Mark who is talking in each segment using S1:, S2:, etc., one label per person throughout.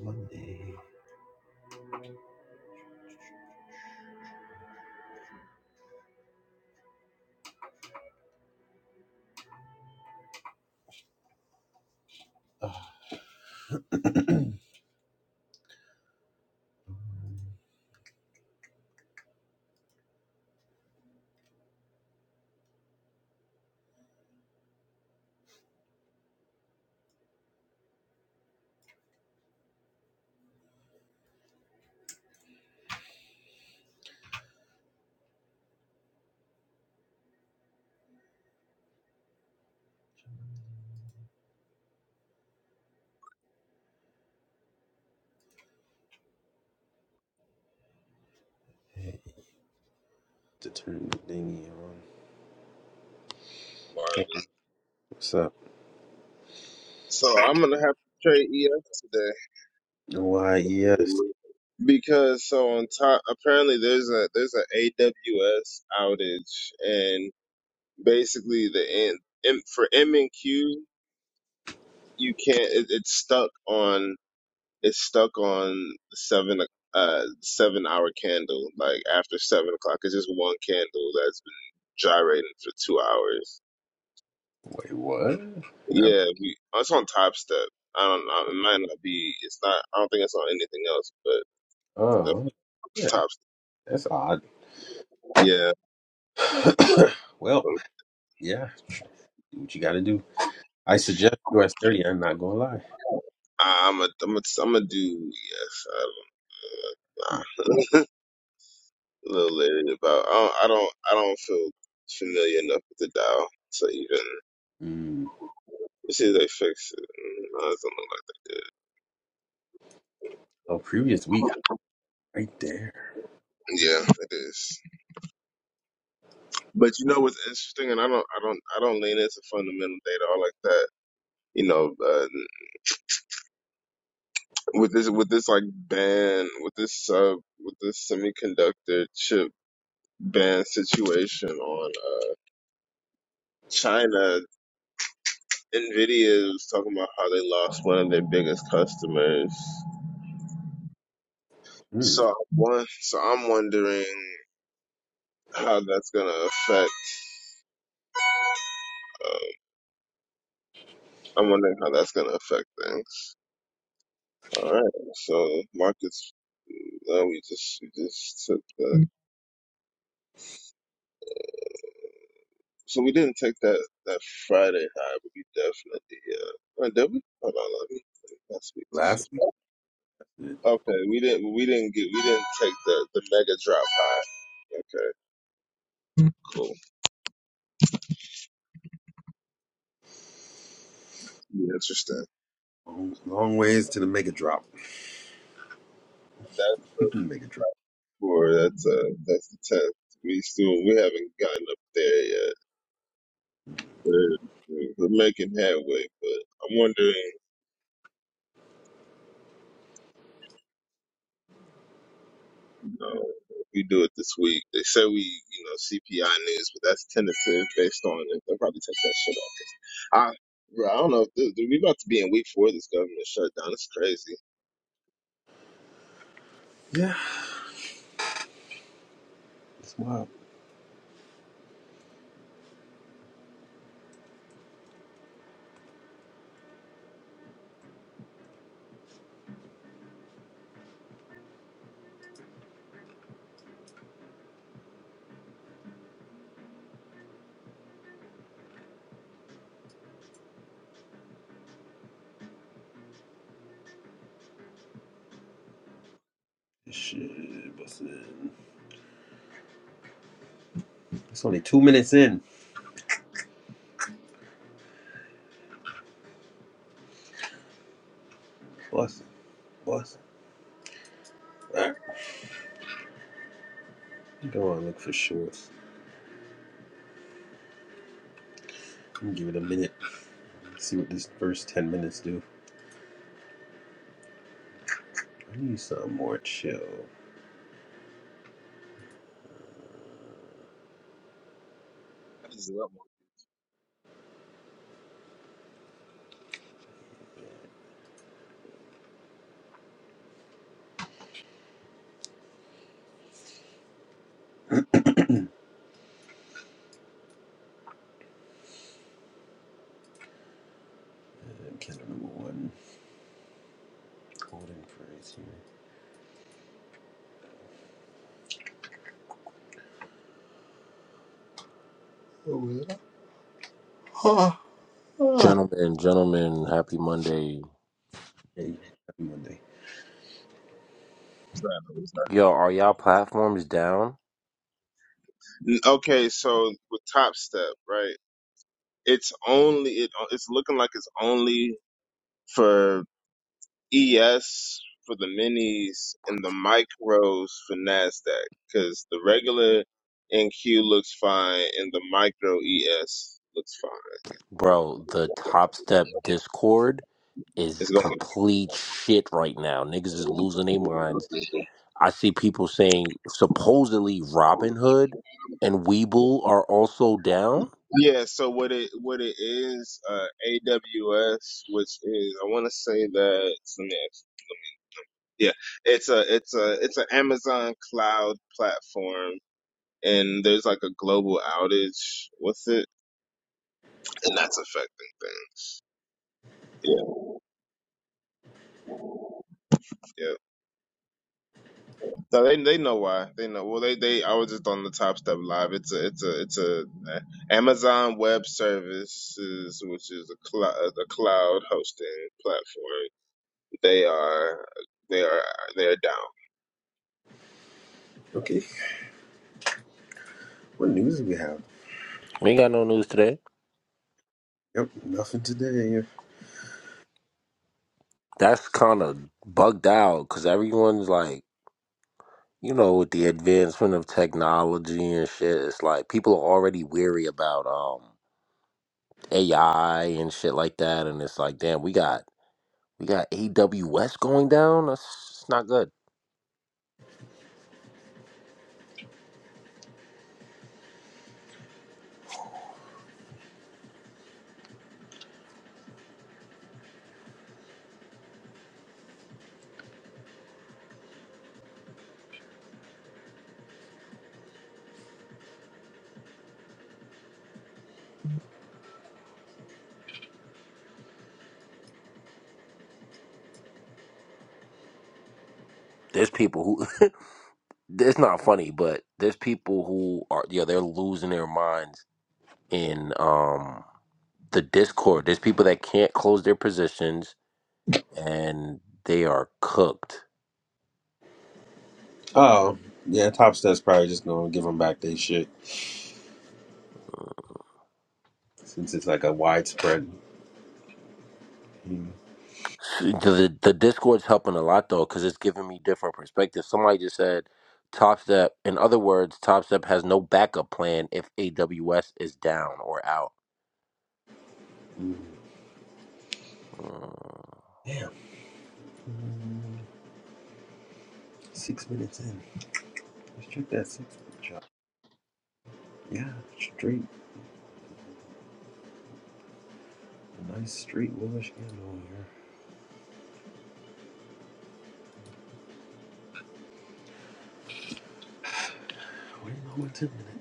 S1: Monday. to turn the thingy on.
S2: Marley.
S1: Hey, what's up?
S2: So I'm gonna have to trade ES
S1: Why, yes.
S2: today because so on top apparently there's a there's an AWS outage and basically the in, for M and Q you can't it, it's stuck on it's stuck on the seven uh seven hour candle like after seven o'clock it's just one candle that's been gyrating for two hours.
S1: Wait, what? Um
S2: Yeah, we, it's on Top Step. I don't know. It might not be. It's not. I don't think it's on anything else, but.
S1: oh, yeah,
S2: Top.
S1: that's odd.
S2: Yeah.
S1: well, yeah, do what you gotta do. I suggest US 30, I'm not gonna lie.
S2: I'm a, I'm a, I'm a do. Yes, I don't know.
S1: Mark.
S2: A little leery about. I don't, I don't. I don't feel familiar enough with the dial to even.
S1: Mm.
S2: see seems they fix it. Mm, no, it doesn't look like they did.
S1: Oh, previous week, right there.
S2: Yeah, it is. But you know what's interesting, and I don't, I don't, I don't lean into fundamental data all like that. You know, uh, with this, with this like ban, with this sub, with this semiconductor chip ban situation on uh, China, Nvidia is talking about how they lost one of their biggest customers.
S1: Mm.
S2: So one, so I'm wondering how that's gonna affect. Uh, I'm wondering how that's gonna affect things. All right, so markets. Uh, we just we just took that. So we didn't take that that Friday high, but we definitely. Uh, uh, did we? Hold on, let me. That's week.
S1: Last week,
S2: Okay, we didn't we didn't get we didn't take the the mega drop high. Okay, cool. Interesting.
S1: long, long ways to the mega drop.
S2: That's.
S1: mega drop.
S2: Four. that's uh that's the tenth. We still we haven't gotten up there yet. We're we're making headway, but I'm wondering, you know, if we do it this week. They say we, you know, CPI news, but that's tentative based on it. They'll probably take that shit off. I bro, I don't know if this, we about to be in week four of this government shutdown. It's crazy.
S1: Yeah, it's wild. Shit, bustin'. It's only two minutes in. Bustin', bustin'. Alright, go on, look for shorts. I'm gonna give it a minute. Let's See what this first ten minutes do. I need something more chill.
S2: I just love what
S1: I can't remember one. Golden praise here. Oh, well. Ha, ha.
S3: Gentlemen, gentlemen, happy Monday.
S1: Hey, happy Monday.
S2: was that? What
S3: Yo, are y'all platforms down?
S2: that? N- Okay, so with Top Step, right? It's only it, it's looking like it's only for ES for the minis and the micros for NASDAQ because the regular NQ looks fine and the micro ES looks fine.
S3: Bro, the Top Step Discord is
S2: It's going.
S3: complete shit right now. Niggas is losing their minds. I see people saying supposedly Robinhood and Weeble are also down.
S2: Yeah. So what it what it is, uh, AWS, which is I want to say that let me ask- yeah, it's a it's a it's an Amazon cloud platform, and there's like a global outage with it, and that's affecting things. Yeah. Yeah. No, they they know why. They know. Well, they they. I was just on the Top Step Live. It's a it's a it's a uh, Amazon Web Services, which is a cloud a cloud hosting platform. They are they are they are down.
S1: Okay, what news do we have?
S3: We ain't got no news today.
S1: Yep, nothing today.
S3: That's kind of bugged out because everyone's like, you know, with the advancement of technology and shit, it's like people are already weary about um AI and shit like that, and it's like, damn, we got we got AWS going down. That's it's not good. There's people who it's not funny, but there's people who are yeah they're losing their minds in um the Discord. There's people that can't close their positions and they are cooked.
S1: Oh, yeah, Top Step's probably just gonna give them back their shit since it's like a widespread. thing.
S3: So The the Discord's helping a lot though because it's giving me different perspectives. Somebody just said. Top Step, in other words, Top Step has no backup plan if AWS is down or out Mm,
S1: Damn. Mm, Six minutes in. Let's check that six minute shot. Yeah, straight. A nice straight wash handle here. Wait, no, one ten minutes.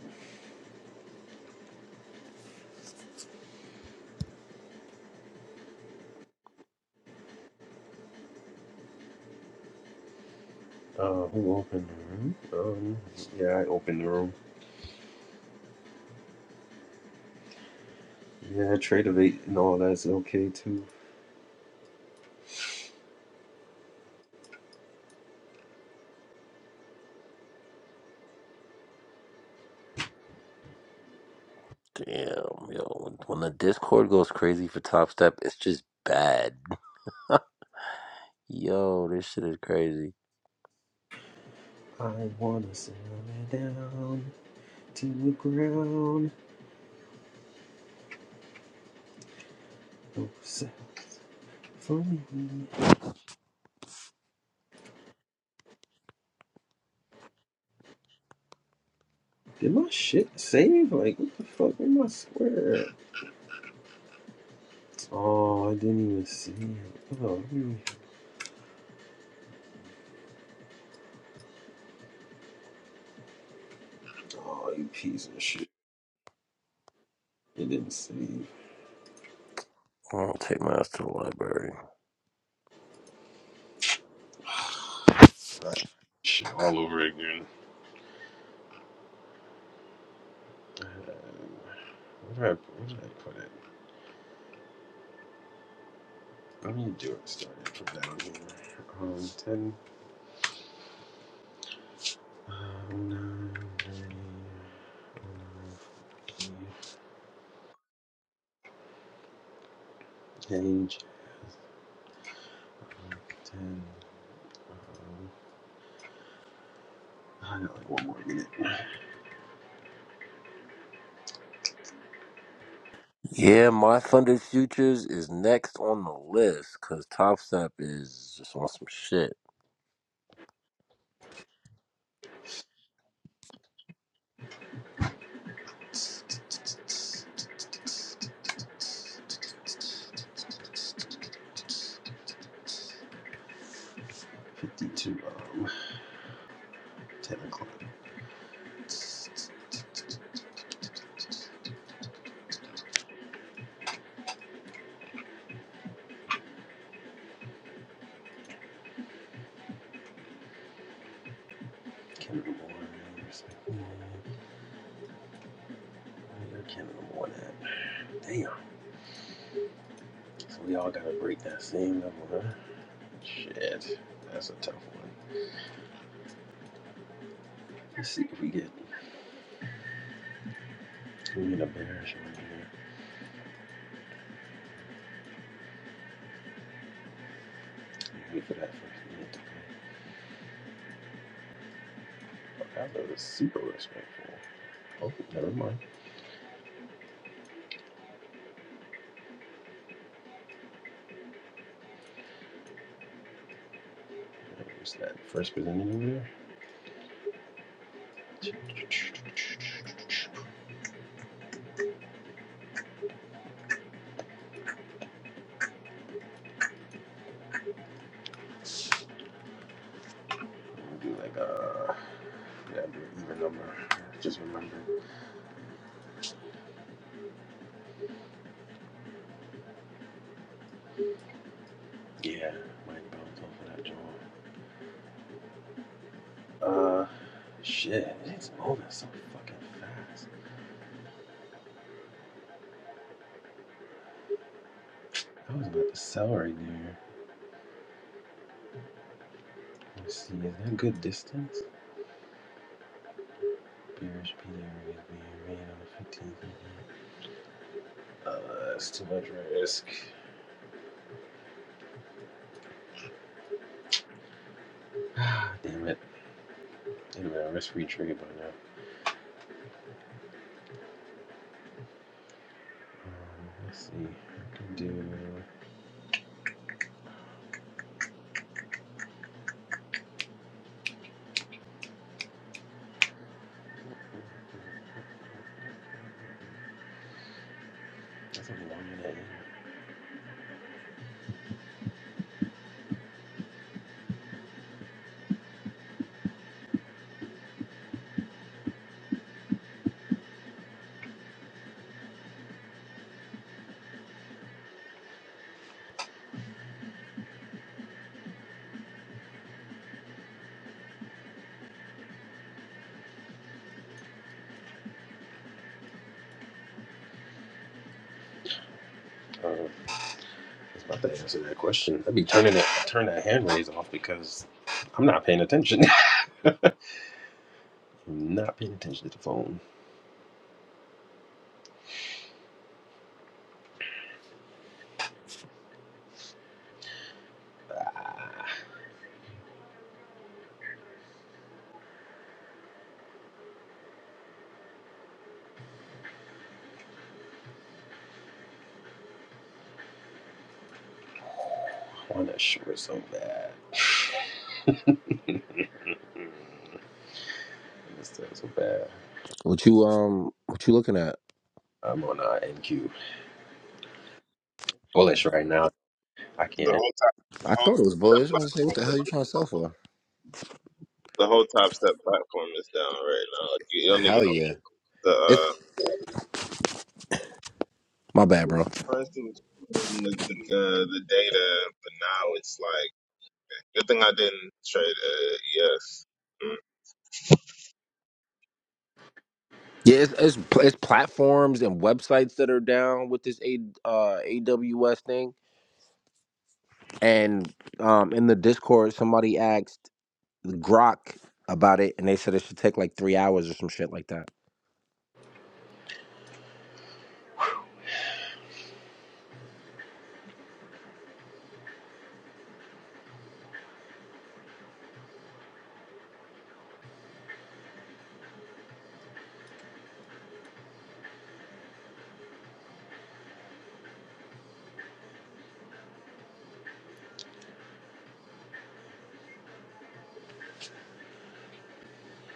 S1: Uh, who opened the room? Um, yeah, I opened the room. Yeah, trade of eight and all that's okay too.
S3: Damn, yo. When the Discord goes crazy for Top Step, it's just bad. Yo, this shit is crazy.
S1: I wanna settle down to the ground. Oh, settle for me. Did my shit save? Like, what the fuck? Where my square? Oh, I didn't even see it. Oh, oh, you piece of shit. It didn't save.
S3: I'll take my ass to the library.
S1: Shit all over again. Uh, Where did I, where did I put it? I'm gonna do it starting from down here. Um, 10, um, 9, thirty, forty, page, 10, um, I got like one more minute.
S3: Yeah, My Thunder Futures is next on the list because Top Step is just on some shit.
S1: 52, um, 10 o'clock. Canada Mornings. Where Canada Morning at? Damn. So we all gotta break that same number, huh? Shit. That's a tough one. Let's see if we get, we get a bearish one here. Wait for that first minute to come. Fuck, was super respectful. Oh, never mind. There's that first presenting over there. We'll do like uh, yeah, do an even number. Just remember. Yeah, might bounce off of that jaw. Uh, shit, it's over so fucking fast. I was about to sell right there. Let us see, is that a good distance? Bearish P area is being made on the 15th. right Uh, that's too much risk. Ah, damn it. Anyway, a risk-free trade by now. Um, let's see. I can do. Uh, I was about to answer that question. I'd be turning it, turn that hand raise off because I'm not paying attention. I'm not paying attention to the phone. I want that short so bad. Mm, I miss that so bad.
S3: What you um what you looking at?
S1: I'm on uh, NQ. Bullish right now. I
S2: The
S1: can't.
S2: whole top
S3: I
S2: the
S3: thought
S2: whole
S3: it was bull.
S2: top
S3: I was gonna say, what
S2: platform,
S3: the hell you trying to sell for?
S2: the whole Top Step platform is down right now. Like, you don't even
S3: Hell yeah.
S2: know the uh,
S3: It's my bad, bro.
S2: the person was holding the the, uh, the data, but now it's like good thing I didn't trade uh, ES.
S3: Yeah, it's it's, pl- it's platforms and websites that are down with this A, uh, AWS thing. And um, in the Discord, somebody asked Grok about it, and they said it should take like three hours or some shit like that.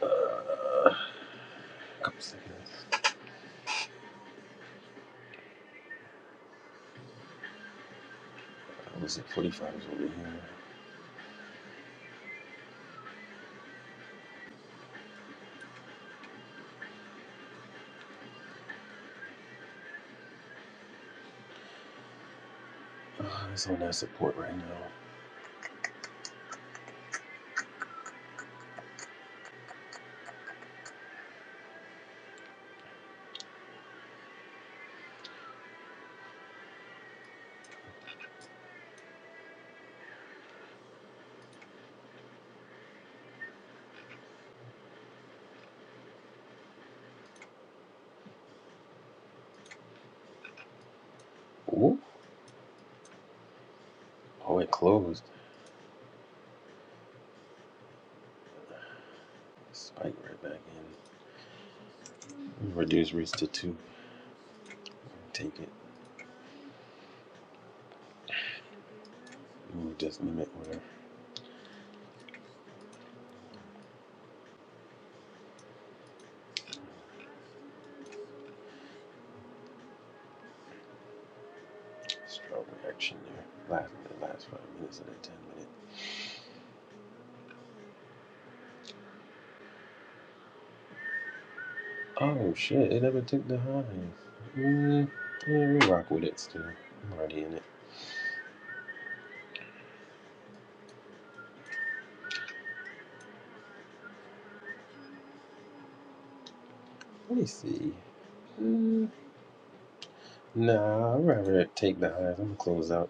S1: Uh, a couple seconds. I was at 45 is over here. Uh, it's on that support right now. Ooh. Oh, it closed. Spike right back in. Reduce risk to two. Take it. you just limit order. Strong reaction there. Last minute, last five minutes of that ten minute. Oh shit, it never took the highs. Mm, yeah, we rock with it still. I'm already in it. Let me see. Mm, nah, I'd rather take the highs. I'm gonna close out.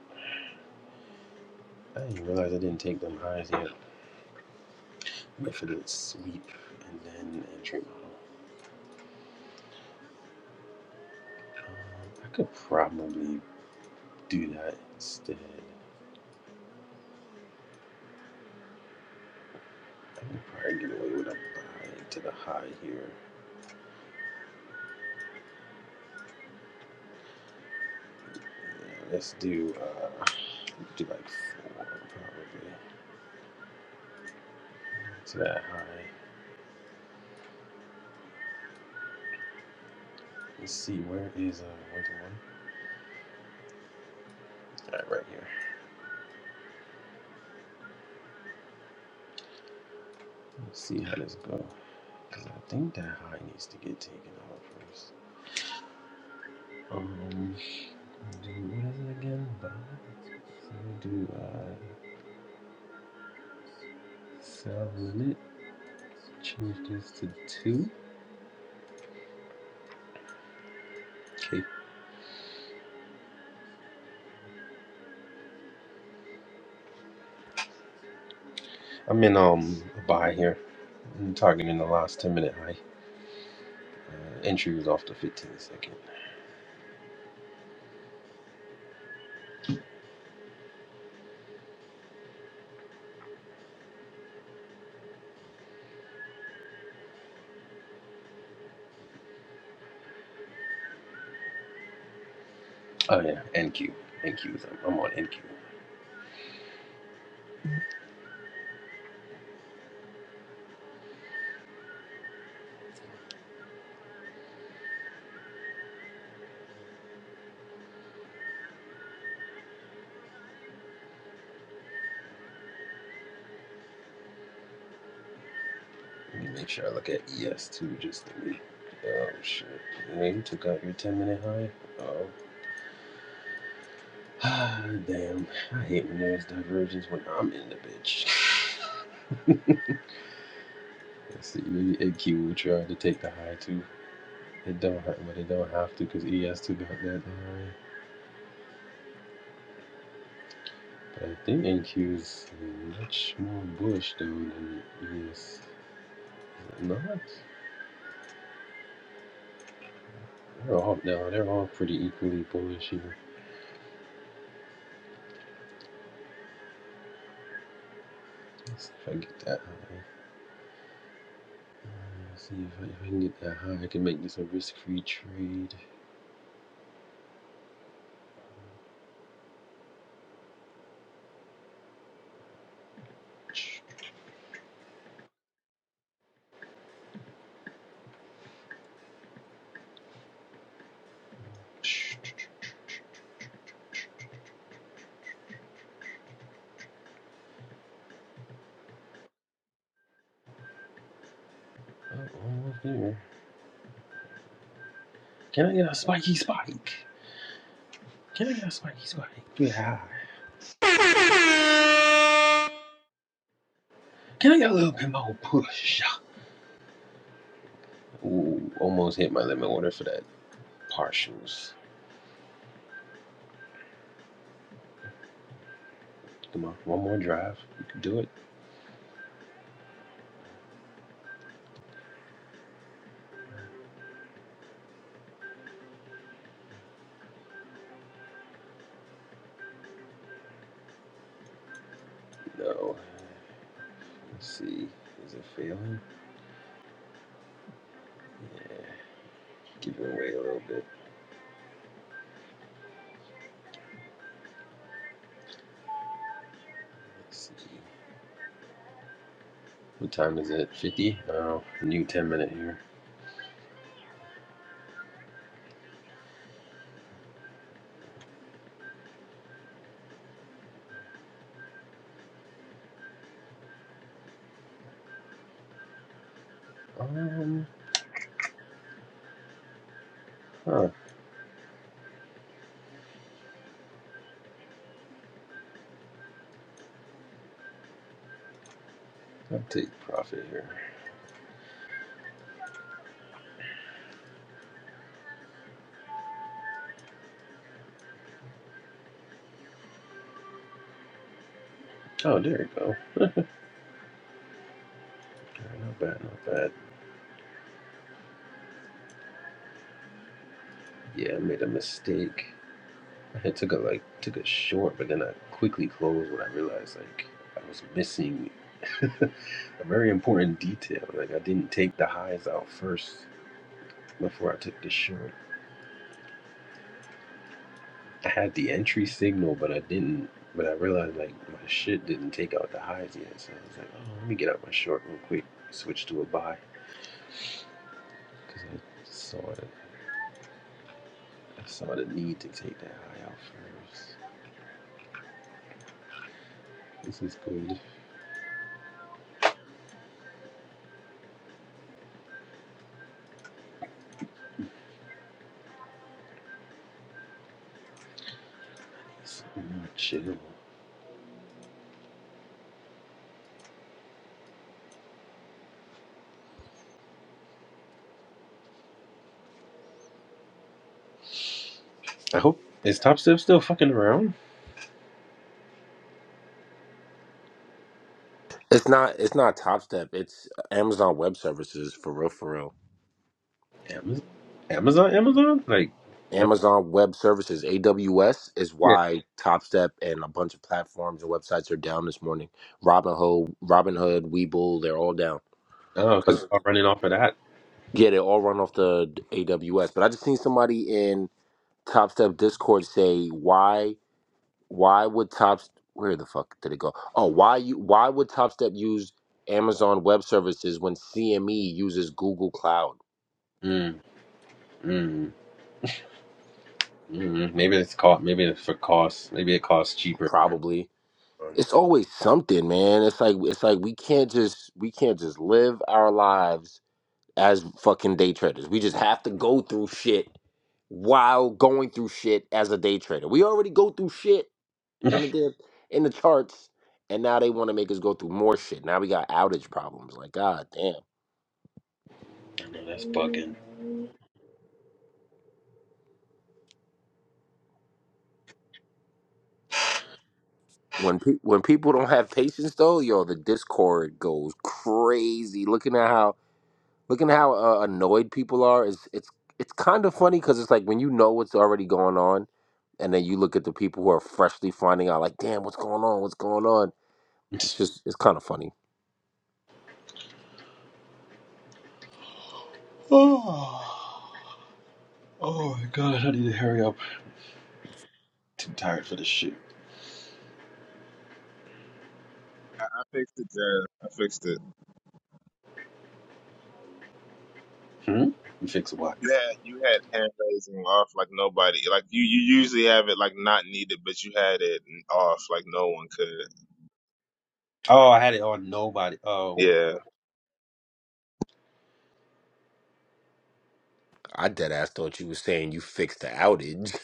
S1: I didn't realize I didn't take them highs yet. Wait for the sweep and then entry model. Um, I could probably do that instead. I could probably get away with a buy to the high here. Yeah, let's do. uh Do like four probably. So that high. Let's see where is uh where the one? All right, right here. Let's see how this goes. Cause I think that high needs to get taken out first. Um, do what is it again? Buy. So do I sell limit? Change this to two. Okay. I'm in um a buy here. I'm targeting the last 10 minute high. Uh, entry was off the 15 second. Oh yeah, NQ. NQ. I'm on NQ. Let me make sure I look at ES2 just to be. Oh, shit. Wait, you took out your 10 minute high? Oh. Ah, damn. I hate when there's divergence when I'm in the bitch. Let's see, maybe AQ will try to take the high too. It don't have, but it don't have to because ES2 got that high. But I think NQ is much more bullish though than ES. not? They're all no, they're all pretty equally bullish here. Let's see if I get that high. Let's see if I, if I can get that high, I can make this a risk-free trade. Oh, all here. Can I get a spiky spike? Can I get a spiky spike? Yeah. Can I get a little bit more push? Ooh, almost hit my limit order for that partials. Come on, one more drive. We can do it. No. Let's see. Is it failing? Yeah. Giving away a little bit. Let's see. What time is it? 50? Oh, new 10 minute here. Um, huh. I'll take profit here. Oh, there you go. Not bad, not bad. Yeah, I made a mistake. I took a like took a short, but then I quickly closed when I realized like I was missing a very important detail. Like I didn't take the highs out first before I took the short. I had the entry signal, but I didn't. But I realized like my shit didn't take out the highs yet, so I was like, oh, let me get out my short real quick. Switch to a buy because I saw it. I saw the need to take that high out first. This is good. It's more chill. I hope is Top Step still fucking around?
S3: It's not. It's not Top Step. It's uh, Amazon Web Services for real. For real.
S1: Amazon, Amazon, Amazon? Like, no-
S3: Amazon Web Services (AWS) is
S1: yeah.
S3: why Top Step and a bunch of platforms and websites are down this morning. Robinhood, Robinhood, Webull, they're all down
S1: Oh, because they're
S3: because
S1: all running off of that.
S3: yeah, they all run off the AWS. But I just seen somebody in Top Step Discord say why why would top where the fuck did it go oh why you why would Topstep use amazon web services when cme uses google cloud
S1: Mm, mm, mm. Maybe it's cost. Maybe it's for cost. Maybe it costs cheaper.
S3: probably it's always something man it's like it's like we can't just we can't just live our lives as fucking day traders we just have to go through shit while going through shit as a day trader we already go through shit in
S1: I
S3: the dip, in the charts and now they want to make us go through more shit now we got outage problems like god damn
S1: know that's bugging.
S3: When pe- when people don't have patience though, yo, the discord goes crazy. Looking at how looking at how uh, annoyed people are is it's it's kind of funny because it's like when you know what's already going on, and then you look at the people who are freshly finding out, like, damn, what's going on? What's going on? It's just it's kind of funny.
S1: Oh, oh my god! I need to hurry up. Too tired for this shit.
S2: fixed it, Jazz. I fixed it.
S1: Hmm. fix what?
S2: You had you had hand raising off like nobody. Like you, you usually have it like not needed, but you had it off like no one could.
S1: Oh, I had it on nobody. Oh.
S2: Yeah.
S3: I dead ass thought you were saying you fixed the outage.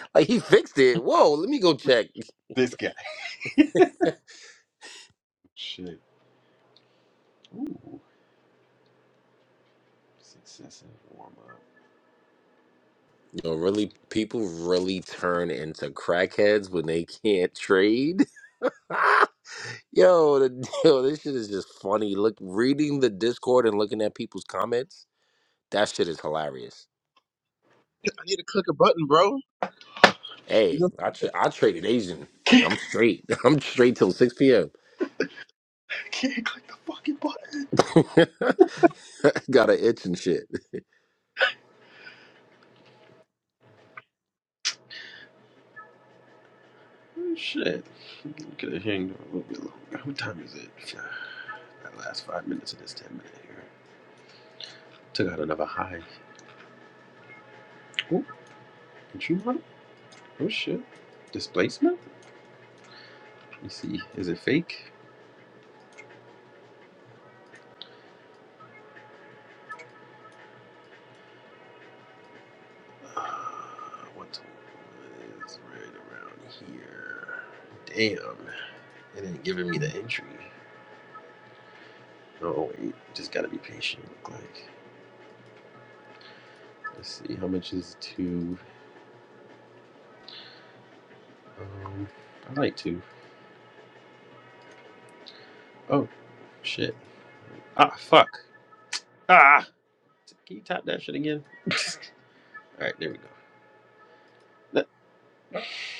S3: like he fixed it. Whoa, let me go check. You
S1: this guy. Shit. Ooh. Successive warm up.
S3: know, really, people really turn into crackheads when they can't trade. Yo, the, yo, this shit is just funny. Look, reading the Discord and looking at people's comments, that shit is hilarious.
S2: I need to click a button, bro. You
S3: Hey,
S2: know-
S3: I tra- I traded Asian.
S1: Can't,
S3: I'm straight. I'm straight till six p.m.
S1: I can't click the fucking button.
S3: Got an itch and shit.
S1: Oh, Shit. Could hang hanged on a little bit longer. What time is it? That last five minutes of this 10 minute here. Took out another high. Oh, did you want? Oh, shit. Displacement? Let me see. Is it fake? Uh, what is right around here? Damn. It ain't giving me the entry. Oh, wait. Just gotta be patient, look like. Let's see. How much is two? Um, I like to. Oh shit. Ah fuck. Ah. Can you tap that shit again? All right, there we go.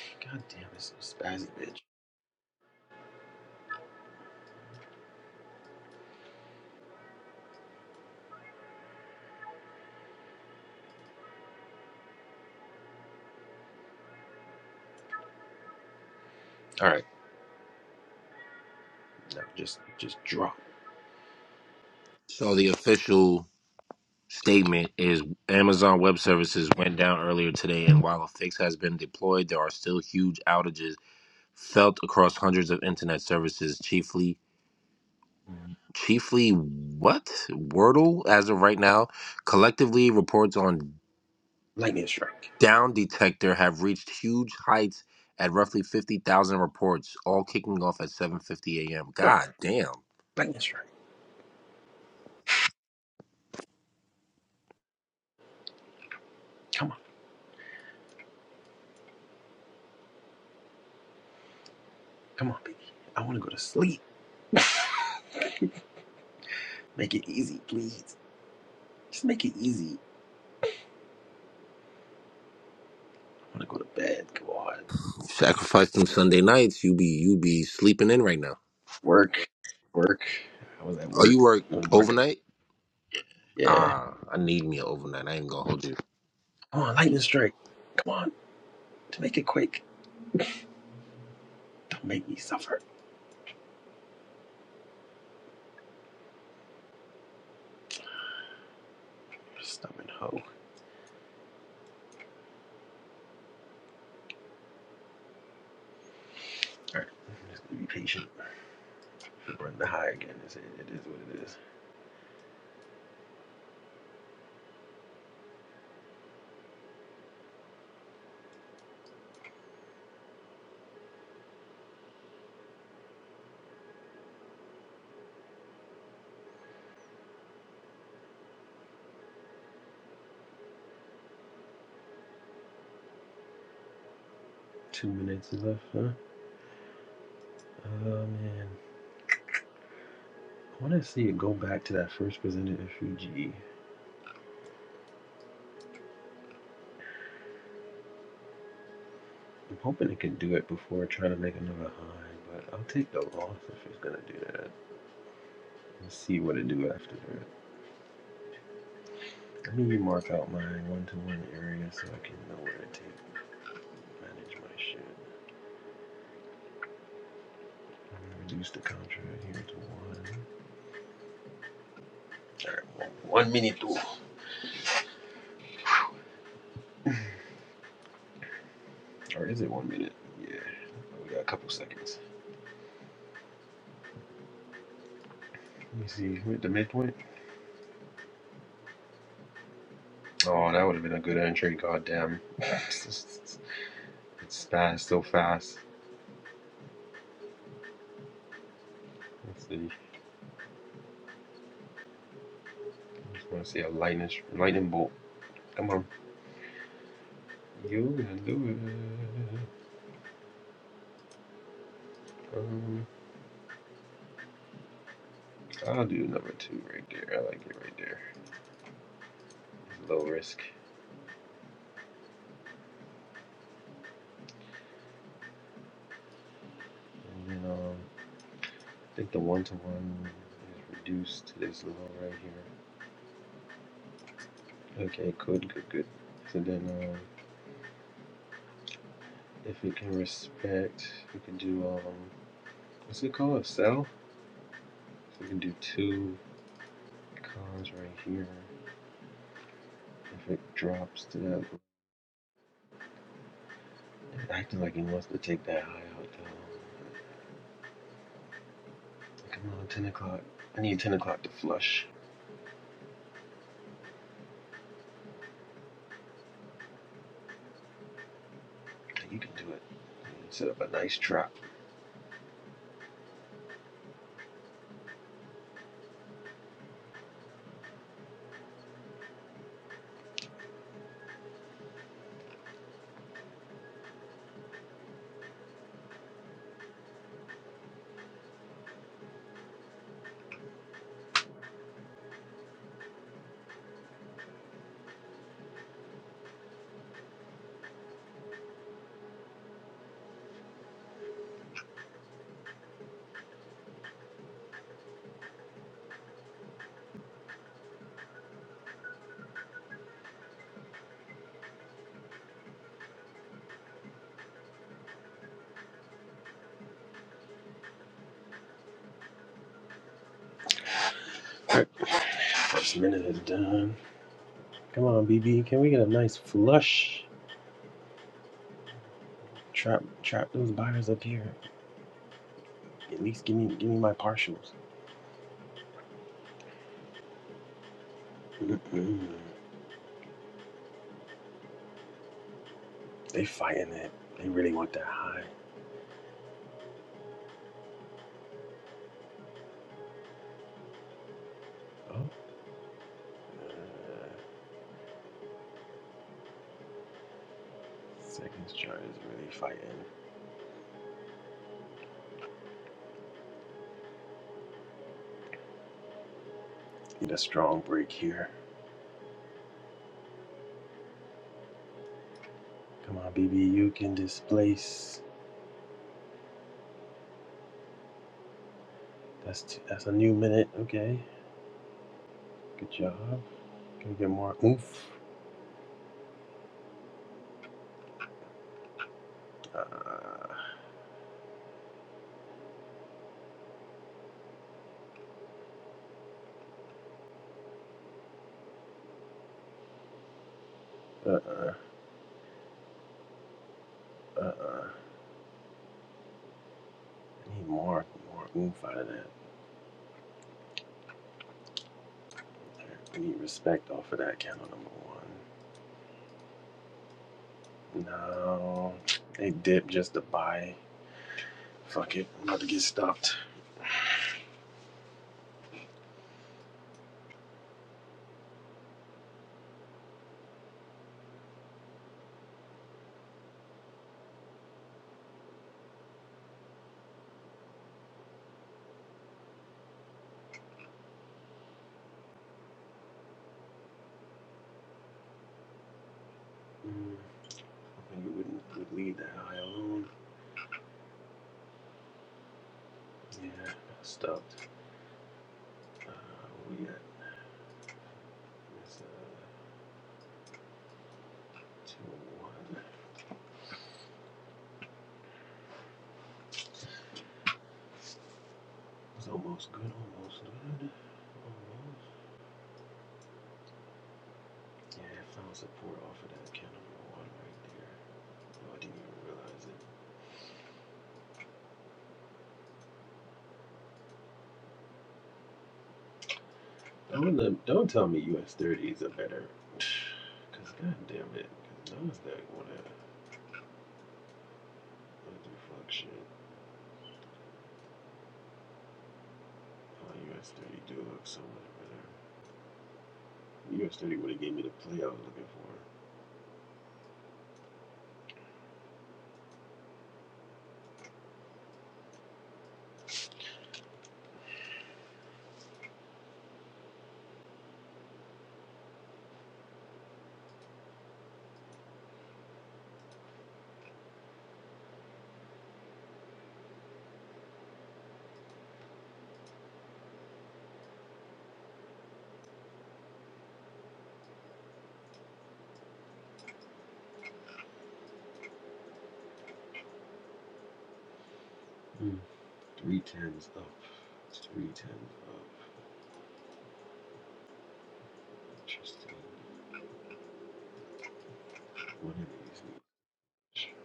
S1: God damn, this is a spazzy bitch. All right, no, just just drop
S3: So the official statement is Amazon Web Services went down earlier today, and while a fix has been deployed, there are still huge outages felt across hundreds of internet services, chiefly chiefly what Wordle as of right now. Collectively, reports on
S1: lightning strike.
S3: Down Detector have reached huge heights at roughly fifty thousand reports, all kicking off at seven fifty a.m.
S1: Darn
S3: God damn!
S1: lightning strike. Come on, come on, baby. I want to go to sleep. make it easy, please. Just make it easy. I want to go to bed. Come on.
S3: Sacrifice them Sunday nights. You be you be sleeping in right now.
S1: Work, work. I was at
S3: Are
S1: work
S3: you work
S1: when Marco.
S3: overnight?
S1: Yeah.
S3: Ah, I need me an overnight. I ain't gonna hold you.
S1: Come on, lightning strike. Come on, to make it quick. Don't make me suffer. Stubborn hoe. All right. Just gonna be patient. Run the high again. It's, it is what it is. Two minutes left, huh? Oh man. I wanna see it go back to that first presented FUG. I'm hoping it can do it before trying to make another high, but I'll take the loss if it's gonna do that. Let's see what it do after that. Let me mark out my one to one area so I can know where to take manage my shit. I'm gonna reduce the contract here to one. One minute two. Or is it one minute? Yeah. We got a couple seconds. Let me see. Went to midpoint. Oh, that would have been a good entry. Goddamn, it's fast, so fast. Let's see. I just want to see a lightning, lightning bolt. Come on. You gonna do it. Um, I'll do number two right there. I like it right there. It's low risk. And then um, I think the one to one is reduced to this level right here. Okay, good, good, good. So then, um, if we can respect, we can do um, what's it called? A cell. So we can do two Cons right here. If it drops to that, acting like he wants to take that high out though. Like, Come on, ten o'clock. I need ten o'clock to flush. Like, You can do it. Set up a nice trap. All right, First minute is done. Come on, BB. Can we get a nice flush? Trap, trap those buyers up here. At least give me, give me my partials. Mm-mm. They fighting it. They really want that high. Oh, uh, seconds chart is really fighting. Need a strong break here. Come on, BB, you can displace. That's t- that's a new minute. Okay, good job. Can we get more oomph? Uh, uh, uh, uh. uh. I need more, more oomph out of that. I need respect off of that candle number one. No, they dip just to buy. Fuck it, I'm about to get stopped. Mm, I think we wouldn't would leave that high alone. Yeah, stopped. Uh, what we got this uh, two and one. It Was almost good, almost good. Almost. Yeah, I found support off of that can of water right there. Oh, I didn't even realize it. Don't, let- don't tell me US 30s are better. Because, god damn it. Because NASDAQ wanna, wanna do fuck shit. Oh, US 30 do look so much better. US 30 would have gave me the play I was looking for. Mm. Three tens up. Three tens up. Interesting. One of these needs.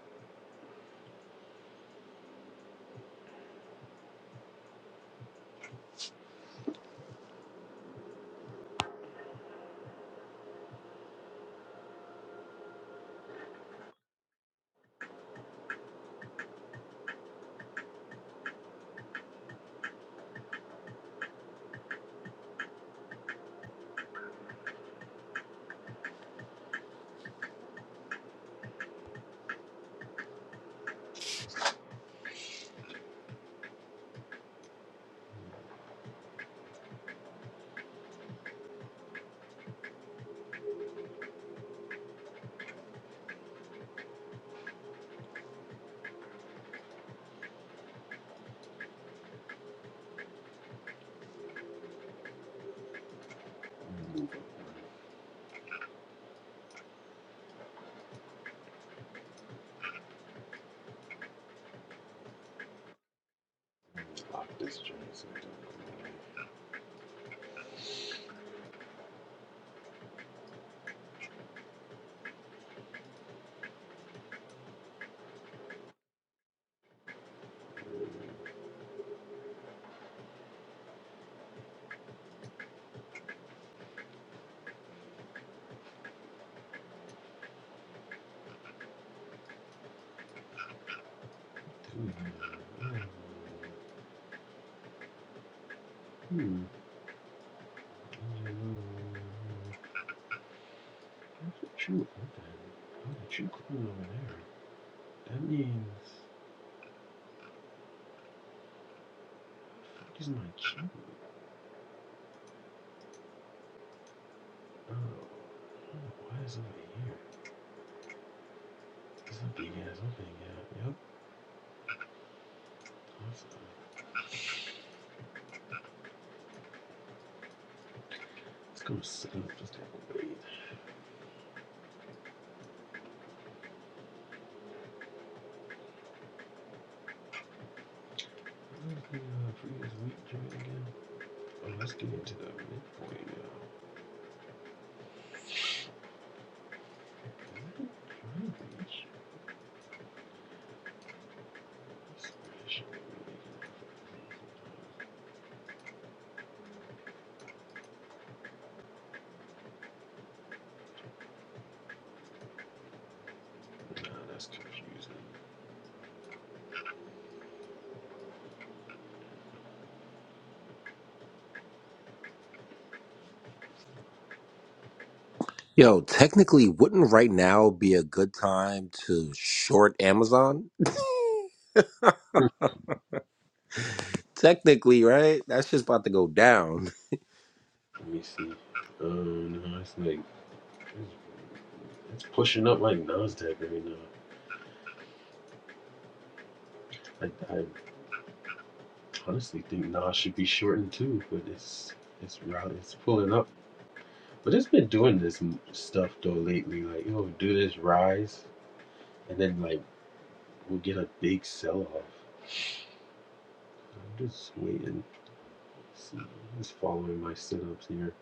S1: I'm this joint so I don't know. Hmm. What you open? How did you clean over there? That means he's my key. Oh, Oh, why is it over here? It's a big ass opening. Yeah. Yep. Awesome. Let's go sit up. Just to have a breathe. I'm gonna bring uh, Freya's wheat joint again. Oh, let's get into the midpoint now. Is it trying reach? Nah, that's confusing.
S3: Yo, technically, wouldn't right now be a good time to short Amazon? Technically, right? That's just about to go down.
S1: Let me see. Um, no, it's like it's, it's pushing up like Nasdaq right now. I, I honestly think Nas should be shortened too, but it's it's route it's pulling up. But it's been doing this stuff though lately. Like it'll do this rise, and then like we'll get a big sell off. I'm just waiting. See, I'm just following my setups here.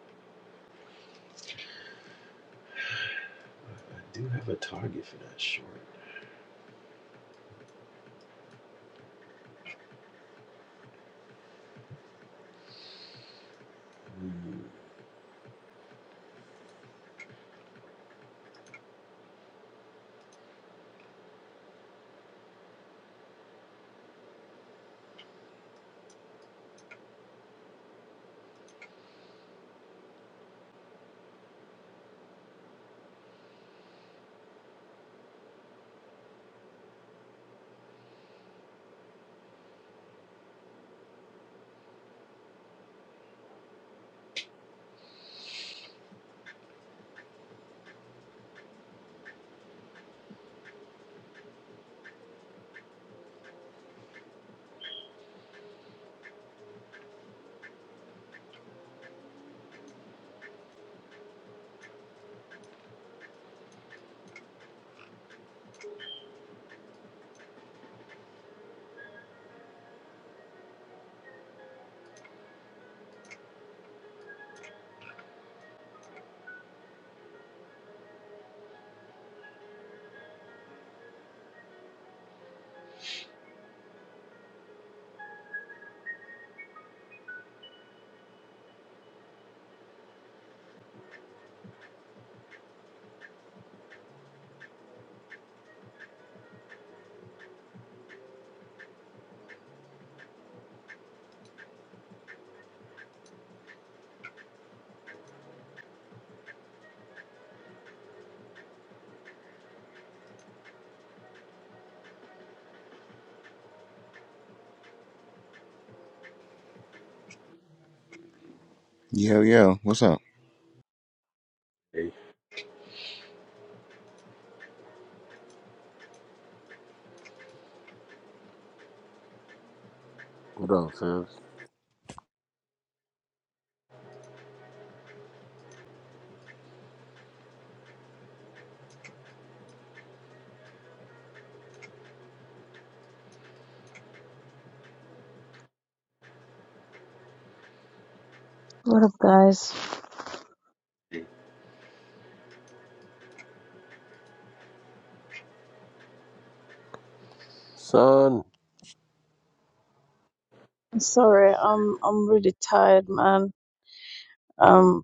S1: I, I do have a target for that short. Mm,
S4: Yo, yo, what's up?
S1: hey,
S3: What up, Fibs?
S5: What up, guys?
S1: hey,
S3: Son,
S5: I'm sorry, I'm I'm really tired, man. Um,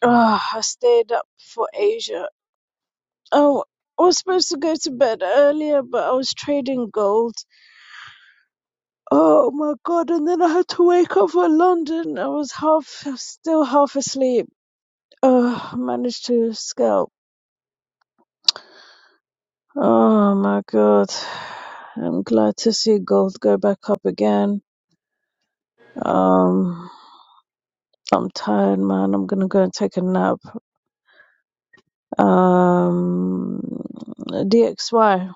S5: ah, I stayed up for Asia. Oh, I was supposed to go to bed earlier, but I was trading gold. Oh my god! And then I had to wake up for London. I was half, still half asleep. Oh, I managed to scalp. Oh my god! I'm glad to see gold go back up again. Um, I'm tired, man. I'm gonna go and take a nap. um, DXY.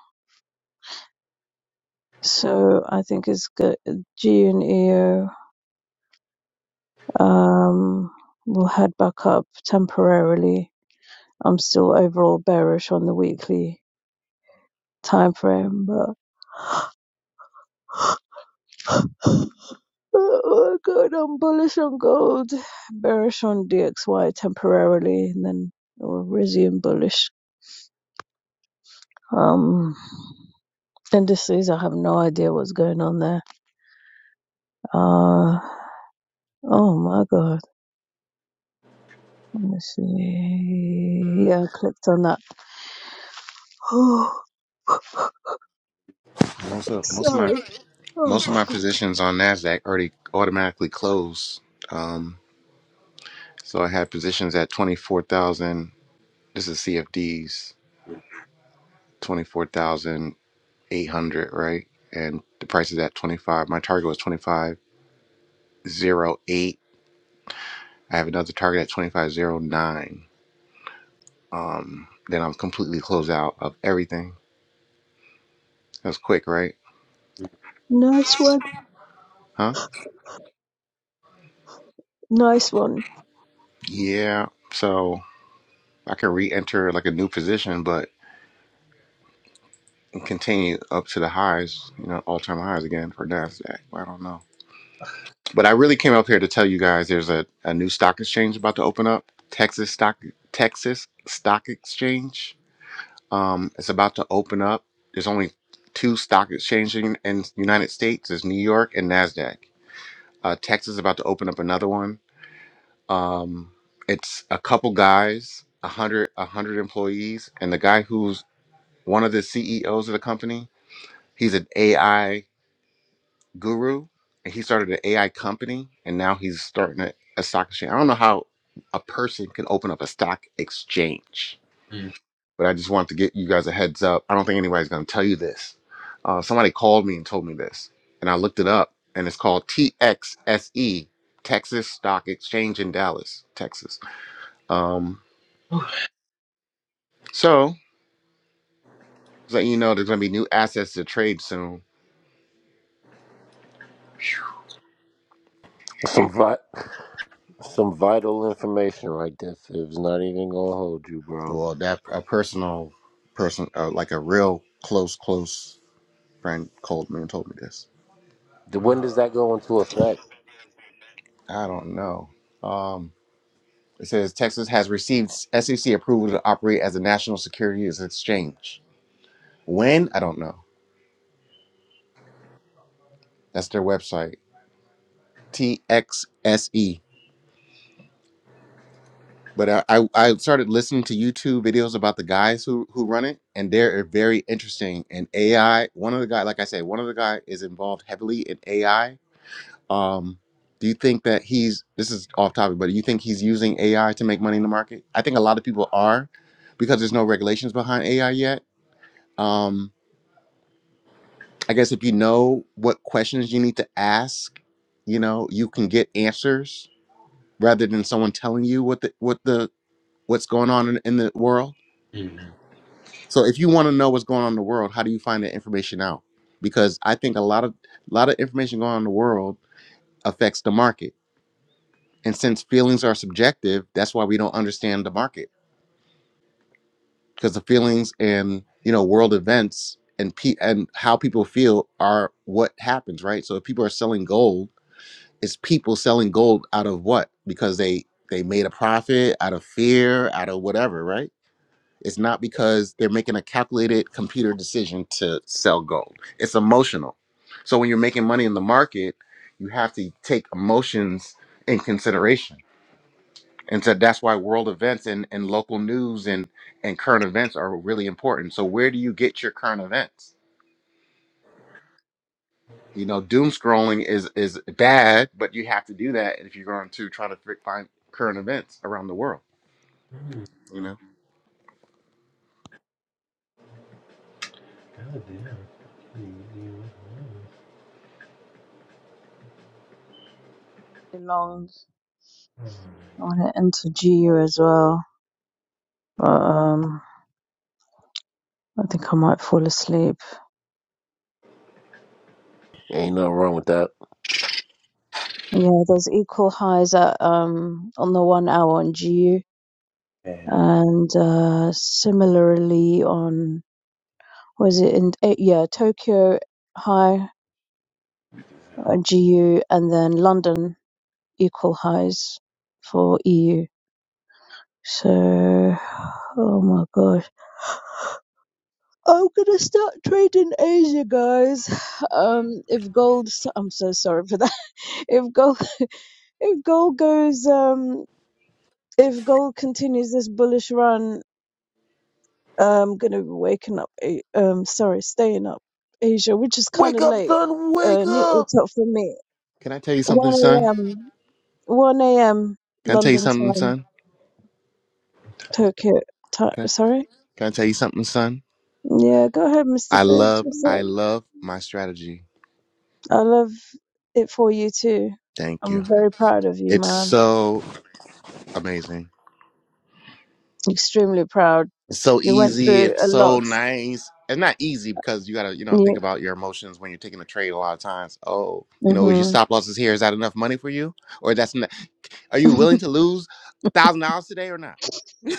S5: So I think it's good. G and EO um, will head back up temporarily. I'm still overall bearish on the weekly time frame, but oh my god, I'm bullish on gold, bearish on DXY temporarily, and then it will resume bullish. Um, indices, I have no idea what's going on there. Uh, oh my god. Let me see. Yeah, I clicked on that. Oh,
S4: What's up? most of my
S5: sorry. Oh
S4: most of
S5: my
S4: my
S5: god.
S4: positions on Nasdaq already automatically closed. Um, so I had positions at twenty four thousand. This is CFDs
S1: mm,
S4: twenty four thousand eight hundred, right? And the price is at twenty five. My target was twenty five zero eight. I have another target at twenty five zero nine. Um, then I'm completely closed out of everything. That's quick, right?
S1: mm,
S5: Nice one.
S4: Huh?
S5: Nice one.
S4: Yeah. So I can re-enter like a new position, but and continue up to the highs, you know, all time highs again for NASDAQ. I don't know. But I really came up here to tell you guys there's a, a new stock exchange about to open up. Texas stock Texas Stock Exchange. Um, it's about to open up. There's only two stock exchanges in in the United States. There's New York and NASDAQ. Uh, Texas is about to open up another one. Um, it's a couple guys, a hundred a hundred employees, and the guy who's one of the CEOs of the company, he's an AI guru and he started an AI company and now he's starting a, a stock exchange. I don't know how a person can open up a stock exchange,
S1: mm.
S4: but I just wanted to get you guys a heads up. I don't think anybody's going to tell you this. Uh, somebody called me and told me this, and I looked it up, and it's called TXSE, Texas Stock Exchange in Dallas, Texas. Um, so, just letting you know, there's going to be new assets to trade soon.
S1: Whew.
S3: some vi- some vital information right there, Fibs. Not even gonna hold you, bro.
S4: Well, that a personal person, uh, like a real close, close. Brian Coldman told me this.
S3: The- When does
S1: Ah.
S3: that go into effect?
S4: I don't know. Um, it says Texas has received SEC approval to operate as a national securities exchange. When? I don't know. That's their website, TXSE. But I, I, I started listening to YouTube videos about the guys who, who run it, and they're very interesting. And AI, one of the guy, like I said, one of the guy is involved heavily in AI Um, do you think that he's this is off topic, but do you think he's using AI to make money in the market? I think a lot of people are because there's no regulations behind AI yet. Um, I guess if you know what questions you need to ask, you know, you can get answers rather than someone telling you what the what the what's going on in, in the world.
S1: mm.
S4: So if you want to know what's going on in the world, how do you find that information out? Because I think a lot of a lot of information going on in the world affects the market And since feelings are subjective, that's why we don't understand the market because the feelings and you know world events and pe- and how people feel are what happens, right? So if people are selling gold, it's people selling gold out of what? Because they they made a profit out of fear, out of whatever, right? It's not because they're making a calculated computer decision to sell gold. It's emotional. So when you're making money in the market, you have to take emotions in consideration and so that's why world events and, and local news and, and current events are really important so where do you get your current events you know doom scrolling is is bad but you have to do that if you're going to try to fi- find current events around the world
S1: Hmm.
S4: you
S1: God
S4: know
S1: damn.
S5: Long. I want to enter GU as well, but um, I think I might fall asleep.
S3: Ain't nothing wrong with that.
S5: Yeah, there's equal highs at um on the one hour on GU, and uh, similarly on was it in eh, yeah Tokyo high on GU, and then London equal highs for EU. So, oh my gosh. I'm gonna start trading Asia, guys. Um, if gold, I'm so sorry for that. If gold, if gold goes, um, if gold continues this bullish run, I'm gonna be waking up, A- um, sorry, staying up Asia, which is kind
S3: Wake
S5: of
S3: up,
S5: late.
S3: son, wake
S5: Uh, ne-
S3: up!
S5: it's not for me.
S4: can i tell you something
S5: 1
S4: son
S5: a.m., 1 a.m.
S4: can i tell you
S5: London
S4: something
S5: time,
S4: son
S5: Tokyo time.
S4: can i,
S5: Sorry.
S4: can I tell you something son
S5: Yeah, go ahead, Mr.
S4: i love
S5: Fives.
S4: i love my strategy
S5: I love it for you too.
S4: thank you
S5: I'm very proud of you,
S4: it's
S5: man.
S4: so amazing
S5: Extremely proud.
S4: It's so
S5: You went
S4: easy.
S5: through
S4: It's
S5: a
S4: so
S5: lot.
S4: nice. and not easy because you gotta, you know, think
S5: You,
S4: about your emotions when you're taking a trade a lot of times. Oh, you know, is your
S5: hmm
S4: stop losses here? Is that enough money for you? Or that's not, are you willing to lose a thousand dollars today or not?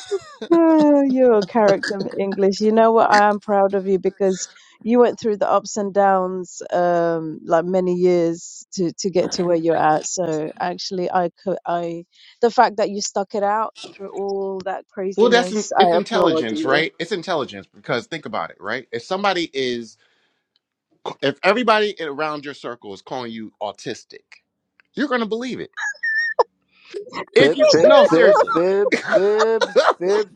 S5: Oh, You're a character in English. You know what? I am proud of you because you went through the ups and downs, um, like many years to to get to where you're at. So actually, I could, I, the fact that you stuck it out through all that
S4: Well, that's in-
S5: craziness,
S4: it's
S5: I applaud
S4: intelligence,
S5: you.
S4: right? It's intelligence because think about it, right? If somebody is, if everybody around your circle is calling you autistic, you're gonna believe it. If
S3: Fib,
S4: you
S3: Fibs,
S4: no,
S3: Fibs,
S4: seriously,
S3: Fibs, Fibs, Fibs,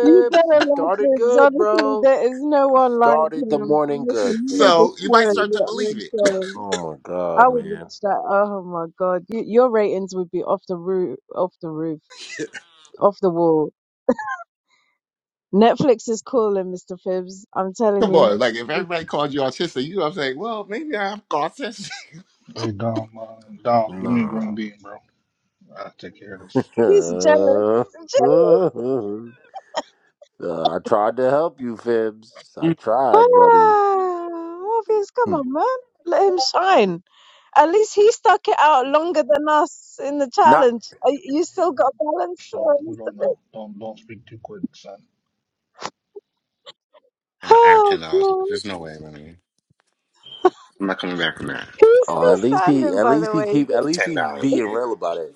S5: You better
S3: You
S5: love
S3: started
S5: James.
S3: good,
S5: Honestly,
S3: bro.
S5: there is no one like
S3: Started the
S5: him.
S3: morning
S5: Honestly, you
S3: good,
S5: need a
S4: so you
S3: Fibs.
S4: might
S5: show,
S3: You,
S4: start to
S5: your own
S4: believe it.
S5: show.
S3: oh my
S5: I
S3: God,
S5: would
S3: man.
S5: watch that. Oh my God. You, your ratings would be off the roof, off the roof, off the wall. Netflix is calling, Mr. Phibbs. I'm telling
S4: Come on, like if
S5: you.
S4: everybody called you autistic, you I'm saying, well, maybe I'm autistic.
S6: Hey Dom, uh, Dom, give me a
S3: Nah.
S6: green bean, bro. I take care of this.
S5: He's jealous. Jealous.
S3: Uh, I tried to help you, Fibs. I
S1: Yeah,
S3: tried, buddy.
S5: Ah, Morpheus, come
S3: Hmm.
S5: on, man. Let him shine. At least he stuck it out longer than us in the
S3: Not.
S5: challenge. Uh, You you still got balance,
S6: So
S5: uh,
S6: we
S5: Mr.
S6: don't know.
S5: Phibbs.
S6: Don't don't speak too quick, son.
S4: And I have
S5: Oh,
S4: ten dollars.
S5: God.
S4: There's no way, man. I'm not coming back from that.
S5: He's
S3: Oh,
S5: still
S3: at least he,
S5: standing,
S3: at
S5: by
S3: least
S5: the
S3: he
S5: way.
S3: keep, at least
S4: Ten
S3: he
S4: dollars.
S3: being real about it.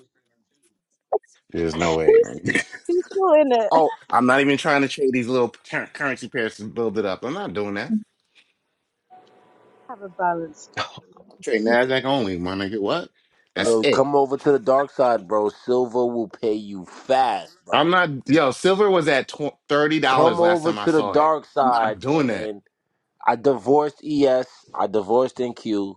S4: There's no way,
S5: He's
S4: man.
S5: he's still in it.
S3: Oh,
S4: I'm not even trying to trade these little cur- currency pairs to build it up. I'm not doing that.
S5: Have a balance.
S4: I'm trading Nasdaq only, my nigga. What? That's
S3: yo,
S4: it.
S3: come over to the dark side, bro. Silva will pay you fast, bro.
S4: I'm not. Yo, silver was at tw- thirty
S3: Come
S4: dollars last
S3: over
S4: time I
S3: to the
S4: saw it.
S3: dark
S4: I'm not
S3: side,
S4: doing that.
S3: man. I divorced ES. I divorced NQ.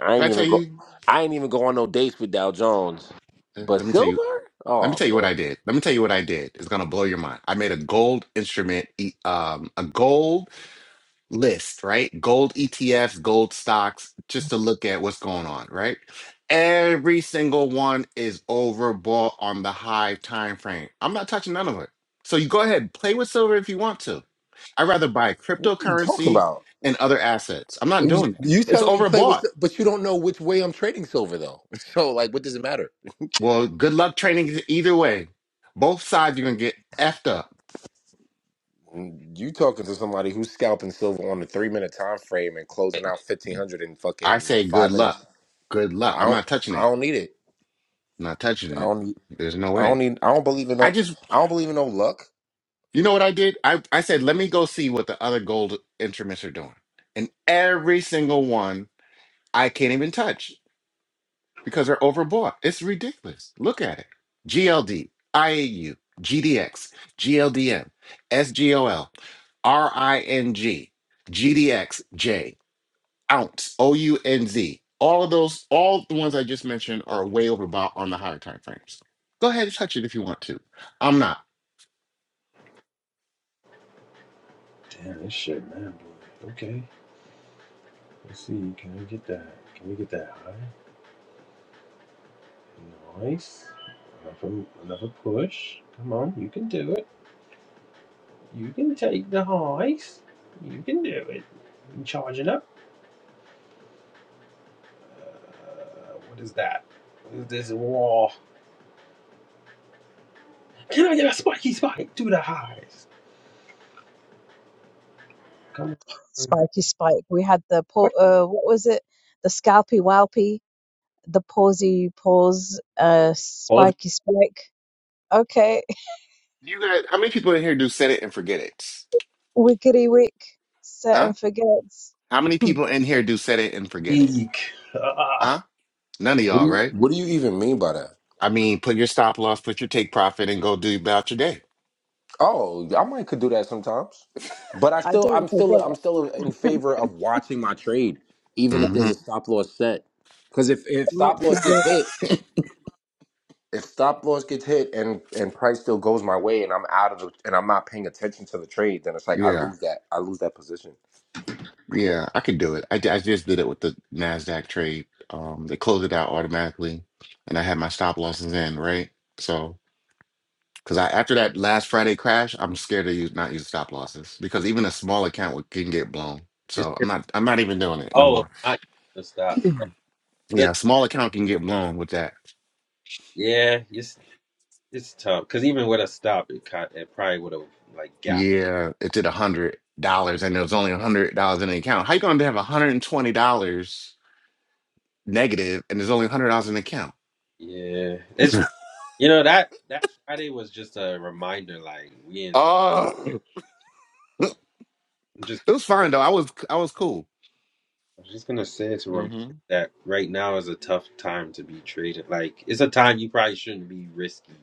S3: I
S4: Can I
S3: ain't
S4: tell
S3: even go.
S4: you?
S3: I ain't even go on no dates with Dow Jones.
S4: uh,
S3: But
S4: Let me tell you.
S3: Silver?
S4: Let me
S3: Oh
S4: tell you what
S3: man.
S4: I did. Let me tell you what I did. It's gonna blow your mind. I made a gold instrument, e- um, a gold list, right? Gold ETFs, gold stocks, just to look at what's going on, right? Every single one is overbought on the high time frame. I'm not touching none of it. So you go ahead, play with silver if you want to. I'd rather buy
S3: What are you talking
S4: cryptocurrency
S3: about?
S4: and other assets. I'm not
S3: You,
S4: doing that.
S3: you
S4: It's
S3: telling me play with,
S4: overbought.
S3: Sil- but you don't know which way I'm trading silver though. So like, what does it matter?
S4: Well, good luck training either way. Both sides you're gonna get effed up.
S3: You talking to somebody who's scalping silver on a three minute time frame and closing out fifteen hundred in
S4: I
S3: fucking
S4: say good
S3: five
S4: luck.
S3: minutes?
S4: Good luck.
S3: I
S4: I'm
S3: don't.
S4: not touching
S3: I
S4: it.
S3: don't need it.
S4: not touching
S3: I
S4: it.
S3: don't. need-
S4: There's no
S3: I don't
S4: way.
S3: need. I don't believe in.
S4: I
S3: No,
S4: just
S3: I don't believe in no luck.
S4: you know what I did? I, I said, let me go see what the other gold instruments are doing. And every single one I can't even touch because they're overbought. It's ridiculous. Look at it. GLD, IAU, GDX, GLDM, SGOL, RING, GDXJ. ounce o u n z. All of those, all the ones I just mentioned, are way over bought on the higher time frames. Go ahead and touch it if you want to. I'm not.
S1: damn this shit, man. boy. Okay, let's see. Can we get that? Can we get that high? Nice. Enough another push. Come on, you can do it. You can take the highs. You can do it. I'm charging up. Uh, what is that? What is this wall? Can I get a spiky spike to the highs? Come on.
S5: Spiky Spike. We had the po- uh, what was it? The Scalpy Walpy, the Pawsy Paws, uh,
S1: Aussie
S5: Spiky Spike. Okay,
S4: You guys, how many people in here do set it and forget it?
S5: Wickety Wick. Set
S4: Huh?
S5: and forgets.
S4: How many people in here do set it and forget it?
S1: Eek.
S4: Huh? None of
S3: What do
S4: y'all,
S3: you?
S4: right?
S3: What do you even mean by that?
S4: I mean, put your stop loss, put your take profit, and go do about your day.
S3: Oh, I might could do that sometimes, but I
S5: I
S3: still, I'm
S5: don't
S3: still, I'm
S5: forget.
S3: still in favor of watching my trade, even if there's
S4: hmm
S3: a stop loss set. Because if if
S5: I'm not
S3: stop loss gets
S5: forgetting.
S3: hit, if stop loss gets hit, and and price still goes my way, and I'm out of the, and I'm not paying attention to the trade, then it's like I
S4: Yeah,
S3: lose that, I lose that position.
S4: yeah, I could do it. I, I just did it with the Nasdaq trade. Um, they closed it out automatically, and I had my stop losses in, right? So. Because I, after that last Friday crash, I'm scared to use not use stop losses because even a small account would- can get blown.
S1: You're
S4: So I'm
S1: scared.
S4: not I'm not even doing it no
S1: Oh, of
S4: more.
S1: not using the stop. Yeah, that,
S4: Yeah, a small account can get blown with that.
S1: yeah, it's it's tough because even with a stop, it caught, it probably would have like got.
S4: Yeah, it did a hundred dollars and there's only a hundred dollars in the account. How you gonna have a hundred and twenty dollars negative and there's only a hundred dollars in the account?
S1: Yeah, it's you know that that Friday was just a reminder. Like we in some,
S4: Oh,
S1: I'm just
S4: it was fine though. I was I was cool.
S1: I'm just gonna say it's a reminder
S4: Mm-hmm.
S1: that right now is a tough time to be traded. Like it's a time you probably shouldn't be risky.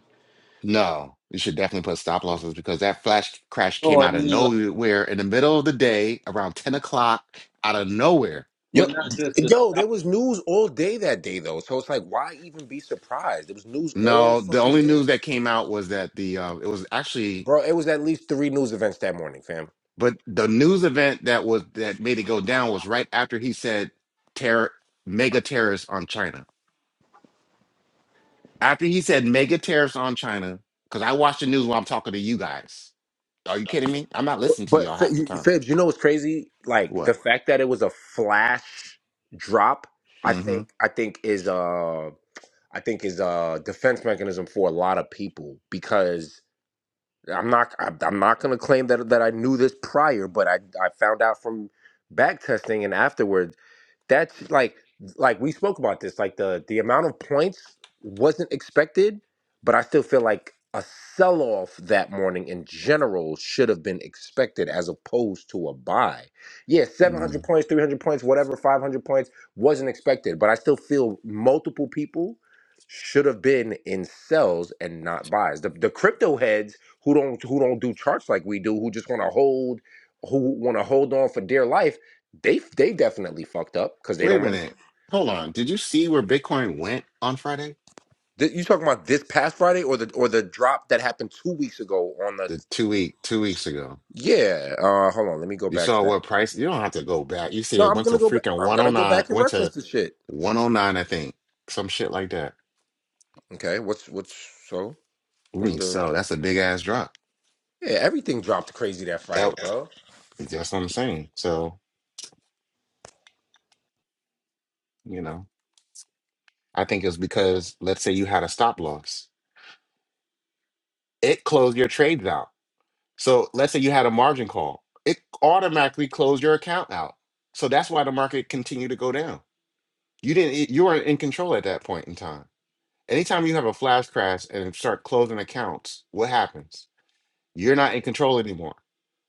S4: No, you should definitely put stop losses because that flash crash came
S1: No, I
S4: out of
S1: mean like,
S4: nowhere in the middle of the day, around 10 o'clock, out of nowhere.
S1: well,
S3: Yo,
S1: not just the
S3: yo,
S1: stop.
S3: there was news all day that day though, so it's like why even be surprised? There was news all
S4: No, the
S3: fucking
S4: only
S3: day,
S4: news that came out was that the uh, it was actually,
S3: bro. It was at least three news events that morning, fam.
S4: but the news event that was that made it go down was right after he said terror mega tariffs on China. After he said mega tariffs on China, because I watch the news while I'm talking to you guys. Are you kidding me? I'm not listening to
S3: But
S4: y'all
S3: F-
S4: half the
S3: you-
S4: time.
S3: Fibs, you know what's crazy? Like the
S4: What?
S3: fact that it was a flash drop, I think
S4: Mm-hmm.
S3: I think is uh I think is a defense mechanism for a lot of people because I'm not I- I'm not gonna claim that that I knew this prior, but I I found out from back testing and afterwards that's like like we spoke about this. Like the the amount of points wasn't expected, but I still feel like a sell off that morning in general should have been expected as opposed to a buy. Yeah, 700 points, 300 points, whatever, 500 points wasn't expected, but I still feel multiple people should have been in sells and not buys. The, the crypto heads who don't who don't do charts like we do, who just want to hold who want to hold on for dear life they they definitely fucked up because they
S4: Wait a
S3: don't want
S4: minute. Hold on. Did you see where Bitcoin went on Friday?
S3: to. You talking about this past Friday or the or the drop that happened two weeks ago on the?
S4: The two week, two weeks ago.
S3: Yeah. Uh, hold on. Let me go
S4: You
S3: back
S4: saw
S3: to that.
S4: what price? You don't have to go back. You see
S3: No,
S4: it
S3: I'm
S4: went to
S3: gonna go back.
S4: freaking
S3: I'm gonna go
S4: 109,
S3: back and
S4: went
S3: reference
S4: to
S3: the shit.
S4: 109, I think. Some shit like that.
S3: Okay. What's what's so? What's
S4: Mm,
S3: the?
S4: So that's a big ass drop.
S3: Yeah, everything dropped crazy that
S4: That
S3: Friday, bro.
S4: that's what I'm saying. So, you know, I think it's because let's say you had a stop loss. It closed your trades out. So let's say you had a margin call. It automatically closed your account out. So that's why the market continued to go down You didn't, e, you weren't in control at that point in time. Anytime you have a flash crash and start closing accounts, what happens? You're not in control anymore.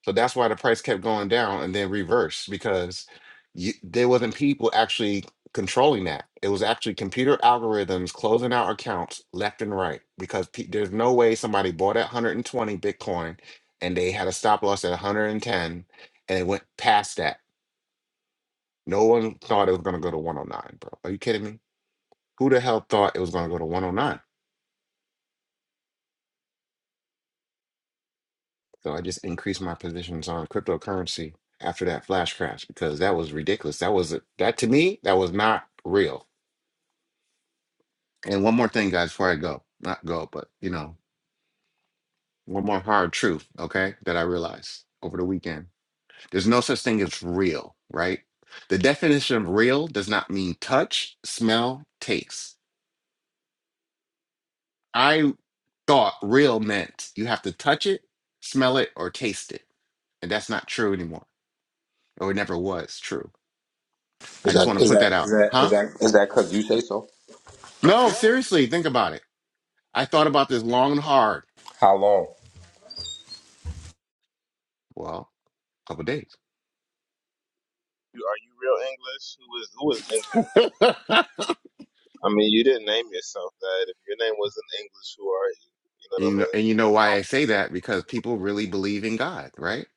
S4: So that's why the price kept going down and then reversed because you, there wasn't people actually controlling that. It was actually computer algorithms closing out accounts left and right because pe- there's no way somebody bought at 120 Bitcoin and they had a stop loss at 110 and it went past that. No one thought it was going to go to 109, bro. Are you kidding me? Who the hell thought it was going to go to 109? So I just increased my positions on cryptocurrency after that flash crash because that was ridiculous. That was that to me, that was not real. And one more thing, guys, before I go, not go, but you know, one more hard truth, okay, that I realized over the weekend. There's no such thing as real, right? The definition of real does not mean touch, smell, taste. I thought real meant you have to touch it, smell it, or taste it. And that's not true anymore. or it never was true. I
S3: Is
S4: just want
S3: that
S4: to
S3: is
S4: put
S3: that
S4: that
S3: is
S4: out.
S3: that is
S4: Huh?
S3: that is that because you say so?
S4: No, seriously, think about it. I thought about this long and hard.
S3: How long?
S4: Well, a couple days.
S2: You- Are you real English? Who is who is English? I mean, you didn't name yourself that. If your name wasn't English, who are you? You know what
S4: You
S2: I
S4: know,
S2: mean?
S4: and you know why I say that? Because people really believe in God, right?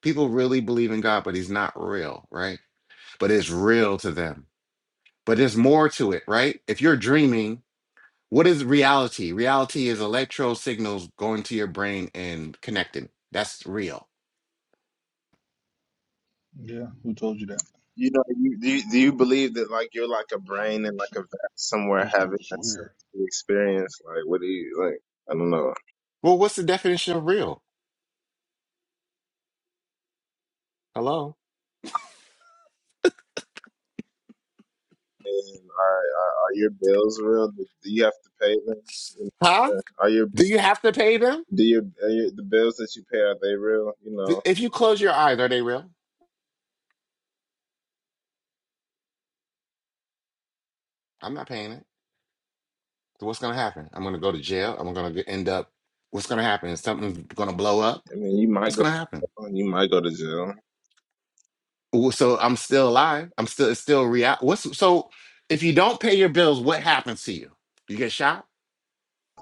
S4: People really believe in God, but he's not real, right? But it's real to them. But there's more to it, right? If you're dreaming, what is reality? Reality is electro signals going to your brain and connecting. That's real.
S6: Yeah, who told you that?
S2: You know, you, do you, do you believe that like you're like a brain and like a vat somewhere
S6: This
S2: having
S6: dude is
S2: that
S6: weird.
S2: sensory experience? Like, what do you like? I don't know.
S4: Well, what's the definition of real? Hello?
S2: And are, are, are your bills real? Do you have to pay them? You
S4: Huh?
S2: know, uh, Are your
S4: Do you have to pay them?
S2: do your, are your the bills that you pay are they real? You
S4: Th-
S2: know,
S4: If you close your eyes, are they real? I'm not paying it. So what's going to happen? I'm going to go to jail. I'm going to end up. What's going to happen? Is something going to blow up?
S2: I mean, you might
S4: What's
S2: go
S4: going to happen?
S2: you might go to jail.
S4: Well, So I'm still alive. I'm still it's still real. What's so? If you don't pay your bills, what happens to you? You get shot.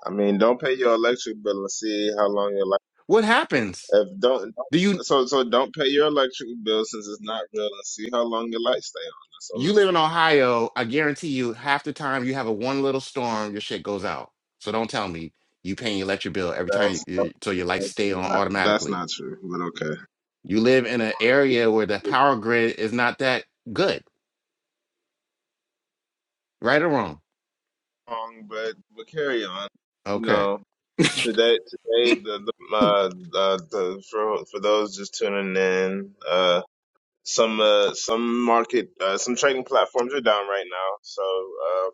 S2: I mean, don't pay your electric bill and see how long your life.
S4: What happens?
S2: If don't
S4: Do you
S2: so so don't pay your electric bill since it's not real and see how long your lights stay on. So
S4: you live in Ohio? I guarantee you, half the time you have a one little storm, your shit goes out. So don't tell me you paying your electric bill every time
S2: that's
S4: you, you, so your lights stay on
S2: that's
S4: automatically
S2: not true, but okay.
S4: You live in an area where the power grid is not that good, right or wrong?
S2: Wrong, but but carry on. You
S4: Okay.
S2: know. Today, today, the, the, uh, uh, the, for for those just tuning in, uh, some uh, some market, uh, some trading platforms are down right now. So uh,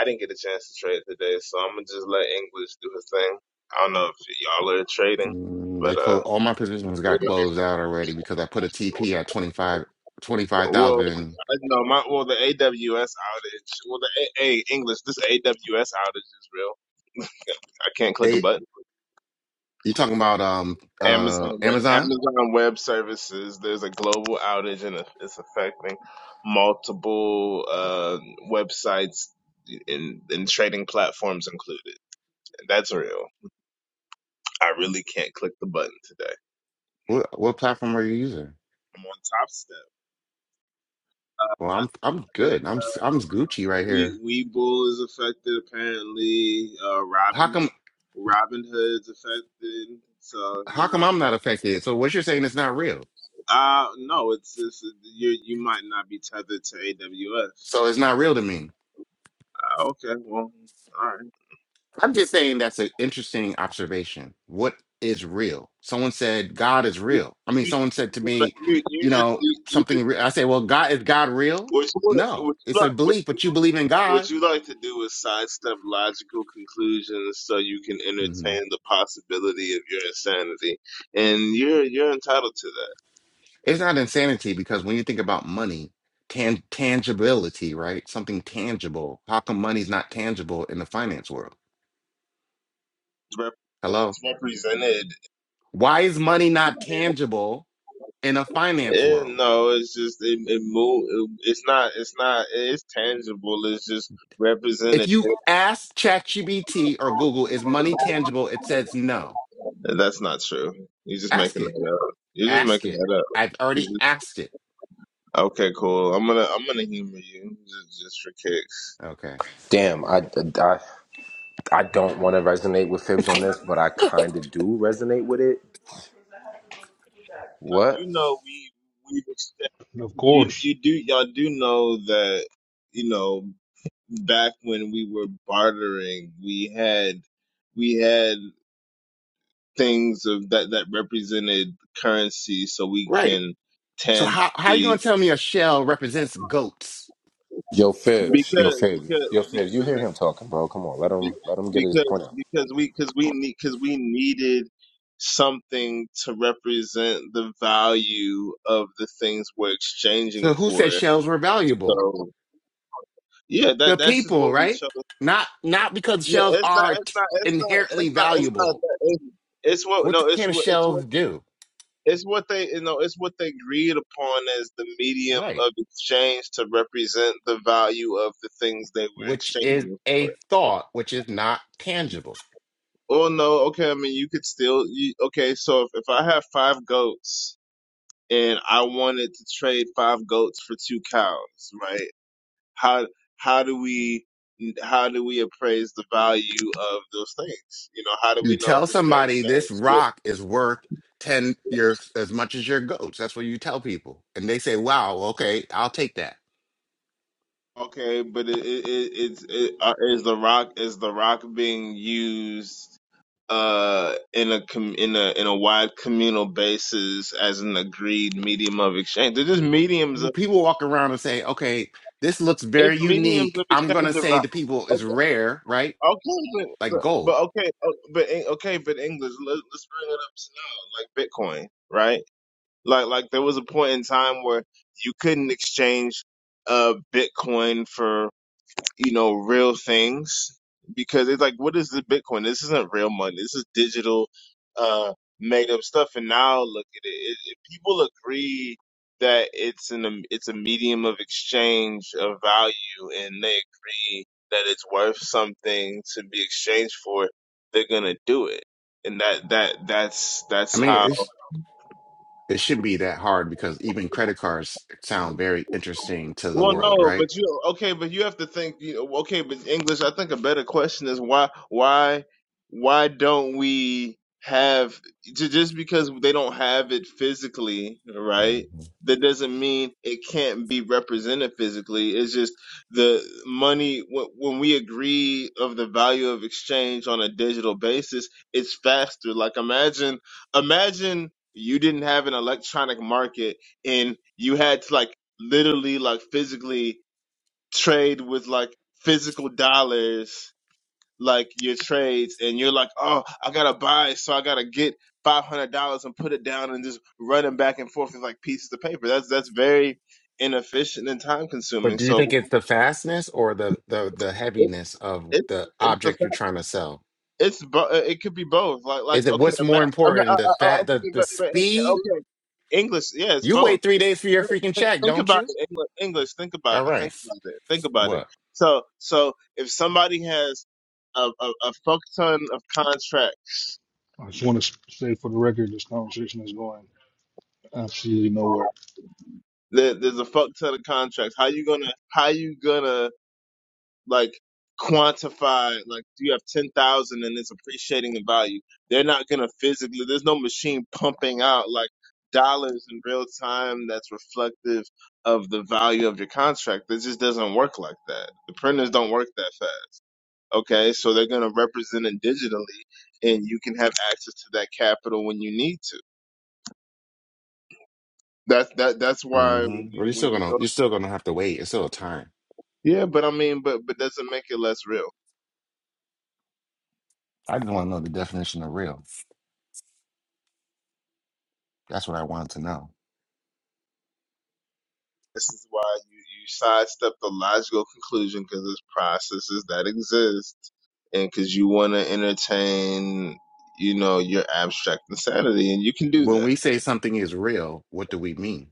S2: I didn't get a chance to trade today, so I'm gonna just let English do his thing. I don't know if y'all are trading,
S4: Mm, They
S2: but uh,
S4: close all my positions got
S2: yeah.
S4: closed out already because I put a TP at 25 twenty-five
S2: well,
S4: thousand.
S2: I know my well the AWS outage, well the A, A English, this AWS outage is real. I can't click a
S4: They
S2: button.
S4: you talking about um
S2: Amazon
S4: uh
S2: Web,
S4: Amazon?
S2: Amazon Web Services, there's a global outage and it's affecting multiple uh, websites and, and trading platforms included. That's real. I really can't click the button today.
S4: What what platform are you using?
S2: I'm on Top Step.
S4: Well,
S2: Uh, I
S4: I'm I'm
S2: think
S4: good. I'm I'm Gucci
S2: uh,
S4: right here.
S2: we Webull is affected apparently. Uh,
S4: How
S2: Robin
S4: come
S2: Robin Hood's affected. So you
S4: how
S2: know,
S4: come I'm not affected? So what you're saying is not real.
S2: uh, no, it's, it's you. You might not be tethered to
S4: So
S2: AWS.
S4: it's not real to me.
S2: Oh, Okay, well, all right.
S4: I'm just saying that's an interesting observation. What is real? Someone said God is
S2: You,
S4: real. I mean,
S2: you,
S4: someone said to me,
S2: you, you
S4: you
S2: just,
S4: know,
S2: you, you just,
S4: something. Re- I say, well, God is God real?
S2: what you want,
S4: No,
S2: what you
S4: it's a
S2: like, what,
S4: belief,
S2: you-
S4: but you believe in
S2: what
S4: God.
S2: you like to do is sidestep logical conclusions so you can
S4: hmm
S2: entertain the possibility of your insanity, and you're you're entitled to that.
S4: It's not insanity because when you think about money, tan- tangibility, right? Something tangible. How come money's not tangible in the finance world?
S2: It's rep-
S4: Hello,
S2: it's represented.
S4: why is money not tangible in a finance
S2: Yeah,
S4: world?
S2: no, it's just it, it move. It, it's not. It's not. It's tangible. It's just
S4: If
S2: represented.
S4: you ask ChatGPT or Google, is money tangible? It says no.
S2: That's not true. You're just
S4: Ask
S2: making
S4: it.
S2: that up. You're just
S4: Ask
S2: making
S4: it.
S2: that
S4: I've
S2: up.
S4: already asked it.
S2: Okay, cool. I'm gonna I'm gonna humor you just just for kicks.
S4: Okay.
S3: Damn, I, I, I don't want to resonate with Fibs on this, but I kind of do resonate with it. What?
S2: You know we we've extended,
S6: And of
S2: you
S6: course,
S2: you do y'all do know that you know back when we were bartering we had we had things of that that represented currency so we
S4: Right.
S2: can
S4: So how
S2: tangibly
S4: how are you gonna tell me a shell represents goats?
S3: Yo, Fibs. Yo,
S2: because
S3: Fibs.
S2: because
S3: Yo, Fibs. You
S2: because
S3: hear him talking, bro? Come on, let
S2: Be-
S3: him let him get his
S2: because
S3: point out.
S2: because we because we need because we needed something to represent the value of the things we're exchanging
S4: So who said
S2: for.
S4: shells were valuable?
S2: So yeah, that
S4: The
S2: that's just
S4: people,
S2: what we
S4: right?
S2: chose.
S4: Not not because
S2: No,
S4: shells
S2: it's not.
S4: are
S2: It's
S4: t-
S2: not. It's not.
S4: inherently
S2: It's not. It's not.
S4: valuable.
S2: That. It's, it's what
S4: What the-
S2: no. It's
S4: can
S2: what. It's what.
S4: shells do?
S2: It's what they you know. It's what they agreed upon as the medium
S4: Right.
S2: of exchange to represent the value of the things they were
S4: Which is
S2: exchanging for.
S4: a thought, which is not tangible.
S2: Well, no, okay. I mean, you could still, you, okay. So if, if I have five goats and I wanted to trade five goats for two cows, right? How how do we how do we appraise the value of those things? You know, how do
S4: You
S2: we know if
S4: tell
S2: it's fair
S4: somebody this
S2: exchange? Well,
S4: rock is worth 10 your as much as your goats. That's what you tell people. And they say, "Wow, okay, I'll take that."
S2: Okay, but it, it, it, it's it, uh, is the rock is the rock being used uh in a com- in a in a wide communal basis as an agreed medium of exchange? They're just mediums
S4: People walk around and say, "Okay, this looks
S2: It's
S4: very
S2: mediums
S4: unique.
S2: of
S4: I'm going
S2: exchange
S4: to say the people
S2: of
S4: is
S2: vi-
S4: rare, right?
S2: Okay, okay, but
S4: Like
S2: but,
S4: gold."
S2: okay, uh, but in- okay, but English. Let, let's bring it up to now, like Bitcoin, right? Like like there was a point in time where you couldn't exchange uh Bitcoin for you know, real things because it's like, what is the Bitcoin? This isn't real money. This is digital, uh, made up stuff. And now look at it. it, it people agree that it's an um, it's a medium of exchange of value, and they agree that it's worth something to be exchanged for. They're gonna do it, and that that that's
S4: I
S2: that's
S4: mean,
S2: how.
S4: it's, it shouldn't be that hard because even credit cards sound very interesting to the
S2: Well,
S4: world,
S2: no,
S4: right?
S2: but you okay, but you have to think. You know, okay, but English. I think a better question is why, why, why don't we have ju- just because they don't have it physically,
S4: Mhm.
S2: right? That doesn't mean it can't be represented physically. It's just the money wh- when we agree of the value of exchange on a digital basis, it's faster. Like imagine, imagine you didn't have an electronic market and you had to like literally like physically trade with like physical dollars like your trades and you're like oh i gotta buy so i gotta get $500 and put it down and just run them back and forth with like pieces of paper that's that's very inefficient and time
S4: But
S2: consuming
S4: do you
S2: so
S4: think it's the fastness or the the the
S2: it,
S4: heaviness of
S2: it,
S4: the
S2: it's the
S4: object you're trying to sell?
S2: It's bo- uh, it could be both. Like like
S4: Is it
S2: okay,
S4: what's
S2: ima-
S4: more
S2: I mean, uh,
S4: important, the
S2: uh, uh,
S4: fat,
S2: okay,
S4: the the
S2: but, but uh,
S4: speed?
S2: okay, English. Yeah, it's
S4: You
S2: both.
S4: wait three days for your freaking
S2: Think,
S4: check,
S2: think
S4: don't
S2: about
S4: you?
S2: it, English. English. Think about
S4: All
S2: it.
S4: right.
S2: Think about it. Think about it.
S4: What?
S2: So so if somebody has a a, a fuck ton of contracts,
S6: I just want to say for the record, this conversation is going absolutely nowhere.
S2: there, there's a fuck ton of contracts. How you gonna how you gonna like quantify like you have 10,000 and it's appreciating in value. They're not going to physically there's no machine pumping out like dollars in real time that's reflective of the value of your contract. It just doesn't work like that. The printers don't work that fast. Okay? So they're going to represent it digitally and you can have access to that capital when you need to. That's that that's why
S4: hmm
S2: when
S4: Well,
S2: you
S4: you're
S2: when
S4: still
S2: you
S4: gonna
S2: go
S4: you're still gonna have to wait. It's still a time.
S2: Yeah, but I mean but but doesn't make it less real.
S4: I just want to know the definition of real. That's what I wanted to know.
S2: This is why you, you sidestep the logical conclusion because there's processes that exist and because you want to entertain, you know, your abstract insanity, and you can do
S4: When
S2: that.
S4: we say something is real, what do we mean?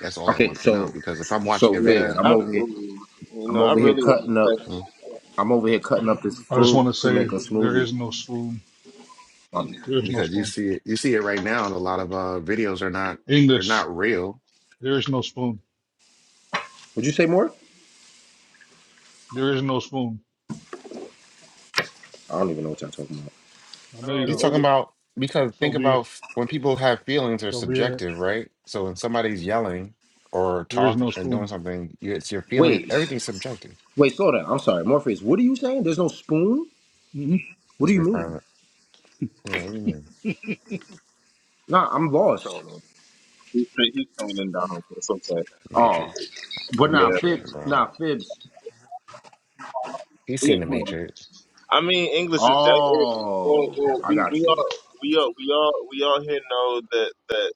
S4: That's all I
S3: Okay,
S4: want to
S3: so
S4: know. Because if I'm
S3: so
S4: watching a
S2: Yeah,
S3: Fibs,
S4: video,
S3: I'm
S2: I
S3: over here.
S2: really, you know,
S3: I'm
S2: I
S3: over here
S2: really
S3: cutting up.
S2: respect.
S4: mm,
S3: I'm over here cutting up this
S6: I just want
S3: fruit
S6: to
S3: to
S6: say
S3: make a
S6: there
S3: smoothie.
S6: is no spoon.
S3: Um,
S6: There is no
S4: because you
S6: spoon.
S4: see it, you see it right now, and a lot of uh, videos are not they're
S6: English.
S4: not real
S6: There is no spoon.
S3: would you say more?
S6: There is no spoon.
S3: I don't even know what y'all talking about.
S6: I
S2: I
S6: know
S2: don't
S6: you
S2: know
S4: He's
S2: the
S6: don't.
S4: talking
S2: English
S4: about because
S6: So
S4: think
S6: be
S4: about
S6: it.
S4: f- when people have feelings are
S6: So be it.
S4: subjective, right? So when somebody's yelling or
S6: There is
S4: talking
S6: no
S4: and doing
S6: spoon.
S4: something, you, it's your feeling.
S3: Wait,
S4: Everything's subjective.
S3: wait, slow down. I'm sorry, Morpheus. What are you saying? There's no spoon.
S6: hmm
S3: What do
S4: It's
S3: you mean?
S4: requirement. Yeah, what do you mean?
S3: Nah, I'm lost.
S2: trolling. He's he's trolling down. It's okay.
S3: Oh,
S4: Matrix.
S3: but
S4: The
S3: nah,
S2: Yeah,
S4: Matrix,
S3: Fibs.
S4: bro.
S3: Nah, Fibs.
S4: He's seen the
S2: yeah.
S4: Matrix.
S2: I mean, English is that. It, well,
S3: Oh,
S2: well,
S3: I
S2: we
S3: got
S2: we
S3: you.
S2: all we all we all we all here know that that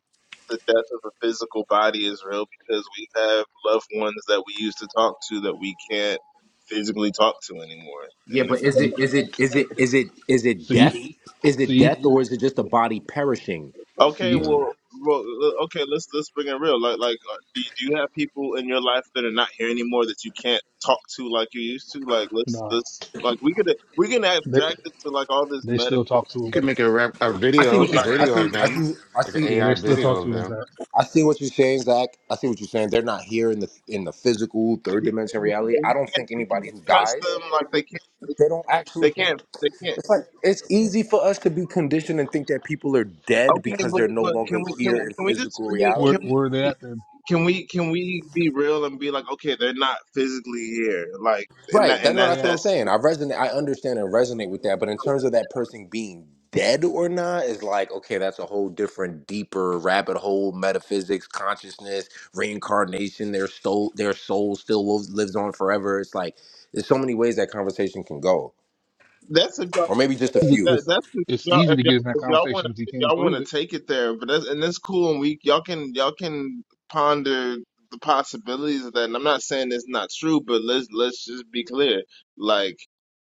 S2: the death of a physical body is real because we have loved ones that we used to talk to that we can't physically talk to anymore.
S3: Yeah,
S2: And if
S3: but is
S2: that,
S3: it is it is it is it is it death?
S6: See,
S3: Is it
S6: see,
S3: death or is it just a body perishing?
S2: okay,
S6: see.
S4: Mm.
S2: well, well, l- okay, let's let's bring it real. Like like, uh, do you, do you have people in your life that are not here anymore that you can't talk to like you used to? Like let's
S6: Nah.
S2: let's like we could we can abstract it to like all this
S6: They still
S2: metaphysical
S6: talk to
S4: You
S2: stuff,
S4: could make a rap, a
S3: I see
S4: video,
S2: but
S3: what
S4: a
S3: you
S2: like.
S3: I
S4: video
S3: see
S4: of
S3: I
S6: him.
S4: them,
S3: see I
S4: like an
S3: see
S6: Yeah,
S4: AI
S6: they still talk
S4: video
S6: to
S4: of
S6: him.
S4: them.
S6: Zach.
S3: I see what you're saying, Zach. I see what you're saying. They're not here in the in the physical third dimension
S2: You
S3: reality. I don't
S2: can't,
S3: think
S2: you
S3: anybody
S2: can't
S3: who
S2: touch
S3: dies,
S2: them like they can't.
S3: they don't
S2: They
S3: actually
S2: can't. They can't.
S3: it's like it's easy for us to be conditioned and think that people are dead
S2: Okay,
S3: because
S2: but
S3: they're no
S2: but can
S3: longer
S2: we can,
S3: here
S2: we-
S3: in
S2: can we just
S3: physical
S2: create? Can
S6: Where
S3: reality.
S2: we
S6: where are they at then?
S2: can we can we be real and be like, okay, they're not physically here. Like, and
S3: Right.
S2: that
S3: That,
S2: and
S3: no,
S6: Where
S2: that
S6: they
S3: that's what
S6: at?
S3: I'm
S2: that's
S3: saying. I resonate. I understand and resonate with that. But in terms of that person being dead or not, is like okay, that's a whole different, deeper rabbit hole. Metaphysics, consciousness, reincarnation. Their soul, their soul still lives, lives on forever. It's like there's so many ways that conversation can go,
S2: that's if y'all
S3: or maybe just a
S6: It's,
S2: that,
S3: few.
S6: it's
S2: that's if
S6: it's
S2: y'all
S6: easy
S2: if
S6: to get
S2: y'all
S6: in that
S2: if y'all want
S6: conversation if you
S2: if
S6: can't
S2: y'all want
S6: prove
S2: to
S6: it.
S2: take it there, but that's and that's cool. And we y'all can y'all can ponder the possibilities of that. And I'm not saying it's not true, but let's let's just be clear. Like.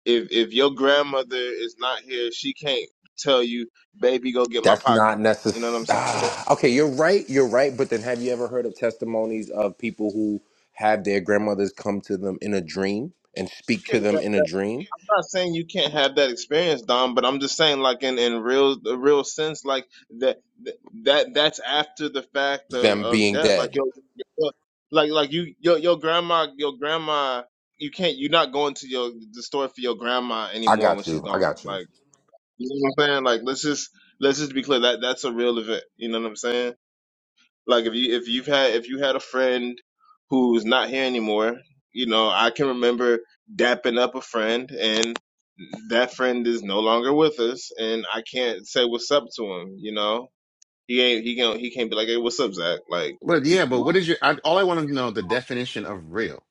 S2: if if your grandmother is not here, she can't tell you, baby, go get my
S3: That's not
S2: pocketbook. You know what I'm
S3: necessary.
S2: saying?
S3: Ah, okay, you're right. You're right. But then, have you ever heard of testimonies of people who have their grandmothers come to them in a dream and speak to
S2: Okay, that,
S3: them in a
S2: that,
S3: dream?
S2: I'm not saying you can't have that experience, Dom, but I'm just saying, like in in real the real sense, like that that that's after the fact of
S3: them
S2: of
S3: being
S2: death. Like
S3: dead.
S2: your, your like like you your your grandma your grandma you can't you're not going to your the store for your grandma
S3: I
S2: anymore when
S3: got
S2: she's
S3: you. I
S2: gone.
S3: got you.
S2: Like you know what I'm saying? Like let's just let's just be clear that that's a real event. You know what I'm saying? Like if you if you've had if you had a friend who's not here anymore, you know, I can remember dapping up a friend and that friend is no longer with us and I can't say what's up to him, you know. He ain't he can not he can't be like, Hey, what's up, Zach? Like
S4: But yeah, but
S2: 'cause-
S4: what is your? I, all I want to know the definition of real.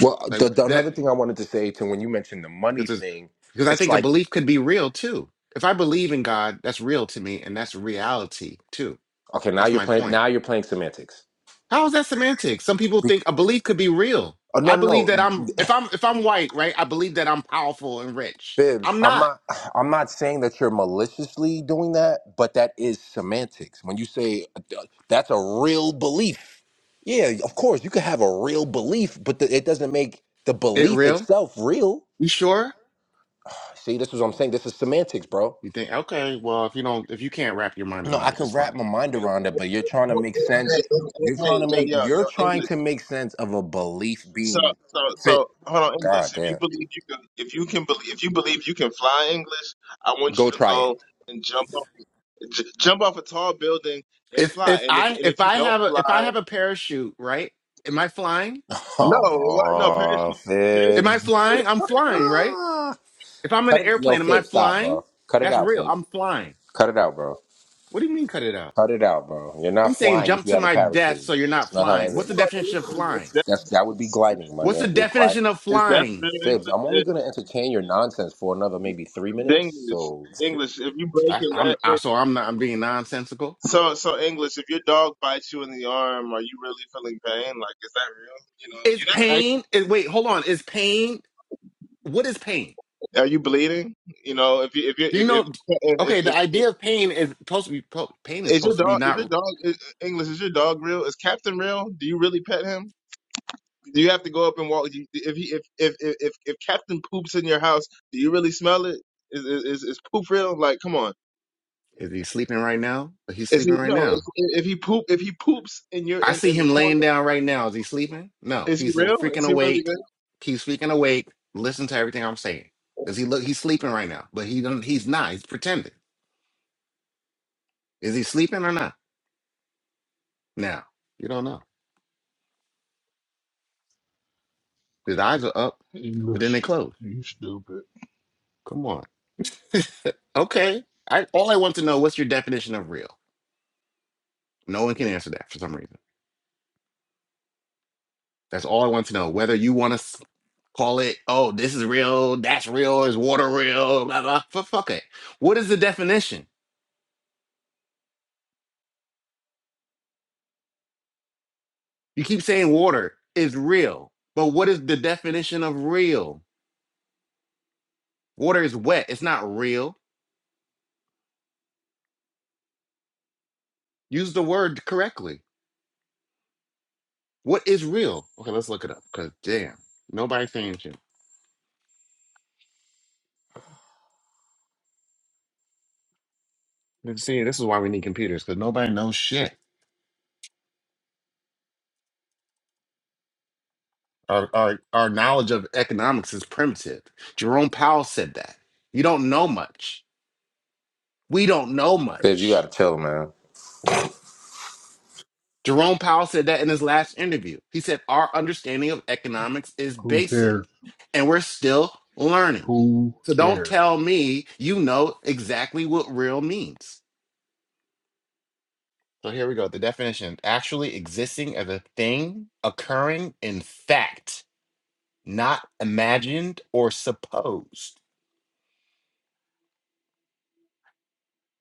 S3: Well,
S4: Like
S3: the, the,
S4: that.
S3: another thing I wanted to say to when you mentioned the money
S4: because it's,
S3: thing,
S4: because I
S3: it's
S4: think a
S3: like
S4: belief could be real too. If I believe in God, that's real to me, and that's reality too.
S3: okay, now
S4: That's
S3: you're
S4: my
S3: playing.
S4: point.
S3: Now you're playing semantics.
S4: How is that semantics? Some people think
S3: Bec-
S4: a belief could be real.
S3: oh, no,
S4: I believe that
S3: no,
S4: I'm
S3: no,
S4: if I'm if I'm white, right? I believe that I'm powerful and rich.
S3: Bibbs.
S4: I'm
S3: I'm
S4: not.
S3: not. I'm not saying that you're maliciously doing that, but that is semantics. When you say uh, that's a real belief, yeah, of course you could have a real belief, but the, it doesn't make the
S4: It
S3: belief
S4: real?
S3: itself real.
S4: You sure?
S3: See, this is what I'm saying. This is semantics, bro.
S4: You think okay? Well, if you don't, if you can't wrap your mind
S3: No,
S4: around
S3: I
S4: it,
S3: could
S4: it's
S3: wrap
S4: fine.
S3: my mind around it, but you're trying to
S2: Hey,
S3: make sense.
S2: hey,
S3: You're trying
S2: hey,
S3: to
S2: yo,
S3: make
S2: yo, yo,
S3: you're trying to make sense of a belief
S2: So,
S3: being
S2: so,
S3: fit.
S2: so, hold on,
S3: God
S2: English. If you
S3: damn.
S2: believe you can, if you can believe, if you believe you can fly English, I want
S3: Go
S2: you to
S3: try it.
S2: go and jump off, j- jump off a tall building and
S4: If
S2: fly.
S4: if
S2: And if
S4: I
S2: and
S4: if
S2: if you
S4: I
S2: don't
S4: have a if
S2: fly,
S4: I have a parachute, right? Am I flying?
S2: no, what, no parachutes,
S3: Oh,
S4: Am I
S2: parachutes
S3: Fibs.
S2: are real.
S4: flying? I'm
S2: Parachutes,
S4: flying, right?
S3: Ah.
S4: If I'm in
S3: Cut
S4: an
S3: it. Yo,
S4: airplane, am I
S3: Fibs, stop,
S4: flying?
S3: bro. Cut it
S4: That's
S3: out,
S4: real.
S3: Fibs.
S4: I'm flying.
S3: Cut it out, bro.
S4: What do you mean cut it out?
S3: Cut it out, bro. You're not
S4: He's saying
S3: flying if
S4: jump
S3: you
S4: to
S3: have a
S4: my death
S3: parachute.
S4: so you're
S3: It's
S4: not
S3: not how that
S4: flying. What's the
S2: hold on,
S3: works.
S4: definition of
S2: it's,
S4: flying?
S3: That's that
S2: it's,
S3: would be
S2: it's, it's,
S3: gliding, my
S4: What's the
S3: man. You're glide
S4: definition of
S2: it's
S4: flying?
S2: real
S3: Fibs, I'm only
S2: English.
S3: gonna entertain your nonsense for another maybe three
S2: It's
S3: minutes.
S2: English,
S3: So
S2: English. If you break
S4: I,
S2: your leg,
S4: I'm I, so I'm not I'm being nonsensical.
S2: so so English. If your dog bites you in the arm, are you really feeling pain? Like, is that real? You know,
S4: Is
S2: you're not
S4: pain? Is, wait, hold on. Is pain? What is pain?
S2: Are you bleeding? You know, if you if you
S4: Do you
S2: if if,
S4: know?
S2: if,
S4: Okay, the
S2: if, if
S4: idea of pain is supposed to be po- pain is
S2: is your
S4: supposed to be
S2: dog is your
S4: not.
S2: dog is, English is your dog real? Is Captain real? Do you really pet him? Do you have to go up and walk? do you- If he if if if if, if Captain poops in your house, do you really smell it? Is is is is poop real? Like, come on.
S4: Is he sleeping right now? He's
S2: Is he
S4: sleeping right
S2: no?
S4: now.
S2: If, if he poop if he poops in your
S4: I
S2: in
S4: see
S2: in the
S4: him
S2: corner,
S4: laying down right now. Is he sleeping? No,
S2: is he
S4: he's
S2: real? Is
S4: freaking
S2: he really
S4: awake.
S2: real?
S4: He's freaking awake. Listen to everything I'm saying. Does he look? He's sleeping right now, but he don't, he's not. He's pretending. Is he sleeping or not? Now you don't know. His eyes are up, but then they
S6: English,
S4: close.
S6: you stupid.
S4: Come on. Okay. I all I want to know what's your definition of real? No one can answer that for some reason. That's all I want to know. Whether you want to call it, oh, this is real, that's real, is water real, blah blah. F- fuck it. What is the definition? You keep saying water is real, but what is the definition of real? Water is wet. It's not real. Use the word correctly. What is real? Okay, let's look it up. Cause damn, nobody's saying shit. let See, this is why we need computers, because nobody knows shit. Our, our our knowledge of economics is primitive. Jerome Powell said that. You don't know much. We don't know
S3: Fibs, you
S4: much.
S3: gotta chill, man.
S4: Jerome Powell said that in his last interview. He said, Our understanding of economics is
S6: Who
S4: basic
S6: cares?
S4: and we're still learning.
S6: Who
S4: So don't
S6: cares?
S4: tell me you know exactly what real means. So here we go. The definition actually existing as a thing occurring in fact, not imagined or supposed.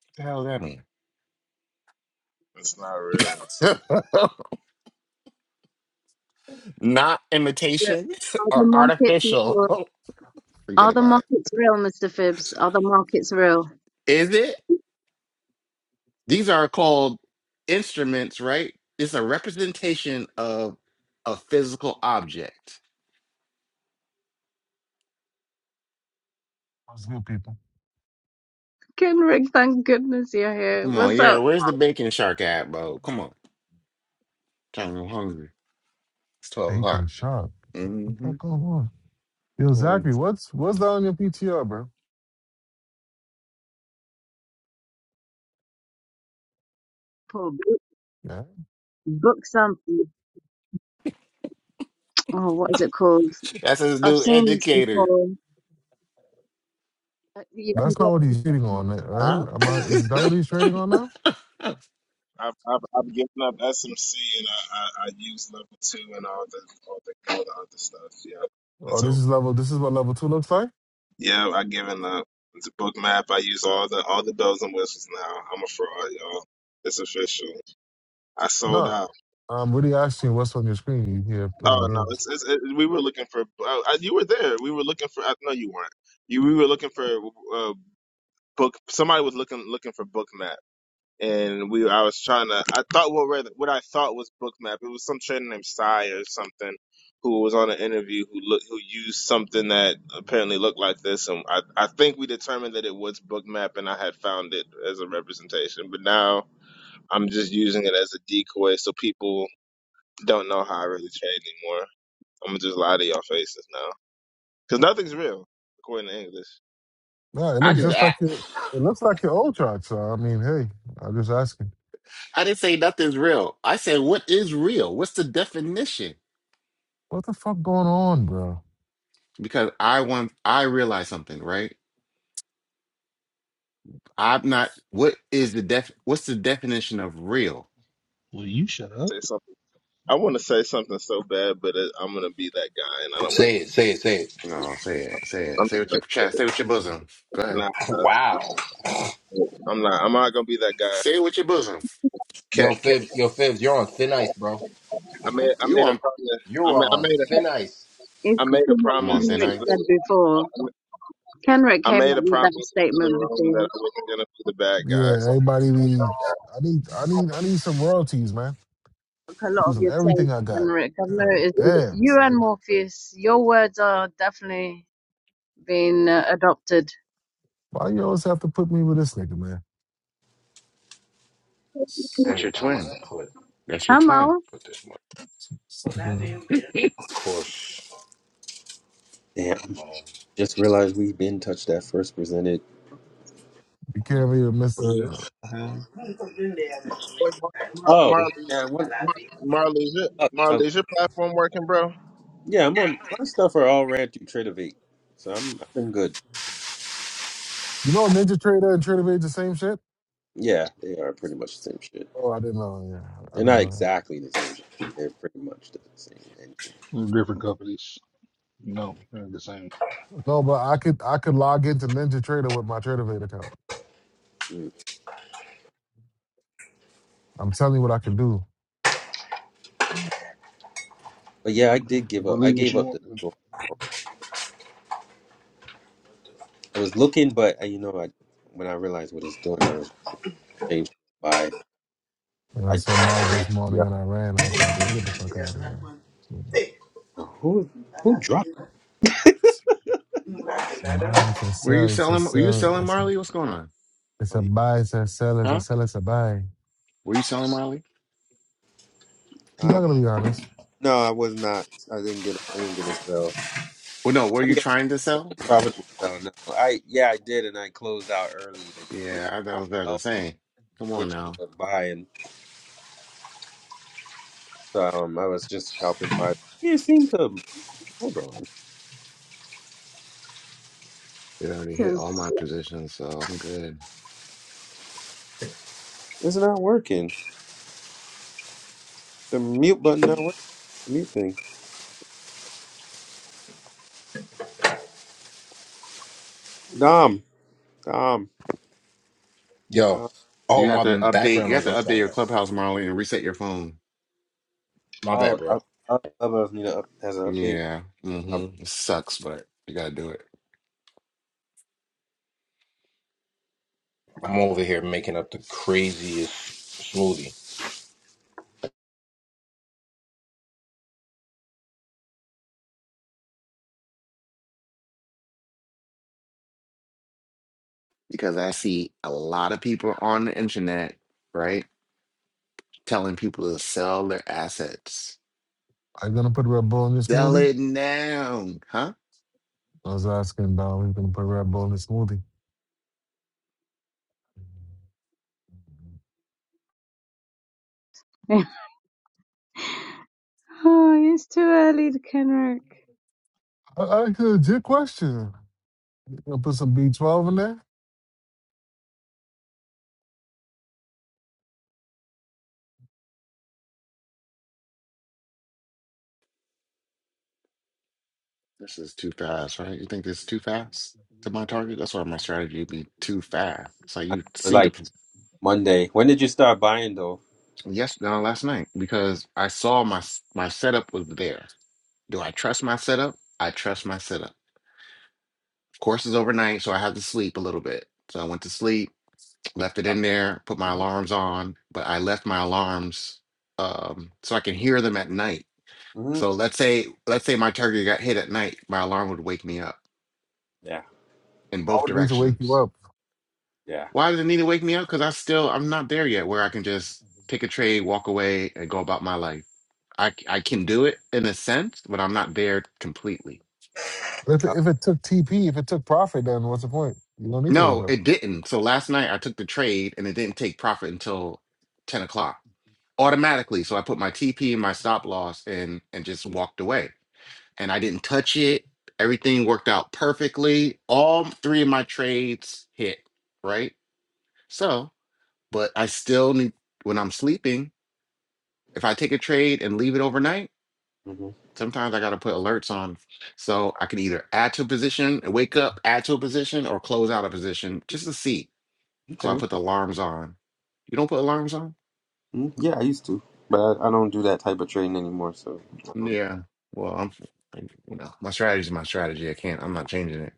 S4: What the hell does
S2: It's not real.
S4: that mean? not
S5: real?
S4: imitation
S5: Are the
S4: or
S5: markets
S4: artificial.
S5: real?
S4: Forget
S5: Are the
S4: about it.
S5: markets real, Mr. Phibbs? Are the markets real?
S4: Is it? These are called instruments, right? It's a representation of a physical object.
S7: Those new people.
S5: Kenrick, thank goodness you're here.
S4: Come on,
S5: What's
S4: yeah.
S5: up,
S4: Where's the bacon shark at, bro? Come on, trying to hungry. It's twelve o'clock.
S7: Bacon shop. What the
S4: hmm
S7: fuck going on? Yo, Zachary, what's what's that on your PTR, bro?
S5: Paul? Book,
S7: Yeah.
S5: book something. Oh, what is it called?
S4: That's his
S5: I've
S4: new
S5: seen this
S4: educator,
S5: before. Uh, You can
S7: That's
S5: get
S7: not what
S5: it
S7: he's trading
S5: in
S7: on, right?
S4: huh?
S7: Right? Am I
S5: Japanese.
S7: is that what he's trading on now?
S2: I've, I've, I've given up SMC and I, I, I use level two and all the all the all the other stuff. Yeah.
S7: Oh,
S2: it's over.
S7: this is level this is what level two looks like?
S2: Yeah, I given up. The book map, I use all the all the bells and whistles now. I'm a fraud, y'all. It's official. I sold
S7: No.
S2: out.
S7: I'm really asking what's on your screen you here playing
S2: Oh no, it's,
S7: games.
S2: it's it, we were looking for. Uh, you were there. We were looking for. Uh, no, you weren't. You we were looking for uh, book. Somebody was looking looking for book map. and we I was trying to I thought what read what I thought was Bookmap. It was some trader named Sai or something who was on an interview who look who used something that apparently looked like this and I, I think we determined that it was Bookmap and I had found it as a representation. But now I'm just using it as a decoy so people don't know how I really trade anymore. I'm gonna just lie to y'all faces now. Because nothing's real, according to English.
S7: No, it
S4: I
S2: And
S7: looks
S4: just
S2: then
S7: just like
S4: act.
S7: your it looks like your old chart, so I mean, hey, I'm just asking.
S4: I didn't say nothing's real. I said what is real. What's the definition?
S7: What the fuck going on, bro?
S4: Because I want. I realize something, right? I'm not. What is the def? What's the definition of real?
S6: Will you shut up?
S2: Say something. I want to say something so bad, but uh, I'm gonna be that guy, and I don't want to.
S3: Say it, say it, say it.
S4: No, say it. Say it.
S2: I'm
S4: Say it
S2: just
S4: with your
S2: gonna
S4: chest. Say it with your bosom. Go ahead.
S2: Nah, nah, that's
S3: Wow.
S2: not- I'm not. I'm not gonna be that guy.
S4: Say it with your bosom.
S2: Cat,
S3: Yo,
S2: cat.
S3: Fibs, yo, Fibs, you're on thin ice, bro.
S2: I made. I
S4: You
S2: made a
S4: on
S2: promise.
S3: You
S2: I
S3: are
S2: made. I
S3: on
S2: made a.
S3: thin ice.
S5: It's
S2: I made a
S5: called what
S4: I'm on
S2: promise
S4: thin
S2: to
S5: Kenrick
S4: ice.
S5: said
S2: the.
S5: before. Kenrick
S2: I
S5: came
S2: made
S5: up
S2: a
S5: with
S2: promise
S5: that
S2: to the
S5: statement
S2: room that
S5: before.
S2: I wasn't gonna be the bad guys.
S7: Yeah, everybody be I need I need I need some royalties, man.
S5: a lot of
S7: Using
S5: your
S7: everything
S5: takes,
S7: I got.
S5: Henrik. I've
S7: God
S5: noticed
S7: damn,
S5: you
S7: son.
S5: and Morpheus, your words are definitely being uh, adopted.
S7: Why you always have to put me with this nigga, man?
S3: I
S7: This
S3: don't
S4: That's your
S3: even know how much
S4: twin.
S3: to put
S4: That's your
S5: I'm
S4: twin.
S5: out.
S3: put this one.
S7: nigga,
S3: Of course.
S1: Damn, just realized we have been touched that first presented.
S7: You can't be a Mr.
S2: Wait, Mar- Mar-
S1: Oh
S2: Marley,
S1: yeah, what?
S2: Mar- Marley, is your, Marley, is your platform working, bro?
S1: Yeah, I'm on my stuff are all ran through Trinivate, so I'm I've been good.
S7: You know Ninja Trader and Trader Vage the same shit?
S1: Yeah, they are pretty much the same shit.
S7: Oh, I didn't know. Yeah, I
S1: They're
S7: didn't
S1: not
S7: know that.
S1: exactly the same shit. They're pretty much the same engine.
S6: We're different companies. No, they're the same.
S7: No, but I could I could log into Ninja Trader with my Trader account.
S1: Mm.
S7: I'm telling you what I can do.
S1: Yeah, but yeah, I
S6: Okay,
S1: did give up. I
S6: believe what
S1: gave
S6: you
S1: up
S6: want.
S1: the
S6: Then.
S1: store. I was looking, but uh, you know, I when I realized what it's doing, I was changed by
S7: And
S1: I.
S7: so modeled this
S1: Yeah,
S7: morning and I ran. I was like, let me get the fuck out of here. So,
S1: who who dropped?
S7: It's it's a buy, it's a
S4: Were you
S7: sell, it's a
S4: selling were you
S7: sell,
S4: selling
S7: it's a
S4: Marley? What's going on?
S7: it's
S1: Oh,
S7: a
S1: you-
S7: buy, it's a sell, it's a
S4: Huh?
S7: sell, it's a buy.
S4: Were you selling Marley?
S7: You're not
S1: Uh,
S7: gonna be honest.
S1: no, I was not. I didn't get. I didn't get a sell.
S4: Well no, were
S1: I
S4: you
S1: didn't get
S4: trying to
S1: a
S4: sell?
S1: profitable sell. No, I yeah, I did, and I closed out early
S4: Yeah, I that was
S1: and.
S4: better than saying. Come on
S1: which
S4: now.
S1: to buy, and um, I was just scalping by. Yeah, It seemed to hold on.
S4: It already hit all my positions, so I'm good.
S1: It's not working. The mute button not working. The mute thing. Dom, Dom,
S3: Yo.
S1: Dom.
S3: Oh,
S4: You have to
S3: my
S4: update
S3: background
S4: you have
S3: noise.
S4: to
S3: I'm
S4: update
S3: sorry.
S4: your clubhouse, Marley, and reset your phone.
S3: My
S1: Oh,
S3: bad,
S1: I,
S3: bro.
S1: I love if Nina up, has an update.
S4: Yeah.
S1: I,
S4: Mm-hmm. It sucks, but you gotta do it.
S3: I'm over here making up the craziest smoothie.
S4: Because I see a lot of people on the internet, right? telling people to sell their assets.
S7: Are you gonna put Red Bull in your
S4: Sell
S7: smoothie?
S4: it now, huh?
S7: I was asking about who's gonna put Red Bull in the smoothie.
S5: oh, it's too early, Henrik.
S7: I I asked a legit question. You gonna put some B twelve in there?
S4: This is too fast, right? You think this is too fast to my target? That's why my strategy would be too fast. So
S1: I know it
S4: you
S1: was
S4: see the
S1: like Monday. When did you start buying though?
S4: yes, no, last night because I saw my my setup was there. Do I trust my setup? I trust my setup. Of Course is overnight, so I had to sleep a little bit. So I went to sleep,
S1: Put
S4: left it in there, put my
S1: Mm-hmm.
S4: alarms on, but I left my alarms um, so I can hear them at night
S1: Mm-hmm.
S4: So let's say let's say my target got hit at night, my alarm would wake me up
S1: Yeah,
S4: in
S7: I
S4: both
S7: would it need to wake you
S4: directions.
S7: up.
S1: yeah.
S4: Why does it need to wake me up? Because I still I'm not there yet where I can just pick a trade, walk away, and go about my life. I I can do it in a sense, but I'm not there completely.
S7: If it,
S1: Uh,
S7: if it took TP, if it took profit, then what's the point? You don't need to wake
S4: No,
S7: up.
S4: it didn't. So last night I took the trade and it didn't take profit until ten o'clock automatically. So I put my TP and my stop loss in and just walked away. and I didn't touch it. Everything worked out perfectly. All three of my trades hit, right? So, but I still need, when I'm sleeping, if I take a trade and leave it overnight,
S1: hmm
S4: sometimes I got to put alerts on. So I can either add to a position and wake up, add to a position, or close out a position just to see. So I
S1: Okay.
S4: put the alarms on. You don't put alarms on?
S1: mm Yeah, I used to, but I, I don't do that type of trading anymore. So, um,
S4: Yeah. Well, I'm, you know, my strategy is my strategy. I can't, I'm not changing it.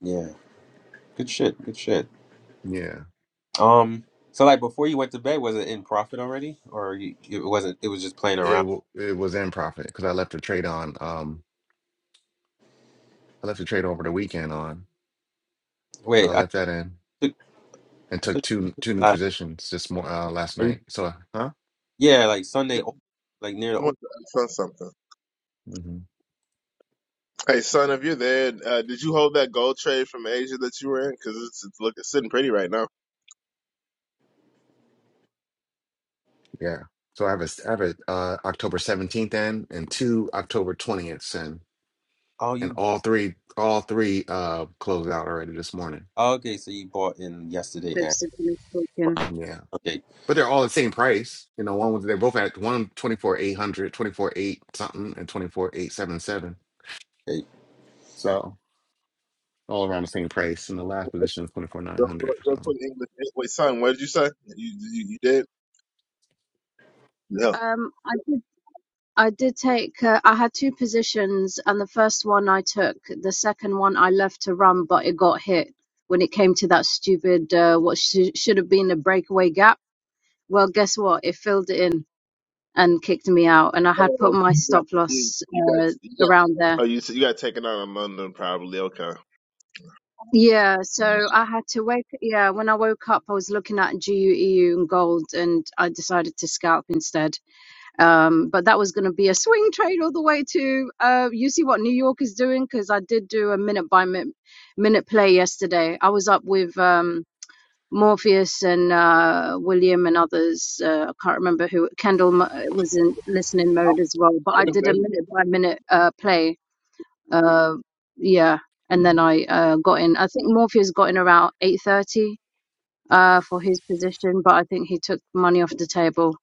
S1: yeah, good shit. Good shit.
S4: Yeah.
S1: Um, so like before you went to bed, was it in profit already, or you, it wasn't? It was just playing
S4: It
S1: around.
S4: w- it was in profit because I left a trade on. Um, I left a trade over the weekend on, so I
S1: Wait, I
S4: left that in
S1: took,
S4: and
S1: I
S4: took
S1: took
S4: two two new
S1: last
S4: positions this more uh, last
S1: night.
S4: night. So uh, huh?
S1: yeah, like Sunday, o- like near
S2: I
S1: the o-
S2: want to ask son something.
S4: hmm
S2: Hey, son, if you're there, uh, did you hold that gold trade from Asia that you were in? Because it's, it's look, it's sitting pretty right now.
S4: Yeah. So I have a s- I have a uh, October seventeenth in and two October twentieths in,
S1: oh
S4: and
S1: you
S4: all three all three uh closed out already this morning.
S1: oh, okay, so you bought in yesterday and
S5: Fibsically
S1: right,
S5: speaking.
S4: Yeah.
S1: okay,
S4: But they're all the same price. You know, one was they're both at one twenty four eight hundred, twenty four eight something, and twenty four eight seven seven.
S1: okay,
S4: So. all around the same price. And the last position is twenty four nine
S2: Real,
S4: hundred.
S2: quick- real quick,
S4: So.
S2: English. Wait, son, what did you say? You, you, you did?
S5: Um, I did. I did take. Uh, I had two positions, and the first one I took. The second one I left to run, but it got hit when it came to that stupid uh, what sh- should have been a breakaway gap. Well, guess what? It filled it in. and kicked me out. And I had put
S2: Oh,
S5: my
S2: you got
S5: stop
S2: you,
S5: loss
S2: you got
S5: uh,
S2: you got.
S5: around there.
S2: Oh, you s- you got taken out in London probably. Okay. I
S5: Yeah, so I had to wake. Yeah, when I woke up, I was looking at GUEU and gold, and I decided to scalp instead. Um, but that was going to be a swing trade all the way to. Uh, you see what New York is doing because I did do a minute by minute, minute play yesterday. I was up with um, Morpheus and uh, William and others. Uh, I can't remember who. Kendall mu- was in listening mode as well, but I
S2: was
S5: did
S2: there.
S5: a minute by minute uh, play Uh, yeah, and then I uh, got in. I think Morpheus got in around eight thirty uh, for his position, but I think he took money off the table.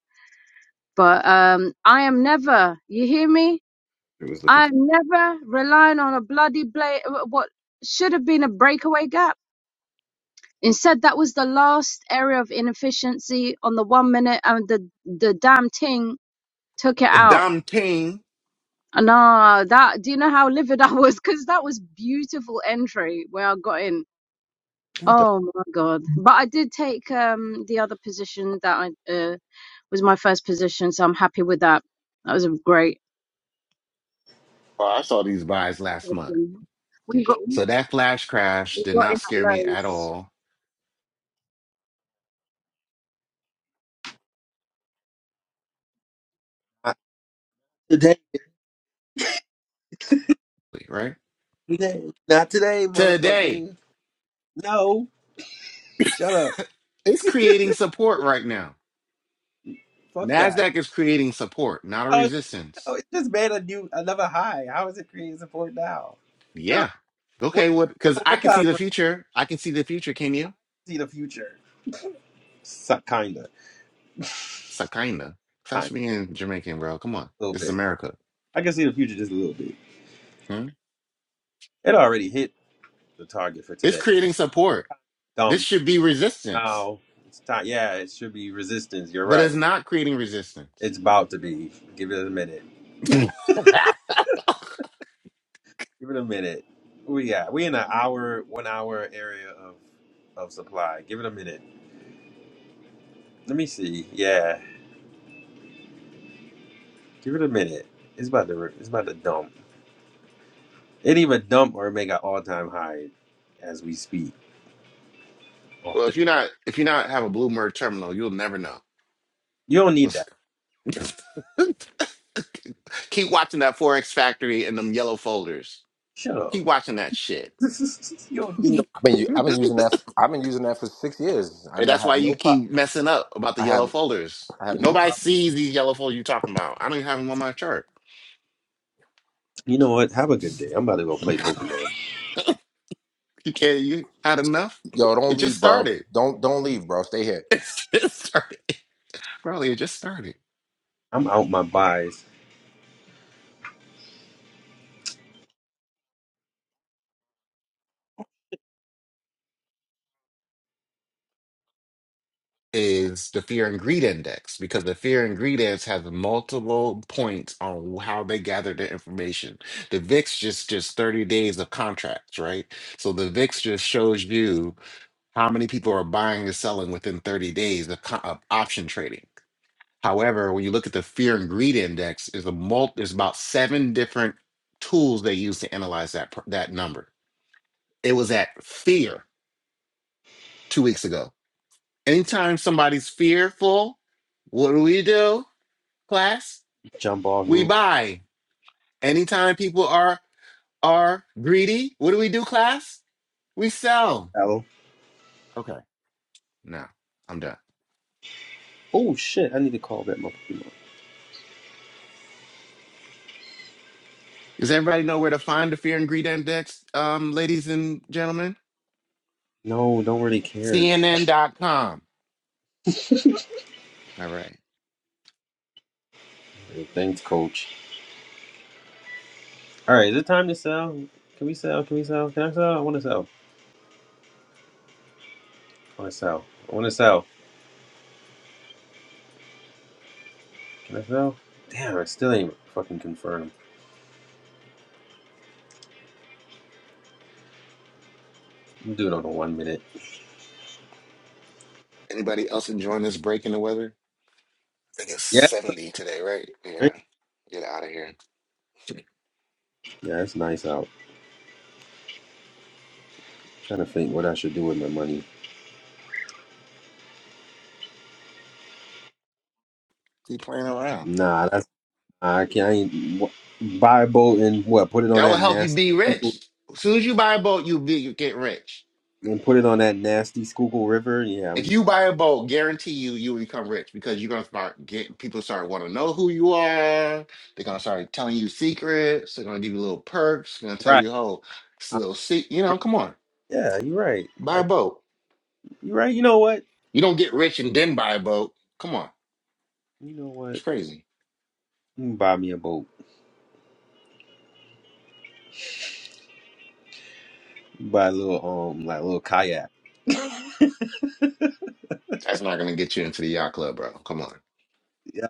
S5: But um, I am never, you hear me?
S1: it was looking
S5: I
S1: for
S5: am never relying on a bloody bla- what should have been a breakaway gap. Instead, that was the last area of inefficiency on the one minute, and the the damn thing took it out.
S4: Dom King.
S5: And uh, that do you know how livid I was? Because that was beautiful entry where I got in
S1: what the
S5: Oh my God. But I did take um the other position that I uh, was my first position, so I'm happy with that. That was a great
S4: Oh, I saw these buys last month.
S5: position. We got
S4: So that flash crash
S5: we
S4: did
S5: got in
S4: not
S5: at
S4: scare me at
S5: lows.
S4: all.
S1: not today,
S4: Right?
S1: today, not today,
S4: Today,
S1: motherfucker. No, shut up.
S4: it's creating support right now.
S1: Fuck that.
S4: NASDAQ is creating support, not a
S1: How is, oh,
S4: resistance.
S1: it just made a new another high. How is it creating support now? Shut up.
S4: Yeah.
S1: What
S4: Okay, what because I
S1: what
S4: can see
S1: time
S4: the
S1: frame?
S4: future. I can see the future, can you?
S1: See the future. So, kinda,
S4: Sakinda. Stop
S1: kind, of,
S4: being Jamaican, bro. Come on.
S1: a little
S4: This is
S1: bit.
S4: America.
S1: I can see the future just a little bit.
S4: Hmm?
S1: It already hit the target for
S4: It's
S1: today.
S4: creating support. This
S1: Dump.
S4: should be resistance,
S1: Now it's time. Yeah, it should be resistance. You're
S4: but
S1: right.
S4: it's not creating resistance.
S1: It's about to be. Give it a minute.
S4: Well,
S1: Give it a minute. We got. We in an hour, one hour area of of supply. Give it a minute. Let me see. Yeah, give it a minute. It's about to. It's about to dump. It even dump or make an all time high as we speak.
S4: if
S1: Often.
S4: you're not if you're not have a Bloomberg terminal, you'll never know.
S1: You don't need
S4: What's
S1: that.
S4: keep watching that Forex Factory and them yellow folders.
S1: Shut up.
S4: Keep watching that shit,
S1: you don't need no
S4: and
S3: I've been u- I've been using that. I've been using that for six years, and I
S4: that's why
S3: have
S4: you
S3: no pro.
S4: keep messing up about the
S3: I
S4: yellow
S3: have
S4: folders.
S3: I have no
S4: Nobody
S3: problem.
S4: sees these yellow folders you're talking about. I don't even have them on my chart.
S1: You know what? Have a good day. I'm about to go play Pokemon.
S4: You can't. You had enough.
S3: Yo,
S4: It
S3: don't
S4: just
S3: leave, bro.
S4: started.
S3: Don't don't leave, bro. Stay here.
S4: It just started, Probably It just started.
S1: I'm out my buys.
S4: is the fear and greed index because the fear and greed index has multiple points on how they gather their information. The VIX just just 30 days of contracts, right? So the VIX just shows you how many people are buying and selling within 30 days of, co- of option trading. However, when you look at the fear and greed index, is a multi is about seven different tools they use to analyze that pr- that number. It was at fear two weeks ago. Anytime somebody's fearful, what do we do? class?
S1: Jump off
S4: We
S1: roof.
S4: buy. Anytime people are are greedy, what do we do, class? We sell.
S1: Hello.
S4: Okay. Now I'm done.
S1: Oh shit! I need to call back my Pokemon.
S4: Does everybody know where to find the Fear and Greed Index, um, ladies and gentlemen?
S1: No, don't really care.
S4: CNN.com. All right.
S1: Hey, thanks, Coach. All right, is it time to sell? Can we sell? Can we sell? Can I sell? I want to sell. I want to sell. I want to sell. Can I sell? Damn, it still ain't fucking confirmed. I'm gonna do it on the one minute.
S4: Anybody else enjoying this break in the weather? I think it's
S1: Yeah.
S4: 70 today, right? Yeah.
S1: right?
S4: Get out of here.
S1: Yeah, it's nice out. trying to think what I should do with my money.
S4: Keep playing around.
S1: Nah, that's I can't. I ain't, wh- buy a boat and what? Put it on
S4: That will
S1: that
S4: help you
S1: nasty.
S4: be rich. As soon as you buy a boat, you be you get rich.
S1: and put it on that nasty Schuylkill River. Yeah,
S4: If
S1: I'm.
S4: you buy a boat, guarantee you you will become rich because you're gonna start getting people start want to know who you are. They're gonna start telling you secrets. They're gonna give you little perks. They're gonna tell
S1: Right.
S4: you, oh, it's a
S1: I'm
S4: little se You know, come on,
S1: yeah, you're right.
S4: buy a
S1: Like
S4: boat.
S1: you're right. You know what?
S4: You don't get rich and then buy a boat. Come on,
S1: You know what?
S4: it's crazy.
S1: You can buy me a boat. buy a little um like a little kayak.
S4: That's not gonna get you into the yacht club, bro. Come
S1: Yeah,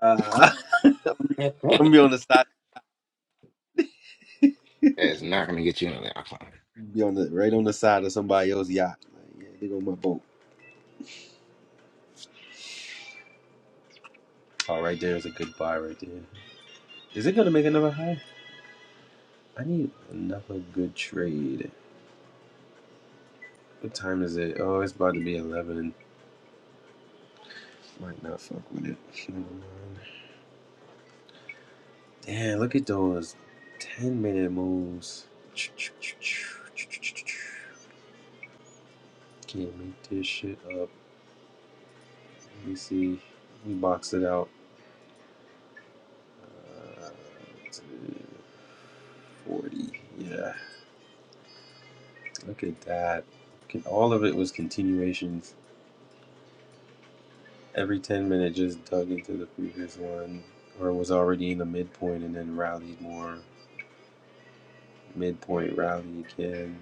S1: I'm
S4: on,
S1: gonna be on the side.
S4: it's not gonna get you into the yacht club.
S1: Be on the right on the side of somebody else's yacht. Like, yeah, they go my boat. Oh, right there is a good buy right there. Is it gonna make another high? I need another good trade. What time is it? Oh, it's about to be eleven. Might not fuck with it. Never mind. Damn, look at those 10 minute moves. Can't make this shit up. Let me see. We box it out. Uh, 40. Yeah. Look at that. All of it was continuations. Every 10 minute just dug into the previous one or was already in the midpoint and then rallied more. Midpoint rally again.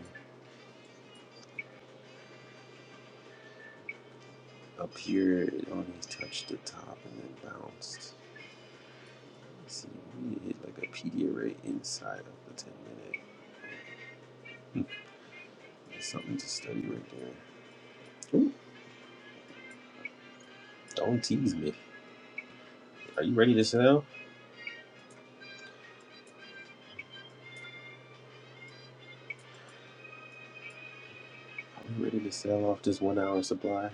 S1: Up here, it only touched the top and then bounced. see, we need to hit like a Pediarite inside of the 10 minute. Hmm. That's something to study right there. Ooh, don't tease me. Are you ready to sell? Are you ready to sell off this one hour supply?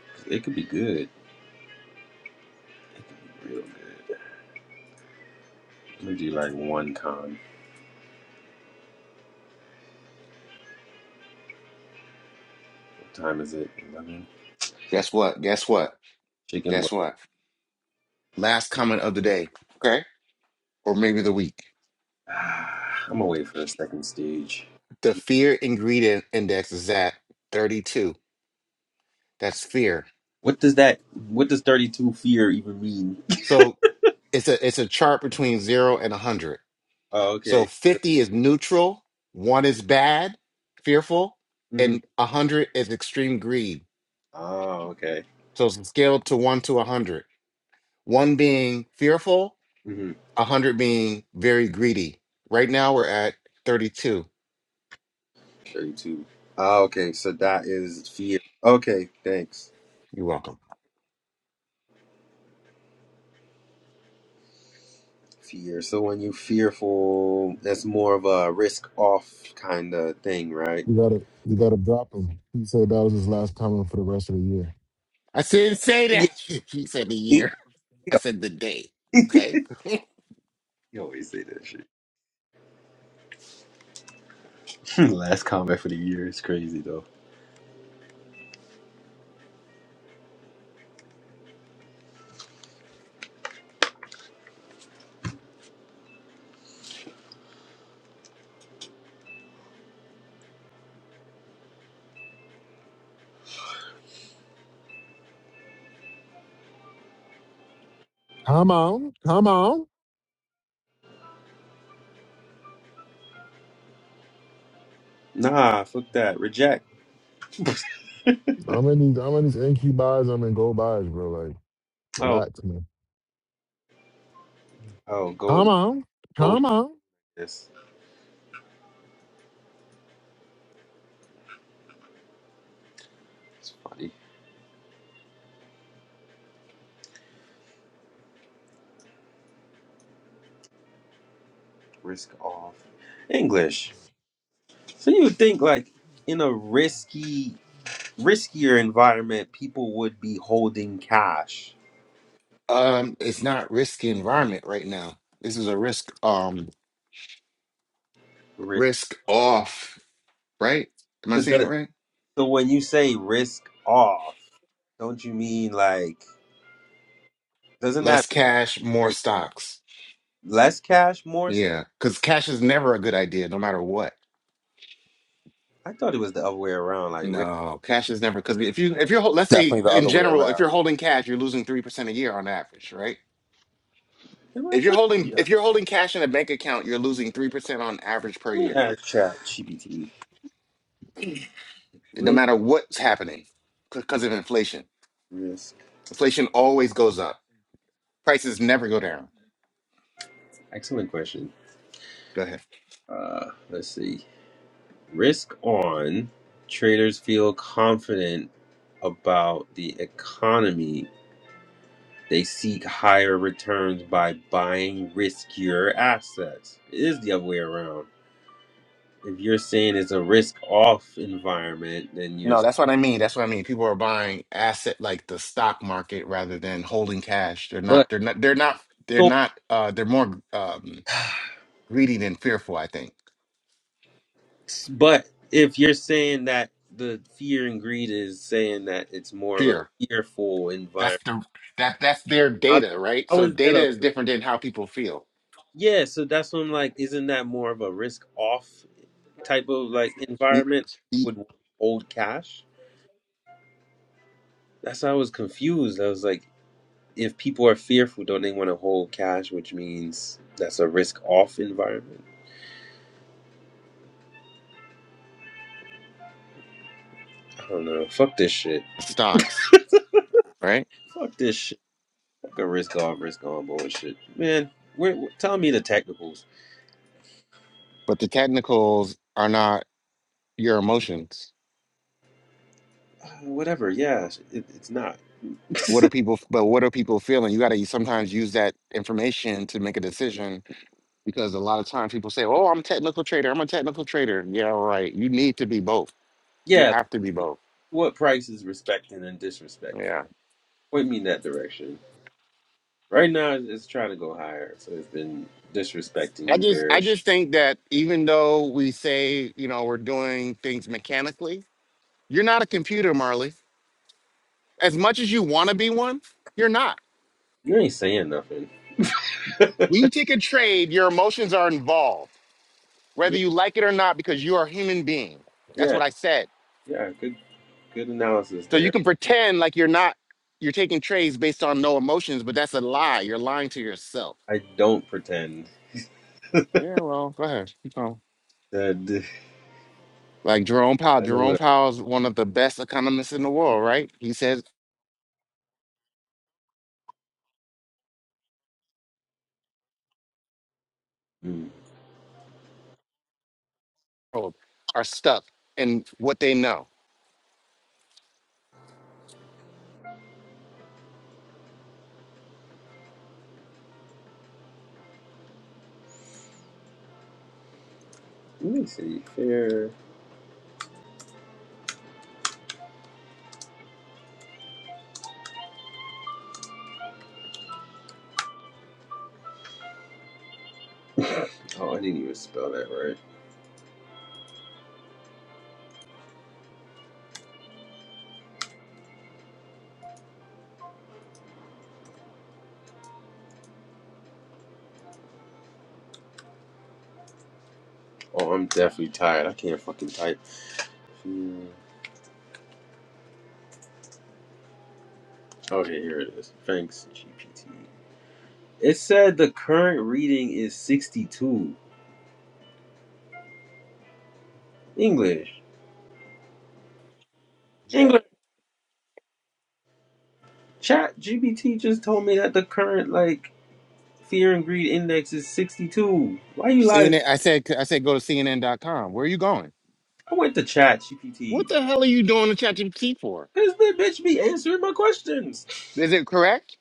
S1: 'Cause it could be good. It could be real good. I'm gonna do like one con. What time is it? 11?
S4: Guess what? Guess what?
S1: Chicken bu-
S4: Guess what? Last comment of the day, okay? Or maybe the week.
S1: Ah, I'm gonna wait for the second stage.
S4: The fear ingredient index is at 32. That's fear.
S1: What does that, what does 32 fear even mean?
S4: So it's a it's a chart between 0 and 100.
S1: Oh,
S4: So
S1: okay.
S4: 50 is neutral, 1 is bad, fearful,
S1: hmm
S4: and 100 is extreme greed.
S1: Oh, okay.
S4: So it's scaled to 1 to 100. 1 being fearful,
S1: Mhm.
S4: 100 being very greedy. Right now we're at 32.
S1: 32. Ah, okay, so that is fear. Okay, thanks.
S4: You're welcome.
S1: Fear. So when you fearful, that's more of a risk off kind of thing, right?
S7: You gotta you gotta drop him. He said that was his last comment for the rest of the year.
S4: I didn't say
S1: Yeah.
S4: that. He said the
S1: yeah.
S4: year. I said the day. Okay.
S1: You always say that shit. Last comment for the year is crazy though.
S7: Come on, come on.
S1: Nah, fuck that. Reject.
S7: I'm in these I'm in these NQ buys, I'm in gold buys, bro. Like
S1: oh,
S7: relax, man.
S1: oh, go,
S7: Come on.
S1: go.
S7: Come on.
S1: This. It's funny. Risk off. English. So you would think like in a risky, riskier environment, people would be holding cash.
S4: Um, it's not risky environment right now. This is a risk um
S1: Risk.
S4: risk off, right? Am I
S1: So,
S4: saying it
S1: the,
S4: right?
S1: so when you say risk off, don't you mean like doesn't
S4: Less
S1: that
S4: cash, more
S1: like
S4: stocks.
S1: less cash, more stuff?
S4: Yeah, because cash is never a good idea, no matter what.
S1: I thought it was the other way around. Like risk.
S4: No, cash is never because if you if you're hol- let's
S3: It's
S4: say
S3: Definitely the
S4: in
S3: other way
S4: general, if
S3: around.
S4: you're holding cash, you're losing three percent a year on average, right?
S1: Am I
S4: If you're
S1: tripping?
S4: holding
S6: Yeah.
S4: if you're holding cash in a bank account, you're losing three percent on average per
S1: Let me
S4: year.
S1: ask Chat GPT.
S4: no
S1: Risk,
S4: matter what's happening because of inflation.
S1: risk.
S4: Inflation always goes up. Prices never go down.
S1: Excellent question.
S4: Go ahead.
S1: Uh, let's see. Risk on. Traders feel confident about the economy. They seek higher returns by buying riskier assets. It is the other way around. if you're saying it's a risk off environment, then you're
S4: No, that's what I mean. That's what I mean. People are buying asset like the stock market rather than holding cash. They're
S1: but
S4: not they're not they're not they're
S1: so
S4: not uh they're more um greedy than fearful, I think.
S1: but if you're saying that the fear and greed is saying that it's more of a
S4: Fear.
S1: fearful
S4: That's
S1: environment,
S4: the that that's their
S1: how,
S4: data, right?
S1: how
S4: So
S1: is that
S4: data
S1: a
S4: is different than how people feel.
S1: yeah? So that's what I'm like. Isn't that more of a risk off type of like
S4: Mm,
S1: environment? Would hold cash? That's why I was confused. I was like, if people are fearful, don't they want to hold cash? Which means that's a risk off environment. I don't know. Fuck this shit.
S4: Stocks, right?
S1: Fuck this shit. Go risk off, risk on bullshit. Man, where, tell me the technicals.
S4: But the technicals are not your emotions
S1: Uh, whatever, yeah, it, it's not.
S4: what are people but what are people feeling you got to sometimes use that information to make a decision because a lot of times people say oh i'm a technical trader i'm a technical trader yeah right you need to be both you
S1: Yeah,
S4: have to be both
S1: what price is respecting and disrespecting?
S4: yeah
S1: Point me in that direction. Right now, it's trying to go higher, so it's been
S4: i
S1: disrespecting,
S4: just i just
S1: bearish.
S4: think that even though we say you know we're doing things mechanically you're not a computer marley as much as you want to be one you're not
S1: You ain't saying nothing.
S4: when you take a trade your emotions are involved whether
S1: Yeah,
S4: you like it or not because you are a human being that's
S1: yeah,
S4: what i said
S1: yeah. Good, good analysis
S4: So you
S1: there.
S4: can pretend like you're not you're taking trades based on no emotions, but that's a lie. You're lying to yourself.
S1: I don't pretend
S4: Yeah, well, go ahead. Keep going.
S1: that
S4: Like Jerome Powell.
S1: I know
S4: Jerome
S1: what.
S4: Powell is one of the best economists in the world, right? He says
S1: I, Hmm.
S4: people are stuck in what they know.
S1: Let me see. Fair. Oh, I didn't even spell that right. Oh, I'm definitely tired. I can't fucking type. Hmm. Okay, here it is. Thanks, GPT. It said the current reading is 62. English.
S4: Yeah.
S1: English. Chat GPT just told me that the current, like, fear and greed index is 62. Why you lying?
S4: CNN. I said I said go to CNN.com. Where are you going?
S1: I went to chat GPT.
S4: What the hell are you doing to ChatGPT for?
S1: Because the bitch be answering my questions.
S4: Is it correct?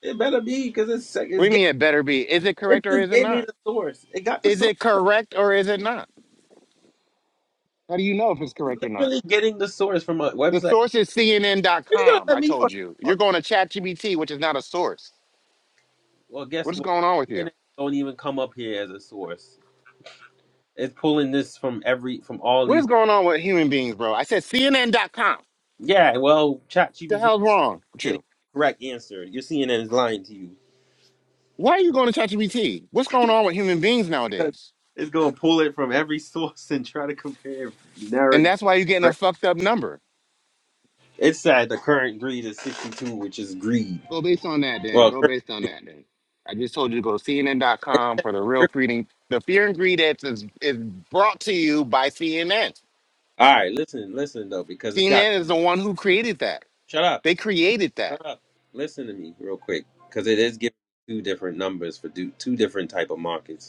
S1: It better be, because it's,
S4: What do
S1: it's
S4: you
S1: get-
S4: mean it better be? Is it
S1: it
S4: correct or
S1: just
S4: is it
S1: gave me
S4: not?
S1: the source. It got the
S4: Is
S1: source.
S4: it correct or is it not? How do you know if it's correct or not?
S1: Literally getting the source from a
S4: The
S1: website.
S4: source is
S1: It's gonna
S4: CNN.com. I
S1: let me
S4: told you.
S1: fucking.
S4: You're going to ChatGPT, which is not a source.
S1: Well,
S4: What
S1: guess
S4: is
S1: what?
S4: going on with you?
S1: DNA don't even come up here as a source. It's pulling this from every from all
S4: What is
S1: these.
S4: going on with human beings, bro? I said CNN.com. What
S1: Yeah, well,
S4: the
S1: ChatGPT is
S4: hell's wrong with
S1: getting
S4: you?
S1: the correct answer. Your CNN is lying to you.
S4: Why are you going to ChatGPT? What's going on with human beings nowadays?
S1: It's gonna pull it from every source and try to compare
S4: And
S1: narrative.
S4: that's why you're getting a fucked up number.
S1: It said The current greed is sixty-two, which is greed.
S4: Go based on that, then.
S1: Well,
S4: Go
S1: current,
S4: based on that, then. I just told you to go to
S1: it's,
S4: CNN.com for the real freedom. The fear and greed ads is, is brought to you by CNN.
S1: all right. Listen, listen though, because it's got.
S4: CNN is the one who created that.
S1: Shut up.
S4: They created that
S1: Shut up. Listen to me real quick, because it is giving two different numbers for do, two different type of markets.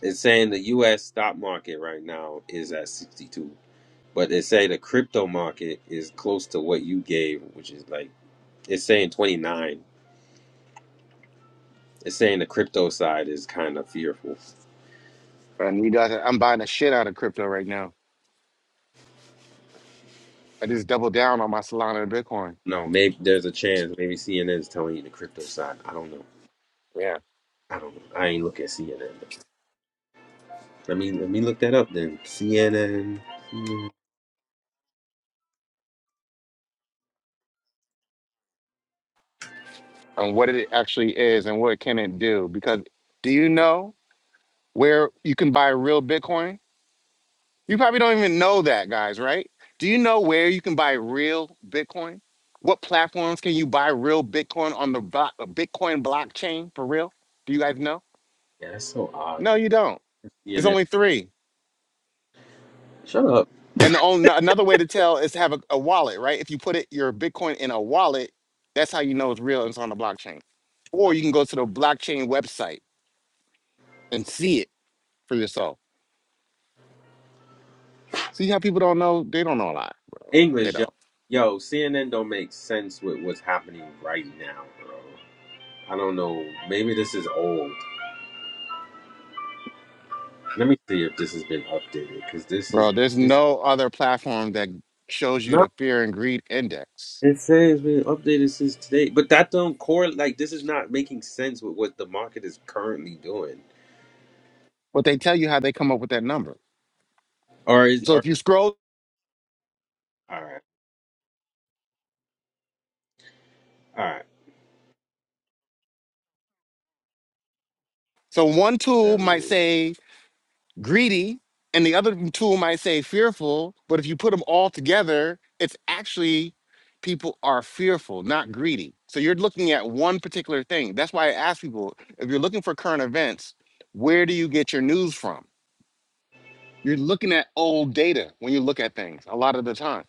S1: It's saying the U.S. stock market right now is at 62, but they say the crypto market is close to what you gave, which is like it's saying 29. It's saying the crypto side is kind of fearful.
S4: And you guys, I'm buying the shit out of crypto right now. I just doubled down on my Solana and Bitcoin.
S1: No, maybe there's a chance. Maybe CNN is telling you the crypto side. I don't know.
S4: Yeah.
S1: I don't. know. I ain't look at CNN. Let me let me look that up then. CNN.
S4: On what it actually is and what can it do. Because do you know where you can buy real Bitcoin? You probably don't even know that, guys, right? Do you know where you can buy real Bitcoin? What platforms can you buy real Bitcoin on the blo- Bitcoin blockchain for real? Do you guys know?
S1: Yeah, that's so odd.
S4: No, you don't. There's
S1: CNN.
S4: only three.
S1: Shut up.
S4: And the only, another way to tell is to have a, a wallet, right? If you put it your Bitcoin in a wallet, that's how you know it's real and it's on the blockchain. Or you can go to the blockchain website and see it for yourself. See how people don't know? They don't know a lot, bro. They
S1: English, yo.
S4: don't.
S1: Yo, CNN don't make sense with what's happening right now, bro. I don't know. Maybe this is old. Let me see if this has been updated because this is
S4: Bro, there's
S1: this.
S4: no other platform that shows you
S1: No,
S4: the fear and greed index.
S1: it says it's been updated since today, but that don't correlate. Like this is not making sense with what the market is currently doing.
S4: But they tell you how they come up with that number.
S1: Or is
S4: So if
S1: or
S4: you scroll,
S1: all right, all right.
S4: so one tool
S1: That
S4: might
S1: really
S4: say greedy, and the other tool might say fearful, but if you put them all together, it's actually people are fearful, not greedy. So you're looking at one particular thing. That's why I ask people if you're looking for current events, where do you get your news from? You're looking at old data when you look at things a lot of the time,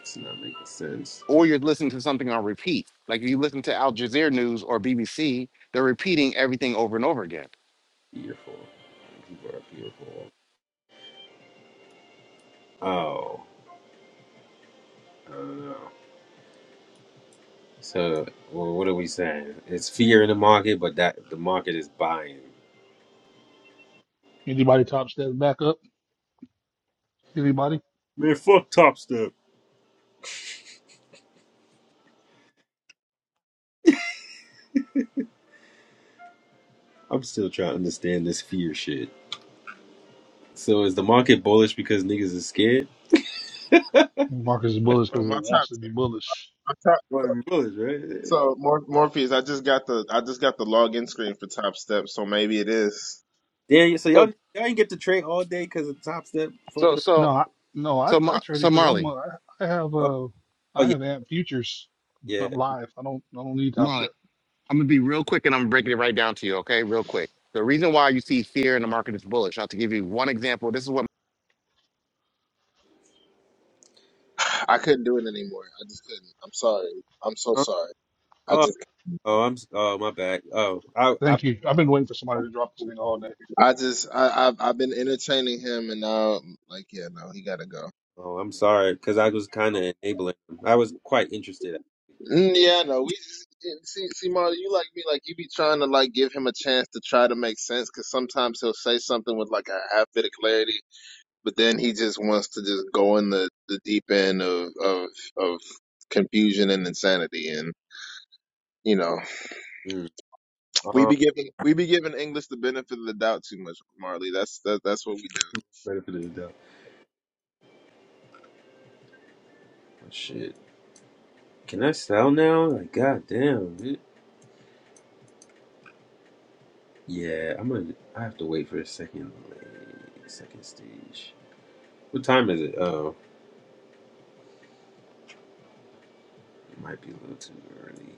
S1: it's not making sense.
S4: or you're listening to something on repeat. Like if you listen to Al Jazeera News or BBC, they're repeating everything over and over again.
S1: Beautiful, people are beautiful. Oh, I don't know. So, well, what are we saying? It's fear in the market, but that the market is buying.
S6: Anybody top step back up? Anybody?
S1: Man, fuck Top Step. I'm still trying to understand this fear shit. So is the market bullish because niggas is scared?
S6: Marcus is bullish
S2: So
S6: because it
S2: my
S6: wants
S2: top
S6: to be bullish.
S2: my top.
S1: Well, bullish, right?
S2: So Mor- Morpheus, I just got the I just got the login screen for Top Step. So maybe it is.
S1: Yeah. yeah, So
S4: So,
S1: y'all y'all ain't get to trade all day because of Top Step
S4: so,
S1: fucking. up.
S6: No,
S4: so,
S6: I, no, I,
S4: so,
S6: I
S4: Mar-
S6: trade
S4: so
S6: it because I'm
S4: Marley,
S6: a, I am I have
S1: Oh,
S6: uh
S1: oh
S6: I
S1: yeah,
S6: have amp futures.
S1: yeah.
S6: I'm live. I don't I don't need top
S4: Marley,
S6: step.
S4: I'm gonna be real quick and I'm breaking it right down to you, okay? Real quick. The reason why you see fear in the market is bullish. I'll have to give you one example. This is what
S2: I couldn't do it anymore. I just couldn't. I'm sorry. I'm so
S1: Huh?
S2: sorry. I
S1: Oh
S2: just
S1: oh I'm s- oh my bad. Oh I I
S6: Thank you. I've been waiting for somebody to drop this thing all day.
S2: I just I I've, I've been entertaining him and now like yeah no he gotta go.
S1: oh I'm sorry because I was kind of enabling. him. I was quite interested.
S2: Mm, Yeah, no, we see, see, Marty, you like me, like you be trying to like give him a chance to try to make sense, because sometimes he'll say something with like a half bit of clarity, but then he just wants to just go in the the deep end of of of confusion and insanity, and you know,
S1: Mm.
S2: we
S1: Um,
S2: be giving we be giving English the benefit of the doubt too much, Marley. That's that, that's what we do.
S1: benefit of the doubt. Oh, shit. Can I sell now? Like goddamn. dude. Yeah, I'm gonna. I have to wait for a second. Like, second stage. What time is it? Oh, it might be a little too early.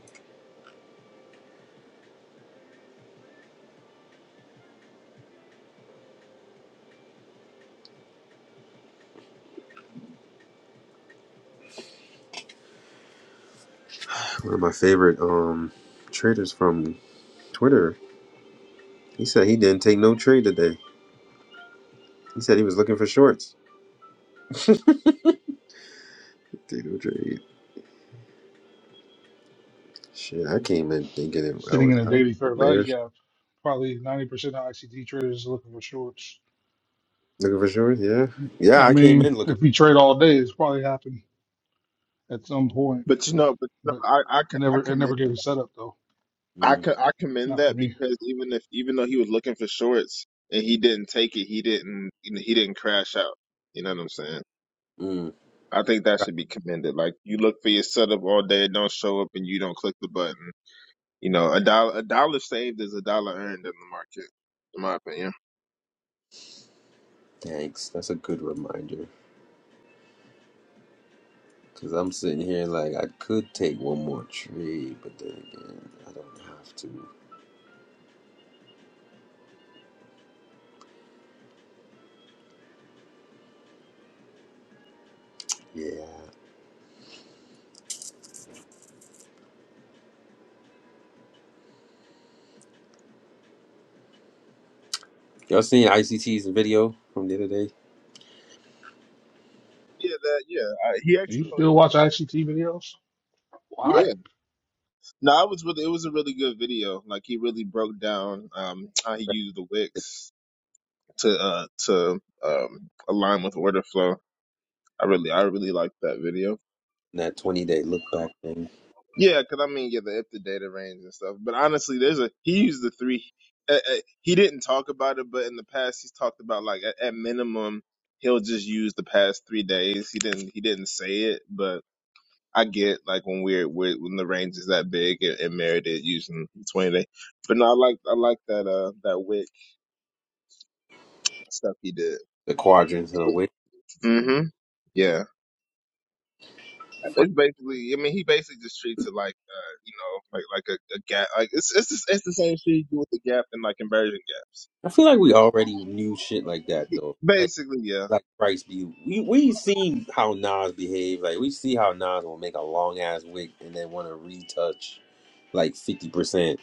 S1: One of my favorite um traders from Twitter. He said he didn't take no trade today. He said he was looking for shorts. Take no trade. Shit, I came in thinking it, I
S6: Sitting in
S1: was
S6: a
S1: out
S6: daily fair value
S1: bears
S6: gap, probably 90% of ICD traders looking for shorts.
S1: looking for shorts. Yeah,
S6: I
S1: yeah, I came in
S6: mean,
S1: looking.
S6: if you trade all day, it's probably happened at some point,
S2: But you know, but you
S6: but
S2: know, I I, c-
S6: it
S2: I
S6: never it
S2: commend.
S6: never gave a setup though.
S2: I
S1: Mm,
S2: co- I commend
S6: Not for
S2: that
S6: me.
S2: because even if even though he was looking for shorts and he didn't take it, he didn't you know, he didn't crash out. You know what I'm saying?
S1: mm.
S2: I think that should be commended. Like you look for your setup all day, it don't show up, and you don't click the button. You know, a dollar a dollar saved is a dollar earned in the market, in my opinion.
S1: Thanks. That's a good reminder. Cause I'm sitting here like I could take one more trade, but then again, I don't have to. Yeah. Y'all seen ICT's video from the other day?
S2: Yeah, that yeah. I, he actually
S6: You
S2: posted.
S6: still watch ICT videos? Why?
S1: Yeah.
S2: Yeah, no, I was really it was a really good video. Like he really broke down um how he used the Wix to uh to um align with order flow I really, I really like that video.
S1: That 20 day look back thing,
S2: Yeah, because I mean, yeah, the if the data range and stuff. But honestly, there's a he used the three. Uh, uh, he didn't talk about it, but in the past, he's talked about like at, at minimum he'll just use the past three days. He didn't, he didn't say it, but I get like when we're, we're when the range is that big and, and married it using twenty day. But no, I like I like that uh that Wick stuff he did.
S1: the quadrants and the waves.
S2: hmm Yeah.
S1: funny.
S2: It's basically, I mean, he basically just treats it like, uh, you know, like like a, a gap. Like it's it's the, it's the same shit you do with the gap and like conversion gaps.
S1: I feel like we already knew shit like that though. Like
S2: Basically, yeah.
S1: like Price be we we seen how Nas behave. Like we see how Nas will make a long ass wig and then want to retouch like fifty percent.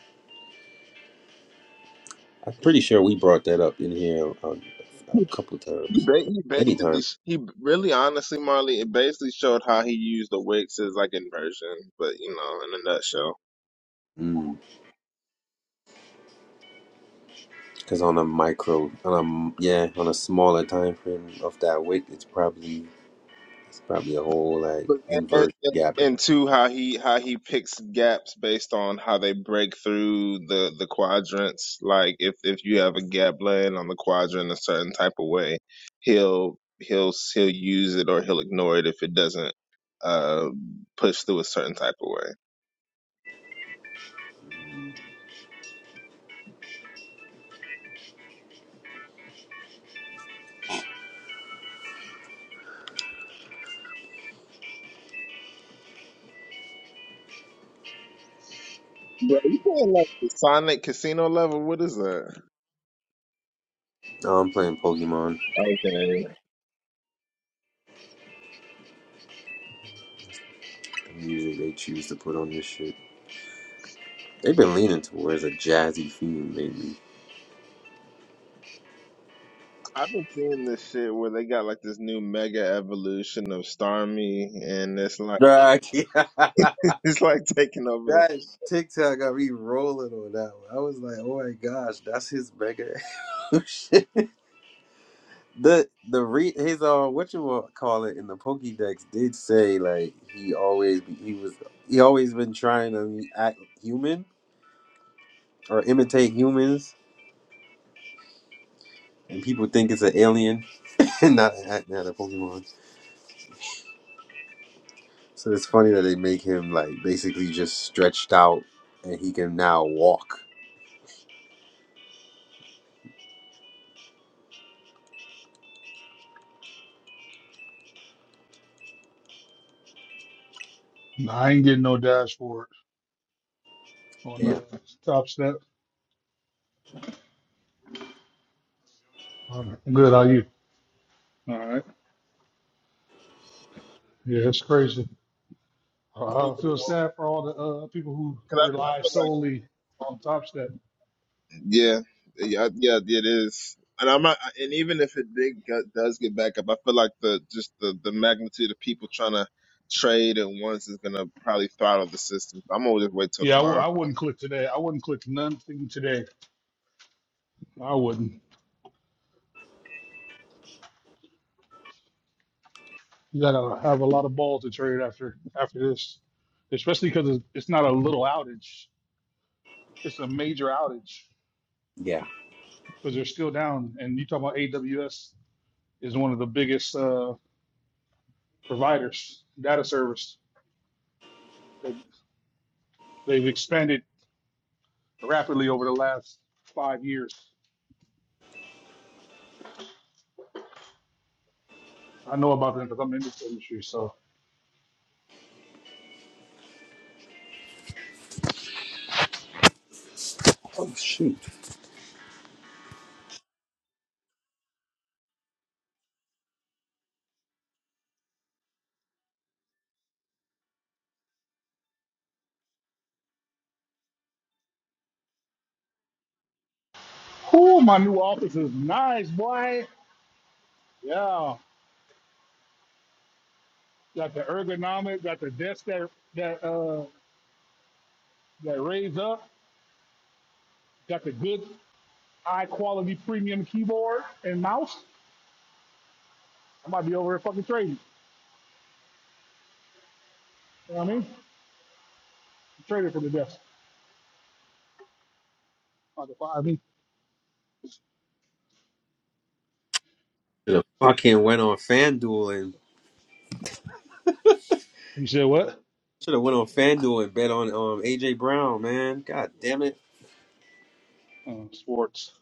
S1: I'm pretty sure we brought that up in here a, a couple
S2: He,
S1: times,
S2: ba- he
S1: many
S2: basically,
S1: times.
S2: he really honestly, Marley, it basically showed how he used the Wix as like inversion, but you know, in a nutshell.
S1: Because on a micro, on a yeah, on a smaller time frame of that wig, it's probably it's probably a whole like
S2: But and,
S1: inverse
S2: and,
S1: gap.
S2: and two, how he how he picks gaps based on how they break through the the quadrants. Like if if you have a gap laying on the quadrant a certain type of way, he'll he'll he'll use it or he'll ignore it if it doesn't uh push through a certain type of way. Bro, you playing like the Sonic Casino level? What is that?
S1: Now I'm playing Pokemon.
S2: Okay.
S1: The music they choose to put on this shit. They've been leaning towards a jazzy feel lately.
S2: I've been seeing this shit where they got like this new mega evolution of Starmie, and it's like
S1: Nah, I can't.
S2: it's like taking over
S1: that TikTok got me rolling on that one. I was like, oh my gosh, that's his mega. shit. the the re his uh what you wanna call it in the Pokédex did say like he always be, he was he always been trying to act human or imitate humans and people think it's an alien and not not not a Pokemon. So it's funny that they make him like basically just stretched out and he can now walk.
S6: Nah, I ain't getting no dashboard on the
S1: Damn.
S6: top step. All right. I'm good. How you? All right. Yeah, it's crazy. I
S2: I'm gonna
S6: I
S2: leave it
S6: feel
S2: alone
S6: sad for all the uh, people who
S2: because I, I
S6: rely
S2: feel like
S6: solely on Top Step.
S2: yeah, yeah, yeah, it is. And I'm not, and even if it did, get- does get back up, I feel like the just the the magnitude of people trying to trade at once is gonna probably throttle the system. So I'm gonna just wait till
S6: Yeah, I w-
S2: tomorrow.
S6: I wouldn't click today. I wouldn't click nothing today. I wouldn't. You gotta have a lot of balls to trade after after this, especially because it's it's not a little outage. It's a major outage
S1: Yeah.
S6: because they're still down. And you talk about AWS is one of the biggest uh, providers data service. They, they've expanded rapidly over the last five years. I know about them because I'm in this industry, so.
S1: Oh shoot.
S6: Ooh, my new office is nice, boy. Yeah, got the ergonomic, got the desk that that uh that raised up, got the good high quality premium keyboard and mouse. I might be over here fucking trading. You know what I mean? Trading for the desk. About to fire me.
S1: Should have fucking went on FanDuel and
S6: You said what?
S1: should have went on FanDuel and bet on um AJ Brown, man. God damn it.
S6: Oh, sports.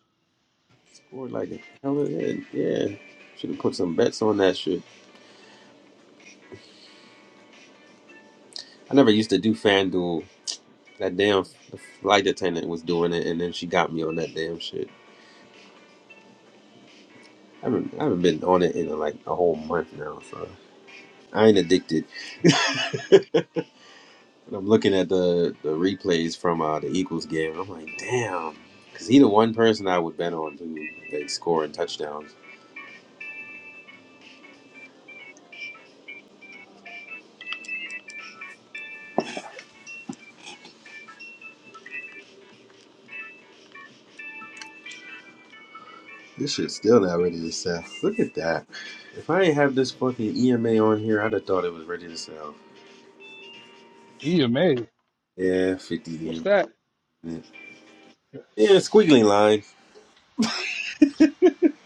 S1: Scored like the hell it is. Yeah. Should have put some bets on that shit. I never used to do FanDuel. That damn the flight attendant was doing it and then she got me on that damn shit. I haven't, I haven't been on it in like a whole month now, so I ain't addicted. And I'm looking at the, the replays from uh, the Eagles game. and I'm like, damn, because he the one person I would bet on to like score and touchdowns. This shit's still not ready to sell. Look at that. If I ain't have this fucking EMA on here, I'd have thought it was ready to sell.
S6: He amazed.
S1: Yeah, 50
S6: That
S1: EMA. Yeah, squiggly line.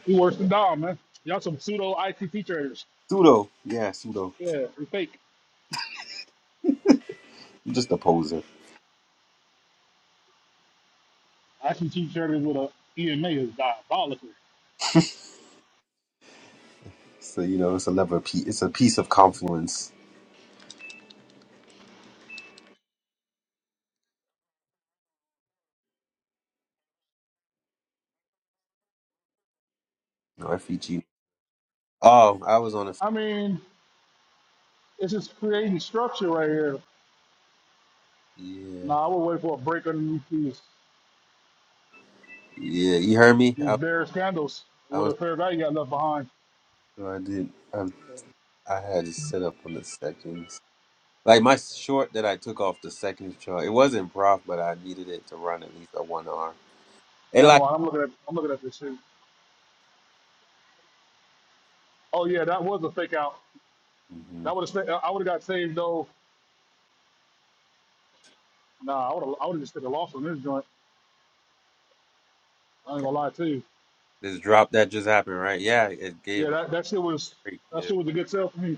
S6: he worse than Dom, man. Y'all some pseudo ICT traders.
S1: Pseudo. Yeah, pseudo.
S6: Yeah, we fake.
S1: I'm just a poser.
S6: ICT traders with a EMA is diabolical.
S1: So, you know, it's a lever piece. It's a piece of confluence. No, FEG. Oh, I was on a.
S6: I mean, it's just creating structure right here.
S1: Yeah.
S6: Nah, I would wait for a break underneath these
S1: Yeah, you heard me?
S6: these
S1: I,
S6: bare candles
S1: I
S6: with a
S1: was.
S6: fair value got left behind.
S1: No, I did. I I had it set up on the seconds. Like my short that I took off the seconds chart, it wasn't prof, but I needed it to run at least a one R. It
S6: Never
S1: like
S6: mind. I'm looking at I'm looking at this shit. Oh yeah, that was a fake out.
S1: Mhm.
S6: That would have I would have got saved though. Nah, I would have I would have just took a loss on this joint. I ain't gonna lie to you.
S1: this drop that just happened, right? Yeah, it
S6: Yeah,
S1: gave a
S6: that, that shit was
S1: break
S6: that
S1: there.
S6: shit was a good sell for me.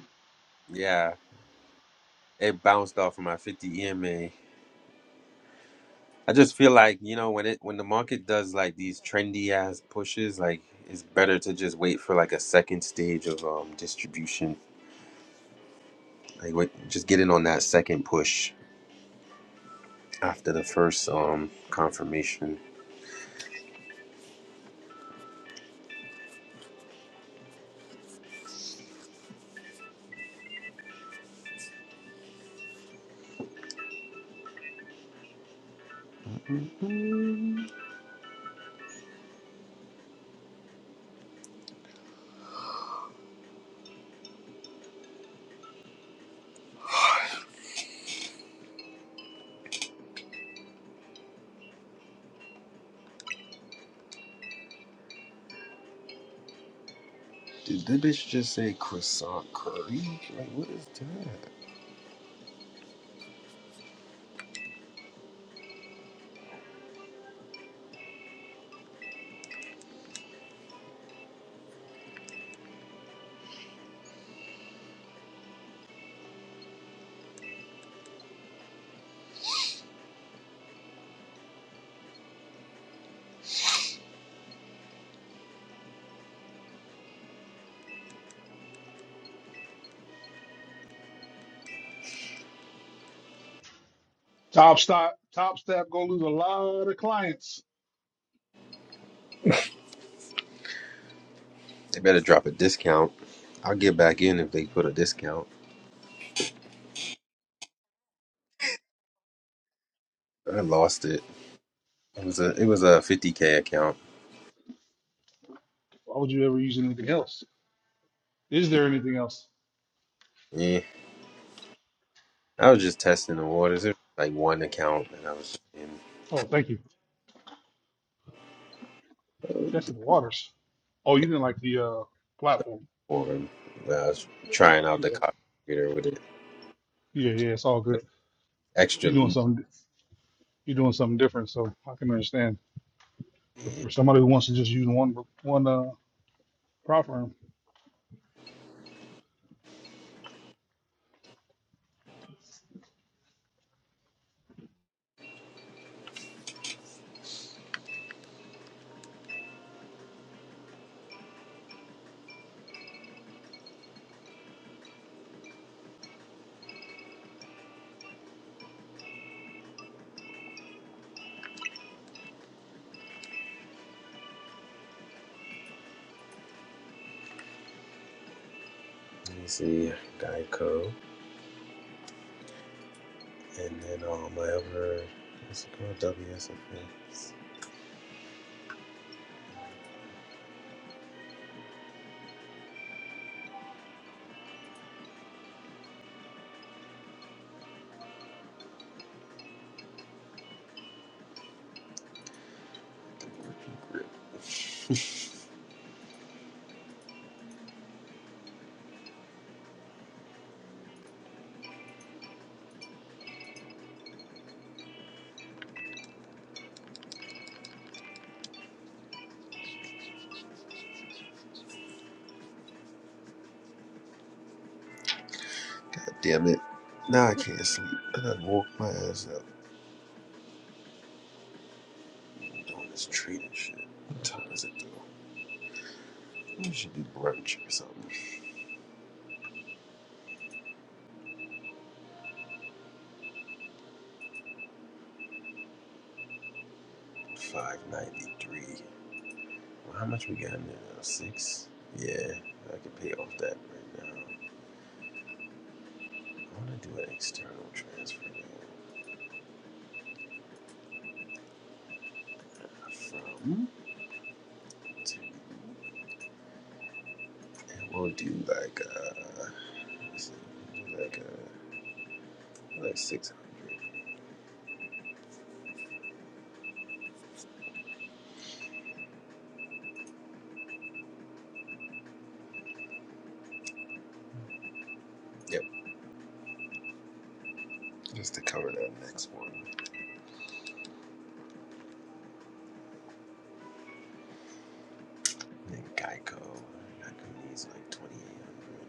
S1: Yeah, it bounced off of my 50 EMA. I just feel like you know when it when the market does like these trendy ass pushes, like it's better to just wait for like a second stage of um distribution. Like wait, just get in on that second push after the first um confirmation. Did that bitch just say croissant curry? Like, what is that?
S6: Top stop top step gonna lose a lot of clients.
S1: They better drop a discount. I'll get back in if they put a discount. I lost it. It was a it was a 50k account.
S6: Why would you ever use anything else? Is there anything else?
S1: Yeah, I was just testing the waters. It was like one account, and I was in
S6: Oh, thank you. Testing the waters. Oh, you
S1: yeah,
S6: didn't like the uh, platform.
S1: forum. I was trying out the
S6: Yeah,
S1: copy creator with it.
S6: yeah, yeah. It's all good.
S1: Extra
S6: You doing
S1: loot.
S6: something? you're doing something different. So I can understand. But
S1: Yeah.
S6: for somebody who wants to just use one one uh, prop firm,
S1: Let me see, Geico, and then all my other what's it called? WSFA. God damn it. Now I can't sleep. I done woke my ass up doing this treat and shit. What time is it though? We should do brunch or something. 593. Well, how much we got in there now? Six? Yeah, I could pay off that right now. I wanna do an external transfer man, from to and we'll do like uh let's see, do like uh like six hundred. Yep, just to cover that next one. And then Geico. Geico needs like twenty eight hundred.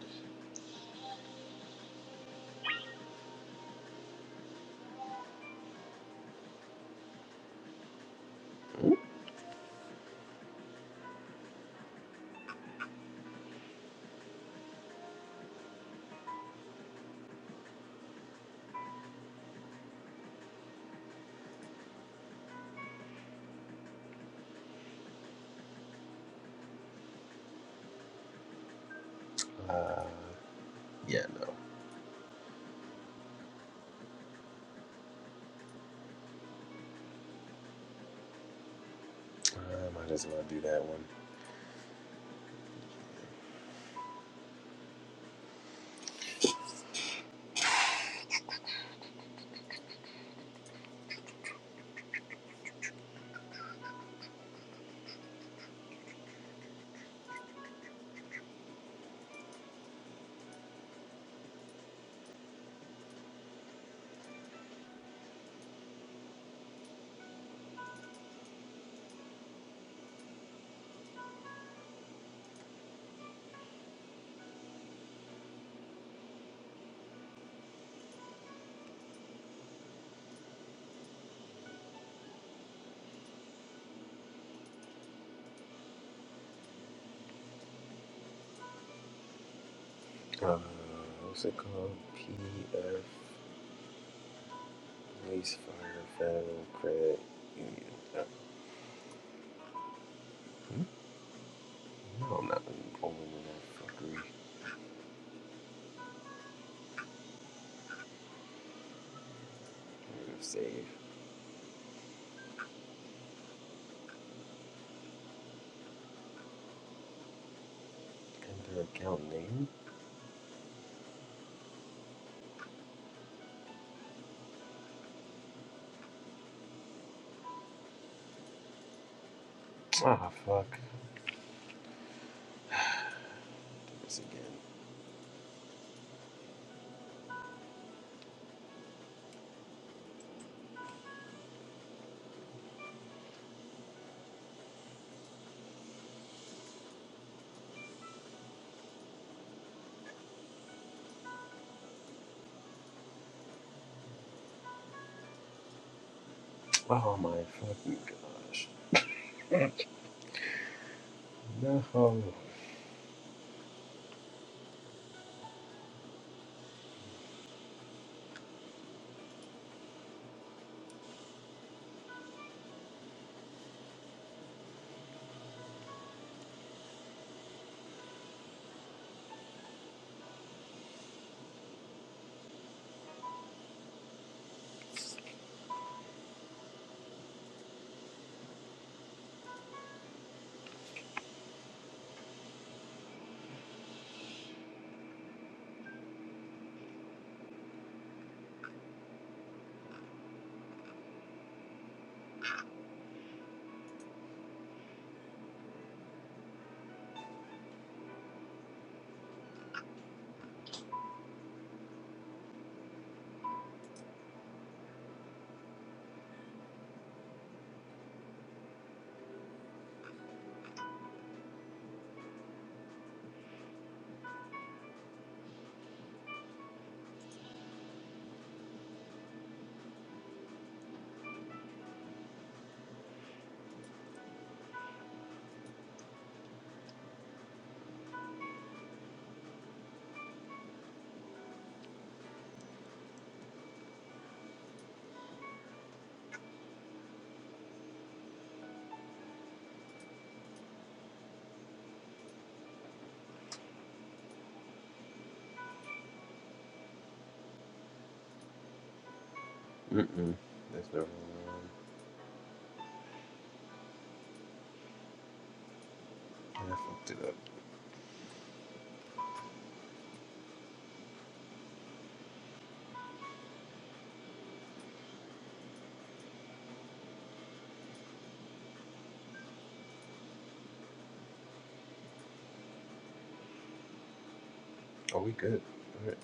S1: Uh, yeah, no. I might as well do that one. Uh, what's it called? PF Police Fire Federal Credit Union. Uh, No, I'm not enrolling in that fuckery. I'm gonna save. Enter account name? Ah, fuck. Do This again. Oh my fucking gosh. No. Mm-mm. There's no wrong. I fucked it up. Oh, we good. Alright.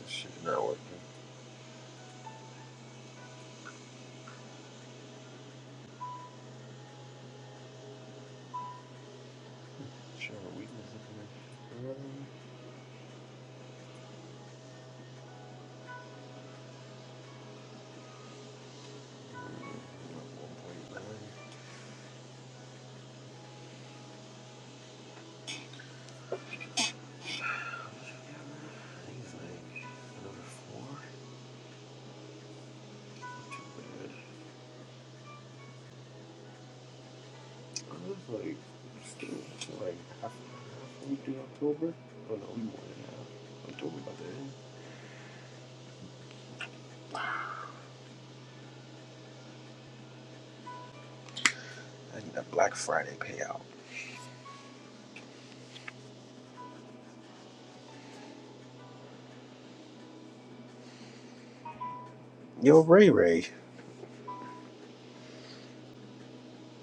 S1: This shit not working. Sure, weakness is coming. like I like, still like half of what we do October. Oh no, we more than half. October about to end. I need a Black Friday payout. Yo, Ray Ray,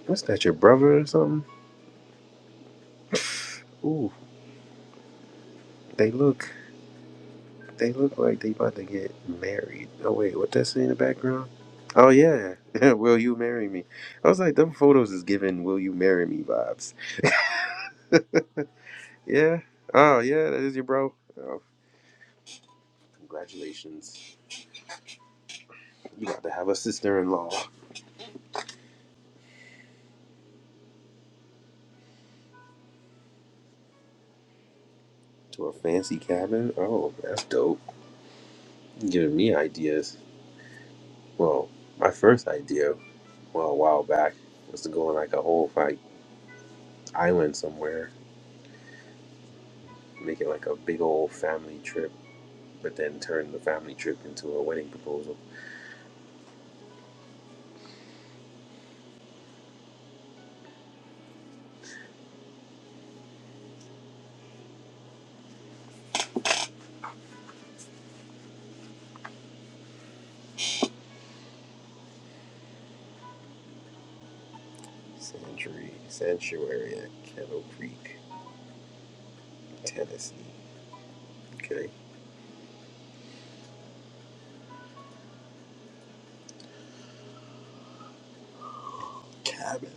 S1: what's that? Your brother or something? Ooh, they look, they look like they about to get married. Oh wait, what that say in the background? Oh yeah, will you marry me? I was like, them photos is giving "Will you marry me" vibes. Yeah. Oh, yeah, that is your bro. Oh, congratulations. You about to have a sister in law to a fancy cabin? Oh, that's dope. you giving me ideas. Well, my first idea, well, a while back, was to go on like a whole like island somewhere, make it like a big old family trip, but then turn the family trip into a wedding proposal. Sanctuary, sanctuary at Kettle Creek, Tennessee. Okay. Cabin.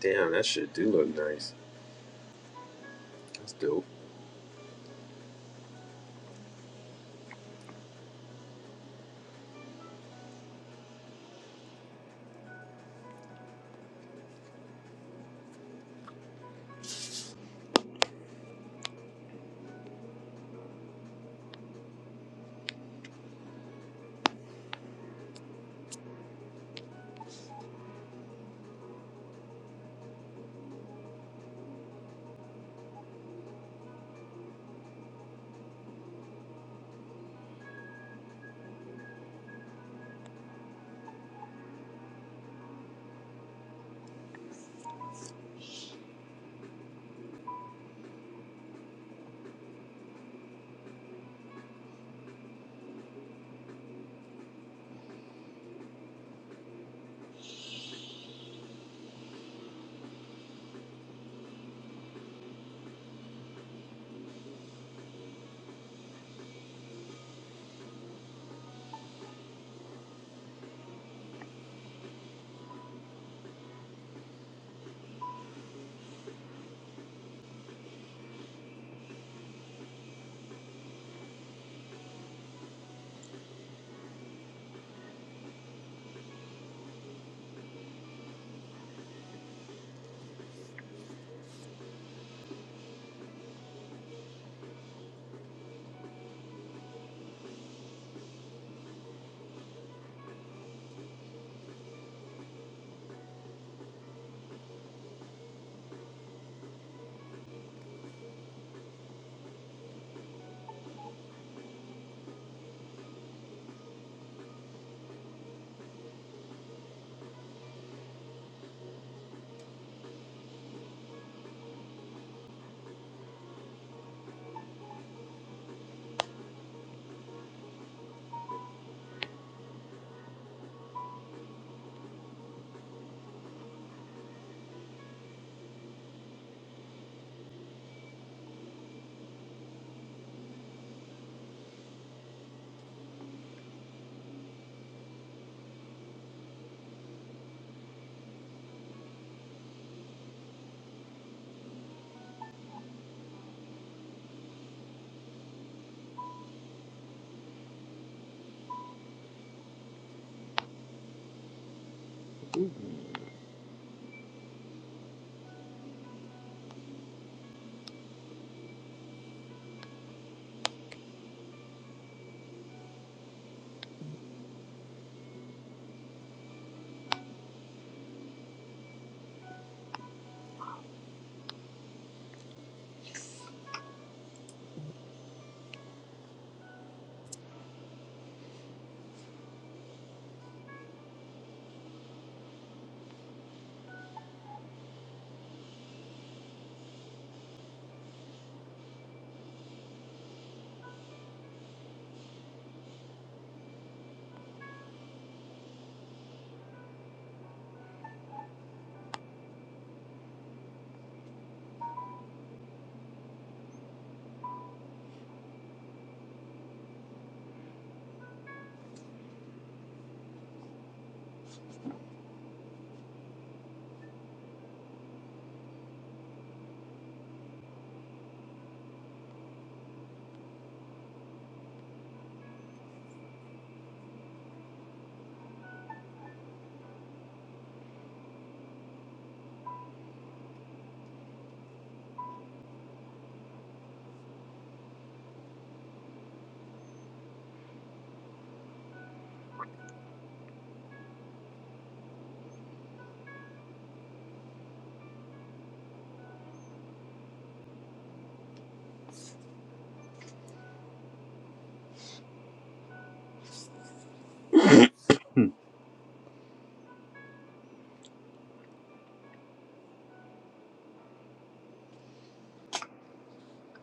S1: Damn, that shit do look nice. That's dope.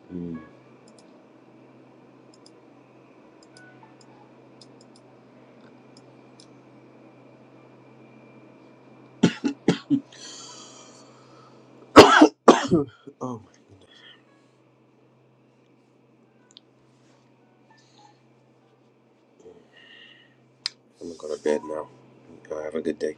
S1: Hmm. Um, I'm gonna go to bed now. Uh, have a good day.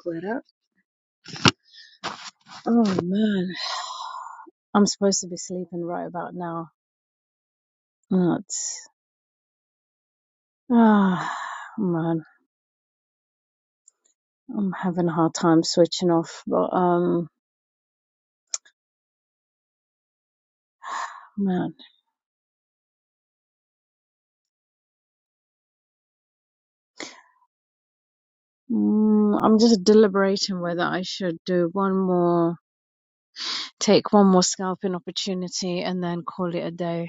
S5: Cleared up. Oh man. I'm supposed to be sleeping right about now. Oh, It's ah man. I'm having a hard time switching off, but um man. Mm, I'm just deliberating whether I should do one more take one more scalping opportunity and then call it a day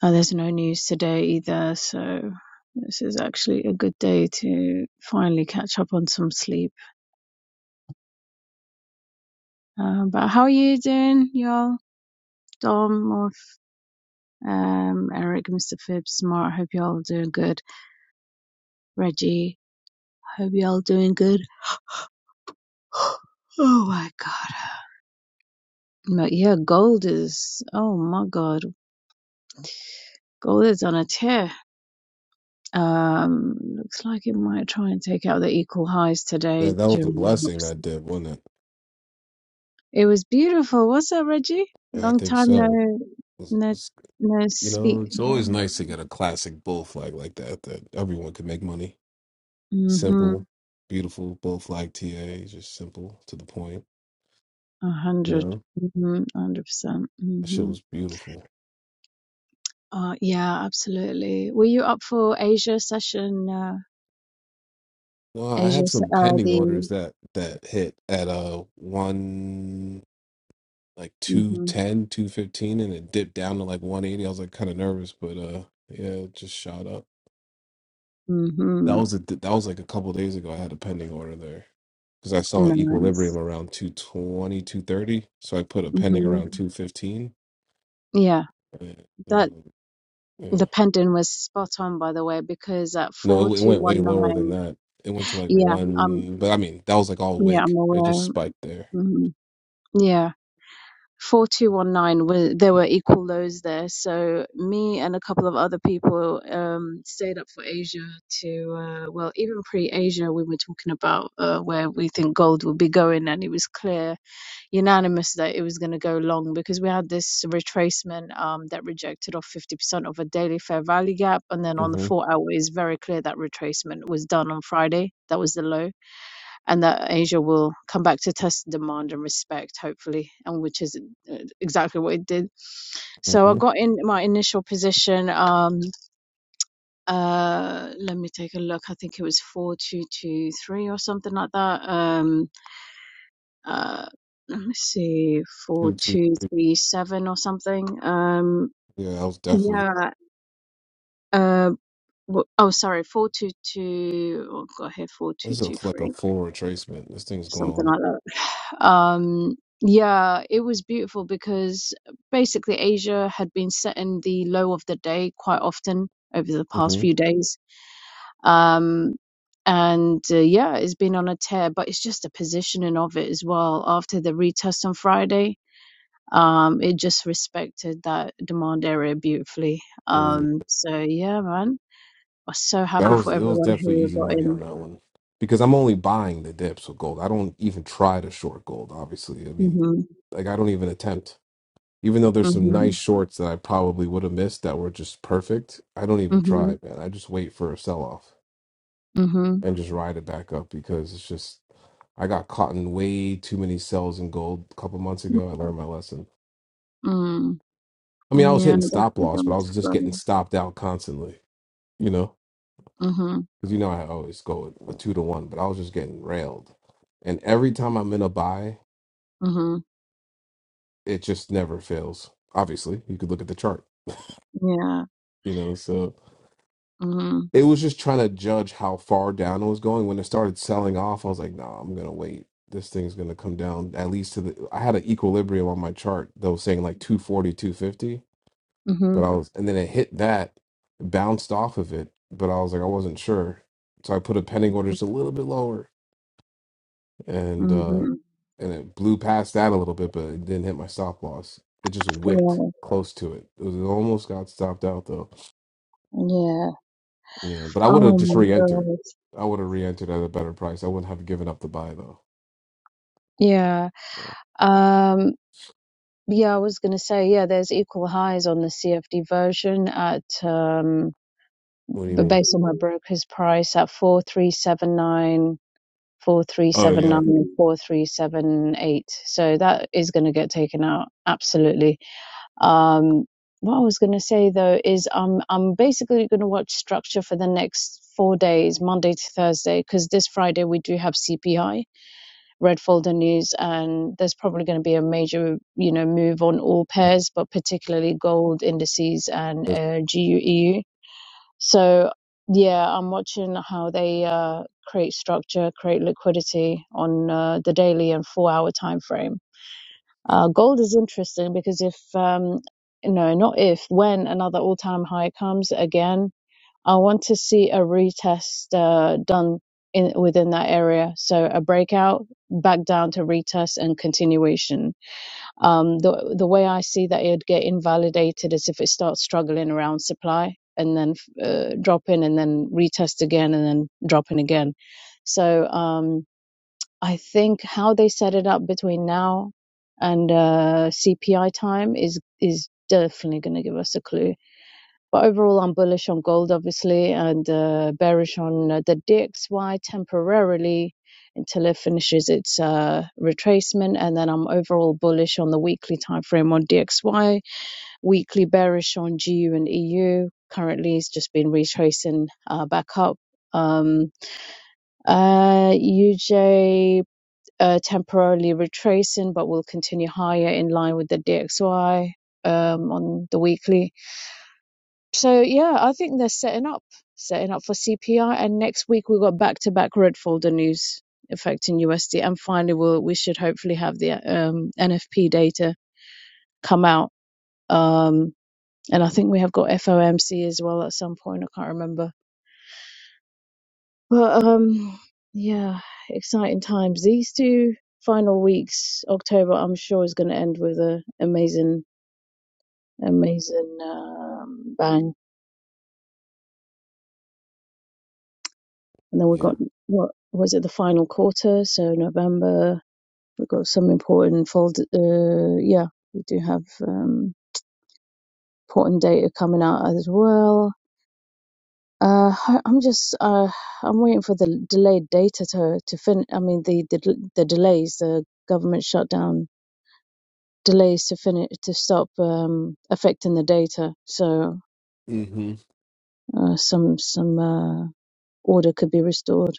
S5: Uh, there's no news today either, so this is actually a good day to finally catch up on some sleep. Um, but how are you doing, y'all? Dom, Morph, um, Eric, Mr. Phibbs, Smart, hope y'all doing good. Reggie, hope y'all doing good. oh my god. But yeah, gold is, oh my god, gold is on a tear. Um, looks like it might try and take out the equal highs
S8: Yeah,
S5: today
S8: that was a
S5: during
S8: blessing
S5: the
S8: that did, wasn't it?
S5: It was beautiful. What's up, Reggie?
S8: I
S5: Long
S8: think
S5: time no,
S8: so. It's-
S5: no,
S8: it's-
S5: no
S8: you know,
S5: speak.
S8: it's always nice to get a classic bull flag like that that everyone could make money.
S5: Mm-hmm.
S8: Simple, beautiful bull flag TA, just simple to the point.
S5: A
S8: You
S5: hundred.
S8: know,
S5: Mm-hmm. A hundred percent.
S8: that shit
S5: Mm-hmm.
S8: was beautiful.
S5: Uh, yeah, absolutely. Were you up for Asia session? Uh,
S8: No, I had
S5: Asia, se-
S8: some
S5: uh,
S8: pending orders
S5: the.
S8: that that hit at uh one like two
S5: Mm-hmm.
S8: ten, two fifteen, and it dipped down to like 180. I was like kind of nervous, but uh yeah, it just shot up. That
S5: Mm-hmm.
S8: was a that was like a couple days ago I had a pending order there because I saw equilibrium
S5: Nice.
S8: around two twenty two thirty, So I put a pending
S5: Mm-hmm.
S8: around 215.
S5: Yeah, that
S8: um, yeah.
S5: the pendant was spot on, by the way, because at
S8: No, it,
S5: four
S8: it
S5: two
S8: went way
S5: one
S8: lower than
S5: nine.
S8: that. It went to like
S5: Yeah, um,
S8: one, but I mean, that was like all
S5: yeah,
S8: wick.
S5: I'm
S8: It just
S5: aware.
S8: spiked there.
S5: Mm-hmm. Yeah. 4219 were there were equal lows there so me and a couple of other people um stayed up for asia to uh well even pre-asia we were talking about uh where we think gold would be going and it was clear unanimous that it was going to go long because we had this retracement um that rejected off 50% of a daily fair value gap and then on the
S8: Mm-hmm.
S5: four hour is very clear that retracement was done on friday that was the low and that Asia will come back to test demand and respect, hopefully, and which is uh, exactly what it did. So I
S8: Mm-hmm.
S5: got in my initial position. Um, uh, let me take a look. I think it was four two two three or something like that. Um, uh, let me see, four
S8: Two, two.
S5: two three seven or something. Um,
S8: Yeah, that was definitely,
S5: yeah. Uh, w- oh, sorry, four two two. Oh, got here four two
S8: this
S5: two
S8: is like a
S5: three.
S8: full retracement. This thing's going
S5: something
S8: on.
S5: like that. Um, yeah, it was beautiful because basically Asia had been setting the low of the day quite often over the past
S8: Mm-hmm.
S5: few days. Um, and uh, yeah, it's been on a tear, but it's just the positioning of it as well. After the retest on Friday, um, it just respected that demand area beautifully.
S8: It really
S5: Um, so yeah, man, I was so
S8: that
S5: happy
S8: was
S5: for
S8: it was
S5: everyone
S8: definitely
S5: who
S8: easy
S5: got
S8: money on
S5: in.
S8: that one because I'm only buying the dips with gold. I don't even try to short gold. Obviously, I mean,
S5: hmm
S8: like I don't even attempt. Even though there's some nice
S5: hmm
S8: shorts that I probably would have missed that were just perfect, I don't even
S5: hmm
S8: try, man. I just wait for a sell off
S5: hmm
S8: and just ride it back up because it's just I got caught in way too many sells in gold a couple months ago. I learned my lesson.
S5: Mm.
S8: I mean,
S5: Mm,
S8: I was
S5: Yeah,
S8: hitting stop
S5: definitely
S8: loss, but
S5: going
S8: I
S5: to
S8: was just
S5: Florida.
S8: getting stopped out constantly. You know.
S5: Mhm,
S8: because you know I always go a two to one, but I was just getting railed. And every time I'm in a buy,
S5: mhm,
S8: it just never fails. Obviously, you could look at the chart,
S5: yeah,
S8: you know. So
S5: mhm,
S8: it was just trying to judge how far down it was going. When it started selling off, I was like, nah, I'm gonna wait. This thing's gonna come down at least to the. I had an equilibrium on my chart that was saying like 240, 250,
S5: mhm,
S8: but I was, and then it hit that, bounced off of it, but I was like, I wasn't sure. So I put a pending order just a little bit lower and uh,
S5: mhm.
S8: and it blew past that a little bit, but it didn't hit my stop loss. It just wicked
S5: Yeah,
S8: close to it. It, was, it almost got stopped out though.
S5: yeah.
S8: Yeah, but I would have
S5: Oh
S8: just
S5: my
S8: re-entered.
S5: God.
S8: I would have re-entered at a better price. I wouldn't have given up the buy though.
S5: Yeah.
S8: Uh,
S5: Um. Yeah, I was gonna say yeah. There's equal highs on the CFD version at um,
S8: What do you
S5: but
S8: mean?
S5: based on my broker's price at four three seven nine four three
S8: Oh
S5: seven
S8: yeah,
S5: nine four three seven eight. so that is going to get taken out absolutely Um, what I was going to say though is um, I'm basically going to watch Structure for the next four days, Monday to Thursday, because this Friday we do have CPI, Red Folder News, and there's probably going to be a major, you know, move on all pairs, but particularly gold indices and
S8: Just-
S5: uh, GUEU. So yeah, I'm watching how they uh, create structure, create liquidity on uh, the daily and four-hour time frame uh, gold is interesting because if, um, no, not if, when another all time high comes again, I want to see a retest uh, done in within that area. So a breakout back down to retest and continuation. Um, the, the way I see that it'd get invalidated is if it starts struggling around supply and then uh, dropping and then retest again and then dropping again. So, um, I think how they set it up between now and uh, CPI time is is definitely going to give us a clue. But overall, I'm bullish on gold, obviously, and uh, bearish on uh, the DXY temporarily until it finishes its uh, retracement, and then I'm overall bullish on the weekly time frame on DXY, weekly bearish on GU and EU. Currently, it's just been retracing uh, back up. Um, uh, UJ uh, temporarily retracing, but will continue higher in line with the DXY um, on the weekly. So yeah, I think they're setting up, setting up for CPI, and next week we've got back-to-back red folder news affecting USD, and finally we'll we should hopefully have the um, NFP data come out, um, and I think we have got FOMC as well at some point. I can't remember But um, yeah, exciting times. These two final weeks, October, I'm sure is going to end with a amazing, amazing um, bang. And then we've
S8: yeah.
S5: got what was it the final quarter? So November, we've got some important fold. Uh, yeah, we do have um, important data coming out as well. Uh, I- I'm just uh, I'm waiting for the delayed data to to fin. I mean the the, the delays, the government shutdown delays to finish to stop um, affecting the data, so
S8: hmm
S5: uh, some some uh, order could be restored.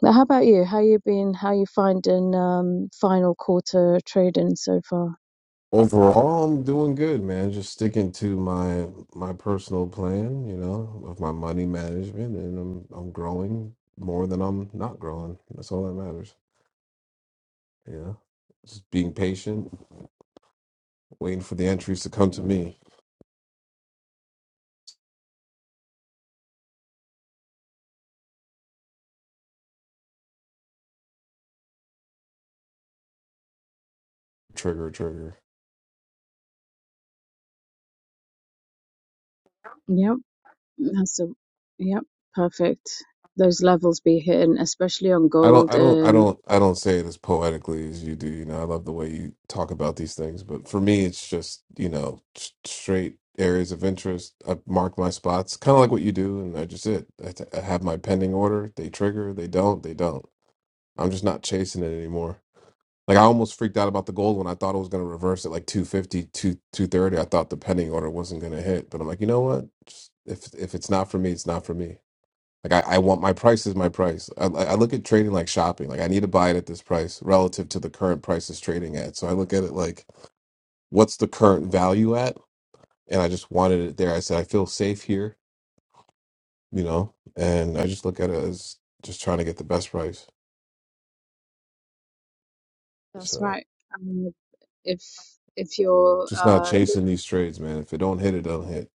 S5: But how about you? How you been? How you finding um, final quarter trading so far?
S8: Overall, I'm doing good, man. Just sticking to my my personal plan, you know, of my money management, and I'm I'm growing more than I'm not growing. That's all that matters. Yeah. Just being patient, waiting for the entries to come to me. Trigger, trigger.
S5: Yep, that's a yep, perfect. Those levels be hitting, especially on
S8: I don't
S5: gold.
S8: I don't I
S5: Um,
S8: don't I don't say it as poetically as you do, you know. I love the way you talk about these things, but for me it's just, you know, s- straight areas of interest. I mark my spots, kind of like what you do, and I just it. I, t- I have my pending order. They trigger, they don't, they don't. I'm just not chasing it anymore. Like I almost freaked out about the gold when I thought it was going to reverse at like two fifty 230. I thought the pending order wasn't going to hit, but I'm like, you know what? Just, if if it's not for me, it's not for me. Like I, I want my price is my price. I, I I look at trading like shopping. Like I need to buy it at this price relative to the current price it's trading at. So I look at it like what's the current value at, and I just wanted it there. I said I feel safe here, you know, and I just look at it as just trying to get the best price.
S5: that's
S8: So
S5: right. Um, if if you're
S8: just not
S5: uh,
S8: chasing these trades, man. If it don't hit, it don't hit.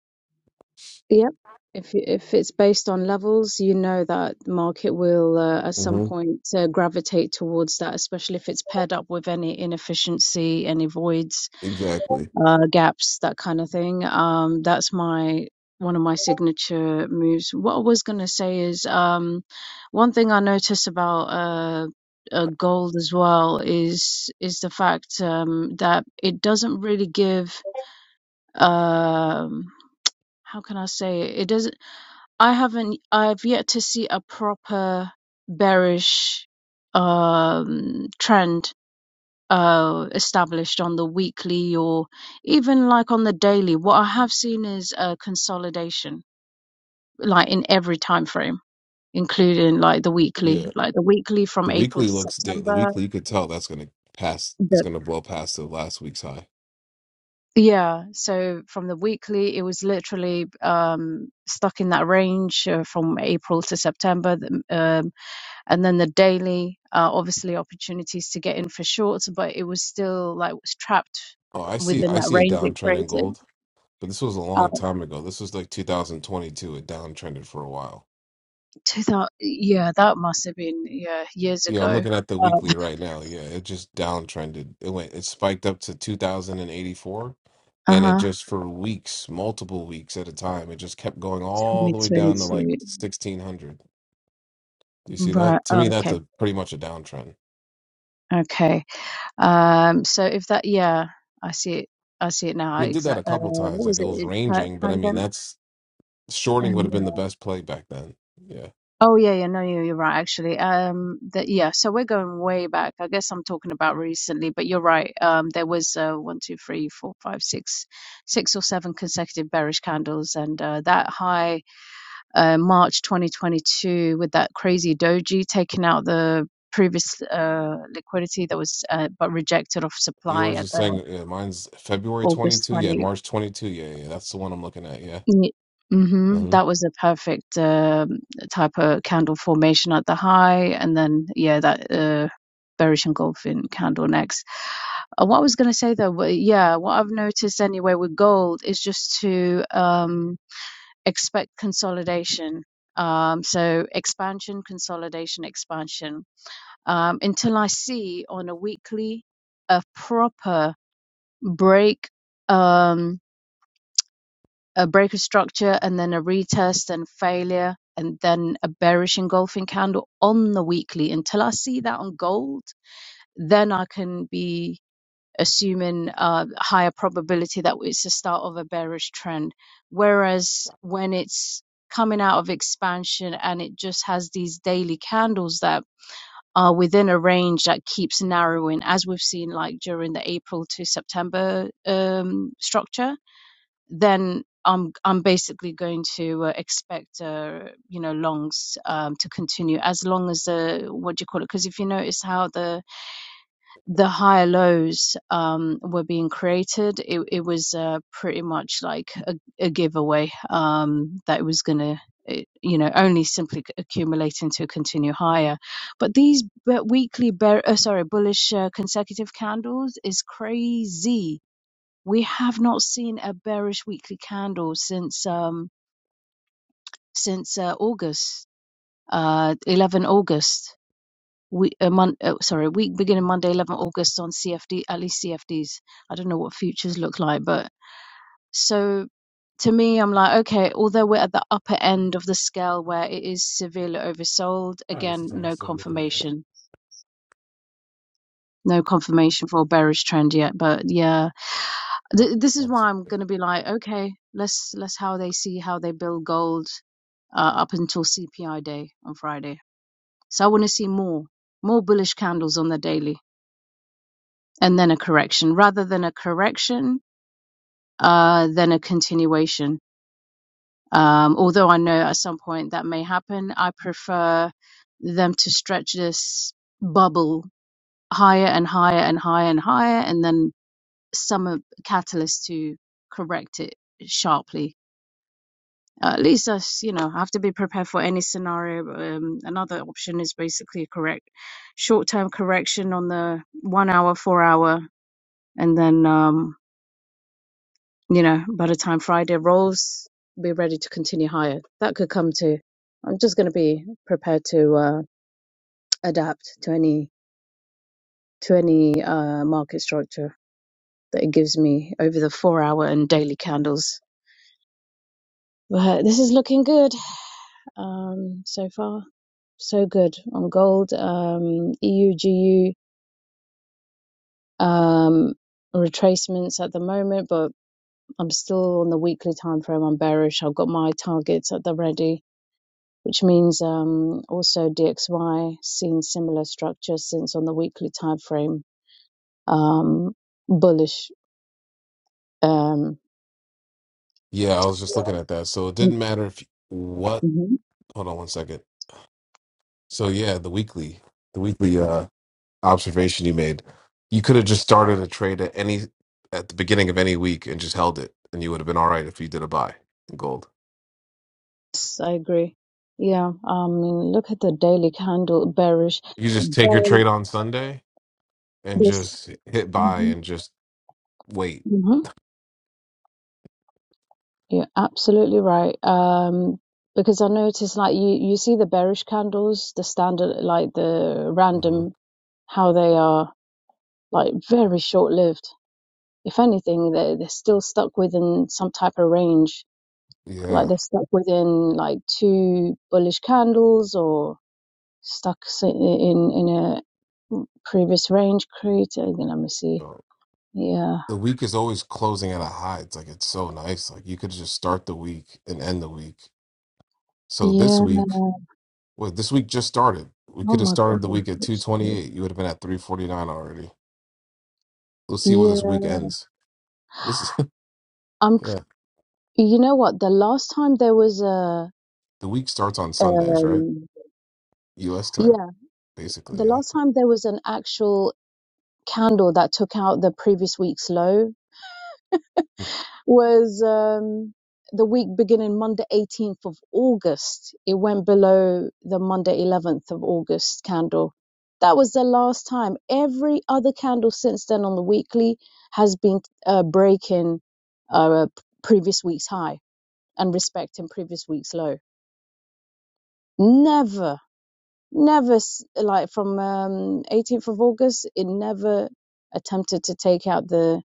S5: Yep. If you- if it's based on levels, you know that the market will uh, at some
S8: Mm-hmm.
S5: point uh, gravitate towards that, especially if it's paired up with any inefficiency, any voids,
S8: Exactly.
S5: uh, gaps, that kind of thing. Um, that's my one of my signature moves. What I was gonna say is um, one thing I notice about uh, uh, gold as well is is the fact um, that it doesn't really give um, how can I say it? It doesn't. I haven't. I've yet to see a proper bearish um, trend uh, established on the weekly or even like on the daily. What I have seen is a consolidation, like in every time frame, including like the
S8: Yeah.
S5: weekly, like the weekly from
S8: The
S5: April
S8: weekly
S5: to
S8: looks da- the
S5: September.
S8: weekly you could tell that's gonna pass is
S5: The
S8: gonna blow past the last week's high.
S5: yeah, so from the weekly, it was literally um, stuck in that range uh, from April to September. the, uh, and then the daily uh, obviously opportunities to get in for shorts but it was still like was trapped
S8: Oh, I see
S5: within
S8: I
S5: that
S8: see a
S5: range it
S8: downtrend in
S5: created
S8: gold, but this was a
S5: uh,
S8: long time ago. This was like 2022. It downtrended for a while.
S5: 2000 yeah that must have been yeah years
S8: Yeah, I'm
S5: ago
S8: looking at the
S5: uh,
S8: weekly right now. Yeah, it just downtrended. It went it spiked up to 2084 and eighty-four, and it
S5: uh-huh
S8: just for weeks, multiple weeks at a time, it just kept going all the way down to like
S5: 2022
S8: 1600. Do you see
S5: right
S8: that? To me
S5: Oh,
S8: that's
S5: okay
S8: a pretty much a downtrend.
S5: okay um so if that yeah i see it i see it
S8: I
S5: now
S8: mean, did that a
S5: exactly uh,
S8: couple times.
S5: what
S8: Like
S5: was
S8: it was
S5: it
S8: ranging, but I mean, that's shorting would have
S5: pandemic
S8: been the best play back then. Yeah.
S5: Oh yeah, yeah, no, you- you're right. Actually, um, the, yeah. So we're going way back. I guess I'm talking about recently, but you're right. Um, there was uh, one, two, three, four, five, six, six or seven consecutive bearish candles, and uh, that high, uh, March 2022, with that crazy doji taking out the previous uh liquidity that was uh, but rejected off supply
S8: Yours
S5: at
S8: is
S5: the
S8: saying, yeah, mine's February
S5: August
S8: 22. Yeah.
S5: 20.
S8: March 22. Yeah. Yeah. That's the one I'm looking at. Yeah.
S5: Mm-hmm.
S8: hmm
S5: That was a perfect um type of candle formation at the high, and then yeah, that uh, bearish engulfing candle next. Uh, what I was going to say though, wa- yeah, what I've noticed anyway with gold is just to um, expect consolidation. Um, so expansion, consolidation, expansion. Um, until I see on a weekly a proper break. Um, a break of structure and then a retest and failure and then a bearish engulfing candle on the weekly until I see that on gold, then I can be assuming a higher probability that it's the start of a bearish trend. Whereas when it's coming out of expansion and it just has these daily candles that are within a range that keeps narrowing, as we've seen like during the April to September um, structure then I'm I'm basically going to uh, expect uh, you know longs um, to continue as long as the what do you call it? Because if you notice how the the higher lows um, were being created, it it was uh, pretty much like a, a giveaway um, that it was gonna it- you know only simply c- accumulate into continue higher. But these be- weekly bear, uh, sorry bullish uh, consecutive candles is crazy we have not seen a bearish weekly candle since um since uh, August, uh 11 August. We a month uh, sorry, week beginning Monday 11 August on CFD at least CFDs. I don't know what futures look like, but so to me I'm like okay, although we're at the upper end of the scale where it is severely oversold, again no confirmation. No confirmation for a bearish trend yet, but yeah Th- this is why I'm gonna be like, okay, let's let's how they see how they build gold uh, up until CPI day on Friday. So I want to see more more bullish candles on the daily, and then a correction rather than a correction, uh, then a continuation. Um, although I know at some point that may happen, I prefer them to stretch this bubble higher and higher and higher and higher, and then some uh, catalyst to correct it sharply at least us, you know, have to be prepared for any scenario. Um, another option is basically correct short-term correction on the one hour, four hour, and then um, you know, by the time Friday rolls, be ready to continue higher. That could come to. I'm just going to be prepared to uh, adapt to any to any uh, market structure that it gives me over the four hour and daily candles. But this is looking good um, so far. so good on gold. Um, EUGU um, retracements at the moment, but I'm still on the weekly time frame. I'm bearish. I've got my targets at the ready, which means um, also DXY seen similar structure since on the weekly time frame um, bullish. Um,
S8: Yeah. I was just looking at that. So it didn't matter if what,
S5: Mhm.
S8: hold on one second. So yeah, the weekly, the weekly uh, observation you made, you could have just started a trade at any, at the beginning of any week and just held it. And you would have been all right if you did a buy in gold.
S5: yes, I agree. Yeah, I mean, look at the daily candle bearish.
S8: You just take your
S5: Well,
S8: trade on Sunday and
S5: This.
S8: just hit buy and just wait.
S5: You're absolutely right. Um, because I noticed like you, you see the bearish candles, the standard, like the
S8: hmm
S5: random, how they are like very short lived. If anything, they're, they're still stuck within some type of range. Like
S8: Yeah.
S5: they're stuck within like two bullish candles or stuck s- in, in a previous range created. Let me see.
S8: So
S5: Yeah.
S8: the week is always closing at a high. It's like it's so nice. Like you could just start the week and end the week. So this
S5: Yeah.
S8: week, well, this week just started. We
S5: Oh
S8: could have
S5: my
S8: started the
S5: God.
S8: week at two twenty
S5: Literally.
S8: eight. You would have been at three forty nine already. Let's see where this
S5: Yeah.
S8: week ends. This is
S5: I'm, tr-
S8: yeah.
S5: you know what? The last time there was a,
S8: The week starts on Sundays, right?
S5: Um,
S8: U.S. time,
S5: yeah, the
S8: basically. Yeah.
S5: last time there was an actual candle that took out the previous week's low was um, the week beginning Monday, 18th of August. It went below the Monday, 11th of August candle. That was the last time. Every other candle since then on the weekly has been uh, breaking uh, previous week's high and respecting previous week's low. Never. never s- like from um, 18th of August, it never attempted to take out the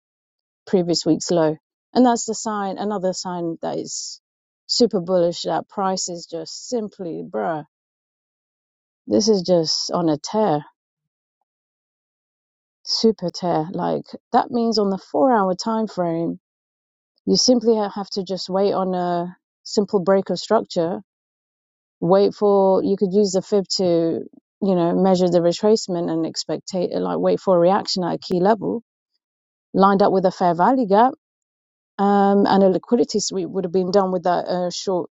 S5: previous week's low. And that's the sign, another sign that is super bullish that price is just simply, bruh, this is just on a tear, super tear. Like that means on the four hour time frame, you simply ha- have to just wait on a simple break of structure wait for you could use the fib to you know measure the retracement and expect like wait for a reaction at a key level lined up with a fair value gap um, and a liquidity sweep would have been done with that uh, short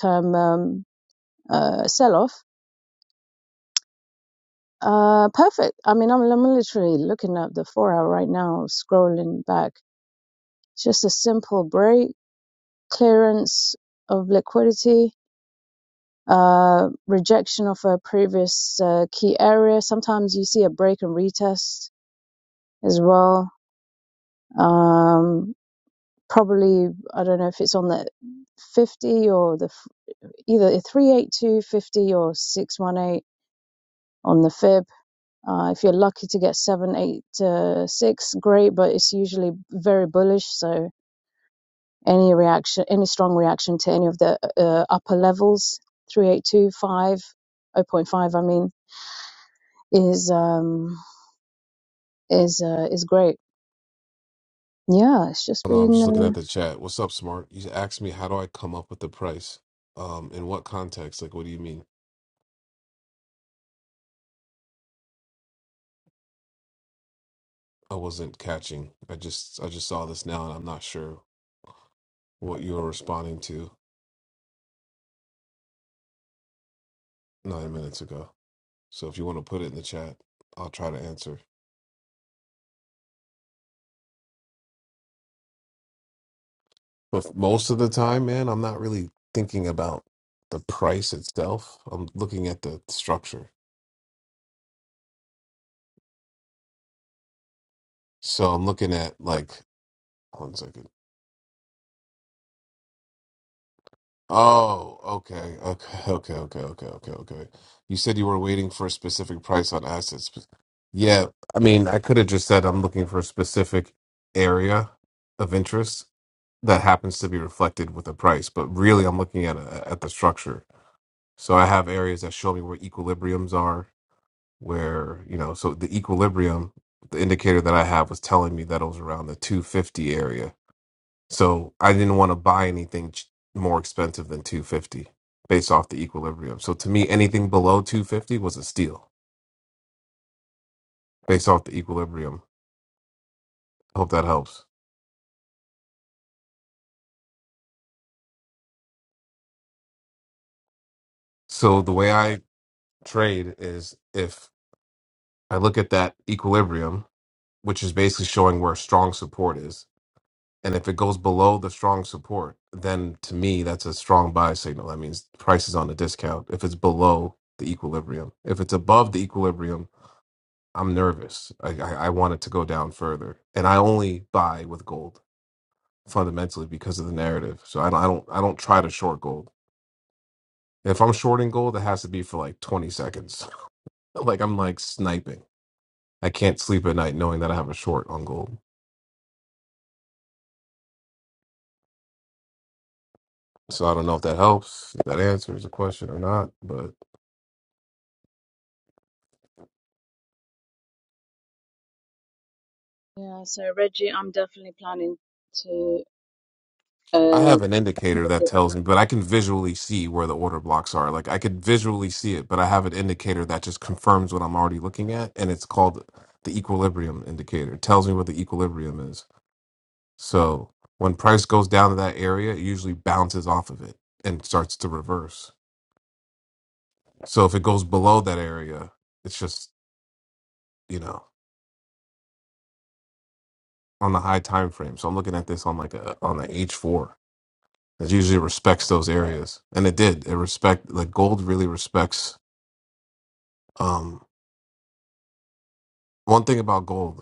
S5: term um, uh, sell off uh, perfect i mean I'm, I'm literally looking at the four hour right now scrolling back it's just a simple break clearance of liquidity uh rejection of a previous uh, key area sometimes you see a break and retest as well. Um, probably, I don't know if it's on the 50 or the either a 382, or 618 on the fib. Uh, if you're lucky to get 7 8 uh, 6, great, but it's usually very bullish. So any reaction, any strong reaction to any of the uh, upper levels, three eight two five oh point 5. I mean, is um, is uh, is great. Yeah, it's just
S8: Hold on, I'm
S5: been.
S8: just
S5: Uh,
S8: looking at the chat. What's up, Smart? You asked me how do I come up with the price. Um, in what context? Like, what do you mean? I wasn't catching. I just I just saw this now, and I'm not sure what you were responding to nine minutes ago. So if you want to put it in the chat, I'll try to answer. But most of the time, man, I'm not really thinking about the price itself. I'm looking at the structure. So I'm looking at like one second. Oh, okay, okay, okay, okay, okay, okay, okay. You said you were waiting for a specific price on assets. Yeah, I mean, I could have just said I'm looking for a specific area of interest that happens to be reflected with a price, but really I'm looking at a, at the structure. So I have areas that show me where equilibriums are, where, you know, so the equilibrium, the indicator that I have was telling me that it was around the 250 area so I didn't want to buy anything ch- more expensive than 250 based off the equilibrium. So to me, anything below 250 was a steal based off the equilibrium. Hope that helps. So the way I trade is if I look at that equilibrium, which is basically showing where strong support is, and if it goes below the strong support, then to me that's a strong buy signal. That means price is on a discount if it's below the equilibrium. If it's above the equilibrium, I'm nervous. I, I, I want it to go down further, and I only buy with gold fundamentally because of the narrative. So I don't I don't I don't try to short gold. If I'm shorting gold, it has to be for like 20 seconds. like I'm like sniping. I can't sleep at night knowing that I have a short on gold. So I don't know if that helps, if that answers the question or not, but.
S5: Yeah, so Reggie, I'm definitely planning to
S8: I
S5: uh
S8: have an indicator that tells me, but I can visually see where the order blocks are. Like I could visually see it, but I have an indicator that just confirms what I'm already looking at, and it's called the equilibrium indicator. It tells me what the equilibrium is. So when price goes down to that area, it usually bounces off of it and starts to reverse. So if it goes below that area, it's just, you know, on the high time frame. So I'm looking at this on like a on the H four. It usually respects those areas. And it did. It respect like gold really respects um, One thing about gold,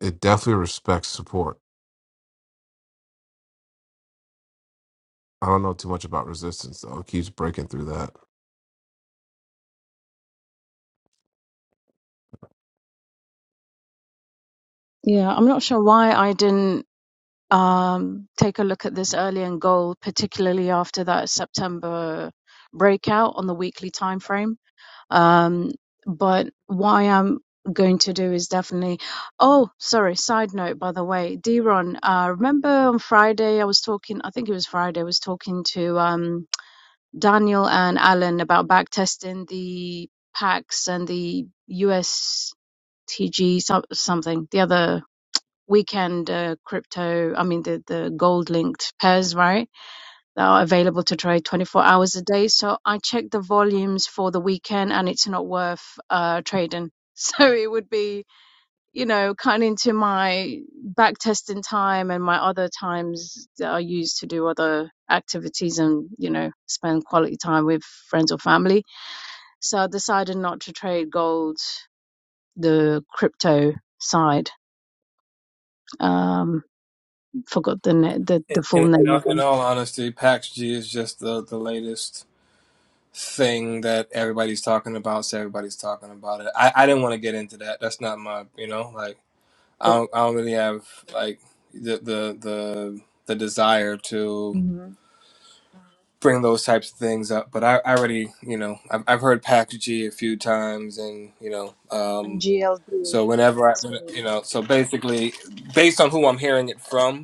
S8: it definitely respects support. I don't know too much about resistance though. It keeps breaking through that.
S5: yeah, I'm not sure why I didn't um take a look at this early and goal, particularly after that September breakout on the weekly time frame. Um, but why I am going to do is definitely oh, sorry, side note by the way, D Ron, uh remember on Friday I was talking I think it was Friday, I was talking to um Daniel and Alan about back testing the PAX and the USTG so- something, the other weekend uh, crypto, I mean, the, the gold linked pairs, right? That are available to trade 24 hours a day. So I checked the volumes for the weekend and it's not worth uh, trading. So it would be you know, cut into my back testing time and my other times that I use to do other activities and, you know, spend quality time with friends or family. So I decided not to trade gold, the crypto side. Um, forgot the, the,
S9: In,
S5: the full
S9: in, in
S5: name of
S9: all in
S5: them.
S9: all honesty, PAX G is just the, the latest thing that everybody's talking about, so everybody's talking about it. I, I didn't want to get into that. That's not my, you know, like I don't, I don't really have like the, the the the desire to
S5: hmm
S9: bring those types of things up. But I, I already, you know, I've, I've heard PAX G a few times, and you know,
S5: And
S9: um,
S5: GLD.
S9: so whenever I, when, you know, so basically, based on who I'm hearing it from.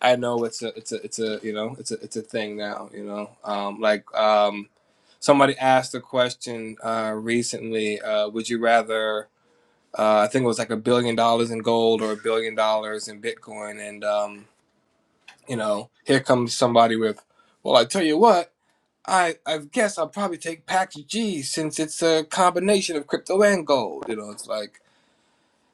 S9: I know it's a it's a it's a you know it's a it's a thing now you know um, like um, somebody asked a question uh, recently uh, would you rather uh, I think it was like a billion dollars in gold or a billion dollars in Bitcoin and um, you know here comes somebody with well I tell you what I I guess I'll probably take Pax G since it's a combination of crypto and gold you know it's like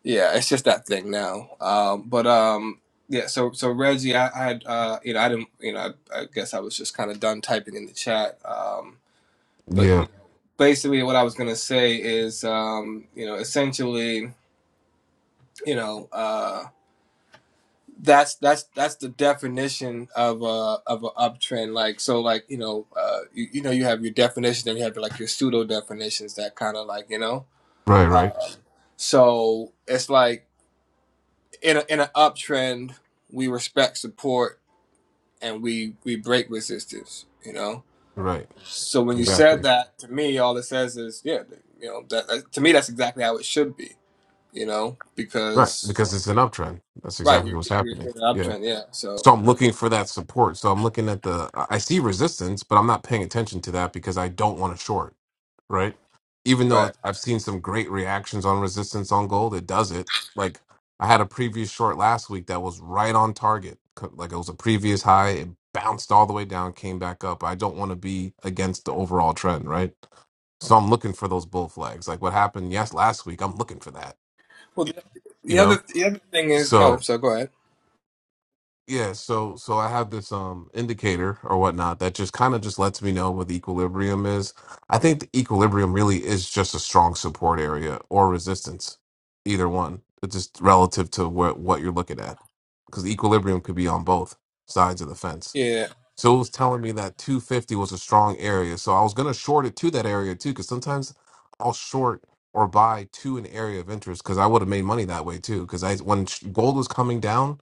S9: yeah, it's just that thing now. Um, but um, yeah, so so Reggie, I, I had uh, you know I didn't you know I, I guess I was just kind of done typing in the chat. Um, but
S8: Yeah.
S9: you know, basically, what I was gonna say is um, you know essentially you know uh, that's that's that's the definition of a of a uptrend. Like so, like you know uh, you, you know you have your definition and you have like your pseudo definitions that kind of like you know.
S8: Right,
S9: Uh,
S8: right.
S9: so it's like. in a, in an uptrend, we respect support and we we break resistance. You know,
S8: Right.
S9: so when you said
S8: Exactly.
S9: that to me, all it says is yeah, you know that, that- to me that's exactly how it should be. You know,
S8: Right.
S9: because
S8: Because it's an uptrend. That's
S9: right,
S8: exactly
S9: you're
S8: what's
S9: you're,
S8: happening.
S9: you're in an
S8: Yeah.
S9: uptrend, yeah. So
S8: So I'm looking for that support. So I'm looking at the I I see resistance, but I'm not paying attention to that because I don't want to short, right? Even though
S9: right.
S8: it- I've seen some great reactions on resistance on gold, it does it. Like I had a previous short last week that was right on target. Co- Like it was a previous high, it bounced all the way down, came back up. I don't want to be against the overall trend, right? So I'm looking for those bull flags. Like what happened yes last week, I'm looking for that,
S9: Well, the,
S8: you
S9: the
S8: know?
S9: other the other thing is oh,
S8: So
S9: so go ahead.
S8: Yeah, so so I have this um indicator or whatnot that just kind of just lets me know what the equilibrium is. I think the equilibrium really is just a strong support area or resistance, either one. It's just relative to what what you're looking at, because equilibrium could be on both sides of the fence.
S9: Yeah,
S8: So it was telling me that 250 was a strong area, so I was gonna short it to that area too, because sometimes I'll short or buy to an area of interest because I would have made money that way too. Because I when sh- gold was coming down.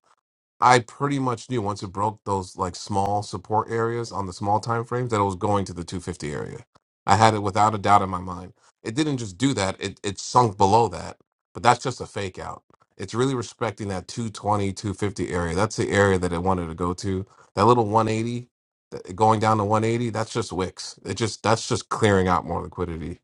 S8: I pretty much knew once it broke those like small support areas on the small time frames that it was going to the 250 area. I had it without a doubt in my mind. It didn't just do that; it it sunk below that. But that's just a fake out. It's really respecting that 220, 250 area. That's the area that it wanted to go to. That little 180 that- going down to 180. That's just wicks. It just that's just clearing out more liquidity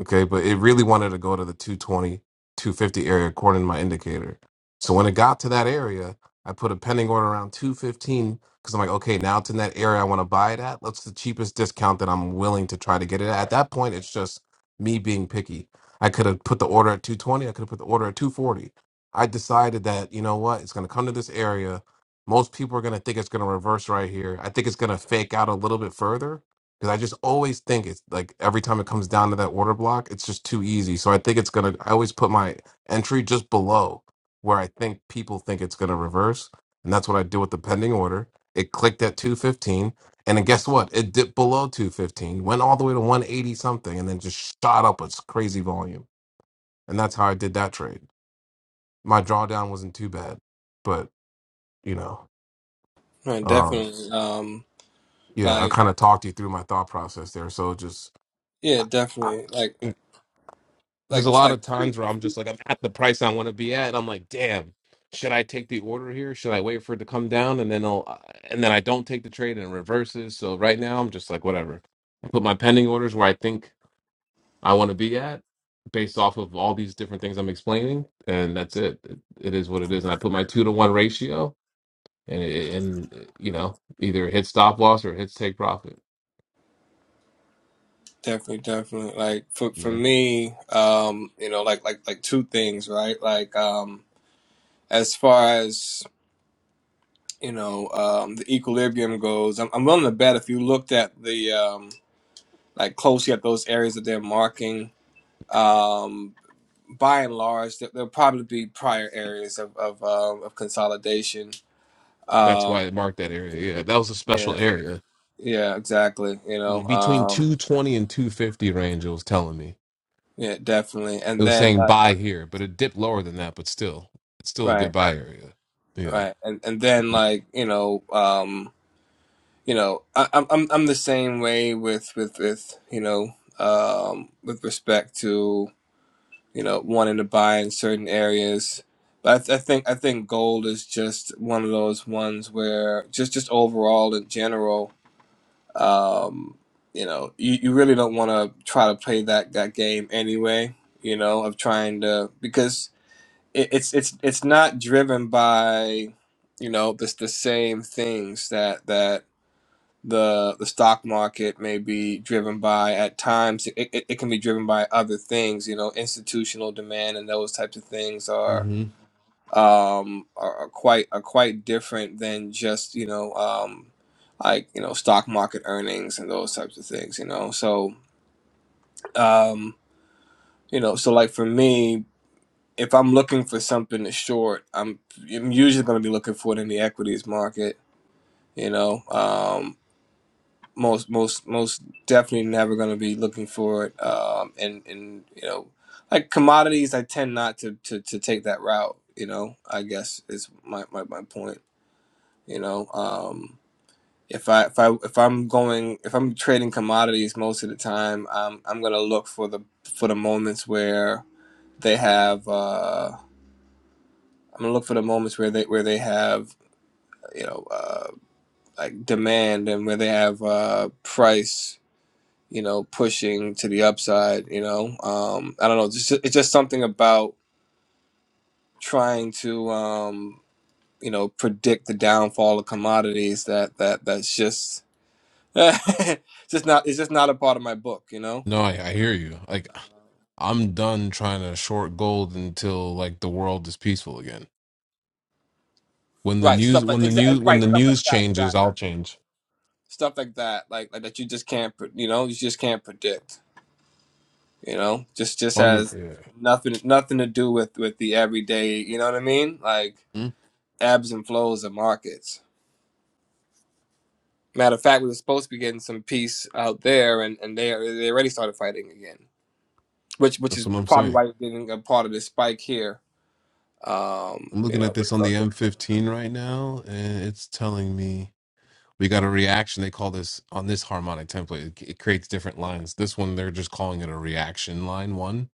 S8: Okay, but it really wanted to go to the two twenty, two fifty area according to my indicator. So when it got to that area, I put a pending order around 215 because I'm like, okay, now it's in that area I want to buy it at. That's the cheapest discount that I'm willing to try to get it at. At that point, it's just me being picky. I could have put the order at 220, I could have put the order at 240. I decided that, you know what, it's going to come to this area. Most people are going to think it's going to reverse right here. I think it's going to fake out a little bit further because I just always think it's like every time it comes down to that order block, it's just too easy. So I think it's gonna. I always put my entry just below where I think people think it's gonna reverse, and that's what I do with the pending order. It clicked at 215, and then guess what? It dipped below 215, went all the way to 180 something, and then just shot up its crazy volume. And that's how I did that trade. My drawdown wasn't too bad, but you know,
S9: no,
S8: um,
S9: definitely. Um,
S8: yeah, I
S9: like
S8: kind of talked you through my thought process there. So just
S9: yeah,
S8: I-
S9: definitely. Like
S8: there's
S9: like
S8: a lot
S9: like.
S8: of times where I'm just like I'm at the price I want to be at, and I'm like, damn, should I take the order here? Should I wait for it to come down and then I'll uh, and then I don't take the trade and it reverses. So right now I'm just like whatever. I put my pending orders where I think I want to be at, based off of all these different things I'm explaining, and that's it. It, it is what it is. And I put my two to one ratio, and it, and uh, you know either it hits stop loss or it hits take profit.
S9: Definitely, definitely. Like for
S8: You
S9: for
S8: know
S9: me, um, you know, like like like two things, right? Like um as far as, you know, um the equilibrium goes, I'm I'm willing to bet if you looked at the um like closely at those areas that they're marking, um by and large there, there'll probably be prior areas of of um of consolidation.
S8: that's why
S9: Um
S8: it marked that area. Yeah, that was a special
S9: yeah.
S8: area.
S9: Yeah, exactly, you know.
S8: between
S9: Um
S8: 220 and 250 range it was telling me
S9: yeah, definitely.
S8: it
S9: And
S8: was
S9: then
S8: saying
S9: like
S8: buy here but it dipped lower than that but still it's still a
S9: right,
S8: good buy area yeah
S9: right. And and then like, you know, um you know, I, I'm I'm I'm the same way with with with you know, um, with respect to you know wanting to buy in certain areas. But I, th- I think I think gold is just one of those ones where just just overall in general, um, you know, you, you really don't want to try to play that that game anyway. You know, of trying to because it, it's it's it's not driven by you know the the same things that that the the stock market may be driven by at times it, it, it can be driven by other things you know institutional demand and those types of things are
S8: hmm
S9: um are, are quite are quite different than just you know um like you know stock market earnings and those types of things you know so um you know so like for me if i'm looking for something to short i'm, I'm usually going to be looking for it in the equities market you know um. most most most definitely never going to be looking for it um and and you know like commodities i tend not to to, to take that route you know i guess is my, my my point you know um if i if i if i'm going if i'm trading commodities most of the time i'm i'm going to look for the for the moments where they have uh i'm going to look for the moments where they where they have you know uh like demand and where they have uh price you know, pushing to the upside, you know. Um, I don't know, just it's just something about trying to um, you know, predict the downfall of commodities that that that's just just not it's just not a part of my book, you know.
S8: no I, I hear you like i'm done trying to short gold until like the world is peaceful again when the
S9: Right,
S8: news
S9: stuff like
S8: when the
S9: exactly
S8: news when
S9: right,
S8: the
S9: stuff like
S8: news
S9: that,
S8: changes
S9: exactly.
S8: i'll change
S9: Stuff like that, like like that you just can't, pre- you know, you just can't predict, you know. Just just
S8: on the
S9: has
S8: yeah
S9: nothing nothing to do with with the everyday, you know what I mean? Like
S8: Mm,
S9: ebbs and flows of markets. Matter of fact, we were supposed to be getting some peace out there, and, and they they already started fighting again, which which
S8: that's
S9: is
S8: what i'm
S9: probably
S8: saying
S9: why you're getting a part of this spike here. Um,
S8: i'm
S9: you
S8: looking
S9: know,
S8: at this
S9: with
S8: on the m15 right now and it's telling me we got a reaction they call this on this harmonic template it, it creates different lines this one they're just calling it a reaction line one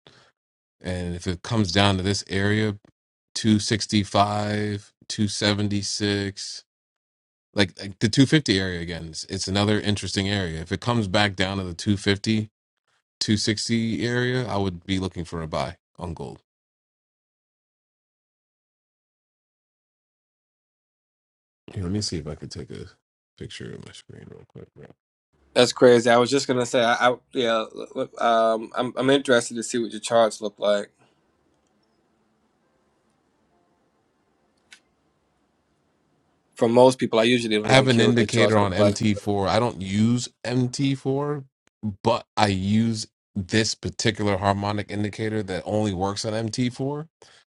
S8: and if it comes down to this area 265 276 like, like the 250 area again it's, it's another interesting area if it comes back down to the two fifty-two sixty area i would be looking for a buy on gold Here, let me see if i could take a picture of my screen real quick right?
S9: that's crazy. I was just gonna say, I, I yeah, look, um, I'm I'm interested to see what your charts look like. For most people, I usually don't
S8: I have
S9: even
S8: an
S9: care what their
S8: indicator
S9: charts
S8: on
S9: look like.
S8: MT4. I don't use MT4, but I use this particular harmonic indicator that only works on MT4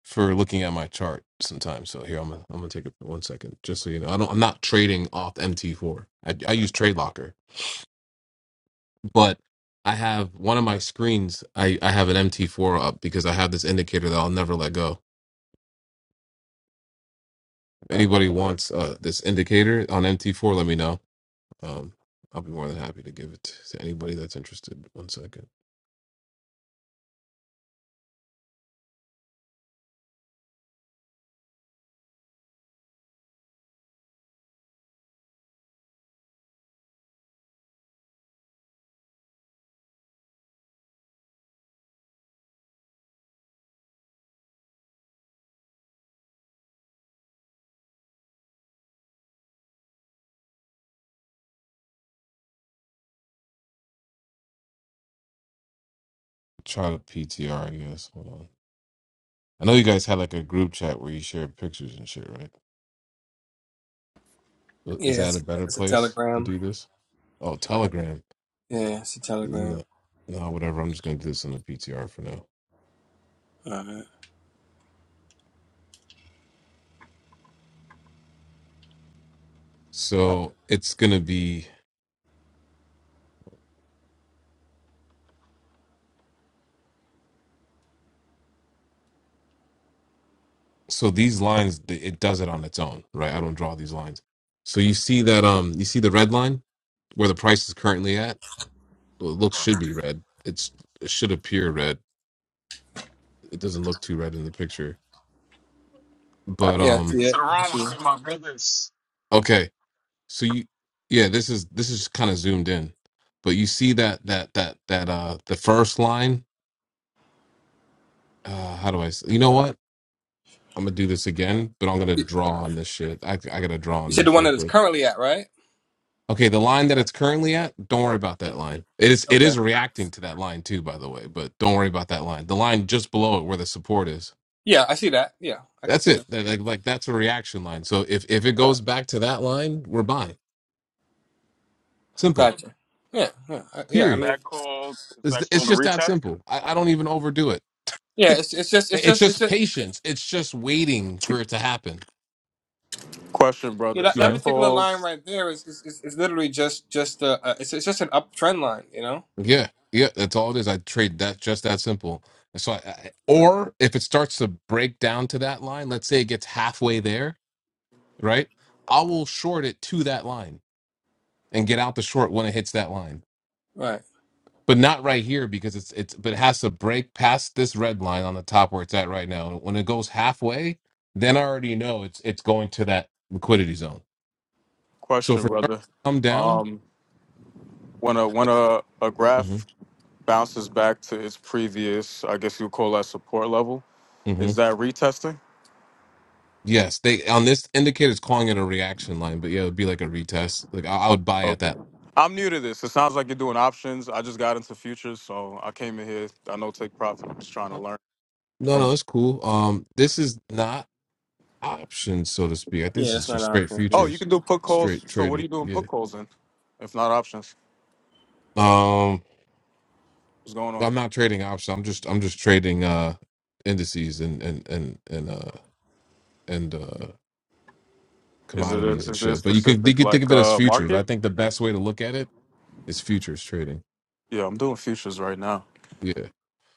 S8: for looking at my chart sometimes. So here I'm gonna, I'm gonna take it for one second, just so you know. I don't I'm not trading off MT4. I, I use TradeLocker, but I have one of my screens. I I have an MT4 up because I have this indicator that I'll never let go. If anybody wants uh, this indicator on MT4, let me know. Um, I'll be more than happy to give it to, to anybody that's interested. One second. Try to PTR, I guess. Hold on. I know you guys had like a group chat where you shared pictures and shit, right? Well, Is
S9: Yeah,
S8: that
S9: it's
S8: a
S9: a,
S8: better
S9: it's a
S8: place to
S9: telegram.
S8: do this? Oh, Telegram.
S9: Yeah, it's a telegram.
S8: No, no, whatever. I'm just gonna do this on the PTR for now.
S9: All right.
S8: So it's gonna be so these lines. th- It does it on its own, right? I don't draw these lines. So you see that um, you see the red line where the price is currently at. Well, it looks should be red. It's it should appear red it doesn't look too red in the picture. But
S9: Yeah, I
S10: Yo,
S8: um
S9: see
S10: peace to the
S9: it. I
S10: room,
S9: see
S10: what's
S9: it.
S10: good, my brothers?
S8: okay. So you yeah, this is this is kind of zoomed in. But you see that that that that uh the first line, uh how do I s- You know what? I'm going to do this again, but I'm going to draw on this shit. I I got to draw
S9: You
S8: on
S9: said the
S8: this
S9: one
S8: real
S9: that it's
S8: quick.
S9: currently at, right?
S8: Okay, the line that it's currently at, don't worry about that line. It is it
S9: Okay.
S8: is reacting to that line too, by the way, but don't worry about that line. The line just below it where the support is.
S9: Yeah, I see that. Yeah, I can
S8: That's
S9: see
S8: it.
S9: that.
S8: That- Like, like that's a reaction line. So if if it goes back to that line, we're buying. Simple.
S9: Gotcha. Yeah, yeah, I- yeah.
S10: Is
S9: I
S8: Period.
S9: mean,
S10: that called? Is
S8: It's,
S10: that
S8: it's
S10: called a
S8: just that
S10: retest?
S8: simple. I, I don't even overdo it.
S9: yeah. It's it's just
S8: I-
S9: it's
S8: It's
S9: just it's
S8: just
S9: just
S8: patience. It's just waiting for it to happen.
S10: Question,
S9: you
S10: brother.
S9: know
S10: Is
S9: that,
S8: You
S9: that
S10: that
S8: know?
S9: particular
S10: called?
S9: line right there is is, is, is literally just just uh uh, it's it's just an uptrend line, you know.
S8: Yeah, yeah. That's all it is. I trade that just that simple. So, I, I, or if it starts to break down to that line, let's say it gets halfway there, right? I will short it to that line and get out the short when it hits that line,
S9: Right.
S8: but not right here because it's it's. But it has to break past this red line on the top where it's at right now. When it goes halfway, then I already know it's it's going to that liquidity zone So
S10: Question,
S8: for starts to
S10: brother.
S8: come down,
S10: Um, when a when a, a
S8: hmm
S10: graph bounces back to its previous, I guess you call that support level.
S8: hmm
S10: Is that retesting?
S8: yes, they on this indicator is calling it a reaction line, but yeah, it would be like a retest. Like I, I would buy at
S10: Okay.
S8: that.
S10: I'm new to this. It sounds like you're doing options. I just got into futures, so I came in here. I know take profit. I'm just trying to
S8: Uh,
S10: learn
S8: No,
S10: from.
S8: no, it's cool. Um, this is not options, so to speak. I think
S9: Yeah,
S8: this is
S9: that's not an
S8: just straight
S9: option. yeah.
S10: Oh, you
S8: futures,
S10: can do put calls.
S8: straight
S10: So what are
S8: trading.
S10: you doing
S8: Yeah.
S10: put calls in? If not options,
S8: Um,
S10: what's going on?
S8: I'm not trading options. I'm just I'm just trading uh indices and and and and uh and uh
S10: Is it a,
S8: commodities and
S10: is there a
S8: shit. But you can you
S10: specific
S8: can think
S10: like
S8: of it as
S10: uh
S8: futures. I
S10: market?
S8: think the best way to look at it is futures trading.
S10: Yeah, I'm doing futures right now.
S8: Yeah.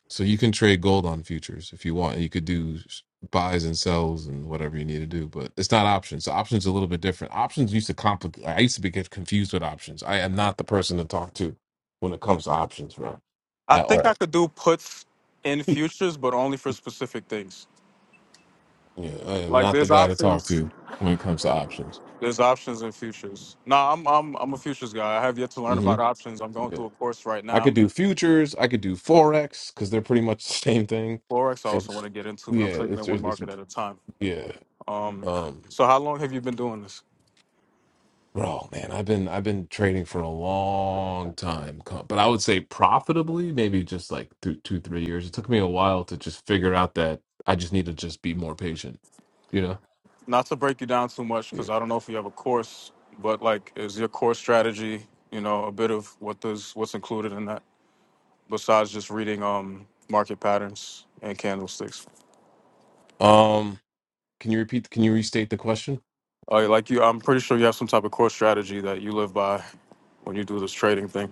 S8: So you can trade gold on futures if you want. You could do s- buys and sells and whatever you need to do, but it's not options. So options are a little bit different. Options used to complicate. I used to be get confused with options. I am not the person to talk to when it comes to options, bro,
S10: I
S8: at
S10: think I
S8: all.
S10: could do puts in futures, but only for specific things.
S8: Yeah, I am
S10: Like
S8: not the
S10: there's
S8: guy to talk
S10: options.
S8: to when it comes to options.
S10: There's options in futures. Nah, I'm I'm I'm a futures guy. I have yet to learn
S8: hmm
S10: about options. I'm going
S8: Yeah.
S10: through a course right
S8: I could
S10: now.
S8: do futures. I could do forex because they're pretty much the same thing.
S10: Forex I
S8: If
S10: also want to get into, but
S8: yeah,
S10: I'm taking it
S8: it's
S10: one
S8: it's, it's
S10: market at a time.
S8: yeah.
S10: Um,
S8: Um,
S10: so how long have you been doing this?
S8: Bro, man, I've been I've been trading for a long time, co- but I would say profitably, maybe just like through two, three years. It took me a while to just figure out that I just need to just be more patient, you know?
S10: Not to break you down too much,
S8: Yeah.
S10: because I don't know if you have a course, but like, is your core strategy? You know, a bit of what does what's included in that? besides just reading um market patterns and candlesticks.
S8: Um, can you repeat, can you restate the question?
S10: Uh, like you, I'm pretty sure you have some type of core strategy that you live by when you do this trading thing.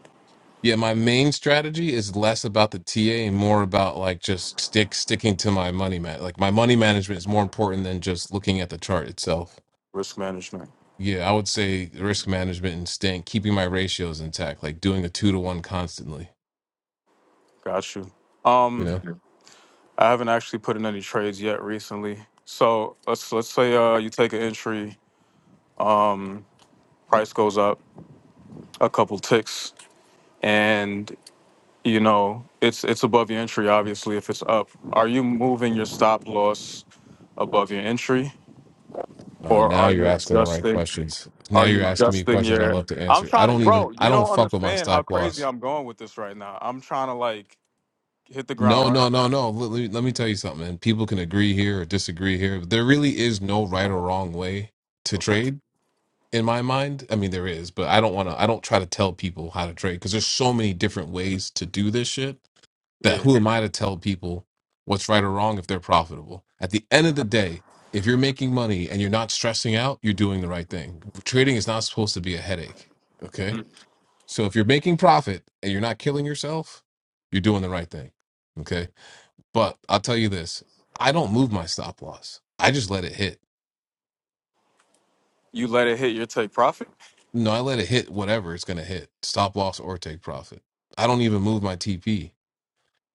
S8: Yeah, my main strategy is less about the TA and more about like just stick sticking to my money man. Like my money management is more important than just looking at the chart itself.
S10: Risk management.
S8: Yeah, I would say risk management and staying keeping my ratios intact, like doing a two to one constantly.
S10: Got you.
S8: You
S10: Um,
S8: know,
S10: I haven't actually put in any trades yet recently. So let's let's say uh, you take an entry, um, price goes up a couple ticks, and you know it's it's above your entry. Obviously, if it's up, are you moving your stop loss above your entry,
S8: uh,
S10: or
S8: now
S10: are
S8: you're
S10: you
S8: asking the right
S10: adjusting?
S8: questions. Now
S10: Are
S8: you're
S10: you
S8: asking me
S10: adjusting
S8: questions I
S10: your?
S8: love to
S10: I'm
S8: answer. I
S10: trying to,
S8: don't
S10: bro.
S8: even, I
S10: You
S8: don't
S10: don't
S8: fuck with my
S10: understand how
S8: stop
S10: crazy
S8: loss.
S10: I'm going with this right now. I'm trying to like hit the ground
S8: No, no,
S10: running.
S8: no, no. Let, let me, let me tell you something, man. People can agree here or disagree here. There really is no right or wrong way to
S10: Okay.
S8: trade in my mind. I mean, there is, but I don't want to, I don't try to tell people how to trade because there's so many different ways to do this shit that
S10: Yeah.
S8: who am I to tell people what's right or wrong if they're profitable? At the end of the day, if you're making money and you're not stressing out, you're doing the right thing. Trading is not supposed to be a headache. Okay.
S10: Mm.
S8: So if you're making profit and you're not killing yourself, you're doing the right thing. Okay. But I'll tell you this I don't move my stop loss, I just let it hit.
S10: You let it hit your take profit.
S8: No, I let it hit whatever it's going to hit stop loss or take profit. I don't even move my TP.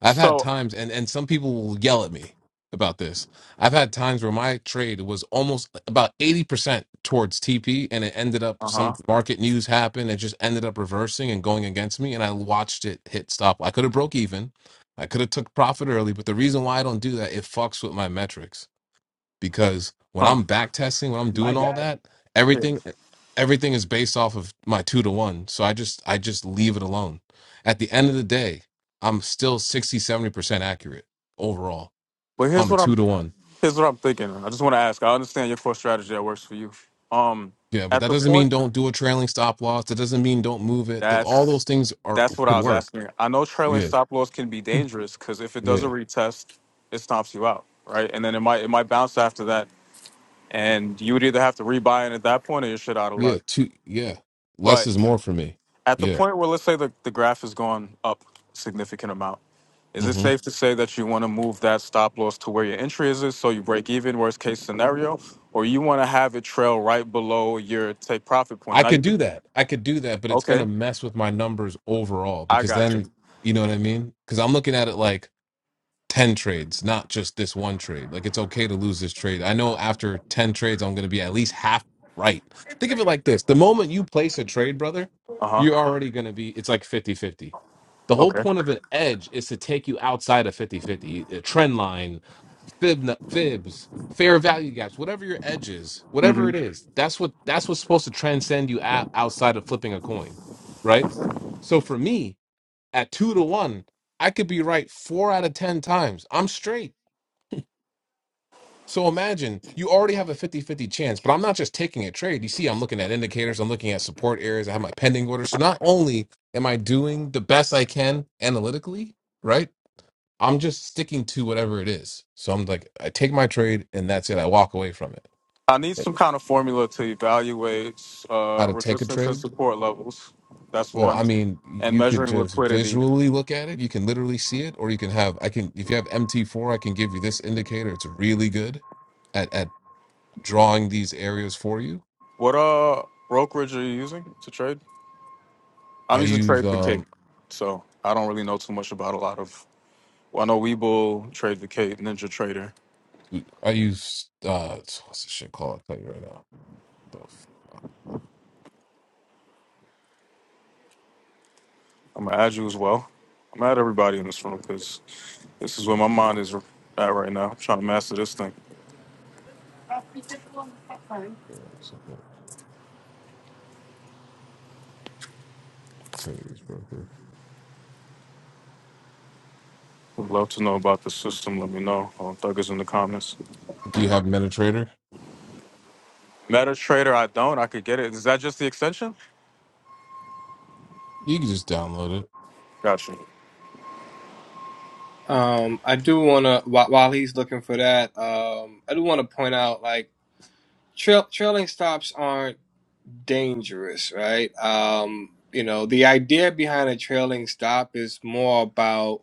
S8: I've had
S10: So.
S8: times, and and some people will yell at me about this. I've had times where my trade was almost about eighty percent towards TP, and it ended up
S10: Uh huh.
S8: some market news happened. It just ended up reversing and going against me, and I watched it hit stop. I could have broke even, I could have took profit early, but the reason why I don't do that, it fucks with my metrics because when
S10: Huh.
S8: I'm back testing, when I'm
S6: my
S8: doing all
S6: guy.
S8: that,
S10: Yeah.
S8: everything everything is based off of my two to one. So I just I just leave it alone. At the end of the day, I'm still sixty, seventy percent accurate overall
S10: But
S8: on
S10: here's
S8: the
S10: what
S8: two
S10: I'm
S8: to one.
S10: here's what I'm thinking. I just want to ask. I understand your core strategy that works for you. Um,
S8: Yeah, but
S10: at
S8: that
S10: the
S8: doesn't mean
S10: point
S8: don't do a trailing stop loss. That doesn't mean don't move it. Th- All those
S10: that's
S8: things are
S10: that's what
S8: could
S10: I was
S8: work.
S10: asking. I know trailing
S8: Yeah.
S10: stop loss can be dangerous because if it doesn't
S8: Yeah.
S10: retest, it stomps you out, right? And then it might it might bounce after that and you would either have to rebuy it at that point or you're shit out of
S8: Yeah.
S10: luck.
S8: Two yeah. Less
S10: But
S8: is more for me.
S10: at the
S8: Yeah.
S10: point where let's say the, the graph has gone up a significant amount, is it
S8: Mm-hmm.
S10: safe to say that you want to move that stop loss to where your entry is so you break even, worst case scenario, or you want to have it trail right below your take profit point?
S8: I
S10: Now
S8: could
S10: you could,
S8: do that. I could do that, but it's gonna
S10: okay,
S8: mess with my numbers overall
S10: I
S8: because
S10: got you.
S8: then you know what I mean? Because I'm looking at it like 10 trades, not just this one trade. Like it's okay to lose this trade. I know after 10 trades, I'm gonna be at least half right. Think of it like this. The moment you place a trade, brother,
S10: Uh huh.
S8: you're already gonna be it's like fifty-fifty. The whole
S10: Okay.
S8: point of an edge is to take you outside of fifty-fifty. a trend line fib fibs fair value gaps whatever your edge is whatever
S10: hmm
S8: it is that's what that's what's supposed to transcend you out, outside of flipping a coin right so for me at two to one i could be right four out of ten times i'm straight so imagine you already have a fifty-fifty chance but i'm not just taking a trade you see i'm looking at indicators i'm looking at support areas i have my pending order so not only am i doing the best i can analytically right I'm just sticking to whatever it is. So I'm like, I take my trade and that's it. I walk away from it.
S10: I need
S8: Like,
S10: some kind of formula to evaluate
S8: How
S10: uh,
S8: to take a
S10: resistance and
S8: trade?
S10: support levels. That's
S8: Well, I
S10: one.
S8: mean,
S10: And
S8: you could
S10: measuring
S8: just
S10: liquidity.
S8: visually look at it. You can literally see it, or you can have, I can, if you have MT4, I can give you this indicator. It's really good at, at drawing these areas for you.
S10: What uh brokerage are you using to trade? I'm
S8: I
S10: using
S8: use,
S10: Trade the
S8: um,
S10: Cape, so I don't really know too much about a lot of. Well, I know Webull, Trade the Cape, Ninja Trader.
S8: I use, uh, what's this shit called? I'll tell you right now. The f-
S10: I'm gonna add you as well. I'm gonna add everybody in this room because this is where my mind is at right now. I'm trying to master this thing.
S8: give me a 2nd tell you this broker.
S10: Would love to know about the system. Let me know. Um, Thuggers in the comments.
S8: Do you have MetaTrader?
S10: Meta Trader, I don't. I could get it. Is that just the extension?
S8: You can just download it.
S10: Gotcha.
S9: Um, I do want to while while he's looking for that, um, I do want to point out like trail trailing stops aren't dangerous, right? Um, you know, the idea behind a trailing stop is more about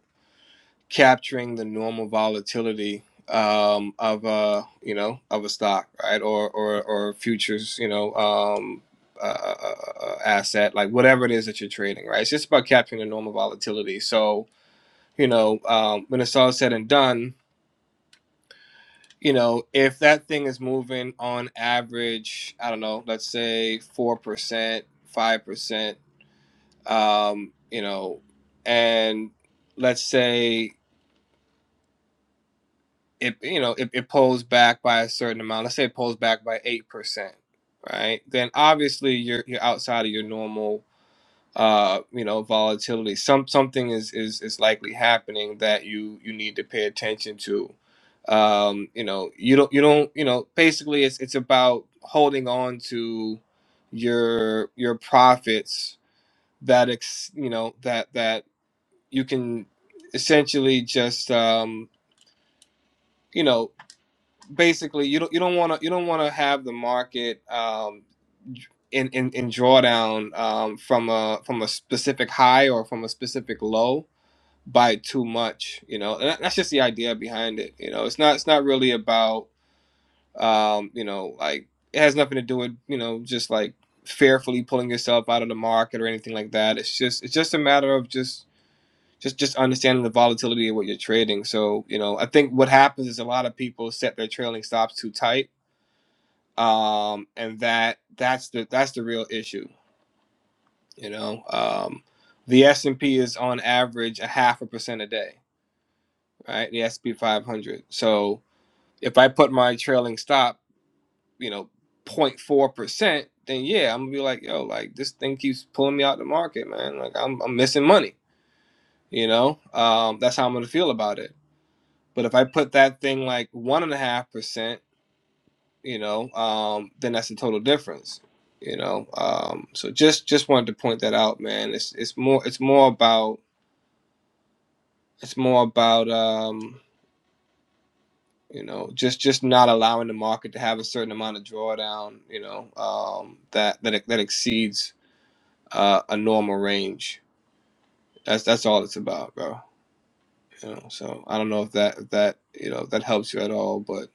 S9: capturing the normal volatility um, of a you know of a stock, right, or or or futures, you know, um, uh, uh, uh, uh, asset, like whatever it is that you're trading, right. It's just about capturing the normal volatility. So you know, um, when it's all said and done. You know, if that thing is moving on average, I don't know, let's say four percent, five percent, um, you know, and let's say it you know it, it pulls back by a certain amount let's say it pulls back by 8% right then obviously you're you're outside of your normal uh you know volatility some something is is is likely happening that you you need to pay attention to um you know you don't you don't you know basically it's it's about holding on to your your profits that ex you know that that you can essentially just um you know basically you don't you don't want to you don't want to have the market um, in, in in drawdown um, from a from a specific high or from a specific low by too much. You know, and that- that's just the idea behind it. You know, it's not it's not really about um, you know like it has nothing to do with you know just like fearfully pulling yourself out of the market or anything like that. It's just it's just a matter of just. Just, just understanding the volatility of what you're trading. So, you know, I think what happens is a lot of people set their trailing stops too tight um, and that that's the that's the real issue. You know, um, the S and P is on average a half a percent a day, right? The S and P 500. So if I put my trailing stop, you know, point 04 percent, then yeah, I'm gonna be like, yo, like this thing keeps pulling me out the market, man. Like I'm I'm missing money. You know, um, that's how I'm gonna feel about it. But if I put that thing like one and a half percent you know, um, then that's a total difference, you know. Um, so just just wanted to point that out, man. It's it's more it's more about it's more about um, you know just just not allowing the market to have a certain amount of drawdown, you know, um, that that that exceeds uh, a normal range. That's that's all it's about, bro. You know, so I don't know if that if that you know if that helps you at all, but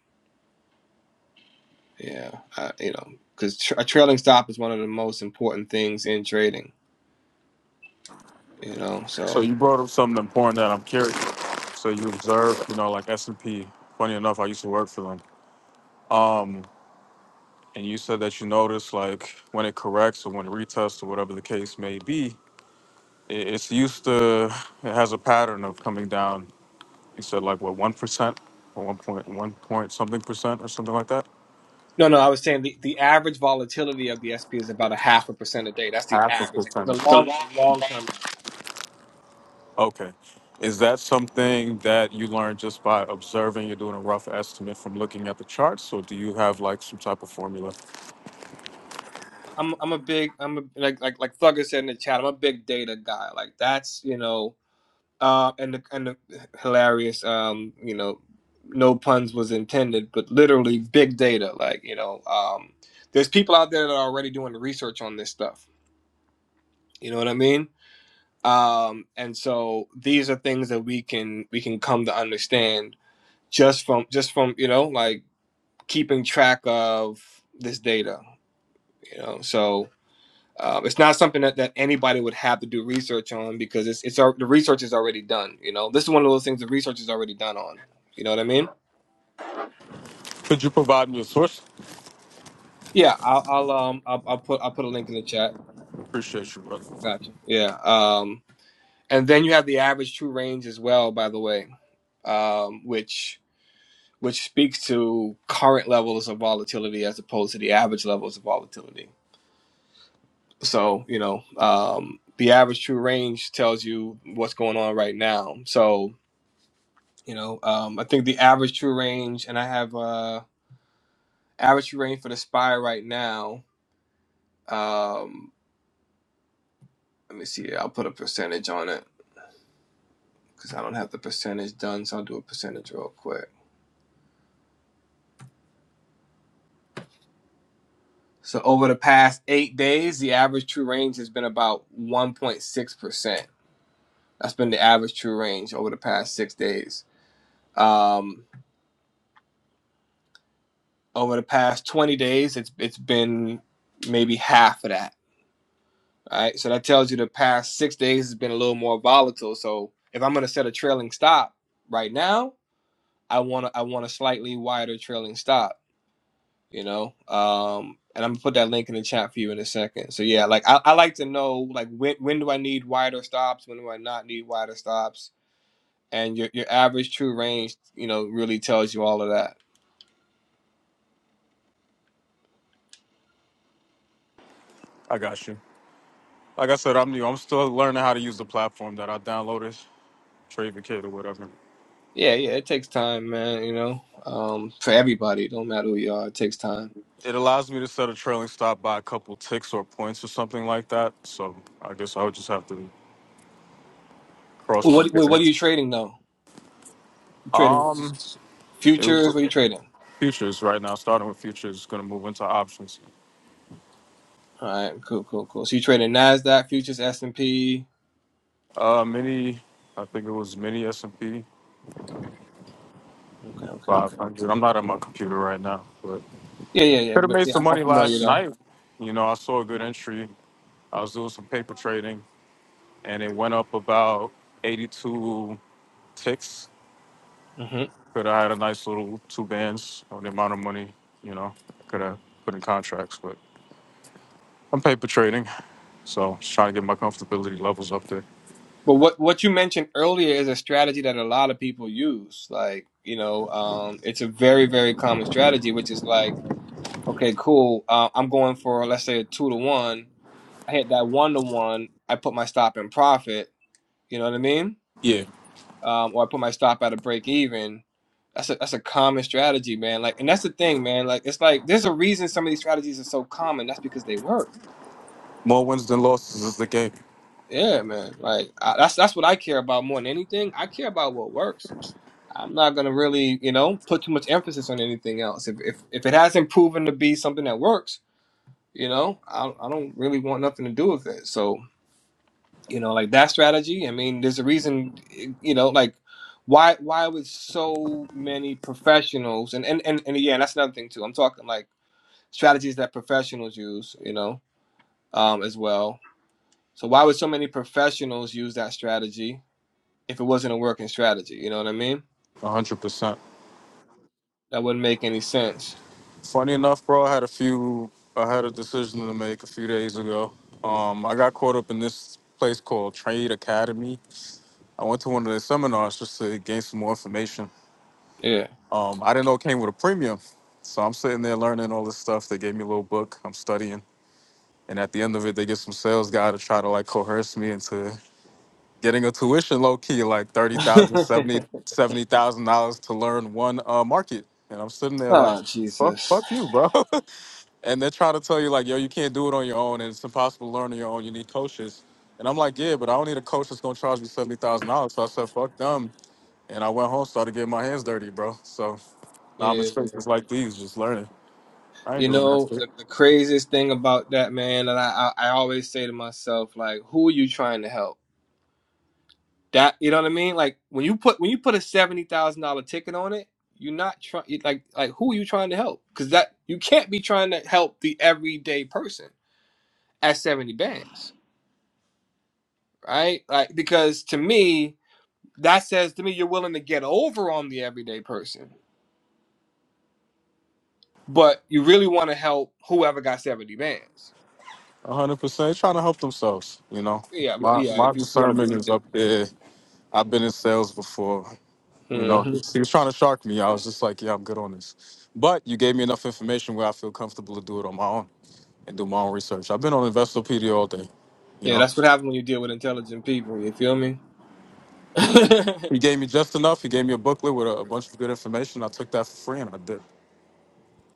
S9: yeah, I, you know, because tr a trailing stop is one of the most important things in trading. You know,
S10: So
S9: so.
S10: you brought up something important that I'm curious. So you observe, you know, like S and P. Funny enough, I used to work for them. and you said that you notice like when it corrects or when it retests or whatever the case may be, i- it's used to it has a pattern of coming down. You said like what one percent or one point one point something percent or something like that.
S9: No, no, I was saying the, the average volatility of the SP is about a half a percent a day. That's the
S10: Half a
S9: average, like
S10: percent.
S9: the
S10: or
S9: long
S10: something.
S9: the long term average.
S10: Okay, is that something that you learned just by observing? You're doing a rough estimate from looking at the charts, or do you have like some type of formula?
S9: I'm I'm a big I'm a, like like like Thugger said in the chat. I'm a big data guy. Like that's you know, uh, and the and the hilarious um you know, no puns was intended, but literally big data. Like you know, um, there's people out there that are already doing the research on this stuff. You know what I mean? Um, and so these are things that we can we can come to understand just from just from you know like keeping track of this data you know so um, it's not something that, that anybody would have to do research on because it's it's al- the research is already done you know this is one of those things the research is already done on you know what i mean
S10: Could you provide me a source?
S9: yeah i'll, I'll um I'll, I'll put i'll put a link in the chat
S10: Appreciate you, brother.
S9: gotcha yeah um and then you have the average true range as well by the way um which which speaks to current levels of volatility as opposed to the average levels of volatility So, you know, um, the average true range tells you what's going on right now. So, you know, um, I think the average true range, and I have uh, average true range for the spy right now. Um, let me see. I'll put a percentage on it because I don't have the percentage done. So I'll do a percentage real quick. So over the past eight days, the average true range has been about 1.6%. That's been the average true range over the past six days. Um, Over the past 20 days, it's it's been maybe half of that. All right. So that tells you the past six days has been a little more volatile. So if I'm gonna set a trailing stop right now, I wanna I want a slightly wider trailing stop, you know? Um and I'm gonna put that link in the chat for you in a second. So yeah, like I, I like to know like when when do I need wider stops, when do I not need wider stops? And your your average true range, you know, really tells you all of that.
S10: I got you. Like I said, I'm new. I'm still learning how to use the platform that I downloaded, Trade or whatever.
S9: Yeah, yeah, it takes time, man. You know, um, for everybody, it don't matter who you are, it takes time.
S10: It allows me to set a trailing stop by a couple ticks or points or something like that. So I guess I would just have to cross
S9: What
S10: compare
S9: what, what are
S10: it.
S9: you trading though? You trading
S10: Um, it was
S9: futures? What are you trading?
S10: futures right now. Starting with futures, going to move into options.
S9: All right, cool, cool, cool. So you trading Nasdaq futures, S and P.
S10: Uh, mini, I think it was mini S and P
S9: Okay, okay, okay.
S10: 500. I'm not on my computer right now, but
S9: Yeah, yeah, yeah.
S10: could have
S9: But
S10: made
S9: yeah,
S10: some
S9: I'm, I'm
S10: money
S9: familiar
S10: last
S9: though.
S10: night. You know, I saw a good entry. I was doing some paper trading. and it went up about 82 ticks.
S9: hmm
S10: Could have had a nice little two bands on the amount of money, you know, could have put in contracts, but I'm paper trading. So just trying to get my comfortability levels up there.
S9: But what what you mentioned earlier is a strategy that a lot of people use. Like you know, um, it's a very very common strategy, which is like, okay, cool. Uh, I'm going for let's say a two to one. I hit that one to one. I put my stop in profit You know what I mean?
S10: Yeah,
S9: Um, or I put my stop at a break even. That's a that's a common strategy, man. Like, and that's the thing, man. Like, it's like there's a reason some of these strategies are so common. That's because they work.
S10: more wins than losses is the game.
S9: Yeah, man. Like, I, that's that's what I care about more than anything. I care about what works. I'm not gonna really, you know, put too much emphasis on anything else. If if if it hasn't proven to be something that works, you know, I I don't really want nothing to do with it. So you know like that strategy i mean there's a reason you know like why why would so many professionals and and and, and again that's another thing too i'm talking like strategies that professionals use you know um as well so why would so many professionals use that strategy if it wasn't a working strategy you know what i mean
S10: 100%.
S9: that wouldn't make any sense
S10: Funny enough, bro, I had a few, I had a decision to make a few days ago. Um, I got caught up in this place called Trade Academy. I went to one of their seminars just to gain some more information
S9: yeah
S10: Um, I didn't know it came with a premium. So I'm sitting there learning all this stuff. They gave me a little book. I'm studying. And at the end of it, they get some sales guy to try to like coerce me into getting a tuition low key, like thirty thousand, seventy seventy thousand dollars dollars to learn one uh, market. And I'm sitting there like,
S9: oh
S10: fuck,
S9: jesus
S10: fuck you, bro. and they're trying to tell you like, yo, you can't do it on your own, and it's impossible to learn on your own. You need coaches. And I'm like, yeah, but I don't need a coach that's gonna charge me seventy thousand dollars. So I said, fuck them, and I went home, started getting my hands dirty, bro. So now I'm in
S9: yeah man.
S10: spaces like these, just learning. I ain't
S9: you
S10: doing that
S9: know
S10: shit.
S9: the, the craziest thing about that man and I, I i always say to myself like who are you trying to help That you know what I mean? Like when you put when you put a seventy thousand dollar ticket on it, you're not trying like like who are you trying to help? Because that you can't be trying to help the everyday person at seventy bands, right? Like because to me that says to me you're willing to get over on the everyday person, but you really want to help whoever got seventy bands.
S10: A hundred percent trying to help themselves. You know,
S9: Yeah, but
S10: my
S9: yeah,
S10: my
S9: if you, if you want to
S10: discernment is
S9: be,
S10: up there. I've been in sales before. You
S9: yeah.
S10: know,
S9: hmm
S10: he was trying to shark me. I was just like, yeah, I'm good on this. But you gave me enough information where I feel comfortable to do it on my own and do my own research. I've been on Investopedia all day. You
S9: yeah,
S10: know,
S9: that's what happens when you deal with intelligent people. You feel me?
S10: he gave me just enough. He gave me a booklet with a, a bunch of good information. I took that for free and I did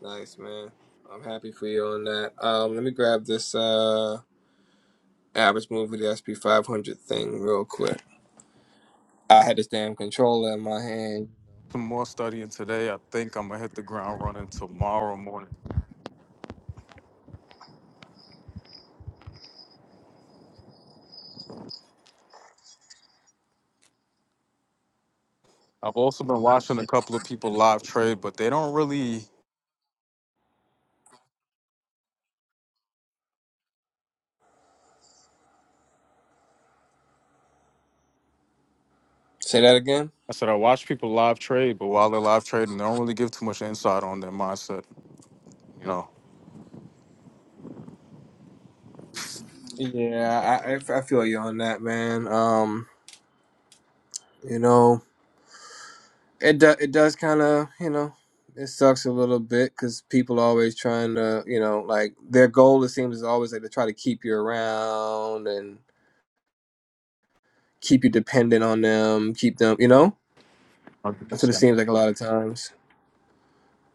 S9: Nice, man. I'm happy for you on that. Um, let me grab this uh average move of the SP 500 thing real quick. I had this damn controller in my hand.
S10: some more studying today. I think I'm gonna hit the ground running tomorrow morning. I've also been watching a couple of people live trade, but they don't really.
S9: Say that again.
S10: I said I watch people live trade, but while they're live trading, they don't really give too much insight on their mindset. You know,
S9: Yeah, I, I, I feel you on that, man. Um, you know, it do, it does kind of, you know, it sucks a little bit because people are always trying to, you know, like their goal it seems is always like to try to keep you around and keep you dependent on them, keep them, you know. That's what it seems like a lot of times.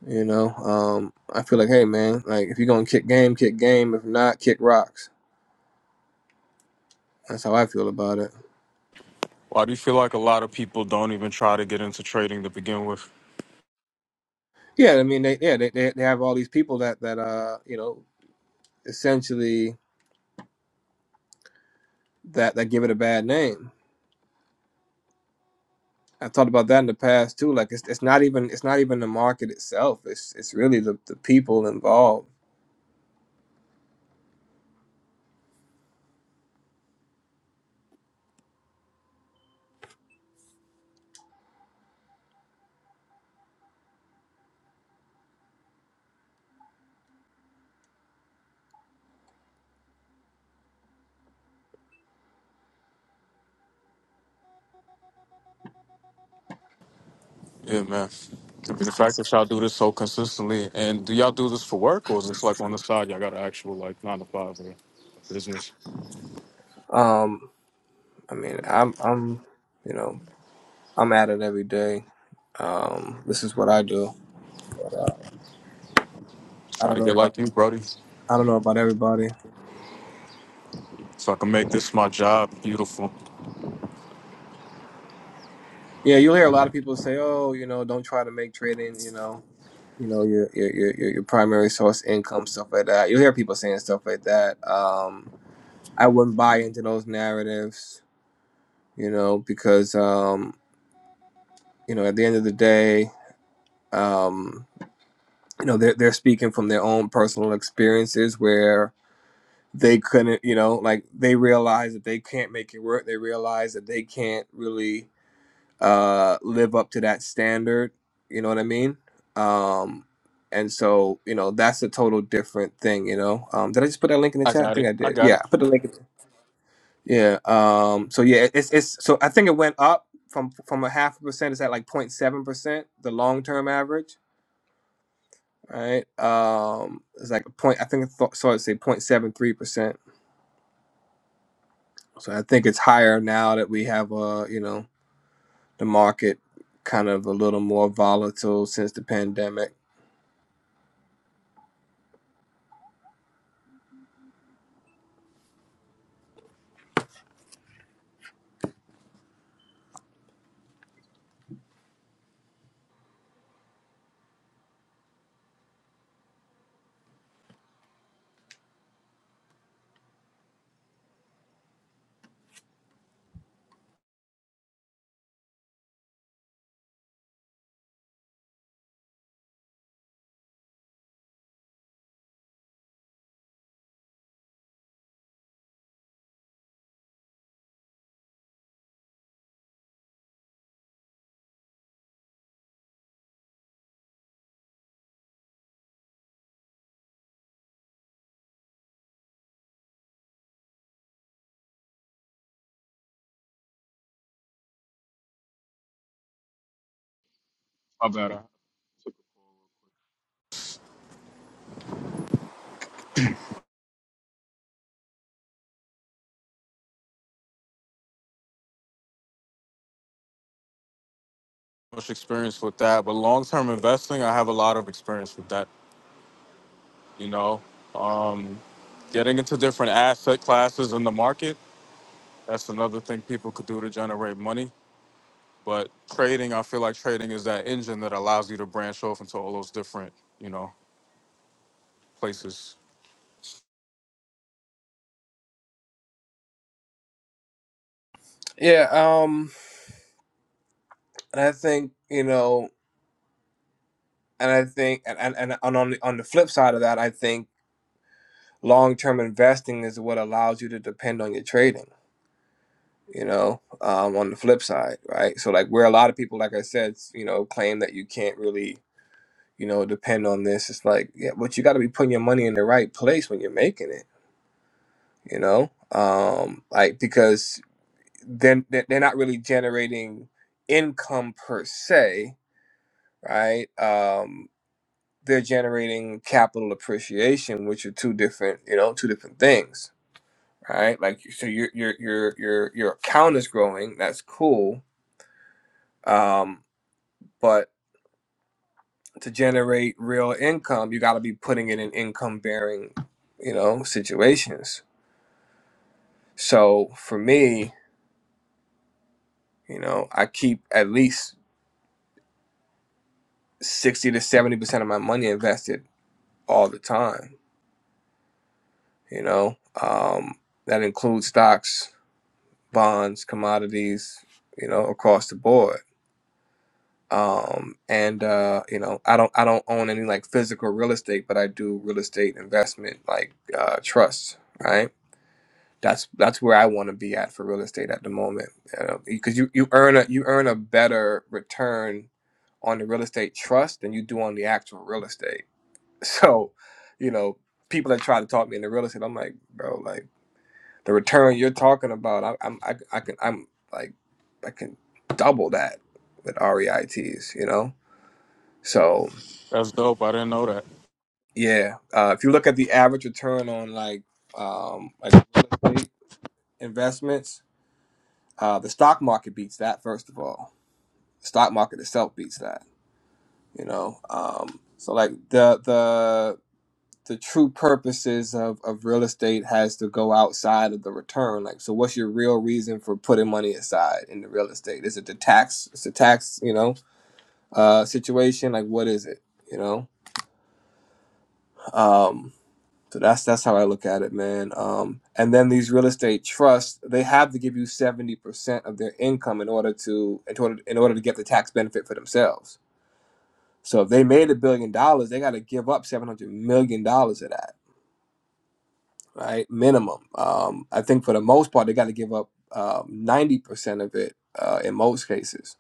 S9: You know, um, I feel like, hey man, like if you're gonna kick game, kick game. If not, kick rocks. That's how I feel about it.
S10: Why do you feel like a lot of people don't even try to get into trading to begin with?
S9: Yeah, I mean, they, yeah, they, they they have all these people that that uh, you know, essentially that that give it a bad name. I've talked about that in the past too. Like it's, it's not even it's not even the market itself. It's it's really the, the people involved.
S10: Yeah, man. I mean, the fact that y'all do this so consistently, and do y'all do this for work or is this like on the side? Y'all got an actual like nine to five or business.
S9: Um, I mean, I'm I'm you know I'm at it every day. Um, this is what I do. I
S10: Try
S9: don't
S10: to
S9: know
S10: get
S9: about
S10: like you, Brody,
S9: I don't know about everybody.
S10: so I can make this my job beautiful.
S9: Yeah, you'll hear a lot of people say, "Oh, you know, don't try to make trading, you know, you know, your your your your your primary source income, stuff like that." You'll hear people saying stuff like that. Um, I wouldn't buy into those narratives, you know, because um, you know, at the end of the day, um, you know, they're they're speaking from their own personal experiences where they couldn't, you know, like they realize that they can't make it work. They realize that they can't really uh, live up to that standard. You know what I mean? Um, and so, you know, that's a total different thing. You know, um, did I just put that link in the
S10: I
S9: chat? I
S10: got
S9: think
S10: it.
S9: I
S10: I
S9: did.
S10: got
S9: Yeah,
S10: it.
S9: I put the link. In yeah. Um, so yeah, it- it's it's so I think it went up from from a half a percent. It's at like zero point 07 percent, the long term average. Right. Um, it's like a point. I think I thought, saw it say 0.73 percent. So I think it's higher now that we have uh, you know, the market kind of a little more volatile since the pandemic
S10: My bad. I don't have Much experience with that, but long term investing, I have a lot of experience with that. You know, um, getting into different asset classes in the market. That's another thing people could do to generate money. But trading, I feel like trading is that engine that allows you to branch off into all those different, you know, places.
S9: Yeah, um, and I think you know, and I think, and and, and and on the, on the flip side of that, I think long term investing is what allows you to depend on your trading. You know, um, on the flip side, right? So like, where a lot of people, like I said, s- you know, claim that you can't really, you know, depend on this. It's like, yeah, but you got to be putting your money in the right place when you're making it. You know, um, like because then they're they're not really generating income per se, right? Um, they're generating capital appreciation, which are two different, you know, two different things, right? Like, so your your your your your account is growing, that's cool, um, but to generate real income, you got to be putting it in income bearing, you know, situations. So for me, you know, I keep at least sixty to seventy percent of my money invested all the time, you know. Um, that includes stocks bonds, commodities, you know, across the board. Um, and uh, you know, I don't I don't own any like physical real estate, but I do real estate investment like uh, trusts, right? That's that's where I want to be at for real estate at the moment, you know, because you you earn a you earn a better return on the real estate trust than you do on the actual real estate. So, you know, people that try to talk me into real estate, I'm like, bro, like the return you're talking about, I, I'm I, I can I'm like I can double that with REITs, you know. So
S10: That's dope. I didn't know that.
S9: yeah, uh, if you look at the average return on like um, like real estate investments, uh, the stock market beats that first of all. The stock market itself beats that, you know. Um, so like the the the true purposes of, of real estate has to go outside of the return. Like, so what's your real reason for putting money aside in the real estate? Is it the tax? It's a tax, you know, uh, situation. Like, what is it? You know, um, so that's that's how I look at it, man. Um, and then these real estate trusts, they have to give you seventy percent of their income in order to in order in order to get the tax benefit for themselves. So if they made a billion dollars, they got to give up seven hundred million dollars of that right? Minimum. Um, I think for the most part, they got to give up um, ninety percent of it uh, in most cases.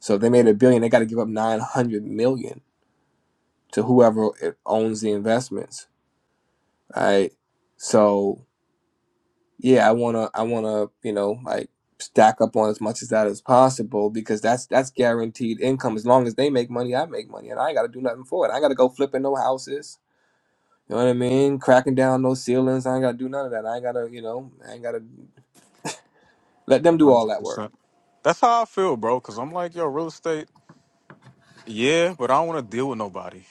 S9: So if they made a billion, they got to give up nine hundred million to whoever it owns the investments, right? So yeah, I wanna, I wanna, you know, like stack up on as much as that as possible because that's that's guaranteed income. As long as they make money, I make money, and I ain't got to do nothing for it. I ain't got to go flipping no houses. You know what I mean? Cracking down no ceilings. I ain't got to do none of that. I ain't got to, you know, I ain't got to. Let them do all that work.
S10: 100%. That's how I feel, bro. Cause I'm like, yo, real estate, yeah, but I don't want to deal with nobody.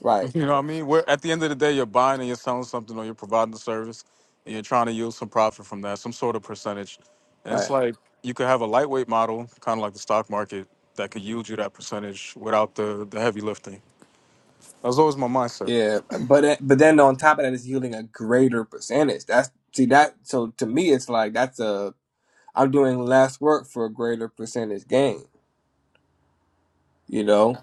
S9: Right.
S10: You know what I mean? Where at the end of the day, you're buying and you're selling something or you're providing a service and you're trying to yield some profit from that, some sort of percentage. And it's
S9: Right.
S10: like you could have a lightweight model, kind of like the stock market, that could yield you that percentage without the, the heavy lifting. That was always my mindset.
S9: Yeah. But it- but then on top of that, it's yielding a greater percentage. That's see that. So to me, it's like that's a I'm doing less work for a greater percentage gain. You know.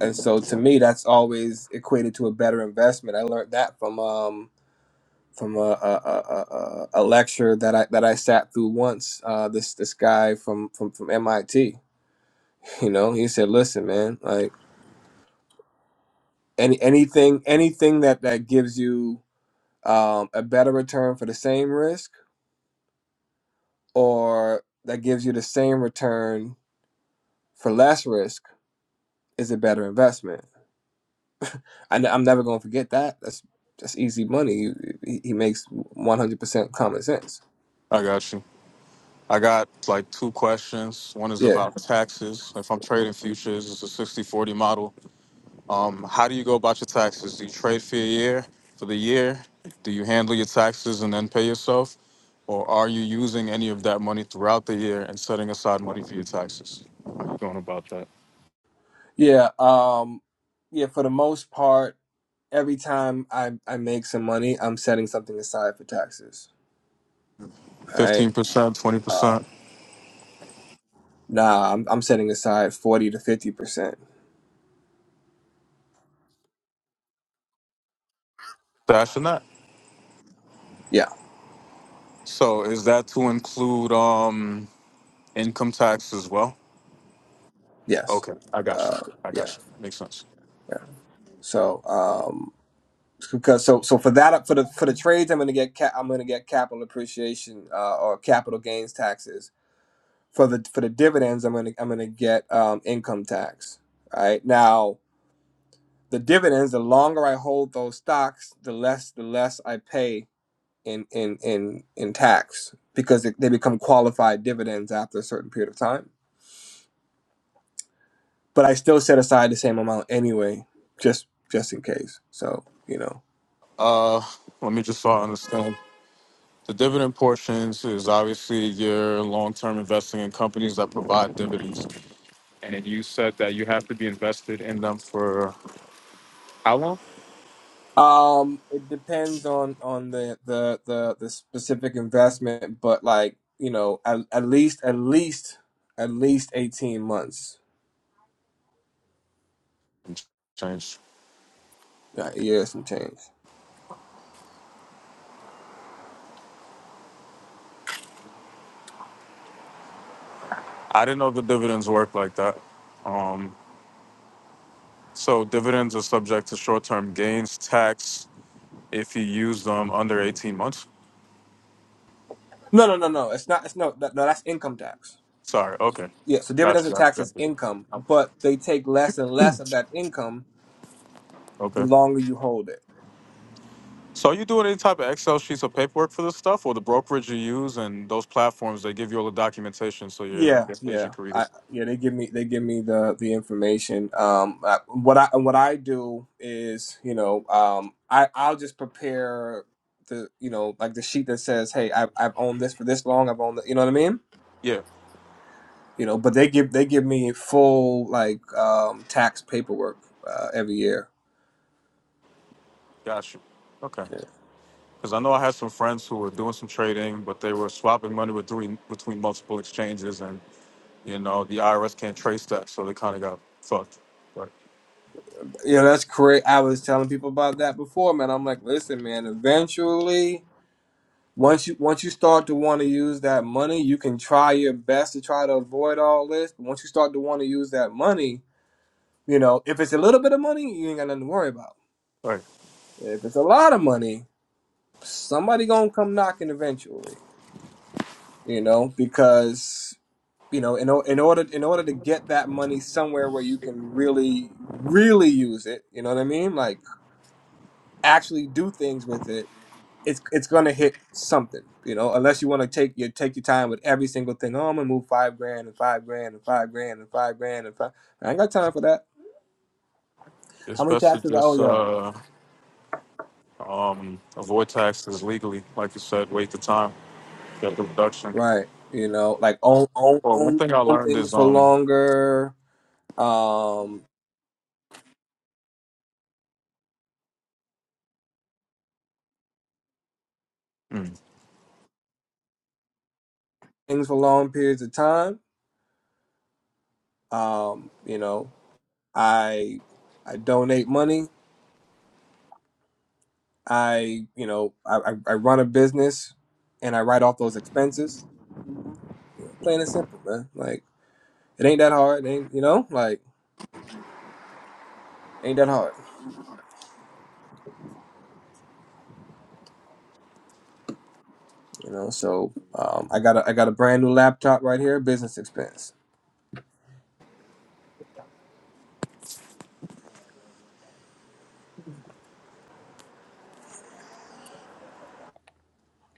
S9: And so to me, that's always equated to a better investment. I learned that from um from a a, a, a a lecture that I that I sat through once. Uh, this this guy from from from MIT. You know, he said, "Listen, man, like." Any, anything anything that that gives you um, a better return for the same risk or that gives you the same return for less risk is a better investment. I, am never going to forget that. That's that's easy money. He, he makes 100% common sense.
S10: I got you. I got like two questions. One is
S9: Yeah.
S10: about taxes. If I'm trading futures, it's a 60 40 model. Um, how do you go about your taxes? Do you trade for a year, for the year? Do you handle your taxes and then pay yourself? Or are you using any of that money throughout the year and setting aside money for your taxes? How you going about that?
S9: Yeah. Um, yeah. For the most part, every time I, I make some money, I'm setting something aside for taxes. All right.
S10: 15%,
S9: Uh,
S10: 20%,
S9: nah, I'm, I'm setting aside 40 to 50%.
S10: dash and that.
S9: Yeah.
S10: So is that to include um, income tax as well?
S9: Yes.
S10: Okay, I got you.
S9: Uh,
S10: I
S9: yeah.
S10: got you. Makes sense.
S9: Yeah. So, Um. because so so for that for the for the trades I'm going to get ca- I'm going to get capital appreciation uh, or capital gains taxes for the for the dividends I'm going to I'm going to get um, income tax right now the dividends the longer I hold those stocks the less the less I pay in in in in tax because they, they become qualified dividends after a certain period of time but I still set aside the same amount anyway just just in case so you know
S10: Uh, let me just so I understand. The dividend portions is obviously your long-term investing in companies that provide dividends. And you said that you have to be invested in them for how long?
S9: Um, it depends on on the the the, the specific investment, but like you know, at, at least at least at least eighteen months,
S10: Change.
S9: yeah, yeah, some change.
S10: I didn't know the dividends work like that. Um, so dividends are subject to short-term gains tax if you use them under 18 months.
S9: No, no, no, no. It's not. It's no. that- No, that's income tax.
S10: Sorry. Okay.
S9: Yeah. So
S10: Gotcha.
S9: dividends are
S10: Gotcha.
S9: taxed as income,
S10: Gotcha.
S9: but they take less and less of that income the
S10: Okay.
S9: longer you hold it.
S10: So are you doing any type of Excel sheets or paperwork for this stuff, or the brokerage you use and those platforms they give you all the documentation so your
S9: Yeah,
S10: your
S9: yeah,
S10: agent can read
S9: I
S10: it?
S9: yeah. They give me they give me the the information. Um, I, what I what I do is you know um I I'll just prepare the you know like the sheet that says hey I've I've owned this for this long I've owned the, you know what I mean
S10: Yeah,
S9: you know but they give they give me full like um tax paperwork uh, every year.
S10: got you. Okay,
S9: Yeah,
S10: because I know I had some friends who were doing some trading, but they were swapping money between between multiple exchanges, and you know the IRS can't trace that, so they kind of got fucked. Right,
S9: You know that's great. I was telling people about that before, man. I'm like, listen, man. Eventually. Once you once you start to want to use that money, you can try your best to try to avoid all this. But once you start to want to use that money, you know, if it's a little bit of money, you ain't got nothing to worry about.
S10: right.
S9: If it's a lot of money, somebody gonna come knocking eventually, you know, because you know, in, o- in order in order to get that money somewhere where you can really really use it, you know what I mean? Like actually do things with it it's it's gonna hit something, you know, unless you want to take your take your time with every single thing. Oh, I'm gonna move five grand and five grand and five grand and five grand and five. I ain't got time for that.
S10: It's
S9: How many
S10: best to
S9: taxes I owe
S10: just
S9: y'all?
S10: uh, um, avoid taxes legally, like you said. Wait the time, get the reduction.
S9: Right, you know, like own own
S10: Well, one
S9: own,
S10: thing I
S9: own
S10: learned
S9: things
S10: is
S9: for
S10: um.
S9: longer, um,
S10: hmm.
S9: things for long periods of time. Um, you know, I I donate money. I you know I I, I run a business, and I write off those expenses. You know, plain and simple, man. Like. It ain't that hard. It ain't you know like ain't that hard. You know, so um, I got a I got a brand new laptop right here. Business expense.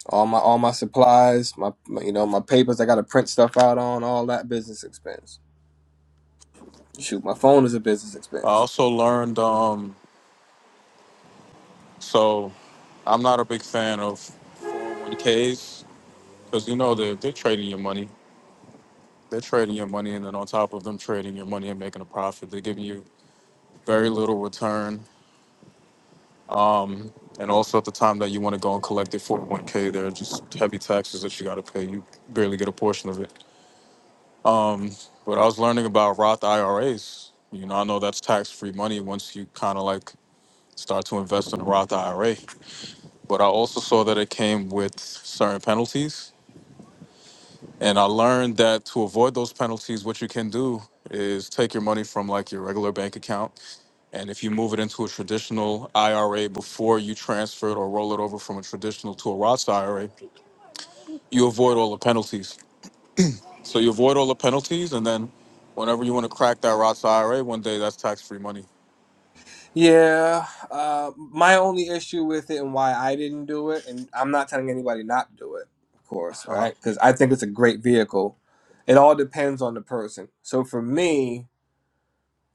S9: All my all my supplies, my, my you know my papers. I got to print stuff out on all that business expense. Shoot, my phone is a business
S10: I
S9: expense.
S10: also learned, um, so I'm not a big fan of 1Ks because you know they're, they're trading your money. They're trading your money, and then on top of them trading your money and making a profit, they're giving you very little return. Um, and also at the time that you want to go and collect your 401 k there are just heavy taxes that you got to pay. You barely get a portion of it. Um, but I was learning about Roth IRAs. You know, I know that's tax-free money once you kind of like start to invest in a Roth IRA. but I also saw that it came with certain penalties. And I learned that to avoid those penalties, what you can do is take your money from like your regular bank account. And if you move it into a traditional IRA before you transfer it or roll it over from a traditional to a Roth IRA, you avoid all the penalties. So you avoid all the penalties. And then whenever you want to crack that Roth IRA one day, that's tax free money.
S9: Yeah, uh, my only issue with it and why I didn't do it, and I'm not telling anybody not to do it, of course, all
S10: Uh huh.
S9: right? Because I think it's a great vehicle. It all depends on the person. So for me,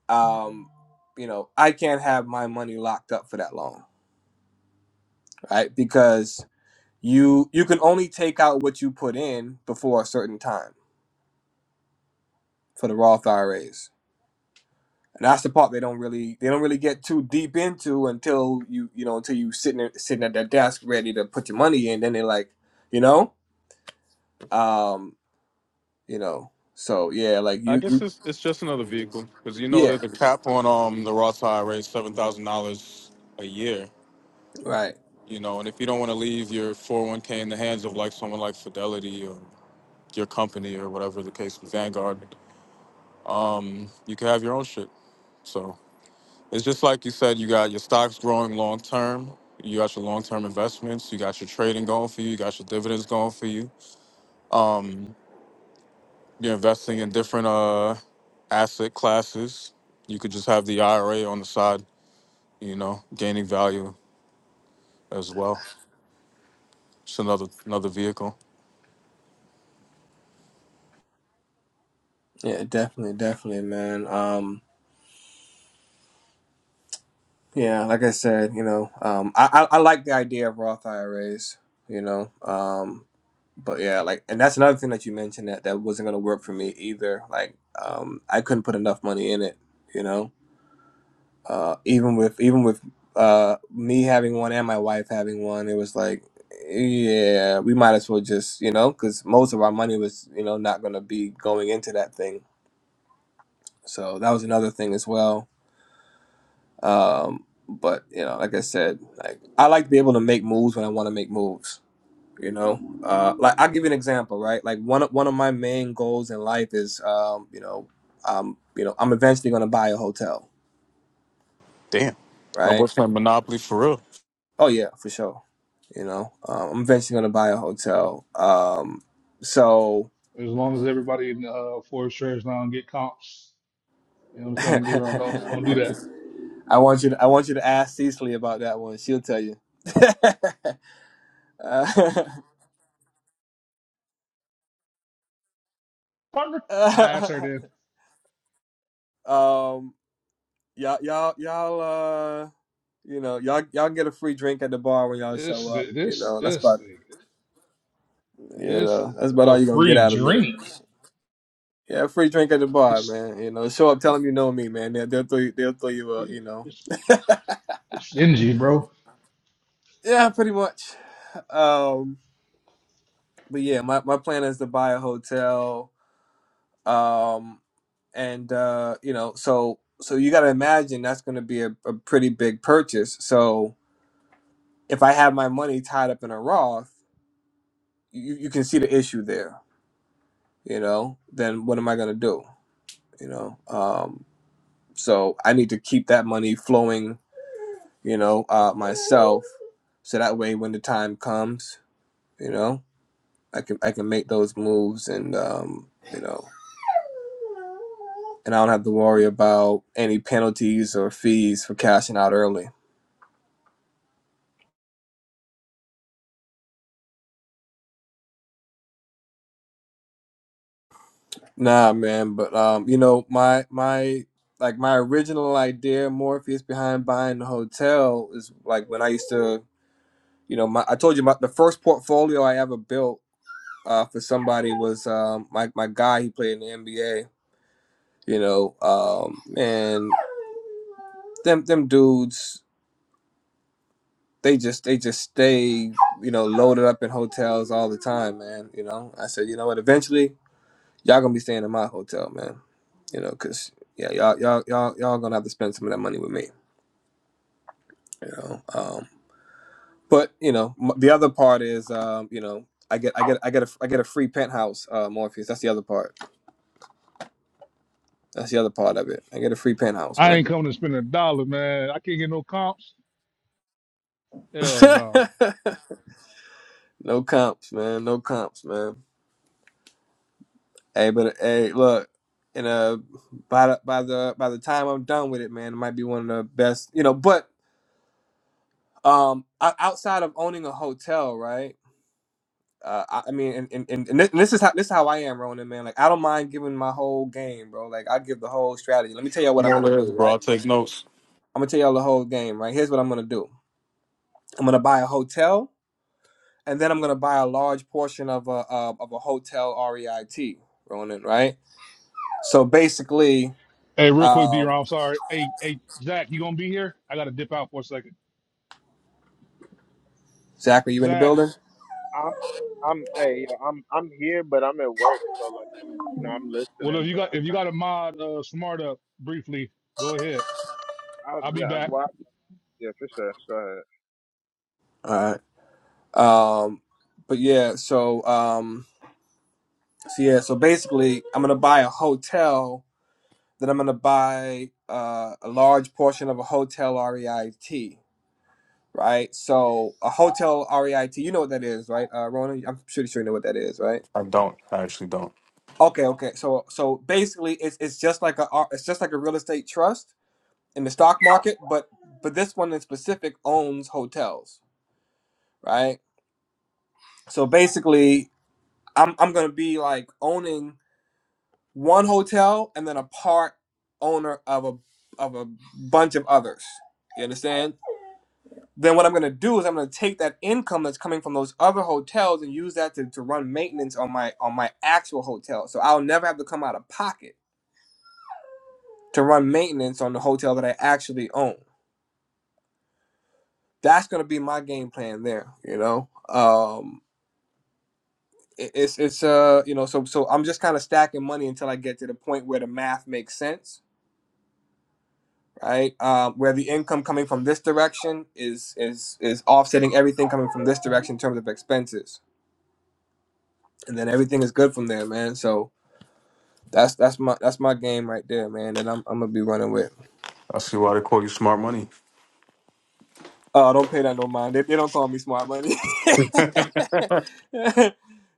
S9: um, you know, I can't have my money locked up for that long, right? Because you you can only take out what you put in before a certain time for the Roth IRAs. And that's the part they don't really they don't really get too deep into until you you know until you sitting at- sitting at that desk ready to put your money in. Then they're like, you know, um, you know, so yeah, like
S10: I
S9: you,
S10: guess
S9: you
S10: it's, it's just another vehicle because you know
S9: yeah,
S10: that the cap on um the Roth IRA is seven thousand dollars a year,
S9: right,
S10: you know. And if you don't want to leave your 401k in the hands of like someone like Fidelity or your company or whatever the case with Vanguard, mm, you can have your own shit. So it's just like you said, you got your stocks growing long term. You got your long term investments. You got your trading going for you. You got your dividends going for you. Um, you're investing in different uh, asset classes. You could just have the IRA on the side, you know, gaining value as well. Just another another vehicle.
S9: yeah, definitely, definitely, man. Um, Yeah, like I said, you know, um, I, I I like the idea of Roth IRAs, you know, um, but yeah, like, and that's another thing that you mentioned that that wasn't gonna work for me either. Like, um, I couldn't put enough money in it, you know, uh, even with even with uh me having one and my wife having one, it was like, yeah, we might as well just, you know, because most of our money was, you know, not gonna be going into that thing. So that was another thing as well Um, but you know, like I said, like I like to be able to make moves when I want to make moves. You know, uh, like I'll give you an example, right? Like one of, one of my main goals in life is, um, you know, um, you know, I'm eventually going to buy a hotel,
S10: Damn. My
S9: right?
S10: boy's playing Monopoly for real.
S9: Oh yeah, for sure. You know, um, I'm eventually going to buy a hotel. Um, so
S6: As long as everybody in uh, Forest Church now and get comps, you know what I'm
S9: I
S6: saying, D-Ron, don't don't do that,
S9: want you to I want you to ask Cecily about that one. She'll tell you. Uh,
S6: partner. I sir did.
S9: um, y'all y'all y'all uh you know y'all y'all get a free drink at the bar when y'all show
S6: This
S9: up you
S6: this
S9: know that's
S6: this
S9: about
S6: nigga,
S9: you
S6: it's
S9: know that's about
S6: a
S9: all you gonna get
S6: free
S9: out of me
S6: drink.
S9: yeah free drink at the bar
S6: It's
S9: man you know show up tell them you know me man they'll, they'll throw you they'll throw you up you know
S6: it's it's stingy, bro.
S9: yeah pretty much um but yeah my, my plan is to buy a hotel um and uh you know so so you gotta imagine that's gonna be a, a pretty big purchase so if i have my money tied up in a roth you, you can see the issue there you know, then what am I going to do? You know, um, so I need to keep that money flowing, you know, uh, myself. So that way, when the time comes, you know, I can I can make those moves, and um, you know, and I don't have to worry about any penalties or fees for cashing out early. Nah, man, but um, you know, my my like my original idea, Morpheus, behind buying the hotel is like when I used to, you know, my I told you about the first portfolio I ever built uh, for somebody was um, my my guy. He played in the NBA. You know, um, and them them dudes, they just they just stay you know loaded up in hotels all the time, man. You know, I said, you know what? Eventually, y'all gonna be staying in my hotel, man. You know, cause yeah, y'all y'all y'all y'all gonna have to spend some of that money with me. You know, um, but you know m- the other part is um, you know. I get, I get, I get a, I get a free penthouse, uh, Morpheus. That's the other part. That's the other part of it. I get a free penthouse,
S6: I
S9: man.
S6: ain't coming to spend a dollar, man. I can't get no comps. Hell no.
S9: no comps, man. No comps, man. Hey, but hey, look, and uh, by the by the by the time I'm done with it, man, it might be one of the best, you know. But um, o- outside of owning a hotel, right? Uh, I, I mean, and, and, and and thi- this is how this is how I am, Ronan, man. Like I don't mind giving my whole game, bro. Like I give the whole strategy. Let me tell y'all what I'm
S10: More or
S9: gonna
S10: less,
S9: do, right?
S10: bro. I take notes.
S9: I'm gonna tell y'all the whole game, right? Here's what I'm gonna do. I'm gonna buy a hotel, and then I'm gonna buy a large portion of a uh, of a hotel REIT, Ronan, right? So basically,
S6: Hey, real quick,
S9: um,
S6: D-Ron, I'm sorry. Hey, hey, Zach, you gonna be here? I gotta dip out for a second.
S9: Zach, are you in the
S6: Zach.
S9: building?
S2: I'm I'm hey yo, I'm I'm here but I'm at work so like I'm you know I'm
S6: Well, if
S2: listening
S6: you
S2: but
S6: got
S2: I'm
S6: if you
S2: not
S6: got a mod, uh, smart up briefly. Go ahead.
S2: I
S6: I'll be
S2: yeah
S6: back.
S2: well I, yeah for sure go ahead
S9: All right. Um, but yeah, so um, so yeah, so basically, I'm gonna buy a hotel. Then I'm gonna buy uh, a large portion of a hotel REIT. Right. So a hotel REIT, you know what that is, right? Uh, Rona, I'm pretty sure you know what that is, right?
S10: I don't. I actually don't.
S9: Okay. Okay. So so basically, it's it's just like a R- it's just like a real estate trust in the stock market, but but this one in specific owns hotels, right? So basically, I'm I'm gonna be like owning one hotel and then a part owner of a of a bunch of others. You understand? Then what I'm gonna do is I'm gonna take that income that's coming from those other hotels and use that to, to run maintenance on my on my actual hotel. So I'll never have to come out of pocket to run maintenance on the hotel that I actually own. That's gonna be my game plan there, you know? Um it- it's it's uh you know so so I'm just kind of stacking money until I get to the point where the math makes sense, right? Um, where the income coming from this direction is is is offsetting everything coming from this direction in terms of expenses, and then everything is good from there, man. So that's that's my that's my game right there, man. That I'm I'm gonna be running with.
S10: I see why they call you smart money.
S9: Oh, don't pay that no mind. They, they don't call me smart money. hey,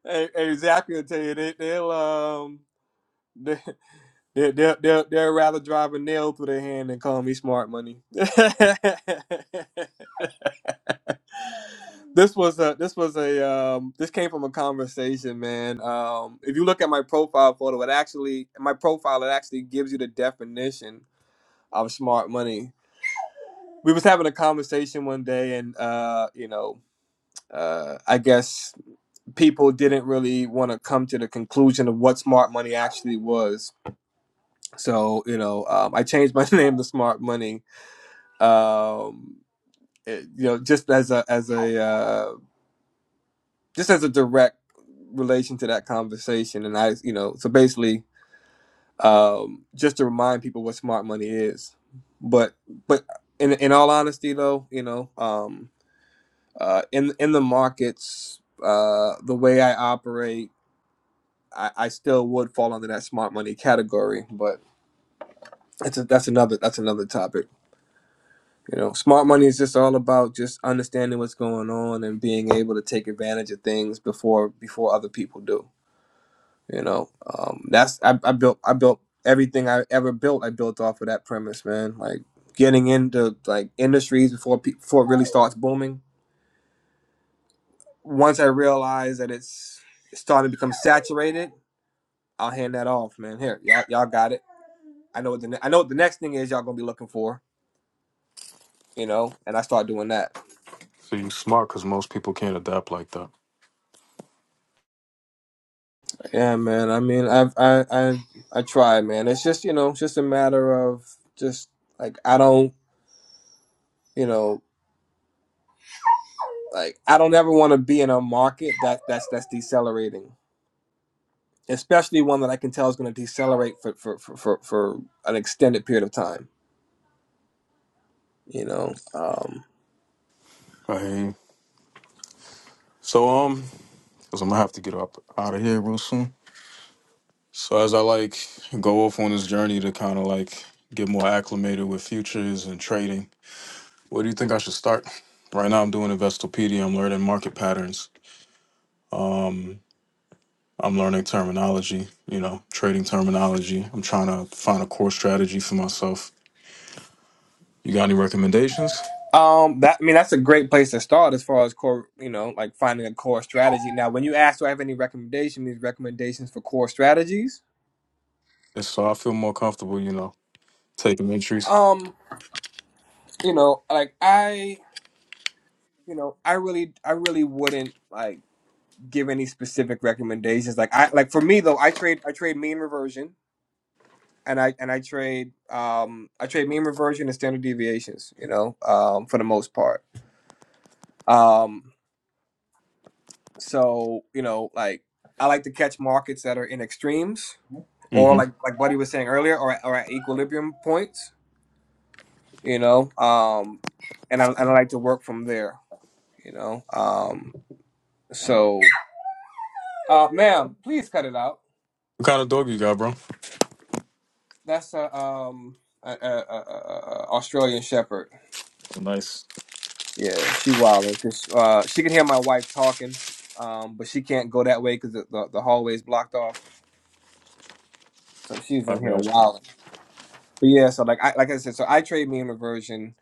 S9: hey, Zachary will tell you they, they'll um. They they they they'd rather drive a nail through their hand than call me smart money. this was a this was a um, this came from a conversation, man. Um, if you look at my profile photo, it actually my profile it actually gives you the definition of smart money. We was having a conversation one day, and uh, you know, uh, I guess people didn't really want to come to the conclusion of what smart money actually was. So you know, um, I changed my name to Smart Money um, it- you know, just as a as a uh, just as a direct relation to that conversation, and I, you know, so basically, um, just to remind people what smart money is, but but in in all honesty, though, you know, um, uh, in in the markets, uh, the way I operate. I, I still would fall under that smart money category, but that's a, that's another that's another topic. You know, smart money is just all about just understanding what's going on and being able to take advantage of things before before other people do. You know, um, that's I, I built I built everything I ever built. I built off of that premise, man. Like getting into like industries before pe- before it really starts booming. Once I realize that it's it's starting to become saturated, I'll hand that off, man. Here, y'all, y'all got it. I know what the ne- I know what the next thing is. Y'all gonna be looking for, you know, and I start doing that.
S10: So you smart because most people can't adapt like that.
S9: Yeah, man. I mean, I've I I I try, man. It's just you know, it's just a matter of just like I don't, you know, like I don't ever want to be in a market that that's that's decelerating, especially one that I can tell is going to decelerate for for for for, for an extended period of time. You know, um,
S10: I hear you. So um, because I'm gonna have to get up out of here real soon. So as I like go off on this journey to kind of like get more acclimated with futures and trading, where do you think I should start? Right now, I'm doing Investopedia. I'm learning market patterns. Um, I'm learning terminology. You know, trading terminology. I'm trying to find a core strategy for myself. You got any recommendations?
S9: um, that I mean, that's a great place to start as far as core, you know, like finding a core strategy. Now, when you ask, do I have any recommendation? These recommendations for core strategies?
S10: And so I feel more comfortable, you know, taking entries.
S9: Um, you know, like I. you know, I really, I really wouldn't like give any specific recommendations. Like, I like for me though, I trade, I trade mean reversion, and I and I trade, um, I trade mean reversion and standard deviations. You know, um, for the most part. Um, so you know, like I like to catch markets that are in extremes, or
S10: hmm
S9: like like Buddy was saying earlier, or at- or at equilibrium points. You know, um, and I and I like to work from there. You know, um, so uh, ma'am, please cut it out.
S10: What kind of dog you got, bro?
S9: That's a um a, a, a, a Australian Shepherd.
S10: Nice.
S9: Yeah, she wilding because uh, she can hear my wife talking, um, but she can't go that way because the, the the hallway's blocked off. So she's
S10: I
S9: in here
S10: got you.
S9: wilding. But yeah, so like I like I said, so I trade me and reversion,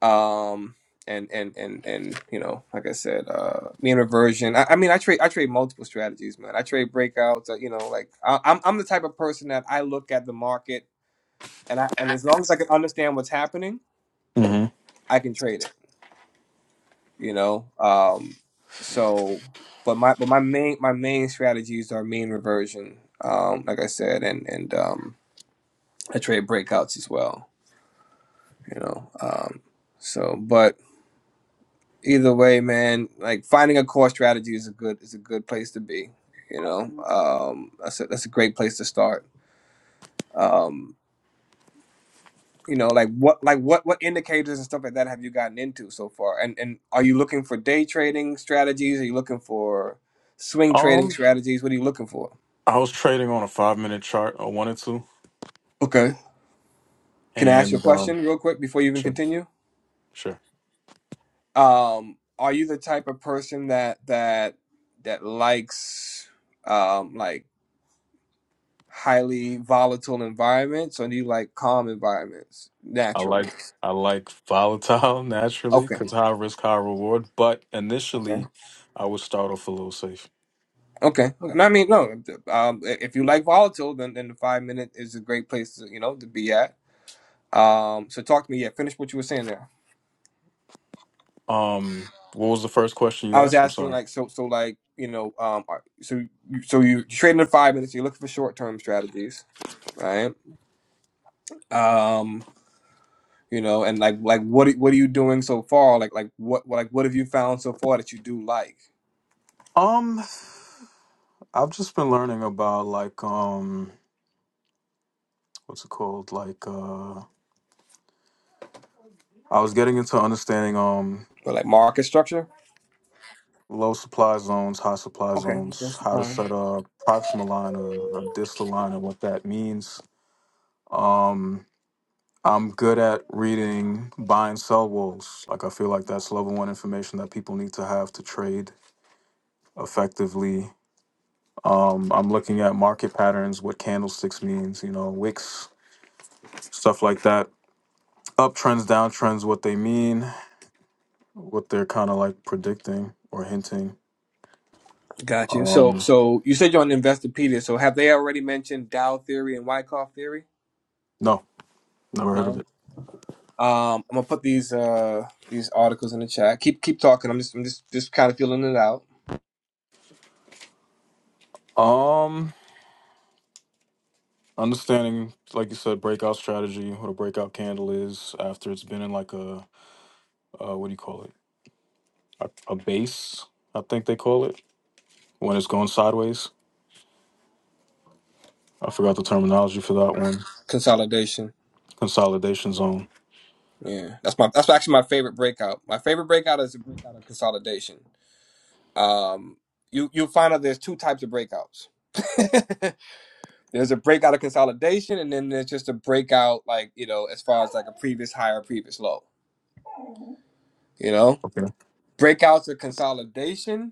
S9: um, and and and and you know, like I said, uh, me and reversion. I, I mean, I trade I trade multiple strategies, man. I trade breakouts. uh, You know, like I, I'm I'm the type of person that I look at the market and I and as long as I can understand what's happening,
S10: hmm
S9: I can trade it. you know um so but my but my main my main strategies are mean reversion um like i said and and um i trade breakouts as well you know um so but either way man like finding a core strategy is a good is a good place to be you know um that's a, that's a great place to start um you know like what like what what indicators and stuff like that have you gotten into so far and and are you looking for day trading strategies are you looking for swing trading
S10: Um,
S9: strategies what are you looking for
S10: I was trading on a five minute chart. I wanted to,
S9: okay can i ask you a
S10: and um,
S9: question real quick before you even
S10: sure,
S9: continue
S10: sure.
S9: um are you the type of person that that that likes um like highly volatile environments or do you like calm environments
S10: I
S9: naturally
S10: like I like volatile naturally
S9: okay
S10: because high risk, high reward. But
S9: okay.
S10: initially, I would start off a little safe.
S9: Okay. No, I mean, no. Um, if you like volatile, then then the five minute is a great place to you know to be at. Um, so talk to me. Yeah, finish what you were saying there.
S10: Um, what was the first question you
S9: I was
S10: asked? I'm
S9: asking
S10: sorry.
S9: like so so like you know um are- so you, so you trading in five minutes. so You're looking for short term strategies, right? Um, you know, and like like what are- what are you doing so far? Like like what like what have you found so far that you do like?
S10: Um, I've just been learning about like um, what's it called? Like uh, I was getting into understanding. Um.
S9: But like market structure.
S10: low supply zones, high supply
S9: Okay. Okay.
S10: zones, how to
S9: Supply.
S10: set a proximal line or a distal line and what that means. Um, I'm good at reading buy and sell walls. Like I feel like that's level one information that people need to have to trade effectively. Um, I'm looking at market patterns, what candlesticks means, you know, wicks, stuff like that. Uptrends, downtrends, what they mean, what they're kind of like predicting or hinting.
S9: Gotcha. So,
S10: Um,
S9: so you said you're on Investopedia. So, have they already mentioned Dow theory and Wyckoff theory?
S10: no, never heard of
S9: No.
S10: it.
S9: Um, I'm gonna put these uh these articles in the chat. Keep keep talking. I'm just I'm just just kind of feeling it out.
S10: Um, understanding like you said breakout strategy what a breakout candle is after it's been in like a uh, what do you call it a, a base i think they call it when it's going sideways i forgot the terminology for that one
S9: Consolidation.
S10: consolidation zone
S9: Yeah, that's my that's actually my favorite breakout. My favorite breakout is the breakout of consolidation. Um, you you'll find out there's two types of breakouts. there's a breakout of consolidation, and then there's just a breakout like you know as far as like a previous high or previous low. You know,
S10: okay
S9: breakouts of consolidation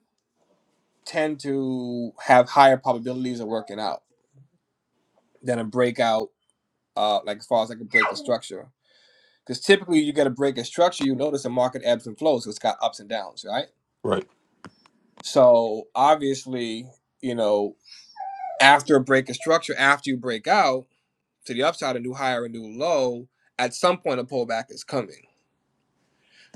S9: tend to have higher probabilities of working out than a breakout, uh, like as far as like a break of structure. Because typically you get a break of structure, you notice the market ebbs and flows, so it's got ups and downs, right?
S10: right
S9: So obviously, you know, after a break of structure, after you break out to the upside, a new higher, a new low, at some point a pullback is coming.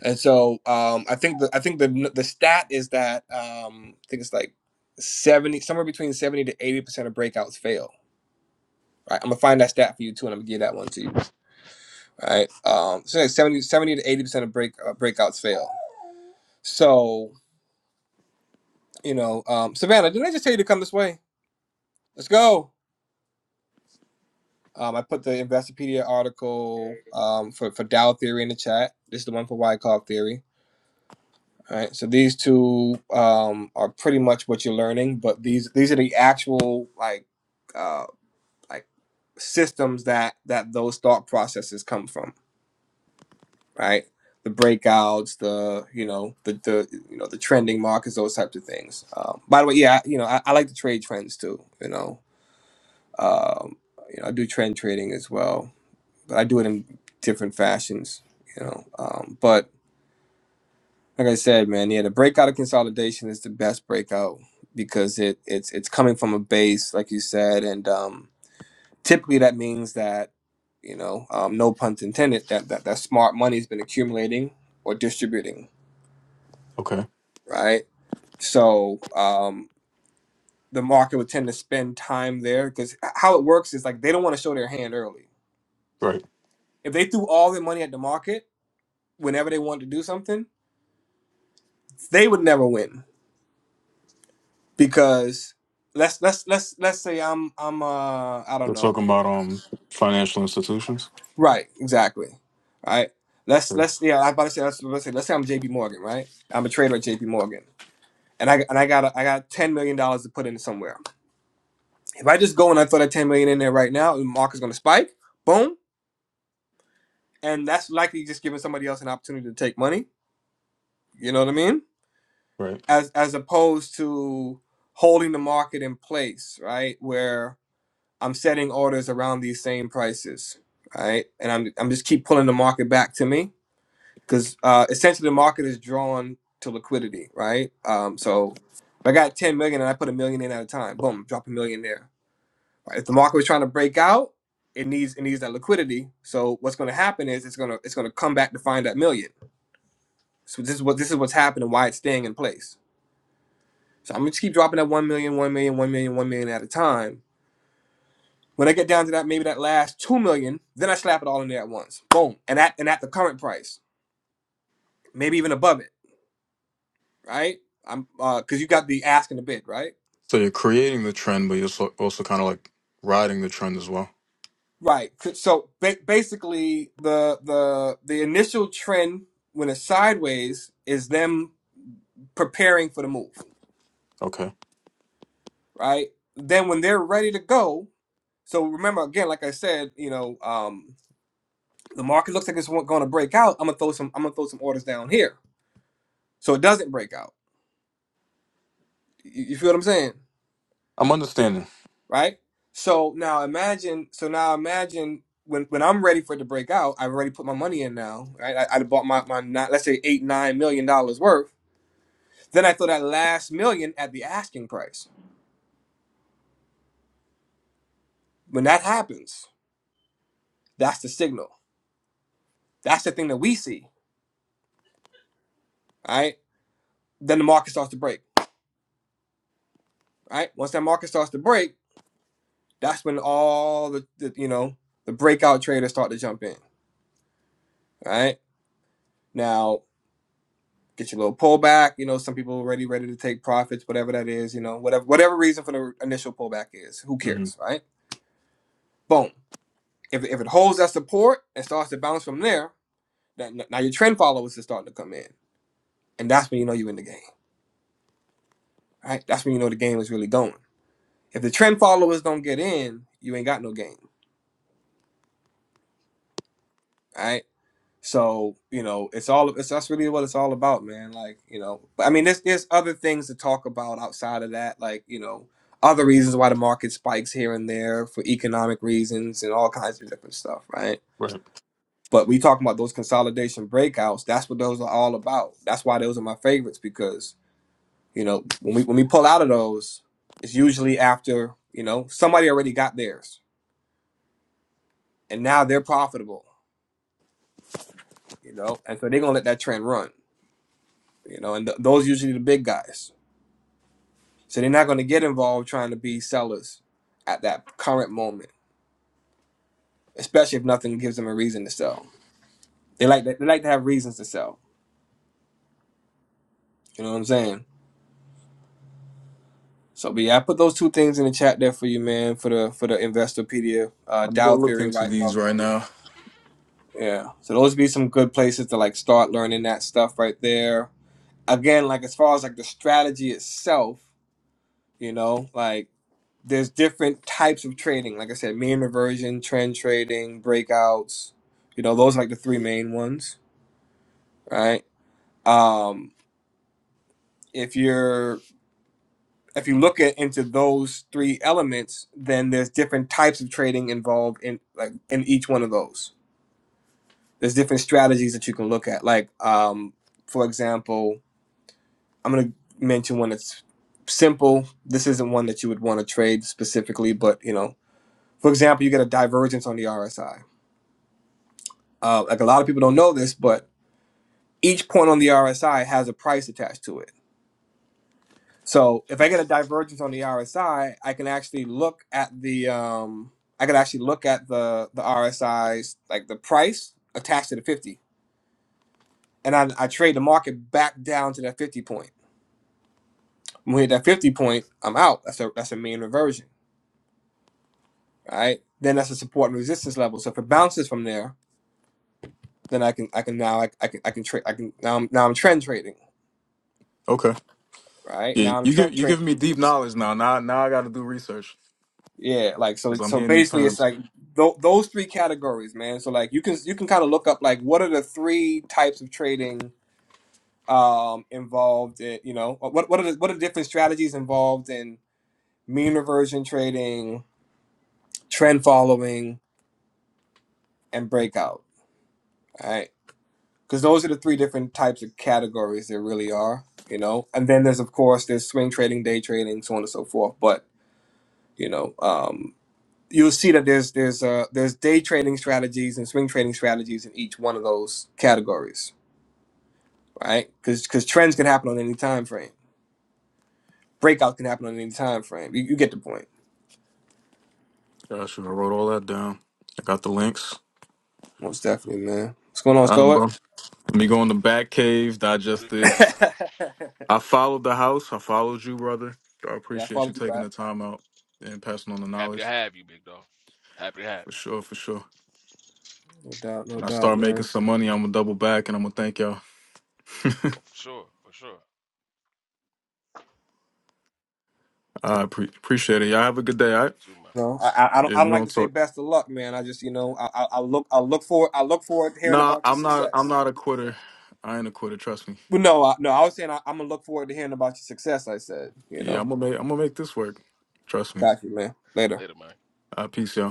S9: And so um, I think the I think the the stat is that um, I think it's like seventy somewhere between seventy to eighty percent of breakouts fail Right, I'm gonna find that stat for you too, and I'm gonna give that one to you. Right, um, so like 70, seventy to eighty percent of break uh, breakouts fail. So you know, um, Savannah, didn't I just tell you to come this way? Let's go. Um, I put the Investopedia article um, for for Dow theory in the chat. This is the one for Wyckoff theory. All right, so these two um, are pretty much what you're learning, but these these are the actual like uh, like systems that that those thought processes come from. right? The breakouts, the you know, the the you know, the trending markets, those types of things. Um, by the way, yeah, you know, I, I like to trade trends too. You know, um, you know, I do trend trading as well, but I do it in different fashions. You know, um, but like I said, man, yeah, the breakout of consolidation is the best breakout because it it's it's coming from a base, like you said, and um, typically that means that you know, um, no pun intended, that that that smart money's been accumulating or distributing
S10: okay
S9: right? So um, the market would tend to spend time there because how it works is like they don't want to show their hand early.
S10: right
S9: If they threw all their money at the market whenever they wanted to do something, they would never win because let's let's let's let's say I'm I'm uh I don't
S10: they're
S9: know
S10: talking about um financial institutions
S9: right exactly right let's
S10: right
S9: let's yeah I was about to say let's, let's say let's say I'm J P Morgan right I'm a trader at J P Morgan and I and I got a, I got ten million dollars to put in somewhere if I just go and I throw that ten million in there right now the market's gonna spike boom and that's likely just giving somebody else an opportunity to take money. You know what I mean?
S10: right
S9: As as opposed to holding the market in place, right? Where I'm setting orders around these same prices, right? And I'm I'm just keep pulling the market back to me because uh, essentially the market is drawn to liquidity, right? Um, so if I got 10 million and I put a million in at a time, boom, drop a million there. Right? If the market was trying to break out, it needs it needs that liquidity. So what's going to happen is it's gonna it's gonna come back to find that million So this is what this is what's happening, why it's staying in place. So I'm gonna just keep dropping that one million, one million, one million, one million at a time. When I get down to that, maybe that last two million, then I slap it all in there at once. Boom. And at and at the current price. Maybe even above it, right? I'm uh because you got the ask and the bid, right?
S10: so you're creating the trend but you're so- also kind of like riding the trend as well
S9: Right. So ba- basically, the the the initial trend when it's sideways is them preparing for the move,
S10: okay
S9: right? Then when they're ready to go, so remember again, like I said, you know, um. the market looks like it's going to break out. I'm gonna throw some. I'm gonna throw some orders down here, so it doesn't break out. You, you feel what I'm saying,
S10: i'm understanding
S9: right? So now imagine. So now imagine when when I'm ready for it to break out. I've already put my money in now, right? I, I bought my my nine, let's say eight nine million dollars worth. Then I throw that last million at the asking price. When that happens, that's the signal. That's the thing that we see, right? Then the market starts to break, right? Once that market starts to break, that's when all the, the you know the breakout traders start to jump in. Right Now get your little pullback. You know, some people already ready to take profits, whatever that is, you know, whatever whatever reason for the initial pullback is. Who
S10: hmm
S9: cares, right? Boom. If, if it holds that support and starts to bounce from there, then now your trend followers are starting to come in. And that's when you know you're in the game. Right? That's when you know the game is really going. If the trend followers don't get in, you ain't got no game. Right? So you know, it's all it's that's really what it's all about, man. Like you know, but I mean, there's there's other things to talk about outside of that, like you know, other reasons why the market spikes here and there for economic reasons and all kinds of different stuff, right?
S10: right
S9: But we talking about those consolidation breakouts. That's what those are all about. That's why those are my favorites because you know when we when we pull out of those, it's usually after you know somebody already got theirs and now they're profitable, you know, and so they're gonna let that trend run, you know, and th- those usually the big guys So they're not going to get involved trying to be sellers at that current moment, especially if nothing gives them a reason to sell. They like they like to have reasons to sell. You know what I'm saying? So, but yeah, I put those two things in the chat there for you, man, for the for the Investopedia, uh,
S10: i'm gonna
S9: Dow
S10: look
S9: theory,
S10: into
S9: White
S10: these
S9: Cloud
S10: right
S9: theory.
S10: now
S9: Yeah. So those be some good places to like start learning that stuff right there. Again, like as far as like the strategy itself, you know, like. there's different types of trading. Like I said, mean reversion, trend trading, breakouts. You know, those are like the three main ones, right? Um, if you're if you look at into those three elements, then there's different types of trading involved in like in each one of those. There's different strategies that you can look at. Like, um, for example, I'm gonna mention one that's simple. This isn't one that you would want to trade specifically, but you know, for example, you get a divergence on the RSI uh, like a lot of people don't know this, but each point on the RSI has a price attached to it. So if I get a divergence on the RSI, I I can actually look at the um, I can actually look at the the RSI's like the price attached to the fifty, and I, I trade the market back down to that fifty point. When we hit that fifty point, I'm out. That's a that's a mean reversion, right? Then that's a support and resistance level. So if it bounces from there, then I can I can now I, I can I can trade I can now I'm, now I'm trend trading,
S10: Okay.
S9: right?
S10: Yeah,
S9: Now I'm
S10: you give
S9: trend
S10: you giving
S9: trading
S10: me deep
S9: because
S10: knowledge now. Now now I got to do research
S9: Yeah, like so.
S10: because I'm
S9: So
S10: hearing new
S9: basically, it's
S10: terms.
S9: like th- those three categories, man. So like you can you can kind of look up like what are the three types of trading um involved in you know what what are the what are the different strategies involved in mean reversion trading, trend following, and breakout, right? Because those are the three different types of categories there really are, you know. And then there's of course there's swing trading, day trading, so on and so forth. But you know, um, you'll see that there's there's uh there's day trading strategies and swing trading strategies in each one of those categories, right? Because because trends can happen on any time frame, breakout can happen on any time frame. You, you get the point,
S10: Gosh, I should have wrote all that down. I got the links.
S9: most definitely, man. What's going on,
S10: All right,
S9: Stoic?
S10: bro. Let me go in the back cave,
S11: What
S10: digest
S11: it do, man?
S10: this.
S9: yeah,
S10: I followed the house. I followed you, brother. I
S9: I
S10: appreciate you
S9: followed you
S10: taking
S9: back,
S10: the time out and passing on the
S11: We happy to
S10: knowledge
S11: have you, big dog. Happy to have
S10: for
S11: you.
S10: sure, for sure.
S9: no doubt, no
S10: When I
S9: doubt,
S10: start making
S9: man.
S10: some money, I'm gonna double back and I'm gonna thank y'all.
S11: Oh, for sure, for sure.
S10: I pre- appreciate it. Y'all have a good day.
S11: Yeah,
S10: All right.
S11: you too, man.
S9: No, I, I I don't
S10: Yeah,
S9: I
S10: we
S9: don't like to
S10: don't
S9: say
S10: talk.
S9: best of luck, man. I just you know I I, I look I look forward I look forward to hearing
S10: Nah,
S9: about your
S10: I'm not. I'm
S9: success.
S10: not a quitter. I ain't a quitter. Trust me.
S9: Well, no, I, no, I was saying I, I'm gonna look forward to hearing about your success. I said, you
S10: Yeah,
S9: know,
S10: I'm gonna make I'm gonna make this work. Trust me.
S9: got you, man. Later.
S11: Later, man.
S10: Uh, peace, y'all.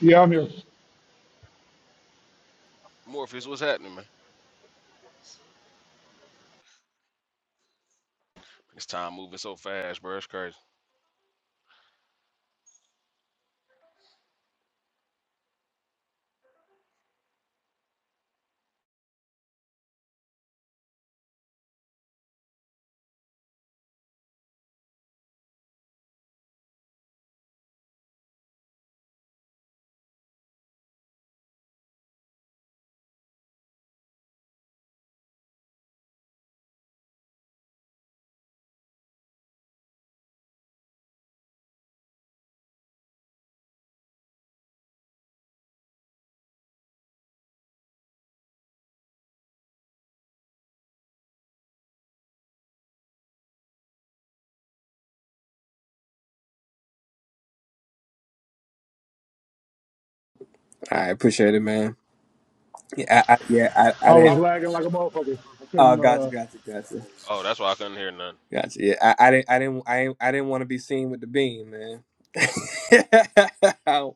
S6: Yeah, I'm here.
S11: Morpheus, what's happening, man? It's time moving so fast, bro. It's crazy.
S9: I appreciate it, man. Yeah, I, I, yeah, I, I
S6: I was
S9: didn't.
S6: lagging like a motherfucker. I
S9: Oh,
S6: couldn't,
S9: gotcha,
S6: uh,
S9: gotcha, gotcha,
S11: Oh, that's why I couldn't hear nothing.
S9: gotcha. Yeah, I, I didn't, I didn't, I, didn't- I didn't want to be seen with the beam, man.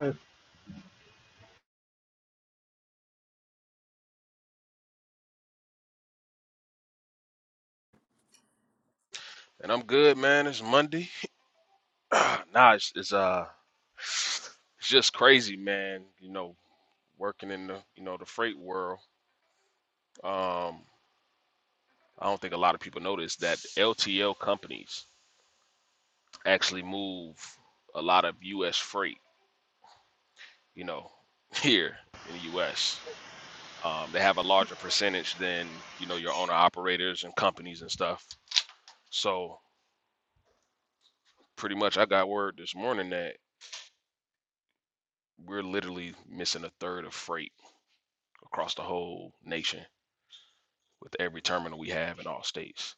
S6: uh,
S11: And I'm good, man. It's Monday. nah, it's, it's uh, it's just crazy, man. You know, working in the you know the freight world. Um, I don't think a lot of people notice that LTL companies actually move a lot of U.S. freight. You know, here in the U.S. Um, they have a larger percentage than you know your owner operators and companies and stuff. So pretty much, I got word this morning that we're literally missing a third of freight across the whole nation with every terminal we have in all states.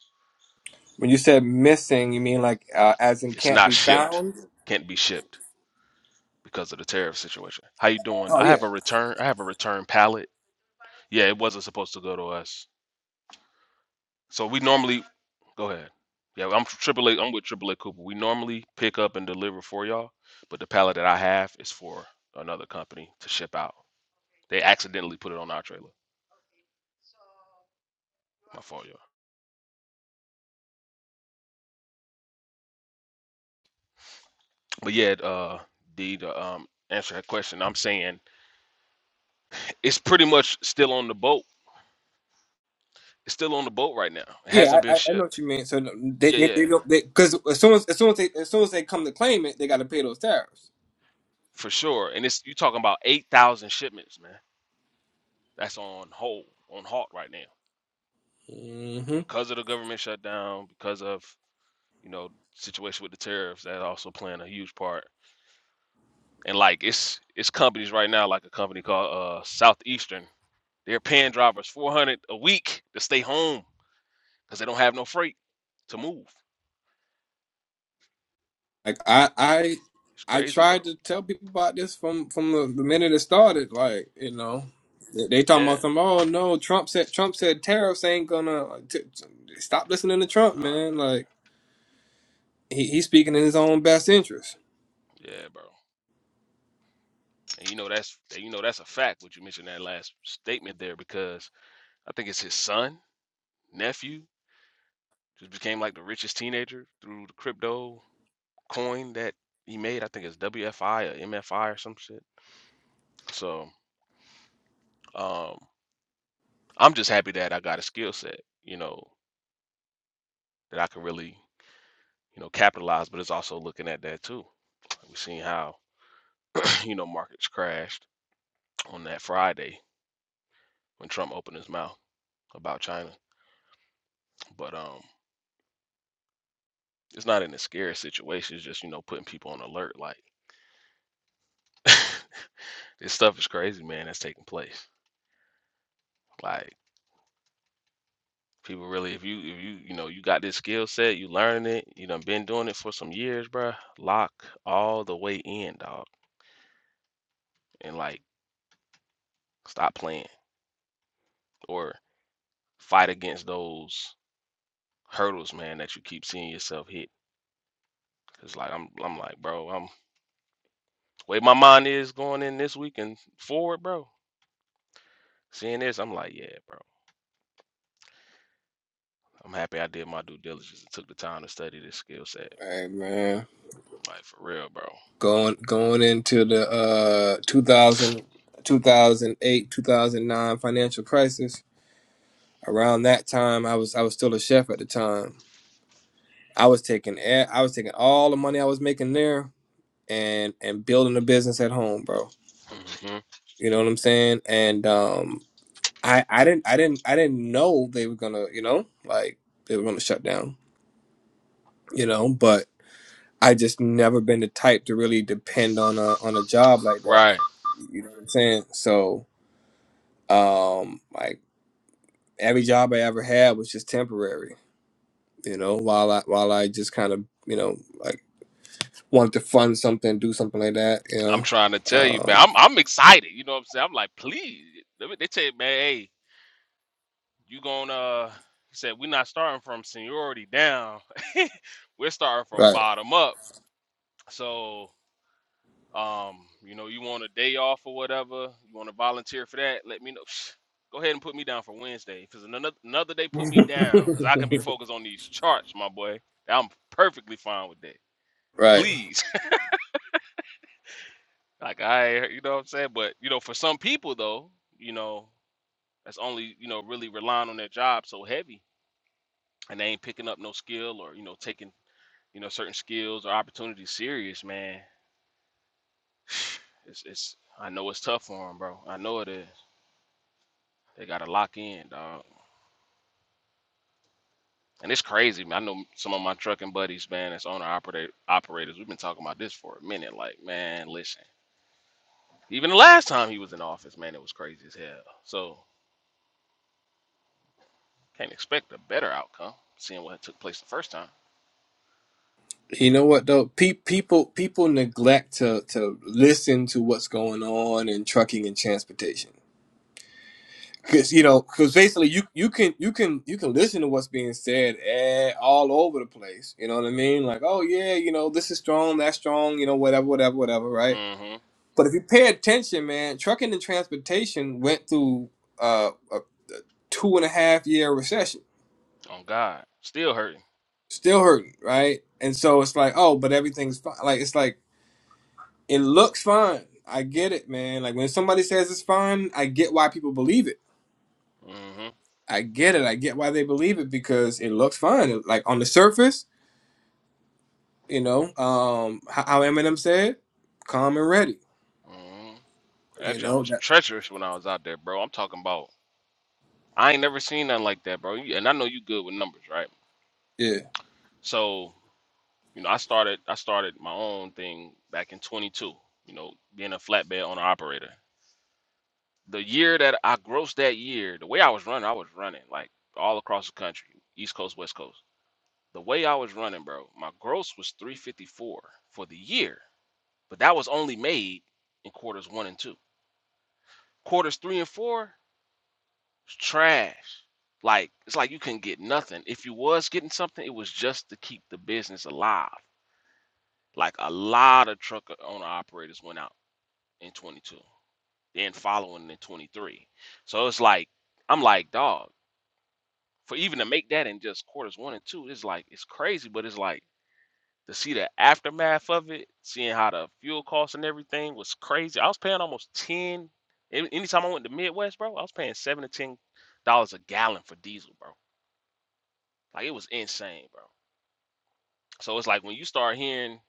S9: when you said missing, you mean like uh, as in
S11: It's
S9: can't
S11: not
S9: be
S11: shipped,
S9: found?
S11: can't be shipped because of the tariff situation. How you doing?
S9: Oh
S11: I have
S9: yeah,
S11: a return. I have a return pallet. Yeah, it wasn't supposed to go to us So we normally go ahead. Yeah, I'm triple A. I'm with triple A Cooper. We normally pick up and deliver for y'all, but the pallet that I have is for another company to ship out. They accidentally put it on our trailer. My fault, y'all. But yeah, uh, D to um answer that question, I'm saying it's pretty much still on the boat. It's still on the boat right now. It
S9: yeah,
S11: hasn't been
S9: I, I I know what
S11: shipped.
S9: you mean. So no, they,
S11: Yeah,
S9: they,
S11: yeah,
S9: they don't, because as soon as, as soon as they, as soon as they come to claim it, they got to pay those tariffs.
S11: for sure. And it's you talking about eight thousand shipments, man. That's on hold, on halt right now
S9: Mm-hmm.
S11: because of the government shutdown, because of you know, situation with the tariffs that also playing a huge part. And like it's it's companies right now, like a company called uh Southeastern, they're paying drivers four hundred a week to stay home because they don't have no freight to move.
S9: Like I I
S11: It's
S9: I
S11: crazy, bro.
S9: tried to tell people about this from from the, the minute it started. Like you know, they, they talking
S11: Yeah.
S9: about some. Oh no, Trump said Trump said tariffs ain't gonna like, t- t- stop listening to Trump,
S11: Nah,
S9: man.
S11: man.
S9: Like he, he's speaking in his own best interest.
S11: Yeah, bro. And you know that's and you know that's a fact. What you mentioned that last statement there, because I think it's his son, nephew, just became like the richest teenager through the crypto coin that he made. I think it's WFI or MFI or some shit. So Um, I'm just happy that I got a skill set, you know, that I can really, you know, capitalize. But it's also looking at that too. We've seen how, you know, markets crashed on that Friday when Trump opened his mouth about China. But um, it's not in a scary situation. It's just you know putting people on alert. Like this stuff is crazy, man. That's taking place. Like people really, if you if you you know you got this skill set, you learning it. You done been doing it for some years, bruh. Lock all the way in, dog, and like stop playing or fight against those hurdles, man, that you keep seeing yourself hit. Cause like I'm, I'm like, bro, I'm way my mind is going in this week and forward, bro. Seeing this, I'm like, yeah, bro. I'm happy I did my due diligence and took the time to study this skill set.
S9: Hey man,
S11: Like for real, bro.
S9: going going into the uh two thousand two thousand 2009 financial crisis. Around that time, I was I was still a chef at the time. I was taking e- I was taking all the money I was making there and and building a business at home, bro.
S11: hmm
S9: You know what I'm saying? And um, I I didn't I didn't I didn't know they were gonna you know like they were gonna shut down. You know, but I just never been the type to really depend on a on a job like that.
S11: Right.
S9: You know what I'm saying? So um, like every job I ever had was just temporary. You know, while I while I just kind of you know like wanted to fund something, do something like that. You
S11: I'm
S9: know,
S11: trying to tell you, man.
S9: um,
S11: I'm I'm excited. You know what I'm saying? I'm like, please. Let me- They tell you, man, hey, you gonna uh he said we're not starting from seniority down. We're starting from
S9: right.
S11: bottom up. So Um, you know, you want a day off or whatever, you want to volunteer for that, let me know. Psh, Go ahead and put me down for Wednesday. cause another another day, put me down because I can be focused on these charts, my boy. I'm perfectly fine with that.
S9: right
S11: Please. like I you know what I'm saying? But you know, for some people though, you know, that's only, you know, really relying on their job so heavy and they ain't picking up no skill or, you know, taking, you know, certain skills or opportunities serious, man. It's it's I know it's tough for them, bro. I know it is. They gotta lock in, dog. And it's crazy. man. I know some of my trucking buddies, man, that's owner operator operators. We've been talking about this for a minute. Like, man, listen. Even the last time he was in office, man, it was crazy as hell. So can't expect a better outcome, seeing what took place the first time.
S9: You know what though? Pe- people people neglect to to listen to what's going on in trucking and transportation. Cause you know, cause basically you you can you can you can listen to what's being said eh, all over the place. You know what I mean? Like, oh yeah, you know this is strong, that's strong, you know whatever, whatever, whatever, right?
S11: Mm-hmm.
S9: But if you pay attention, man, trucking and transportation went through uh, a a two and a half year recession,
S11: On God. Still hurting.
S9: still hurting, right? And so it's like, oh, but everything's fine. Like it's like It looks fine. I get it, man. Like when somebody says it's fine, I get why people believe it.
S11: Mm-hmm.
S9: I get it. I get why they believe it because it looks fine. Like on the surface, you know, um, how Eminem said, "Calm and ready."
S11: Mm-hmm. That
S9: You
S11: joint
S9: know
S11: was
S9: that.
S11: treacherous when I was out there, bro. I'm talking about I ain't never seen nothing like that, bro. You- And I know you good with numbers, right?
S9: Yeah.
S11: So, you know, I started I started my own thing back in twenty two, you know, being a flatbed owner operator. the year that I grossed that year, the way I was running, I was running like all across the country, East Coast, West Coast. The way I was running, bro, my gross was 354 for the year, but that was only made in quarters one and two. Quarters three and four was trash. Like it's like you couldn't get nothing. If you was getting something, it was just to keep the business alive. Like a lot of truck owner operators went out in 22, then following in 23. So it's like I'm like, dog. for even to make that in just quarters one and two, it's like it's crazy, but it's like to see the aftermath of it, seeing how the fuel costs and everything was crazy. I was paying almost ten. any- Anytime I went to Midwest, bro, I was paying seven to ten dollars a gallon for diesel, bro. Like it was insane, bro. So it's like when you start hearing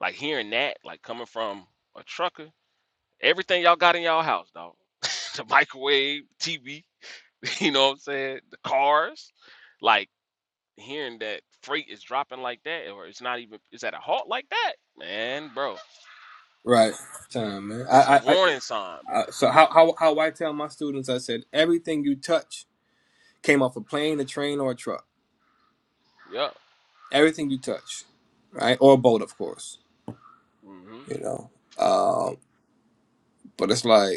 S11: like hearing that, like coming from a trucker, everything y'all got in y'all house, dog. the microwave, TV, you know what I'm saying? The cars. Like hearing that freight is dropping like that, or it's not even it's at a halt like that, man, bro,
S9: Right. Time, man. I,
S11: it's a
S9: I, I,
S11: warning sign, bro.
S9: I so how, how, how I tell my students, I said, everything you touch came off a plane, a train, or a truck.
S11: Yup.
S9: Everything you touch, right, or a boat, of course.
S11: hmm
S9: You know. Um, but it's like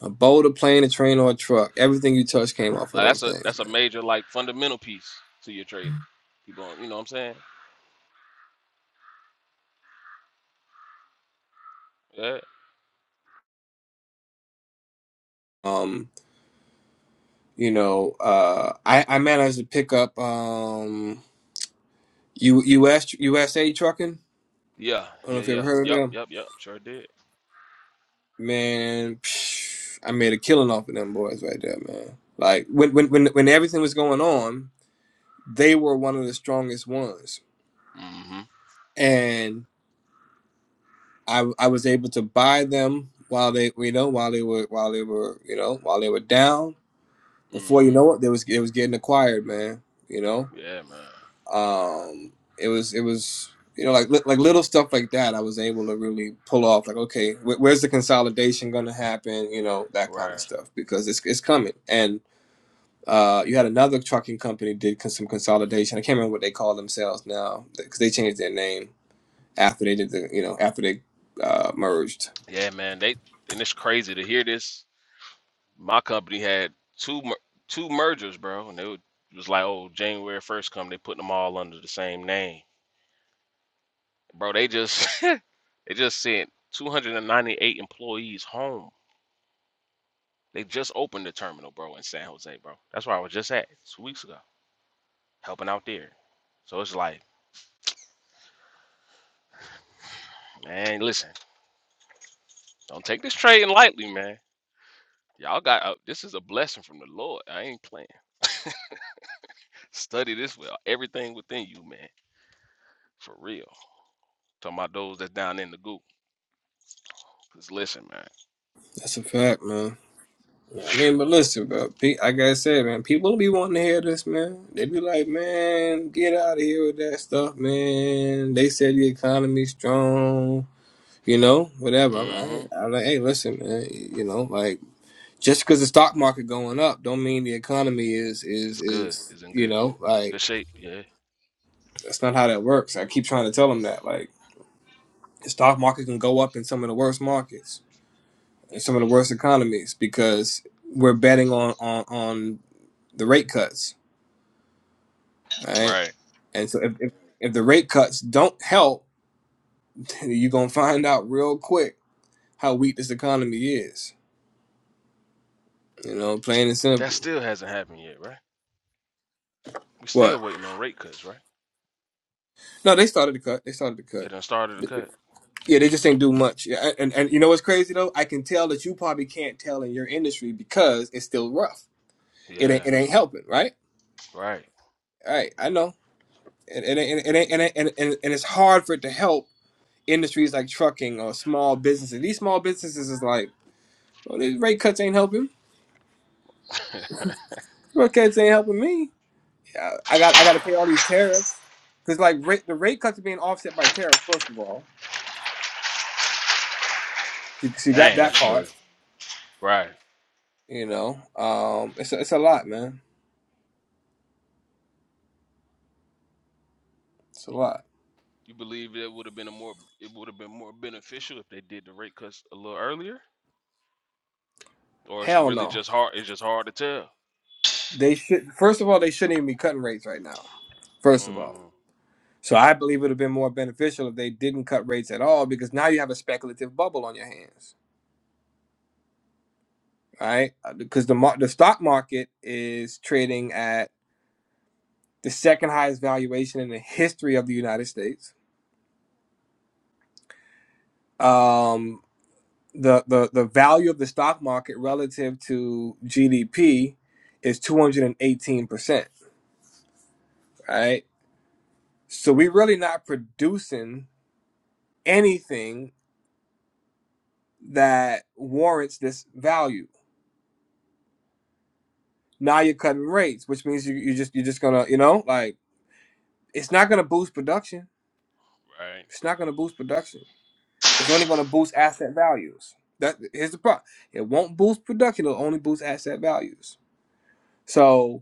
S9: a boat, a plane, a train, or a truck. Everything you touch came off of
S11: Like that's
S9: those
S11: a
S9: things,
S11: that's a
S9: man.
S11: major like fundamental piece to your trading. People, don't- you know what I'm saying? Yeah.
S9: Um, you know, uh, I, I managed to pick up um, U, US USA trucking.
S11: Yeah.
S9: I don't know
S11: Yeah.
S9: if you ever
S11: Yeah.
S9: heard of
S11: Yup.
S9: them,
S11: Yup. Yup. Sure did.
S9: man. psh, I made a killing off of them boys right there, man. Like when when when when everything was going on, they were one of the strongest ones,
S11: hmm
S9: and I I was able to buy them while they you know while they were while they were you know while they were down Before you
S11: hmm
S9: know it, there was it was getting acquired, man. You know,
S11: Yeah, man.
S9: um, it was it was you know like li- like little stuff like that. I was able to really pull off like, okay, wh- where's the consolidation going to happen? You know, that kind of
S11: Right.
S9: stuff because it's it's coming. And uh, you had another trucking company did con- some consolidation. I can't remember what they call themselves now because they changed their name after they did the you know after they uh, merged.
S11: Yeah, man. They and it's crazy to hear this. My company had two mer- two mergers, bro, and they were, it was like, oh, January first come, they put them all under the same name. Bro, they just they just sent 298 employees home. They just opened the terminal, bro, in San Jose, bro. That's where I was just at two weeks ago, helping out there. So it's like, man, listen, don't take this trading lightly, man. Y'all got uh, this is a blessing from the Lord. I ain't playing. Study this with everything within you, man. For real. Talking about those that's down in the goop. Cause listen, man.
S9: That's a fact, man. I mean, but listen, bro. Pe- Like I said, man, people be wanting to hear this, man. They be like, man, get out of here with that stuff, man. They said the economy's strong, you know, whatever. I'm
S11: Mm-hmm.
S9: like, I'm like, hey, listen, man, you know, like just because the stock market going up, don't mean the economy is is
S11: It's good.
S9: is
S11: It's in
S9: you
S11: good
S9: know,
S11: good
S9: like
S11: shape. Yeah.
S9: that's not how that works. I keep trying to tell them that, like, the stock market can go up in some of the worst markets, in some of the worst economies, because we're betting on on on the rate cuts right?
S11: Right.
S9: And so if, if, if the rate cuts don't help, you're going to find out real quick how weak this economy is. You know, plain and
S11: That
S9: simple.
S11: still hasn't happened yet, right? We still
S9: What?
S11: waiting on rate cuts, right?
S9: No, they started to cut. They started to
S11: They done started the
S9: cut.
S11: cut.
S9: Yeah, they just ain't do much. Yeah, and, and and you know what's crazy though? I can tell that you probably can't tell in your industry because it's still rough. It
S11: Yeah,
S9: ain't it ain't helping, right?
S11: right.
S9: Right, I know. It, it, ain't, it, ain't, it, and, and, and it's hard for it to help industries like trucking or small businesses. These small businesses is like, well, these rate cuts ain't helping. Broadcast ain't helping me. I, I got I got to pay all these tariffs because like rate, the rate cuts are being offset by tariffs. First of all, she, she got
S11: Dang,
S9: that
S11: that's
S9: part.
S11: crazy. Right.
S9: You know, um, it's a, it's a lot, man. It's a lot.
S11: You believe it would have been a more it would have been more beneficial if they did the rate cuts a little earlier? Or it's
S9: Hell
S11: really
S9: no.
S11: just hard it's just hard to tell.
S9: They should first of all they shouldn't even be cutting rates right now. First of all,
S11: Mm,
S9: so I believe it would have been more beneficial if they didn't cut rates at all because now you have a speculative bubble on your hands, right? Because the mar- the stock market is trading at the second highest valuation in the history of the United States um, the, the the value of the stock market relative to GDP is 218%, right? So we're really not producing anything that warrants this value. Now you're cutting rates, which means you, you just you're just gonna, you know, like it's not gonna boost production.
S11: right,
S9: It's not gonna boost production. It's only gonna boost asset values. That here's the problem. It won't boost production, it'll only boost asset values. So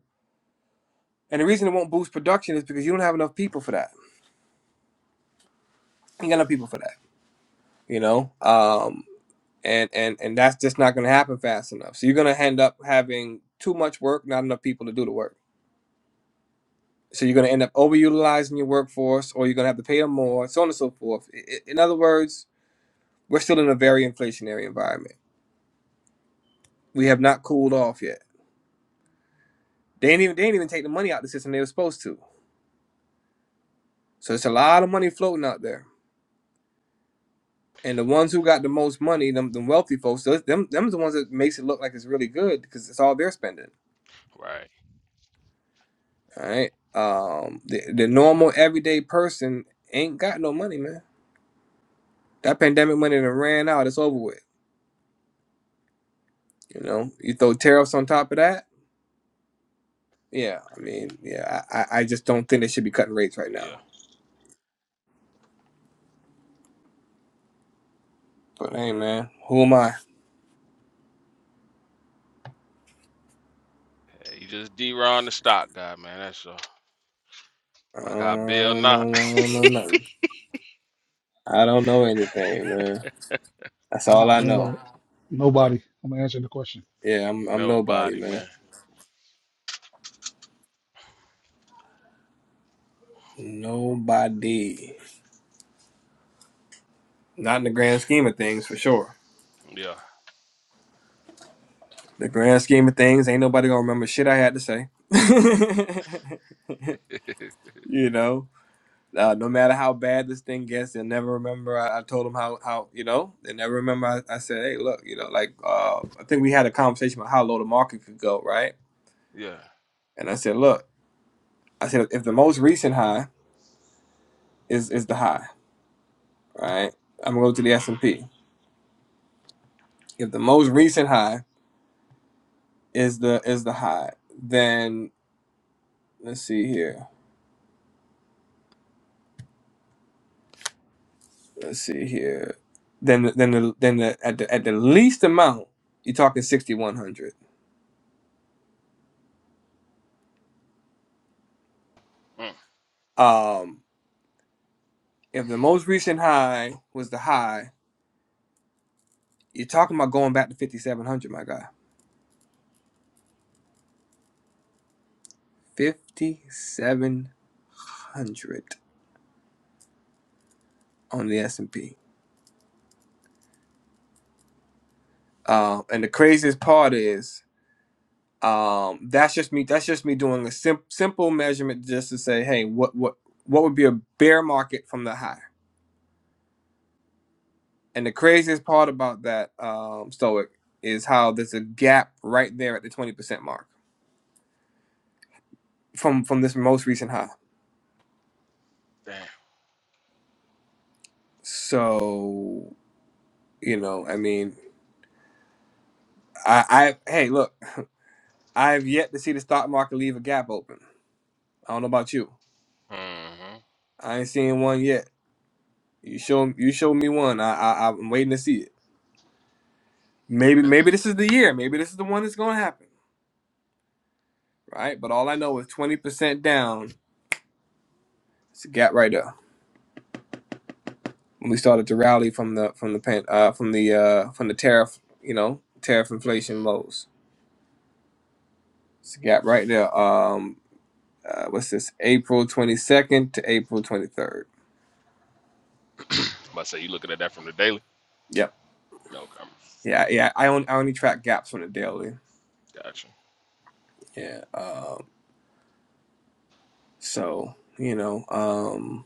S9: And the reason it won't boost production is because you don't have enough people for that. You ain't got enough people for that. You know, um, and and and that's just not going to happen fast enough. So you're going to end up having too much work, not enough people to do the work. So you're going to end up overutilizing your workforce, or you're going to have to pay them more, so on and so forth. I- i- In other words, we're still in a very inflationary environment. We have not cooled off yet. They ain't even they ain't even take the money out of the system they were supposed to. So it's a lot of money floating out there And the ones who got the most money, them, them wealthy folks, those, them them's the ones that makes it look like it's really good because it's all they're spending.
S11: right.
S9: All right. Um, the, the normal everyday person ain't got no money, man. That pandemic money that ran out, it's over with. You know, you throw tariffs on top of that. Yeah, I
S11: Crazy.
S9: mean, yeah, I, I just don't think they should be cutting rates right
S11: Yeah.
S9: now. But hey, man, who am I?
S11: Hey, you just D the stock guy, man. That's uh,
S9: I
S11: like I Bill
S9: don't know,
S11: not
S9: I don't know nothing. I don't know anything, man. That's all I
S6: uh
S9: know.
S6: nobody. I'm answering the question.
S9: Yeah, I'm I'm nobody,
S11: nobody,
S9: man.
S11: man.
S9: Nobody. Not in the grand scheme of things, for sure.
S11: Yeah,
S9: The grand scheme of things, ain't nobody gonna remember shit I had to say. you know, uh, no matter how bad this thing gets, they'll never remember. I, I told them how, how you know, they never remember. I, I said, hey, look, you know, like uh, I think we had a conversation about how low the market could go, right?
S11: yeah.
S9: And I said, look, I said if the most recent high is is the high, right? I'm gonna go to the S
S11: Mm,
S9: and P. If the most recent high is the is the high, then let's see here let's see here. Then then the then the at the at the least amount, you're talking sixty one hundred.
S11: mm,
S9: Um, if the most recent high was the high, you're talking about going back to fifty seven hundred, my guy. Fifty seven hundred on the S and P. Um, and the craziest part is, um, that's just me. That's just me doing a sim- simple measurement just to say, hey, what what what would be a bear market from the high? And the craziest part about that um, Stoic is how there's a gap right there at the twenty percent mark from from this most recent high.
S11: damn.
S9: So you know, I mean, I, I hey, look, I've yet to see the stock market leave a gap open. I don't know about you. I ain't seen one yet. You show you show me one. I, I I'm waiting to see it. Maybe maybe this is the year. Maybe this is the one that's gonna happen, right? But all I know is twenty percent down. It's a gap right there. when we started to rally from the from the pan, uh, from the uh, from the tariff you know tariff inflation
S11: Mm-hmm.
S9: lows. It's a gap right there. Um, uh, what's this? April twenty second to April twenty third.
S11: About to say you looking at that from the daily?
S9: Yep.
S11: No, okay.
S9: Yeah, yeah. I only I only track gaps on the daily.
S11: gotcha.
S9: Yeah. Um, so you know, um,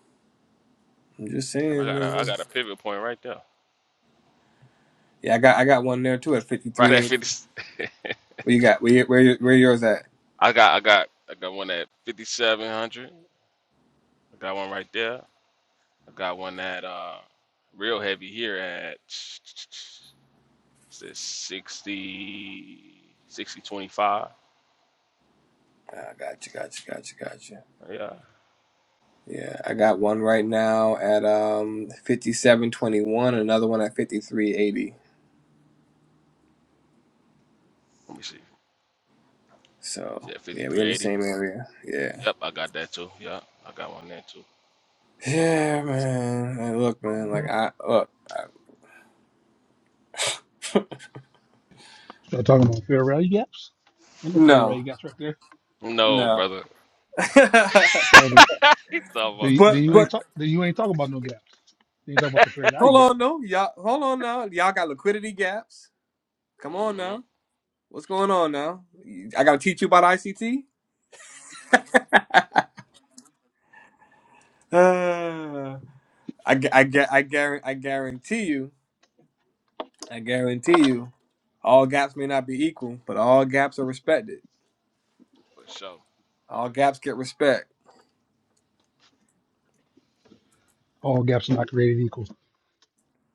S9: I'm just
S11: Damn, I
S9: saying.
S11: got a,
S9: man.
S11: I got a pivot point right there.
S9: Yeah, I got I got one there too at fifty
S11: Right
S9: three
S11: at
S9: eighty.
S11: 50.
S9: What you got? Where you- where you- where yours at?
S11: I got I got I got one at 5700. I got one right there. I got one at uh real heavy here at what's this 60 60 twenty-five.
S9: Ah, gotcha, gotcha, gotcha, gotcha.
S11: Yeah.
S9: Yeah, I got
S11: Uh,
S9: one right now at um 5721, another one at 5380.
S11: let me see. Is
S9: So,
S11: that
S9: yeah, we in the
S11: 5380?
S9: same area. Yeah.
S11: Yep, I got that too. Yep, I got one there too.
S9: Yeah,
S11: So
S9: man. Like, look, man, like I look, I,
S6: Start talking about fair value gaps. And the fair
S9: no.
S6: value gaps right there.
S11: no,
S9: No.
S11: brother.
S6: Oh, then
S11: He's talking
S6: then
S11: about
S6: you
S9: but
S6: then you
S11: everybody.
S6: ain't
S9: but
S6: talk, then you ain't talk about no gaps. Then you talk about the fair value
S9: hold
S6: gap.
S9: on no. Y'all hold on now. Y'all got liquidity gaps. Come on
S11: Mm-hmm,
S9: now. What's going on now? I got to teach you about ICT? Uh, I, gu- I, gu- I, guarantee, I guarantee you. I guarantee you, all gaps may not be equal, but all gaps are respected.
S11: for sure.
S9: All gaps get respect.
S6: All gaps are not created equal.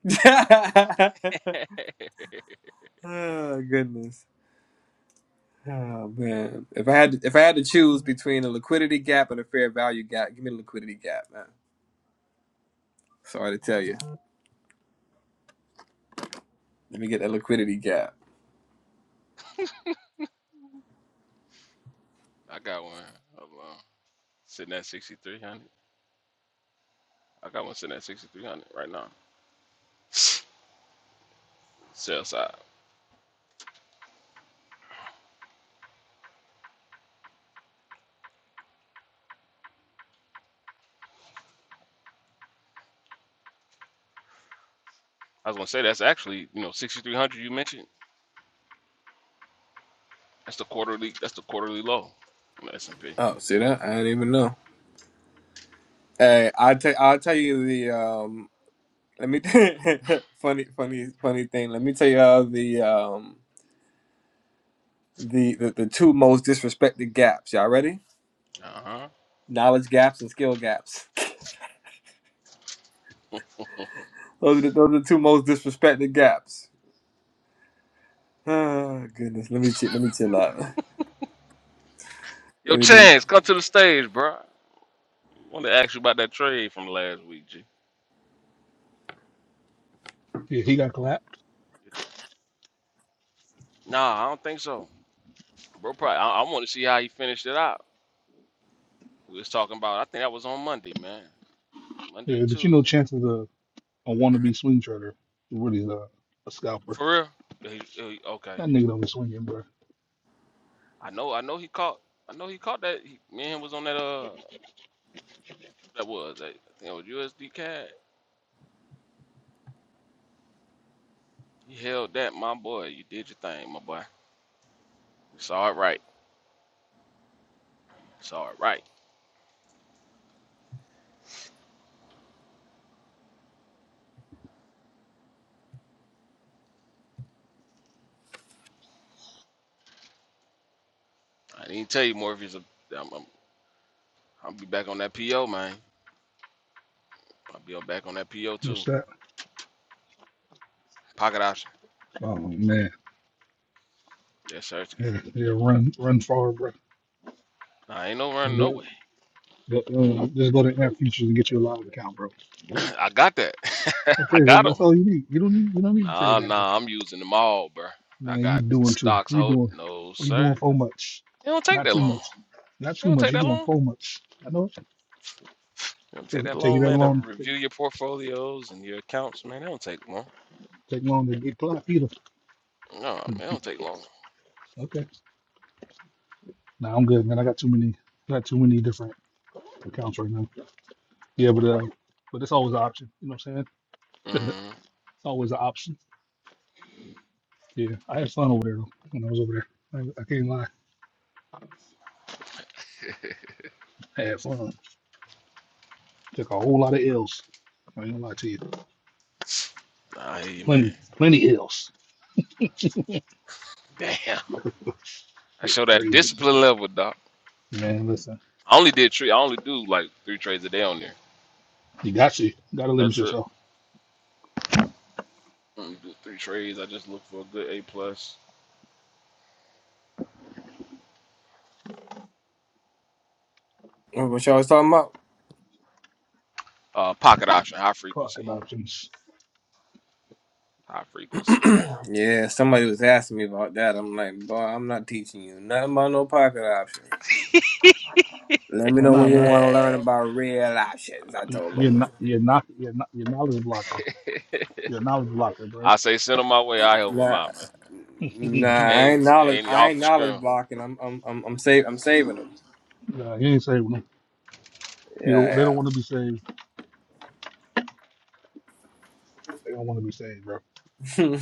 S11: I
S9: oh goodness. Oh man. If I had to, if I had to choose between a liquidity gap and a fair value gap, give me the liquidity gap, man. Sorry to tell you. Let me get that liquidity gap.
S11: got one. Hold on. Sitting at 6300. I got one sitting at 6,300 right now. Sell side. I was gonna say that's actually you know 6,300 you mentioned. That's the quarterly. That's the quarterly low. on the S and P.
S9: Oh, see that? I don't even know. Hey, I'll tell I'll tell you the um let me funny funny funny thing. Let me tell you all the um the, the the two most disrespected gaps. Y'all ready?
S11: Uh
S9: Knowledge gaps and skill gaps.
S11: huh.
S9: Those are the, those are the two most disrespected gaps. Ah, goodness. Let me chill, let me chill out.
S11: Yo,
S9: Let me, let me,
S11: Chance, come to the stage, bro. Wanted to ask you about that trade from last week, G.
S6: Yeah, he got clapped.
S11: Nah, I don't think so, bro. Probably. I, I want to see how he finished it out. We was talking about. I think that was on Monday, man. Monday or
S6: Yeah, but you know,
S11: Tuesday.
S6: chances of a wannabe swing trader who really is a, a scalper.
S11: For real? He- he- okay.
S6: That nigga don't be swinging, bro.
S11: I know. I know he caught. I know he caught that. He, me and him was on that. Uh. That was that. I think it was USD CAD. You held that, my boy. You did your thing, my boy. You saw it right. You saw it right. I didn't tell you Morpheus. I'm, I'm, I'll be back on that PO, man. I'll be on- back on that PO
S6: What's
S11: too.
S6: that?
S11: Pocket option.
S6: Oh man.
S11: Yes, Sersky.
S6: Yeah, yeah, run, run far, bro.
S11: Nah, ain't no running
S6: The-
S11: nowhere.
S6: the, uh, just go to App Futures and get you a live account, bro.
S11: I got that. I
S6: Okay, th-
S11: got
S6: that's
S11: them.
S6: all you need. You don't need, you don't need to trade
S11: Nah,
S6: that there.
S11: nah. I'm using them all, bro. I
S6: Man, you
S11: got
S6: doing too.
S11: stocks
S6: You
S11: hold.
S6: doing,
S11: No,
S6: you
S11: sir.
S6: doing so much.
S11: It don't take
S6: Not
S11: that
S6: too
S11: long.
S6: much. Not
S11: It
S6: too
S11: don't
S6: much.
S11: take
S6: You
S11: that
S6: doing
S11: long.
S6: so
S11: It
S6: much. I know it.
S11: don't take
S6: Take,
S11: that
S6: take you
S11: long,
S6: that
S11: man, to
S6: long. Take,
S11: review your portfolios and your accounts, man. It don't take long.
S6: take long to get clapped either.
S11: No, man, it don't take long.
S6: Okay. Nah, I'm good, man. I got too many, I got too many different accounts right now. Yeah, but uh, but it's always an option. You know what I'm saying?
S11: Mm.
S6: it's always an option. Yeah, I had fun over there though, when I was over there. I, I can't lie. I had fun. Took a whole lot of L's. I ain't gonna lie to you.
S11: Nah, hey
S6: Plenty,
S11: man.
S6: plenty L's.
S11: Damn. I
S6: It was
S11: show that
S6: crazy.
S11: discipline level, doc.
S6: Man, listen,
S11: I only did three. I only do like three trades a day on there.
S6: you got to, gotta limit
S11: That's it.
S6: yourself.
S11: I only do three trades. I just look for a good A plus.
S9: what y'all was talking about?
S11: Uh, pocket option, high
S6: Talk
S11: frequency,
S6: about things.
S11: high frequency.
S9: yeah, somebody was asking me about that. I'm like, boy, I'm not teaching you nothing about no pocket options. Let me
S6: Why
S9: know when
S6: not,
S9: you
S6: man?
S9: want to learn
S11: Yeah.
S9: about real options. I
S6: You-
S9: told
S6: You're
S9: them.
S6: not, you're not, you're not, you're knowledge blocker. You're a knowledge blocker, bro.
S11: I say send them my way. I help them
S9: Nah,
S11: out, man.
S6: nah,
S9: nah,
S6: you
S9: I
S11: Ain't
S9: ain't knowledge.
S11: ain't
S9: I
S11: off
S9: ain't
S11: the
S9: knowledge
S11: scrim.
S9: blocking. I'm, I'm, I'm, I'm save. I'm saving them.
S6: ain't saving them. You don't, they don't
S9: Yeah,
S6: want to be saved. They don't want to be saved, bro.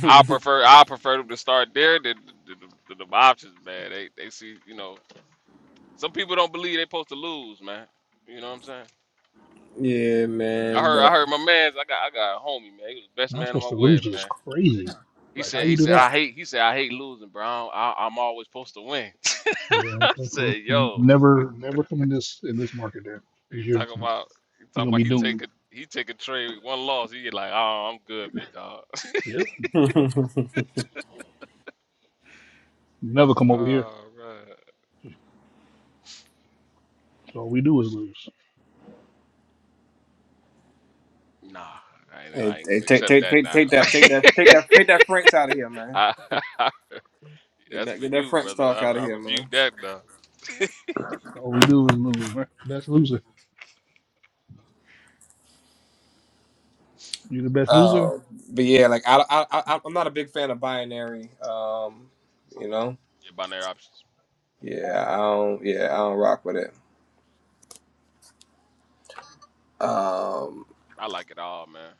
S11: I prefer I prefer them to start there than the, the, the, the options, man. They they see you know some people don't believe they' supposed to lose, man. You know what I'm saying?
S9: yeah,
S11: I
S9: man.
S11: heard I
S9: But
S11: heard my man's I got I got a homie, man. He was the best
S6: Not
S11: man of
S6: supposed
S11: my
S6: to lose
S11: wedding,
S6: is
S11: man.
S6: crazy.
S11: He
S6: Like, how
S11: said he
S6: you do
S11: said
S6: that?
S11: I hate he said I hate losing, bro. I, don't- I, I'm always supposed to win.
S6: Yeah,
S11: I
S6: okay, cool.
S11: said,
S6: N-
S11: yo,
S6: Never, never come in this in this market there.
S11: he
S6: 'cause You're
S11: talking about he
S6: you're
S11: talking
S6: gonna
S11: about
S6: be
S11: he take
S6: doomed.
S11: a he take a trade one loss. He get like, oh, I'm good, big dog.
S6: Yep. Yep. You never come over here.
S11: Oh man,
S6: So all we do is lose.
S11: nah, I ain't,
S9: Hey,
S11: I ain't
S9: hey,
S11: gonna
S9: take,
S11: accept
S9: take,
S11: that
S9: take,
S11: now.
S9: take that, take that, take that, take that French out of here, man.
S11: I,
S9: Get
S11: that's
S9: that,
S11: for
S9: get that
S11: you,
S9: French
S11: brother.
S9: talk
S11: I,
S9: out of
S11: I
S9: here, man.
S11: rebuke that now.
S6: All we do is lose, man. Best loser. You the best loser?
S9: Uh, but yeah, like I, I, I, I'm not a big fan of binary. Um, you know,
S11: Yeah, binary options.
S9: yeah, I don't, yeah, I don't rock with it. Um,
S11: I like it all, man.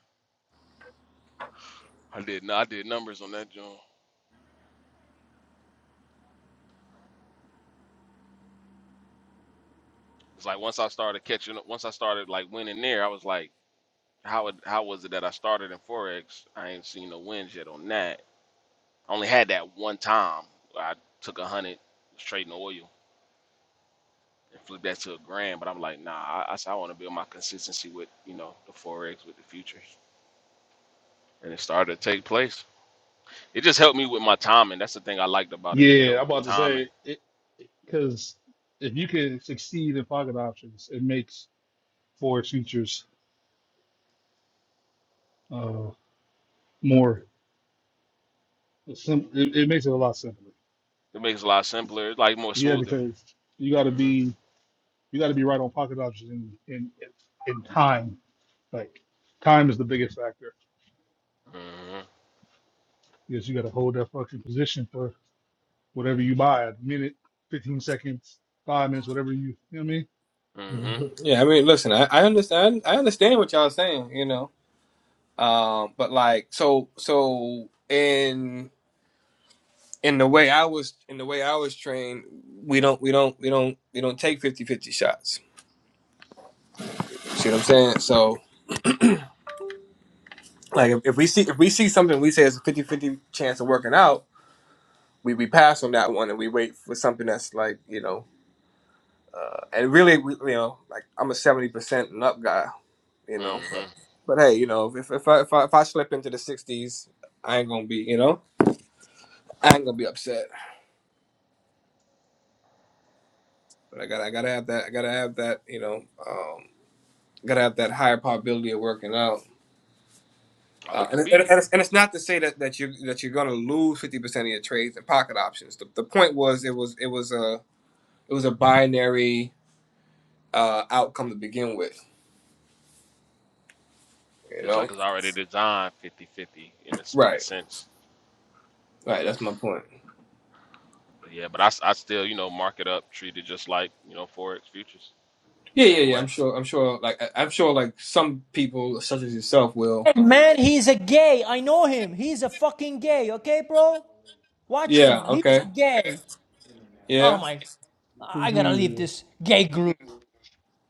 S11: I did I did numbers on that joint. It's like once I started catching up, once I started like winning there, I was like, how it, how was it that I started in forex? I ain't seen no wins yet on that. I only had that one time. where I took a hundred, was trading oil, and flipped that to a grand. But I'm like, nah, I, I said I want to build my consistency with you know the forex with the futures, and it started to take place. It just helped me with my timing. That's the thing I liked about it. It
S6: Yeah, I'm
S11: helped with
S6: about to
S11: timing.
S6: say it because if you can succeed in pocket options, it makes forward futures uh, more sim- it, it makes it a lot simpler.
S11: It makes it a lot simpler. It's like more
S6: Yeah,
S11: smoother.
S6: because you got to
S11: Mhm.
S6: be you got to be right on pocket options in in, in time. Like time is the biggest factor
S11: Mhm.
S6: because you got to hold that fucking position for whatever you buy a minute, 15 seconds, five minutes, whatever you, you know what I mean?
S11: Mhm.
S9: mhm. yeah, I mean, listen, I, I understand, I understand what y'all saying, you know. Um, but like, so, so in in the way I was, in the way I was trained, we don't, we don't, we don't, we don't take fifty fifty shots. See what I'm saying? So. Like if, if we see if we see something we say it's a fifty-fifty chance of working out, we, we pass on that one and we wait for something that's like, you know, uh, and really we, you know, like I'm a 70% and up guy, you know,
S11: Mhm.
S9: but but hey, you know, if if I if I, if I slip into the 60s, I ain't going to be, you know, I ain't going to be upset. But I got to I got to have that I got to have that, you know, um got to have that higher probability of working out.
S11: Oh,
S9: Uh,
S11: it
S9: and,
S11: can
S9: it- and,
S11: be.
S9: it's, and it's not to say that, that you that you're going to lose 50% of your trades and pocket options. The, the point was it was it was a it was a binary uh outcome to begin with you
S11: It's
S9: know
S11: like it's already designed fifty-fifty in this in the
S9: right
S11: sense.
S9: right that's my point
S11: But yeah, but I, s- I still, you know, mark it up, treat it just like, you know, Forex futures.
S9: yeah yeah
S11: Same
S9: yeah i'm
S11: way.
S9: sure i'm sure like I- i'm sure like some people such as yourself will
S12: Man, he's a gay. I know him. He's a fucking gay. Okay, bro? Watch
S9: yeah
S12: him. He's
S9: okay
S12: gay. Oh
S9: yeah
S12: my.
S6: Whose
S12: I gotta
S6: man's
S12: leave
S6: is this?
S12: this gay group.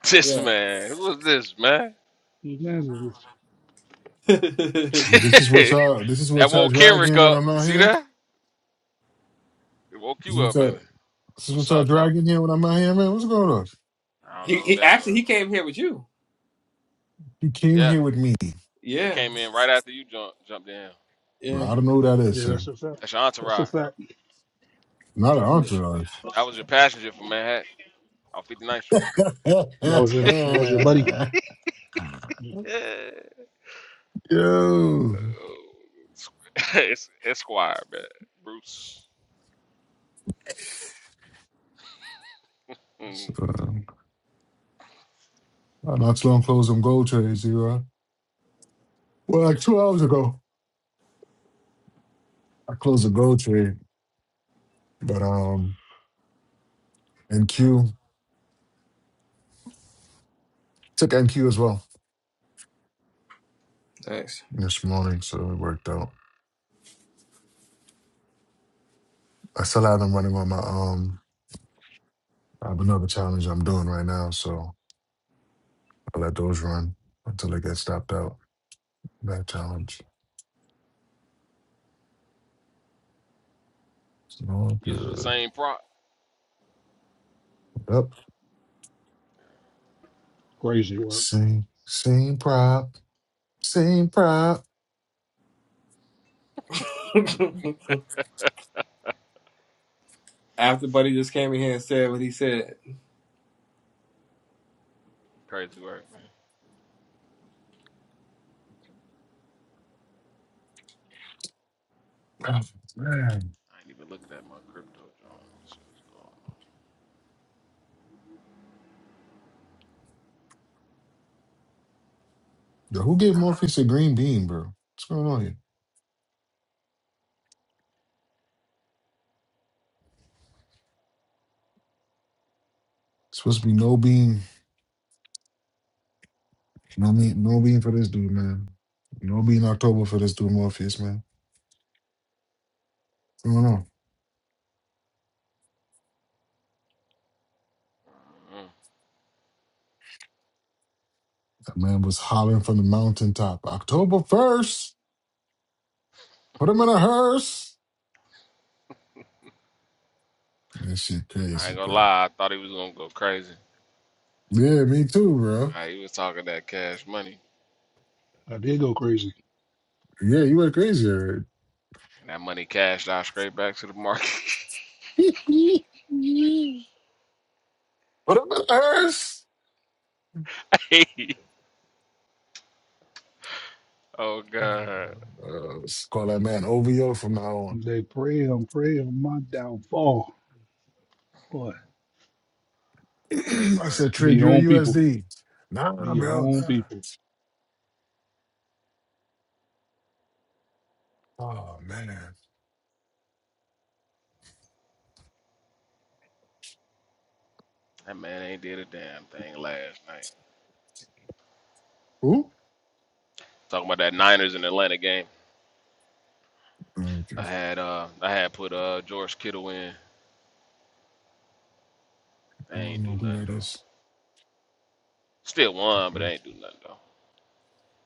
S11: This
S9: yeah
S11: man, who is this, man?
S6: Whose man's is this?
S9: he,
S7: This is what
S11: that
S7: y'all. This is what y'all
S11: woke
S7: drag
S11: Kenrick
S7: in when
S11: up.
S7: I'm
S11: You
S7: not
S11: see
S7: here.
S11: that? It woke
S7: This
S11: you
S7: is what
S11: up, man.
S7: y'all, this is what
S11: What's
S7: y'all
S11: up, Doc?
S7: drag in here when I'm not here, man. What's going on?
S11: I don't know who
S9: he
S11: that
S9: actually
S11: was.
S9: he came here with you
S7: You came
S11: Yeah.
S7: here with me,
S11: He
S9: yeah
S11: came in right after you jumped jumped in.
S7: bro. I
S9: yeah
S7: don't know who that is,
S6: Yeah,
S7: sir.
S6: that's a
S11: That's
S6: fact.
S11: your
S6: That's a
S11: entourage.
S6: fact.
S7: Not an
S9: yeah.
S7: entourage.
S11: That was your passenger from Manhattan on Fifty Ninth Street.
S6: That was your, that was your buddy.
S11: Yeah.
S7: Yo,
S11: Uh, it's Esquire, man. Bruce. Mm-hmm.
S7: so, uh, not too long closed some gold trades, you know. Well, like two hours ago, I closed a gold trade, but um, NQ took NQ as well
S9: thanks
S7: this morning, so it worked out. I still have them running on my um. I have another challenge I'm doing right now, so I let those run until they get stopped out. That challenge. It's all
S11: Uses the
S7: good.
S11: same prop.
S7: Yep.
S6: Crazy work.
S7: Same same prop. Same prop.
S9: after buddy just came in here and said what he said
S11: Crazy work, man.
S7: Oh, man.
S11: I ain't even looking at my crypto, John. Shit was
S7: Yo, who gave Morpheus a green bean, bro? What's going on here?
S11: going
S7: Supposed to be
S11: on.
S7: no bean. No mean no bean for this dude, man. No bean October for this dude, Morpheus, man. What's going on?
S11: Mm.
S7: That man was hollering from the mountaintop. October first. Put him in a hearse. That shit
S11: I
S7: crazy,
S11: ain't gonna
S7: bro.
S11: lie, I thought he was gonna go crazy.
S7: Yeah, me too, bro.
S11: Nah, he was talking that cash money,
S6: I did go crazy.
S7: Yeah, you went crazy. Eric.
S11: and that money cashed out straight back to the market.
S7: what up, Ernst?
S11: oh god,
S7: Uh, us call that man OVO from now on.
S6: They pray on pray on my downfall. Boy,
S11: crazy
S7: I
S11: work.
S7: said,
S6: be
S7: trade
S6: your
S7: your
S6: own people.
S7: USD. Nah,
S6: Be your
S7: bro,
S6: own
S7: nah.
S6: people.
S7: Oh, man.
S11: That man ain't did a damn thing last night.
S7: Who?
S11: Talking about that Niners and Atlanta game.
S7: Okay.
S11: I had uh, I had put uh George Kittle in.
S7: I
S11: They
S7: don't
S11: ain't do
S7: know who
S11: nothing
S7: that
S11: though.
S7: is.
S11: Still won, but they
S7: Like,
S11: ain't do nothing though.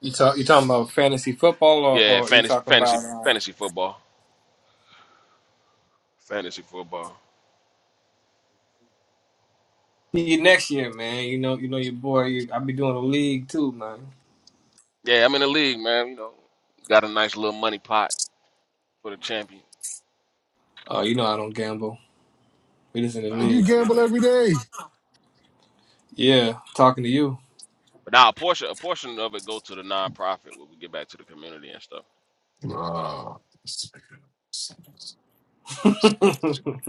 S9: you talk you talking about fantasy football or,
S11: Yeah,
S9: or you
S11: fantasy,
S9: talking
S11: fantasy,
S9: about uh,
S11: fantasy football, fantasy football.
S9: you next year man you know you know your boy you, i'll be doing a league too man
S11: Yeah, I'm in the league, man. You know, got a nice little money pot for the champion.
S9: Oh, you know I don't gamble. We just in the
S11: Oh
S7: You
S9: league.
S11: man, it
S7: gamble
S11: ain't.
S7: every day.
S9: Yeah, talking to you.
S11: But now a portion, a portion of it go to the nonprofit where we get back to the community and stuff. But um,
S7: Oh,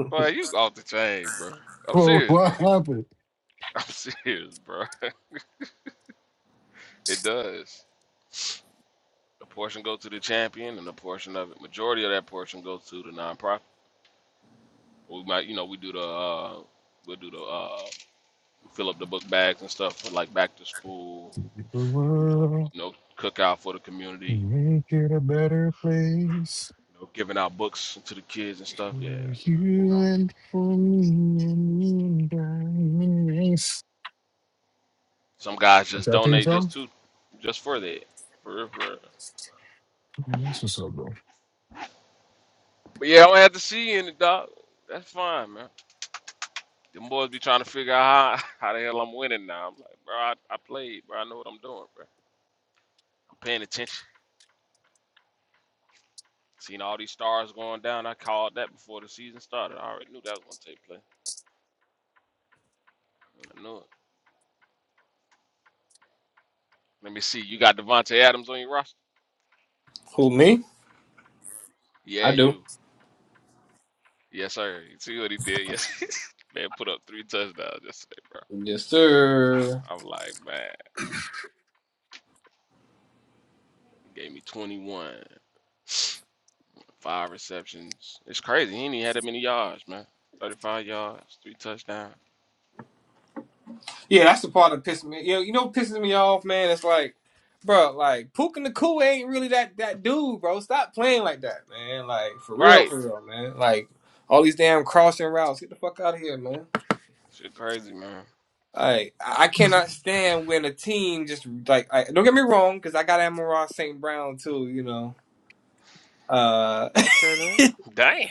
S11: but you off the chain, bro. I'm
S7: oh
S11: serious,
S7: what
S11: bro.
S7: happened?
S11: I'm serious, bro. It does. A portion go to the champion, and a portion of it, majority of that portion goes to the nonprofit. We might, you know, we do the uh, we'll do the uh, fill up the book bags and stuff for like back to school,
S7: The
S11: do the
S7: world
S11: you know cookout for the community
S7: can make it a better place.
S11: you know, giving out books to the kids and
S7: For
S11: stuff. Yeah, you
S7: You
S11: know,
S7: and for me and me and dying race.
S11: some guys
S7: That's
S11: just
S7: out there,
S11: donate just
S7: song.
S11: to, just for that, for real, for real.
S7: That's what's up, bro.
S11: But yeah, I don't have to see you in it, dog. That's fine, man. Them boys be trying to figure out how, how the hell I'm winning now. I'm like, bro, I, I played, bro. I know what I'm doing, bro. I'm paying attention. Seeing all these stars going down, I called that before the season started. I already knew that was gonna take place. I knew it. Let me see. You got Devonte Adams on your roster?
S9: Who me?
S11: Yeah,
S9: I do.
S11: you. Yes, sir. You see what he did? Yes. Man put up three touchdowns yesterday,
S9: Yes, sir.
S11: i was like, man, gave me 21, five receptions. It's crazy. He ain't even had that many yards, man. 35 yards, three touchdowns.
S9: Yeah, that's the part that pisses me. You know, you know what pisses me off, man. It's like, bro, like Puka the Nakua ain't really that that dude, bro. Stop playing like that, man. Like for real,
S11: Right.
S9: for real, man. Like all these damn crossing routes. Get the fuck out of here, man.
S11: Shit crazy, man.
S9: Like I I cannot stand when a team just like I, don't get me wrong, because I got Amon Ross St. Brown too, you know. Uh,
S11: Okay then. Damn.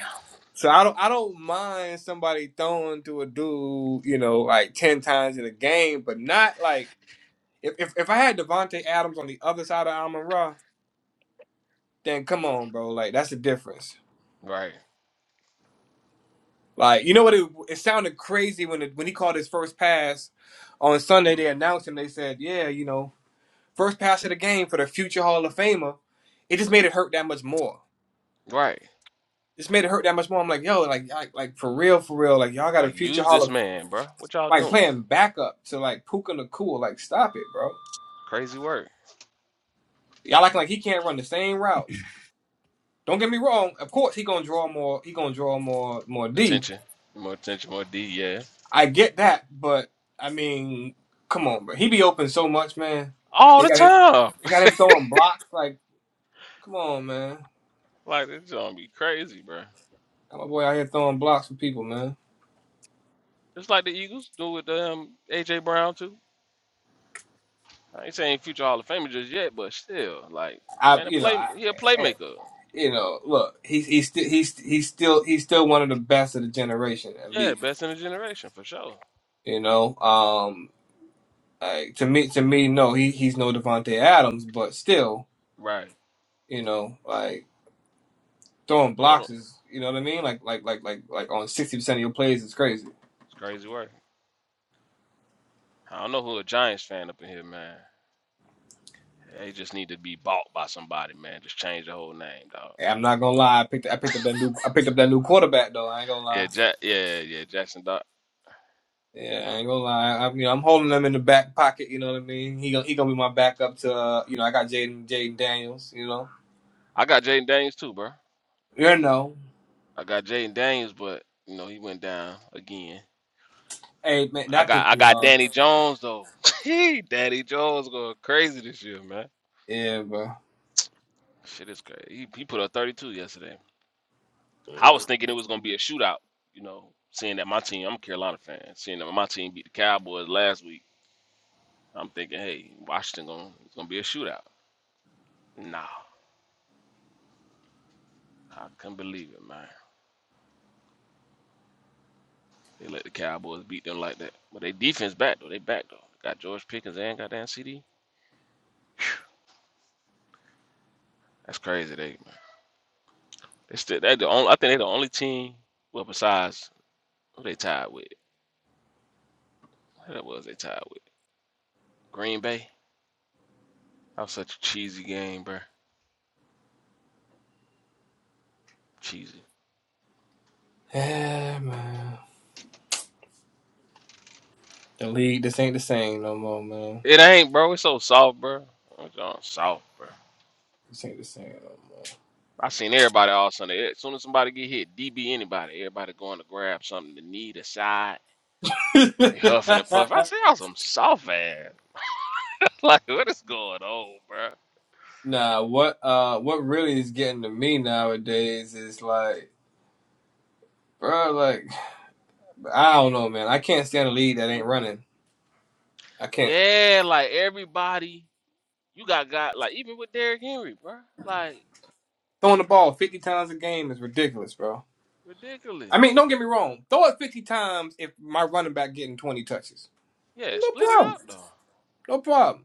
S9: So I don't I don't mind somebody throwing to a dude, you know, like ten times in a game, but not like if if, if I had Devonte Adams on the other side of Amon Ra, then come on, bro, like that's the difference.
S11: Right.
S9: Like you know what it, it sounded crazy when it, when he called his first pass on Sunday. They announced him. They said, yeah, you know, first pass of the game for the future Hall of Famer. It just made it hurt that much more.
S11: Right.
S9: Just made it hurt that much more. I'm like, yo, like, like, like for real, for real, like y'all got a
S11: Like
S9: future
S11: use
S9: Hall of
S11: this man, bro. What y'all
S9: like
S11: doing?
S9: playing backup to like Puka Nakua. Like, stop it, bro.
S11: Crazy work.
S9: Y'all acting like he can't run the same routes. Don't get me wrong. Of course, he gonna draw more. He gonna draw more more D.
S11: Attention. More attention, more D, yeah.
S9: I get that, but I mean, come on, bro. He be open so much, man.
S11: All
S9: They
S11: the
S9: got him.
S11: time.
S9: They got him throwing blocks. Like, come on, man.
S11: Like this gonna be crazy, bro.
S9: Got my boy out here throwing blocks for people, man.
S11: Just like the Eagles do with um AJ Brown too. I ain't saying future Hall of Famer just yet, but still, like
S9: I,
S11: man, a
S9: you know,
S11: play
S9: I,
S11: he a
S9: I-
S11: playmaker.
S9: you know, look, he's he's still he's he's still he's still one of the best of the generation, at
S11: Yeah,
S9: least.
S11: best in the generation for sure.
S9: You know, um. Like to me, to me, no, he he's no Devonte Adams, but still,
S11: Right.
S9: you know, like throwing
S11: Hold on.
S9: blocks is, you know what I mean? Like like like like like on sixty percent of your plays is crazy.
S11: It's crazy work. I don't know who a Giants fan up in here, man. They just need to be bought by somebody, man. Just change the whole name, dog.
S9: And I'm not gonna lie, I picked I picked up that new I picked up that new quarterback though. I ain't gonna
S11: Yeah,
S9: lie.
S11: ja- yeah, yeah, Jackson Doc.
S9: Yeah, I ain't gonna lie. I, you know, I'm holding them in the back pocket. You know what I mean? He gonna he gonna be my backup to uh, you know I got Jaden Jaden Daniels. You know,
S11: I got Jaden Daniels too, bro.
S9: you know.
S11: I got Jaden Daniels, but you know, he went down again.
S9: Hey man,
S11: But I
S9: that
S11: got
S9: pissed
S11: I
S9: me
S11: got
S9: off.
S11: Danny Jones though. Danny Jones going crazy this year, man.
S9: Yeah, bro.
S11: Shit is crazy. He, he put up 32 yesterday, I was thinking it was gonna be a shootout, you know, seeing that my team, I'm a Carolina fan, seeing that my team beat the Cowboys last week, I'm thinking, hey, Washington gonna it's gonna be a shootout. Nah, I couldn't believe it, man. They let the Cowboys beat them like that. But they defense back though, they back though. Got George Pickens and goddamn CD. That's crazy, they man. They still they the only I think they the only team well besides who they tied with. Who that was they tied with? Green Bay. That was such a cheesy game, bruh. Cheesy.
S9: Yeah, man. The league, this ain't the same no more, man.
S11: It ain't, bro. It's so soft, bro. It's all soft, bro.
S9: This ain't the same no more.
S11: I seen everybody all Sunday. As soon as somebody get hit, DB anybody, everybody going to grab something to need a side. They huffing and puffing. I see y'all some soft ass. like what is going on, bro?
S9: nah, what uh what really is getting to me nowadays is like bro, like I don't know man. I can't stand a lead that ain't running. I can't
S11: Yeah, like everybody, you got got like even with Derrick Henry, bro. Like
S9: throwing the ball fifty times a game is ridiculous, bro. I mean,
S11: ridiculous.
S9: don't get me wrong. Throw it fifty times if my running back getting twenty touches.
S11: Yeah,
S9: No
S11: split it
S9: problem.
S11: up though.
S9: No problem.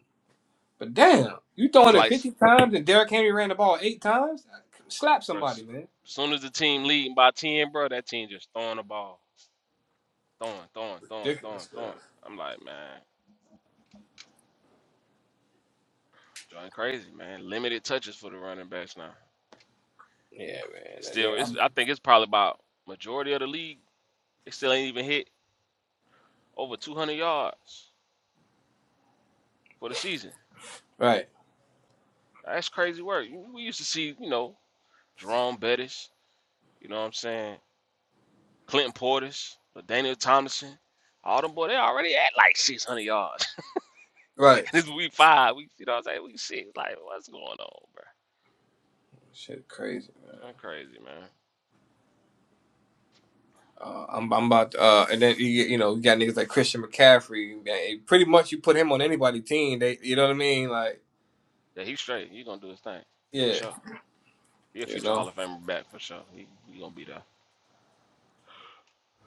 S9: But damn, you
S11: It's
S9: throwing it
S11: like,
S9: fifty times and Derrick Henry ran the ball eight times? Slap
S11: bro, as
S9: somebody, man.
S11: soon as the team leading by ten, bro, that team just throwing the ball, throwing, throwing, throwing, throwing,
S9: Ridiculous, bro.
S11: throwing. I'm like, man, joint crazy, man. Limited touches for the running backs now.
S9: Yeah, man.
S11: It's
S9: That-
S11: still,
S9: that-
S11: it's.
S9: I'm-
S11: I think it's probably about majority of the league. It still ain't even hit over 200 yards for the season.
S9: right.
S11: That's crazy work. We used to see, you know, Jerome Bettis. You know what I'm saying? Clinton Portis, Daniel Thomason, All them boy, they already at like 600 yards.
S9: Right.
S11: This it's week five. We, you know what I'm saying? We six. Like, what's going on, bro?
S9: Shit crazy.
S11: That's crazy, man.
S9: Uh, I'm, I'm about, uh, and then you, get- you know, you got niggas like Christian McCaffrey. man, it- pretty much, you put him on anybody team. They, you know what I mean? Like,
S11: Yeah, he's straight. He's gonna do his thing for
S9: yeah,
S11: sure. He a
S9: you
S11: future Hall
S9: know.
S11: of Famer back for sure. He, he gonna be there.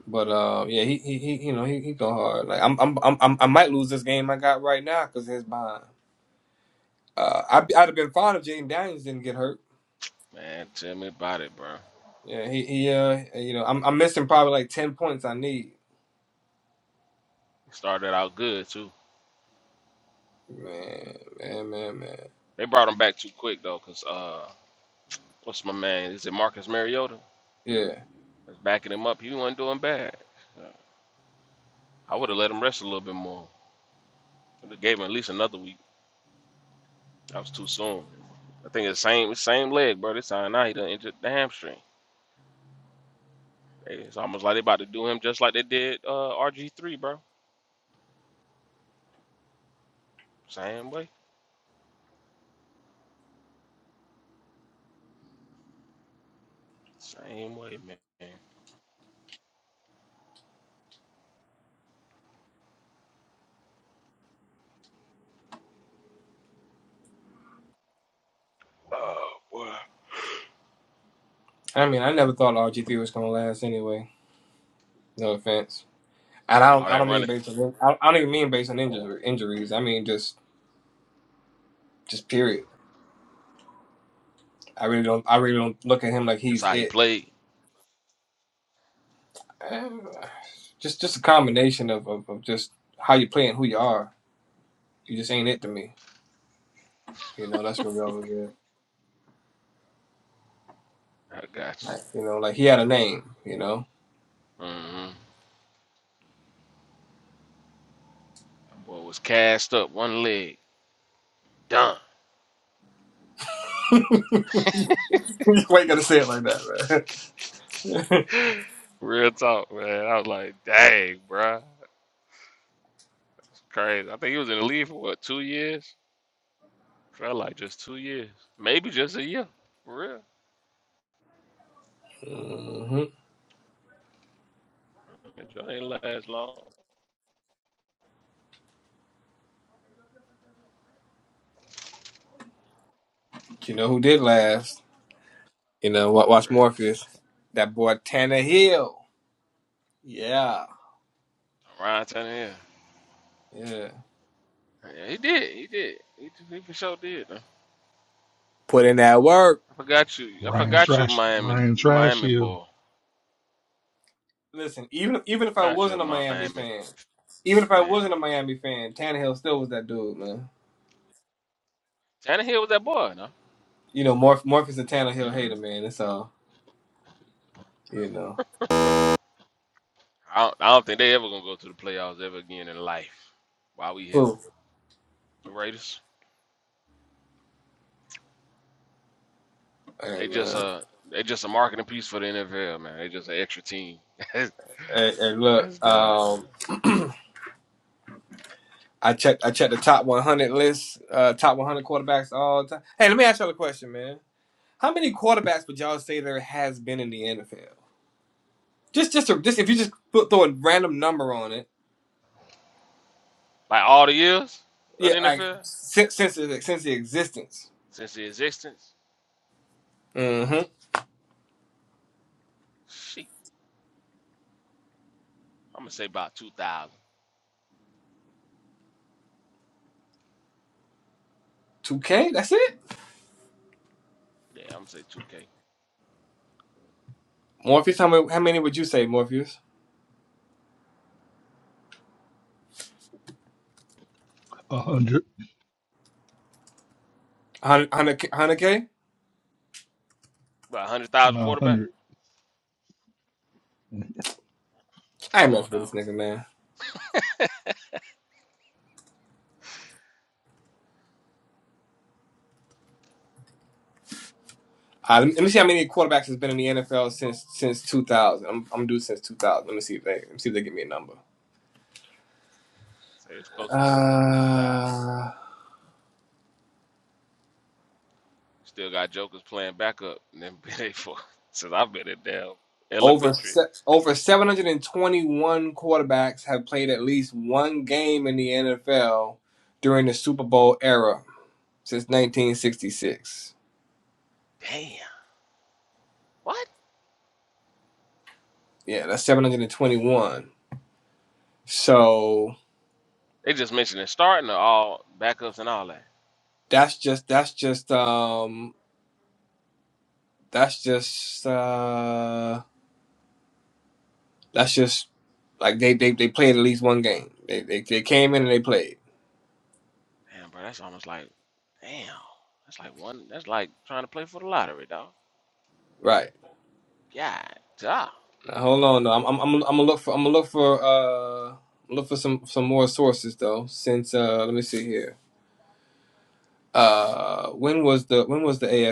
S9: But uh, yeah, he, he, he you know, he, he go hard. Like, I'm, I'm, I'm, I'm- I might lose this game I got right now because his behind. Uh, I, I'd have been fine if Jaden Daniels didn't get hurt.
S11: Man, tell me about it, bro.
S9: Yeah, he, he, uh, you know, I'm, I'm missing probably like ten points I need.
S11: Started out good too.
S9: Man, man, man, man.
S11: They brought him back too quick though, cause uh, what's my man? Is it Marcus Mariota?
S9: Yeah.
S11: That's backing him up. He wasn't doing bad. I would have let him rest a little bit more. Would have gave him at least another week. That was too soon. I think it's same same leg, bro. This time now he done injured the hamstring. Hey, It's almost like they about to do him just like they did uh, RG3, bro. Same way, same way, man. Oh boy,
S9: I mean, I never thought RG three was gonna last anyway. No offense. And I don't
S11: all
S9: I
S11: that
S9: don't mean
S11: running,
S9: based on I I don't even mean based on injuries injuries. I mean just just period. I really don't I really don't look at him like
S11: just
S9: he's
S11: how he
S9: it.
S11: played.
S9: Eh, Just just a combination of, of, of just how you play and who you are. You just ain't it to me. You know, that's really all it is.
S11: I got
S9: Like, you know, like he had a name, you know.
S11: you. Mm-hmm. That Boy was cast up, one leg, done.
S9: Why you gotta say it like that, man?
S11: Real talk, man. I was like, dang, bruh. That's crazy. I think he was in the league for what, two years? Felt like just two years. Maybe just a year. For real.
S9: hmm
S11: Man, John ain't last long.
S9: You know who did last? You know,
S11: John
S9: wa-
S11: be
S9: watch
S11: crazy.
S9: Morpheus. That boy Tanner Hill. Yeah.
S11: Ryan Tannehill.
S9: Yeah.
S11: Yeah, he did. He did. He, he for sure did. though.
S9: Put in that work.
S11: I forgot you. I
S6: Ryan
S11: forgot you,
S6: Trash,
S11: Miami.
S6: Ryan
S11: you
S6: Trash,
S11: Miami
S6: you
S11: boy.
S9: Listen, even even if I
S11: Forgot you, a
S9: wasn't a Miami
S11: Miami
S9: fan, even if I
S11: fan.
S9: wasn't a Miami fan, Tannehill still was that dude, man.
S11: Tannehill was that boy, no?
S9: You know, Morph Morpheus a Tannehill hater,
S11: Mhm.
S9: man. That's all. You know.
S11: I, don't, I don't think they ever gonna go to the playoffs ever again in life. Why we here?
S9: Who?
S11: The Raiders.
S9: Hey
S11: They just
S9: man.
S11: a they just a marketing piece for the NFL, man. They just an extra team. that's
S9: Hey, hey look,
S11: that's dumb, man.
S9: um I checked I checked the top one hundred list, uh top one hundred quarterbacks all the time. Hey, let me ask y'all a question, man. How many quarterbacks would y'all say there has been in the NFL? Just just a, just if you just put, throw a random number on it.
S11: Like all the years of
S9: Yeah,
S11: the
S9: like
S11: NFL
S9: since since the, since the existence.
S11: since the existence,
S9: hmm
S11: sheet. I'm gonna say about two thousand.
S9: 2K? That's it?
S11: Yeah, I'm gonna say two K.
S9: Morpheus, how many, how many would you say, Morpheus?
S6: a hundred,
S9: 100,
S11: About hundred thousand
S6: no, a
S11: quarterback.
S6: hundred.
S9: I ain't
S11: Come on,
S9: messing with
S11: dog.
S9: this nigga, man. Uh, let, me, let me see how many quarterbacks has been in the NFL since since 2000. I'm, I'm due since 2000. Let me see if they let me see if they give me a number.
S11: Say it's close to two two thousand.
S9: Uh,
S11: Still got jokers playing backup and then been there for since I've been in damn
S9: over
S11: elementary.
S9: se- over 721 quarterbacks have played at least one game in the NFL during the Super Bowl era since 1966.
S11: Damn. What?
S9: Yeah, that's 721. So
S11: They just mentioned it starting to all backups and all that.
S9: that's just that's just um that's just uh that's just like they they, they played at least one game. They, they they came in and they played.
S11: Damn, bro, that's almost like, damn, that's like one, that's like trying to play for the lottery, dog.
S9: Right.
S11: God, damn.
S9: Now, hold on though. I'm I'm I'm I'm gonna look for I'm gonna look for uh look for some some more sources though since uh let me see here. Uh when was the when was the AFL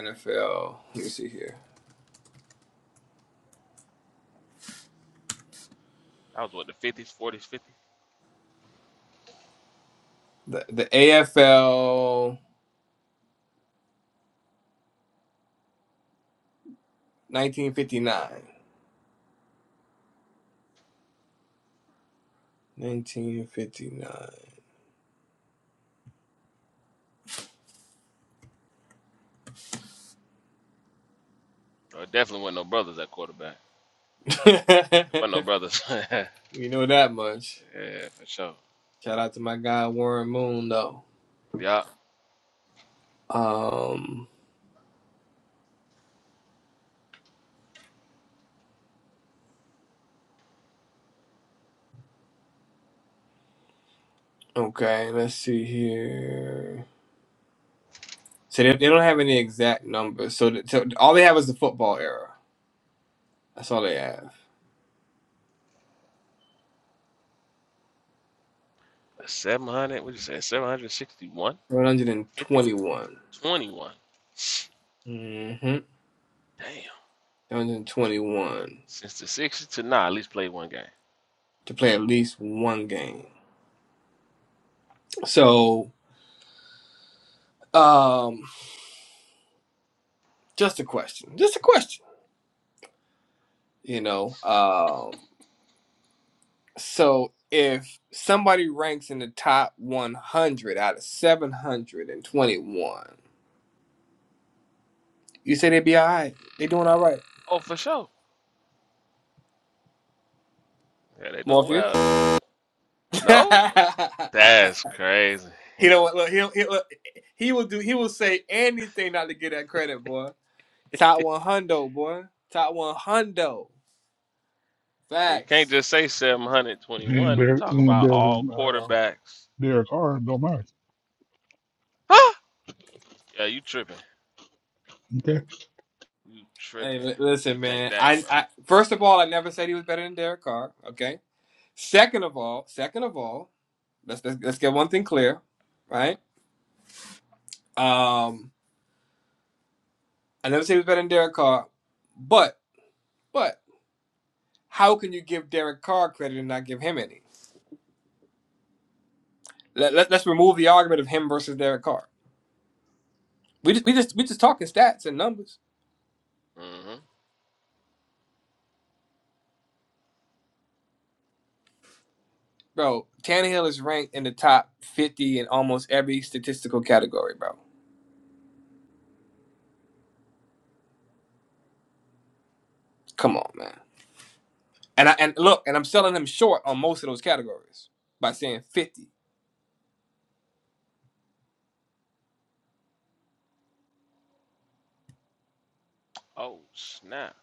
S9: NFL? Let me see here.
S11: That was what the fifties, forties, fifties.
S9: The the AFL 1959. 1959.
S11: Well, it definitely wasn't no brothers at quarterback. It wasn't no brothers. yeah,
S9: we know that much.
S11: for sure.
S9: Shout out to my guy Warren Moon though.
S11: Yeah,
S9: Um, okay, let's see here. So they, they don't have any exact numbers. So, the, so all they have is the football era. That's all they have.
S11: seven hundred. What you say? Seven hundred sixty-one,
S9: One hundred and
S11: fifty,
S9: twenty-one.
S11: twenty-one.
S9: Mm-hmm.
S11: Damn.
S9: 721
S11: Since the sixties to now, at least played one game.
S9: to play at least one game. So, um, just a question. Just a question. You know, um, so if somebody ranks in the top 100 out of 721 You say they be all right. They doing all right.
S11: Oh, for sure. Yeah, they doing
S9: Morpheus.
S11: well. No, that's crazy.
S9: he don't look. He he look, he will do. He will say anything not to get that credit, boy. Top one hundo, boy. Top one hundo.
S11: you can't
S9: Facts.
S11: just say seven hundred
S6: He ain't
S11: twenty-one. You
S6: better,
S11: talking
S6: he ain't
S11: about
S6: better
S11: all
S6: than, uh,
S11: quarterbacks?
S6: Derek R. Don't matter.
S11: Yeah, you tripping.
S6: Okay.
S11: You
S9: Hey,
S11: tripping.
S9: li-
S11: You
S9: listen,
S11: think
S9: man.
S11: that,
S9: I,
S11: bro.
S9: I first of all, I never said he was better than Derek Carr. Okay. Second of all, second of all, let's let's, let's get one thing clear, right? Um, I never said he was better than Derek Carr, but but how can you give Derek Carr credit and not give him any? Let, let, us remove the argument of him versus Derek Carr. We just we just we just talking stats and numbers,
S11: hmm
S9: bro. Tannehill is ranked in the top fifty in almost every statistical category, bro. Come on, man. And I and look, and I'm selling him short on most of those categories by saying fifty.
S11: Oh, snap.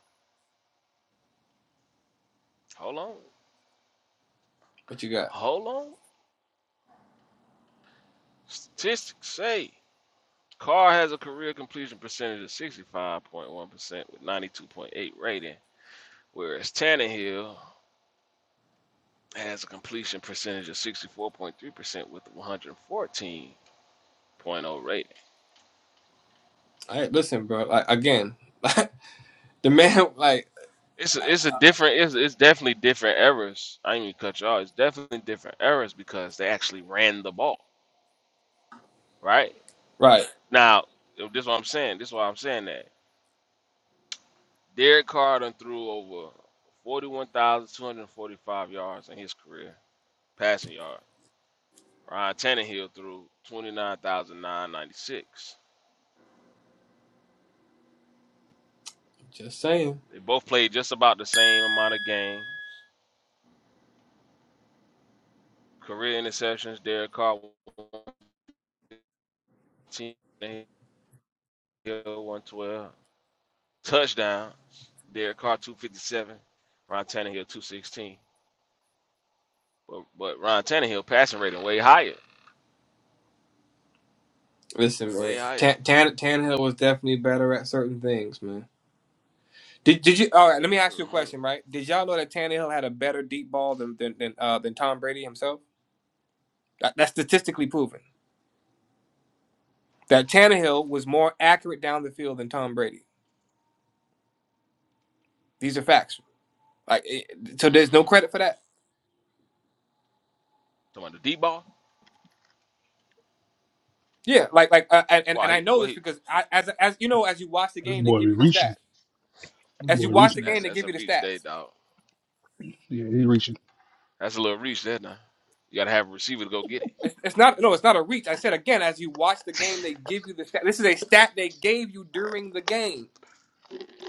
S11: Hold on.
S9: What you got?
S11: Hold on. Statistics say Carr has a career completion percentage of 65.1% with 92.8 rating, whereas Tannehill has a completion percentage of 64.3% with 114.0 rating.
S9: All right, listen, bro. Like again, like, the man, like
S11: It's a, it's a different it's, it's definitely different errors. I ain't even cut you all It's definitely different errors because they actually ran the ball, right?
S9: right.
S11: Now, this is what I'm saying. This is why I'm saying that. Derek Carr done threw over 41,245 yards in his career, passing yard. Ryan Tannehill threw twenty-nine thousand nine ninety-six.
S9: Just saying.
S11: They both played just about the same amount of games. Career interceptions, Derek Carr 115, Tannehill 112. Touchdown, Derek Carr 257, Ryan Tannehill 216. But, but Ryan Tannehill passing rating way higher,
S9: Listen,
S11: way
S9: man.
S11: higher.
S9: Tan, Tan, Tannehill was definitely better at certain things, man. Did did you? All right, let me ask you a
S11: Mhm.
S9: question. Right? Did y'all know that Tannehill had a better deep ball than than than, uh, than Tom Brady himself? That, that's statistically proven. That Tannehill was more accurate down the field than Tom Brady. These are facts. Like, it, so there's no
S11: Mm-hmm.
S9: credit for that.
S11: Talking about the deep ball.
S9: Yeah, like like, uh, and and
S11: why
S9: I
S11: he
S9: know
S11: well
S9: this
S11: he
S9: because I, as as you know, as you watch the
S6: This
S9: game, they
S6: boy
S9: give
S6: be
S9: you the stats.
S6: reaching. This
S9: As you
S6: boy
S9: watch the
S6: reaching.
S11: that,
S9: game,
S6: us.
S9: they
S11: that's
S9: give
S11: a
S9: you the
S11: reach there,
S9: stats.
S11: dog.
S6: Yeah, he reaching.
S11: That's a little reach there now. You gotta have a receiver to go get it.
S9: It's, it's not no, it's not a reach. I said again, as you watch the game, they give you the stat. This is a stat they gave you during the game.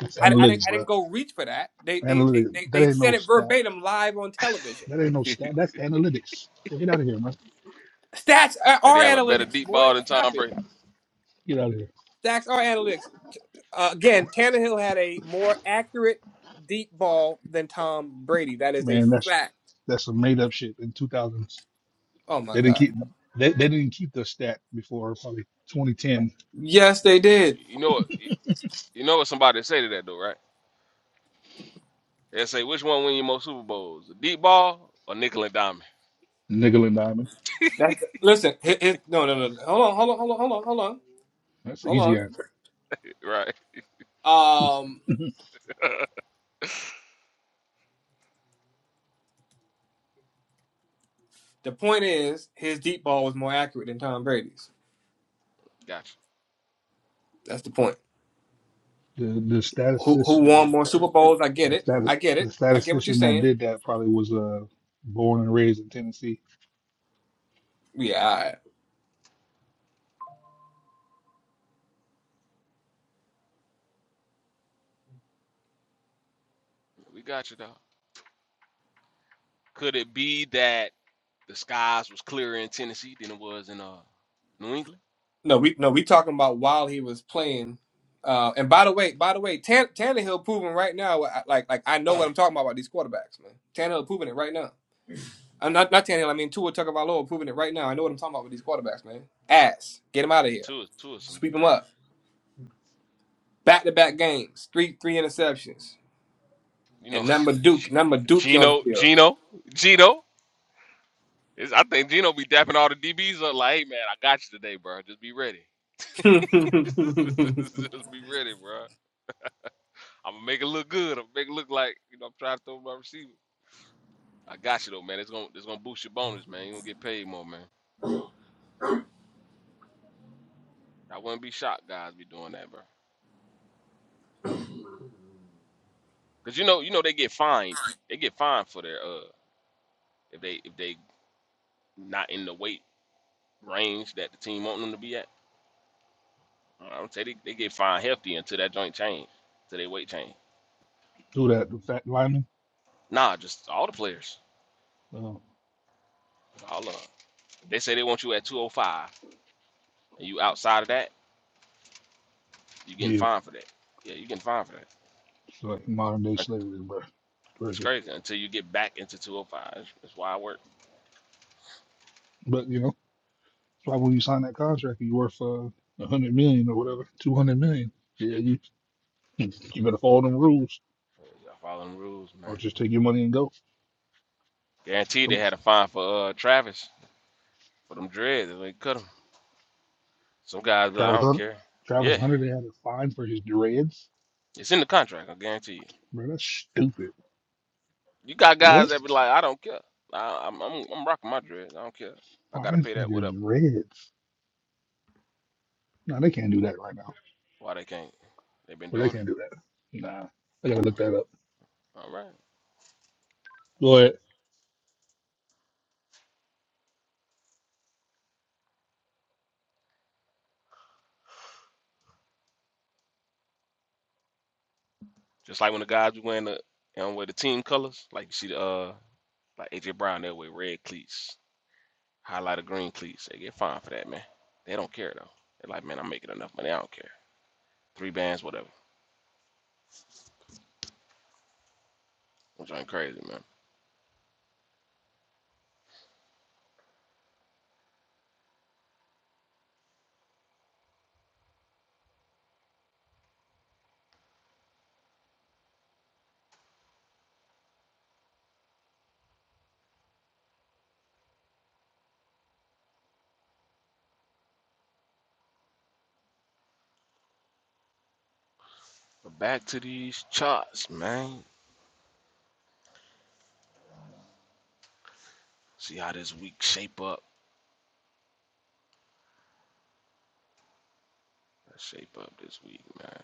S6: That's
S9: I, I, didn't,
S6: analytics,
S9: I
S6: bro.
S9: didn't go reach for that. They, they, they,
S6: Analytics.
S9: they,
S6: That
S9: they
S6: ain't no
S9: said it
S6: stat.
S9: verbatim live on television.
S6: That ain't no stat. That's analytics. So get out of here, man.
S9: Stats are
S11: That they
S9: are
S11: have a better
S9: analytics,
S11: deep
S9: boy.
S11: ball than
S9: Stop
S11: Tom
S9: it.
S11: Brady.
S6: Get out of here,
S9: Stats are analytics. Uh, again, Tannehill had a more accurate deep ball than Tom Brady. That is a
S6: man. That's
S9: fact.
S6: that's some made up shit in 2000s.
S9: Oh my
S6: They didn't
S9: God.
S6: keep. They, they didn't keep the stat before probably 2010.
S9: Yes, they did.
S11: You know what? You know what somebody say to that though, right? They say which one win you more Super Bowls, the deep ball or nickel and diamond,
S6: Nickel and diamond.
S9: That's listen. It, it, no, no, no. no. Hold on, hold on, hold on, hold on,
S6: That's the
S9: hold
S6: easy
S9: on, hold
S6: answer.
S11: right?
S9: on. Um, the point is, his deep ball was more accurate than Tom Brady's.
S11: Gotcha.
S9: That's the point.
S6: The the
S9: who who
S6: statistician,
S9: won more Super Bowls. I get
S6: the
S9: it.
S6: status,
S9: I get
S6: the
S9: it. I get what you're
S6: statistician that
S9: saying.
S6: did that probably was uh born and raised in Tennessee.
S9: Yeah. All right.
S11: We got you, dog. Could it be that the skies was clearer in Tennessee than it was in uh New England?
S9: No, we no we talking about while he was playing. Uh, and by the way, by the way, Tan- Tannehill proving right now, I- like like I know what I'm talking about about these quarterbacks, man. Tannehill proving it right now. I'm not not Tannehill. I mean Tua Tagovailoa proving it right now. I know what I'm talking about with these quarterbacks, man. Ass, get him out of
S11: Yeah,
S9: here.
S11: two is two of some
S9: Sweep him
S11: dirt.
S9: up. Back to back games, three three interceptions,
S11: You know,
S9: and number Duke, number Dookie on
S11: Gino, Gino, Gino. It's, I think Gino be dapping all the DBs up like, hey man, I got you today, bro. Just be ready.
S9: the
S11: Just
S9: field.
S11: be ready, bro. I'm gonna make it look good. I'm gonna make it look like you know I'm trying to throw my receiver. I got you though, man. It's gonna it's gonna boost your bonus, man. you gonna get paid more, man. I wouldn't be shocked, guys, be doing that, bro. Cause you know you know they get fined. You- They get fined for their uh if they if they not in the weight range that the team want them to be at. I don't say they, they get fined hefty until that joint change, to their weight change.
S6: Who that? The fat lineman.
S11: Nah, just all the players,
S6: Uh,
S11: all of 'em. They say they want you at 205. And you outside of that, you getting
S6: yeah.
S11: fined for that. Yeah, you getting fined for that.
S6: It's like modern day
S11: Uh,
S6: slavery, bro.
S11: It's
S6: Crazy.
S11: crazy until you get back into 205. That's, why I work.
S6: But you know, that's why when you sign that contract, you worth uh, a hundred million or whatever, two hundred million. Yeah, you you better follow them rules
S11: Yeah, Y'all following the rules,
S6: or
S11: man.
S6: just take your money and go.
S11: Guaranteed
S6: Come
S11: they
S6: on.
S11: had a fine for uh, Travis for them dreads. They cut him. Some guys be like, I
S6: Travis
S11: don't
S6: Hunter,
S11: care.
S6: Travis
S11: Yeah,
S6: Hunter, they had a fine for his dreads.
S11: it's in the contract. I guarantee you.
S6: Bro, that's stupid.
S11: You got guys
S6: What?
S11: that be like, I don't care. I, I'm, I'm I'm rocking my dreads. I don't care. I gotta
S6: Fine
S11: pay
S6: for
S11: that
S6: your
S11: whatever.
S6: dreads? No, they can't do that right now.
S11: Why they can't? They've been
S6: Well, they
S11: doing it.
S6: can't do that. Nah, I gotta look
S11: Okay.
S6: that up.
S11: All right.
S6: Go ahead.
S11: Just like when the guys be wearing the you know, wear the team colors, like you see the uh like AJ Brown they wear red cleats, highlighter green cleats. They get fined for that, man. They don't care though. They're like, man, I'm making enough money. I don't care. Three bands, whatever. I'm going crazy, man. But back to these charts, man. See how this week shape up. Let's shape up this week, man.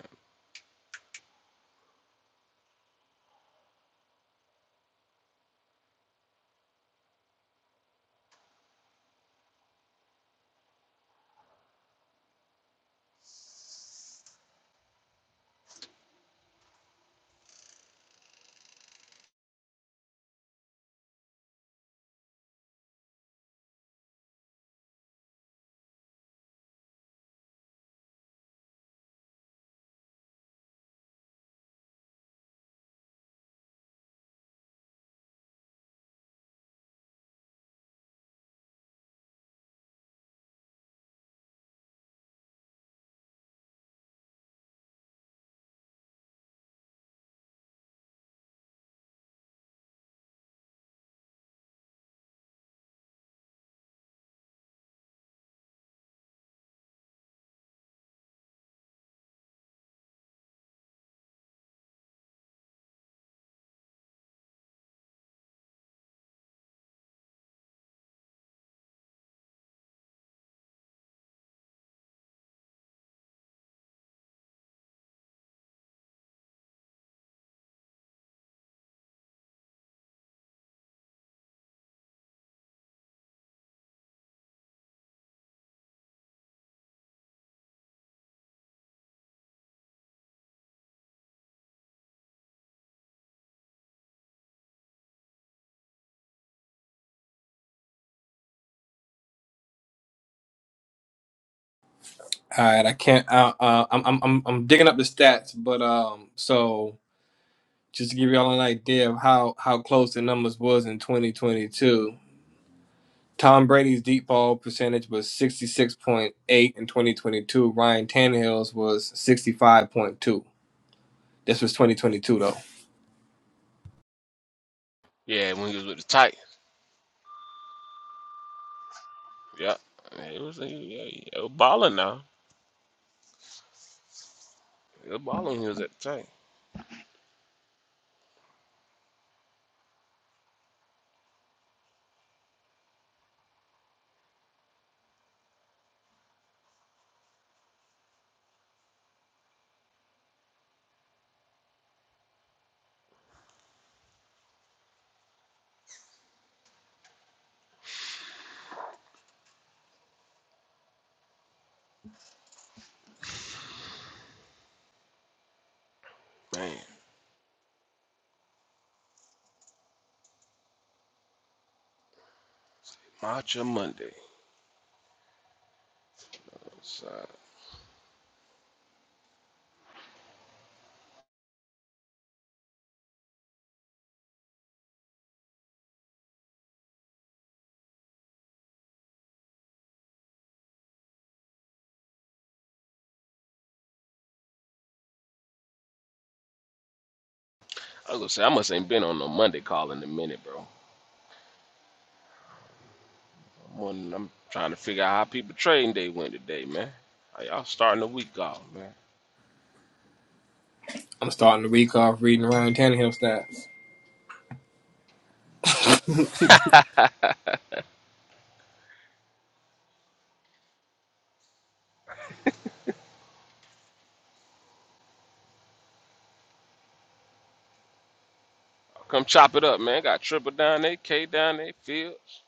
S9: All right, I can't. Uh, uh, I'm, I'm, I'm I'm digging up the stats, but um, so just to give y'all an idea of how how close the numbers was in 2022. Tom Brady's deep ball percentage was 66.8 in 2022. Ryan Tannehill's was 65.2. This was 2022 though.
S11: Yeah, when he was with the Titans. Yep. It was, yeah, it was balling now. It was balling when he was at the Titans. Man, Macho Monday. It's, uh, I was gonna say I must ain't been on no Monday call in a minute, bro. I'm, on, I'm trying to figure out how people trading day went today, man. How y'all starting the week off, man?
S9: I'm starting the week off reading Ryan Tannehill stats.
S11: Come chop it up, man. Got triple down there, K down there, Fields.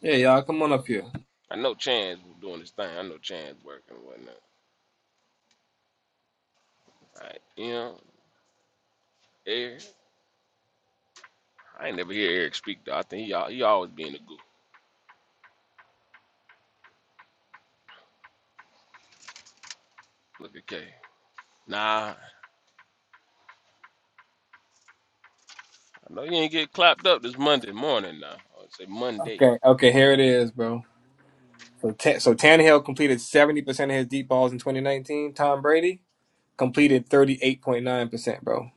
S9: Yeah, y'all, come on up here.
S11: I know Chan's doing his thing. I know Chan's working and whatnot. All Right. You know, Eric. I ain't never hear Eric speak though. I think he, al- he always being a goof. Look at K. Nah, I know you ain't get clapped up this Monday morning now. I would say Monday.
S9: Okay, okay, here it is, bro. So, Ta- so Tannehill completed 70% of his deep balls in 2019. Tom Brady. completed 38.9%, bro.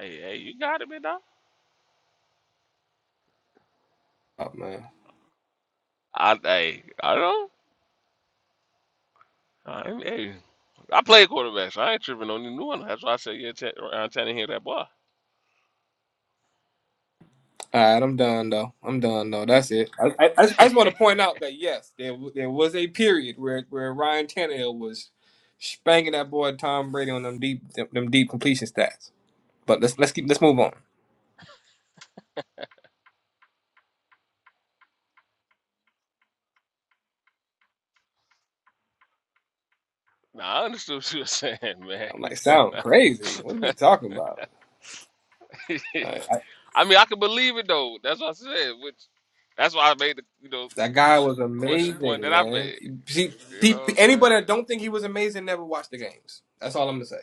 S11: Hey, hey, you got it, man, dog.
S9: Oh, man.
S11: I, hey, I don't know. Uh, and, hey, I played quarterback, so I ain't tripping on the new one. That's why I said, yeah, t- Ryan Tannehill, that boy.
S9: All right, I'm done, though. I'm done, though. That's it. I, I, I just, I just want to point out that, yes, there, w- there was a period where, where Ryan Tannehill was spanking that boy Tom Brady on them deep them, them deep completion stats. But let's let's keep let's move on.
S11: Nah, I understood what you were saying, man.
S9: I'm like, sound crazy. What are we talking about? Like, I,
S11: I mean, I can believe it though. That's what I said. Which, that's why I made the you know
S9: that guy was
S11: question point that
S9: amazing,
S11: I
S9: man.
S11: made.
S9: See,
S11: You know
S9: pe-
S11: what
S9: pe-
S11: I'm saying?
S9: anybody that don't think he was amazing never watched the games. That's all I'm gonna say.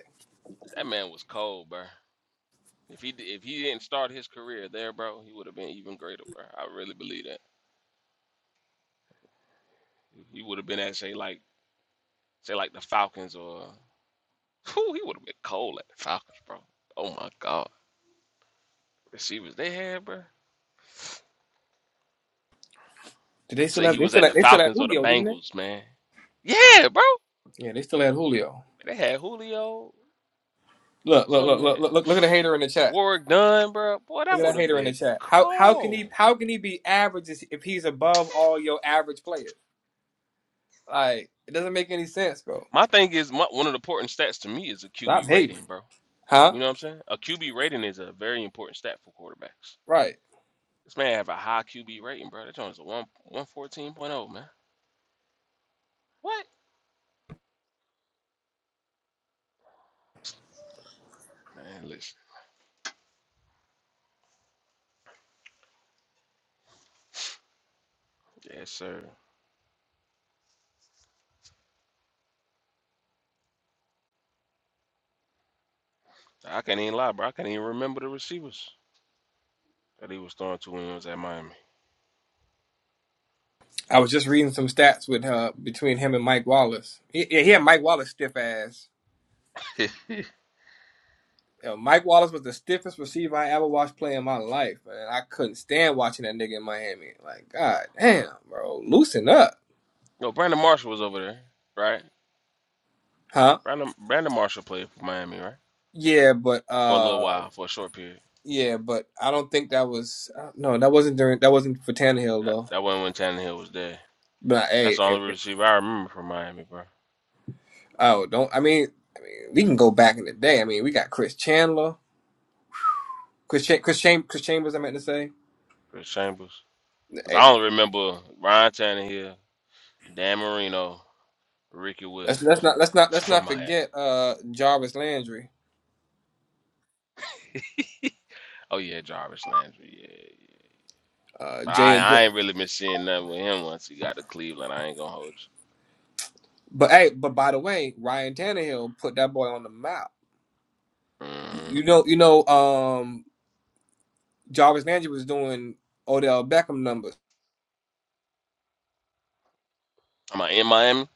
S11: That man was cold, bro. If he if he didn't start his career there, bro, he would have been even greater, bro. I really believe that. He would have been at say like say like the Falcons or whew, he would have been cold at the Falcons, bro. Oh my God. She was they had, bro.
S9: Did they still
S11: Say
S9: have
S11: he
S9: they
S11: was
S9: still
S11: at
S9: had,
S11: the
S9: they still had
S11: Falcons or the
S9: Julio, didn't they?
S11: Bengals, man. Yeah, bro.
S9: Yeah, they still had Julio.
S11: They had Julio.
S9: Look,
S11: What's
S9: look,
S11: one
S9: look,
S11: man?
S9: look, look, look look at the hater in the chat.
S11: Warwick Dunn, bro. Boy,
S9: Look
S11: that
S9: at
S11: would
S9: that
S11: have
S9: hater in the
S11: been
S9: chat. How how can he
S11: cool.
S9: how can he be average is- if he's above all your average players? Like it doesn't make any sense, bro.
S11: My thing is, my, one of the important stats to me is a
S9: Stop
S11: QB
S9: hating,
S11: rating, bro.
S9: huh?
S11: You know what I'm saying? A QB rating is a very important stat for quarterbacks.
S9: Right.
S11: This man have a high QB rating, bro. That joint is a one one fourteen point oh, man. What? Man, listen. Yes, sir. I can't even lie, bro. I can't even remember the receivers that he was throwing to when he was at Miami.
S9: I was just reading some stats with uh between him and Mike Wallace. He, yeah, he had Mike Wallace stiff ass. Yo, Mike Wallace was the stiffest receiver I ever watched play in my life, man. I couldn't stand watching that nigga in Miami. Like, god damn, bro, loosen up,
S11: No, Brandon Marshall was over there, right?
S9: huh?
S11: Brandon Brandon Marshall played for Miami, right?
S9: Yeah, but
S11: For a little
S9: uh
S11: while, for a short period.
S9: Yeah, but I don't think that was uh, no, that wasn't during that wasn't for Tannehill
S11: That
S9: though.
S11: that wasn't when Tannehill was there.
S9: But hey,
S11: That's the
S9: if,
S11: only
S9: if,
S11: receiver I remember from Miami, bro.
S9: oh, don't I mean we can go back in the day. I mean we got Chris Chandler, Chris Cha- Chris, Cham- Chris Chambers. I meant to say.
S11: Chris Chambers. Cause
S9: Hey,
S11: I only remember Ryan Tannehill, Dan Marino, Ricky
S9: let's let's
S11: Williams
S9: not let's not let's
S11: from
S9: not
S11: Miami.
S9: forget uh Jarvis Landry,
S11: Oh yeah, Jarvis Landry. Yeah, yeah.
S9: uh
S11: But I
S9: Jay. and J-
S11: I ain't really been seeing nothing with him once he got to Cleveland. I ain't gonna hold
S9: But hey, but by the way, Ryan Tannehill put that boy on the map.
S11: you. Mm-hmm.
S9: You know, you know, um Jarvis Landry was doing Odell Beckham numbers.
S11: Am I in Miami?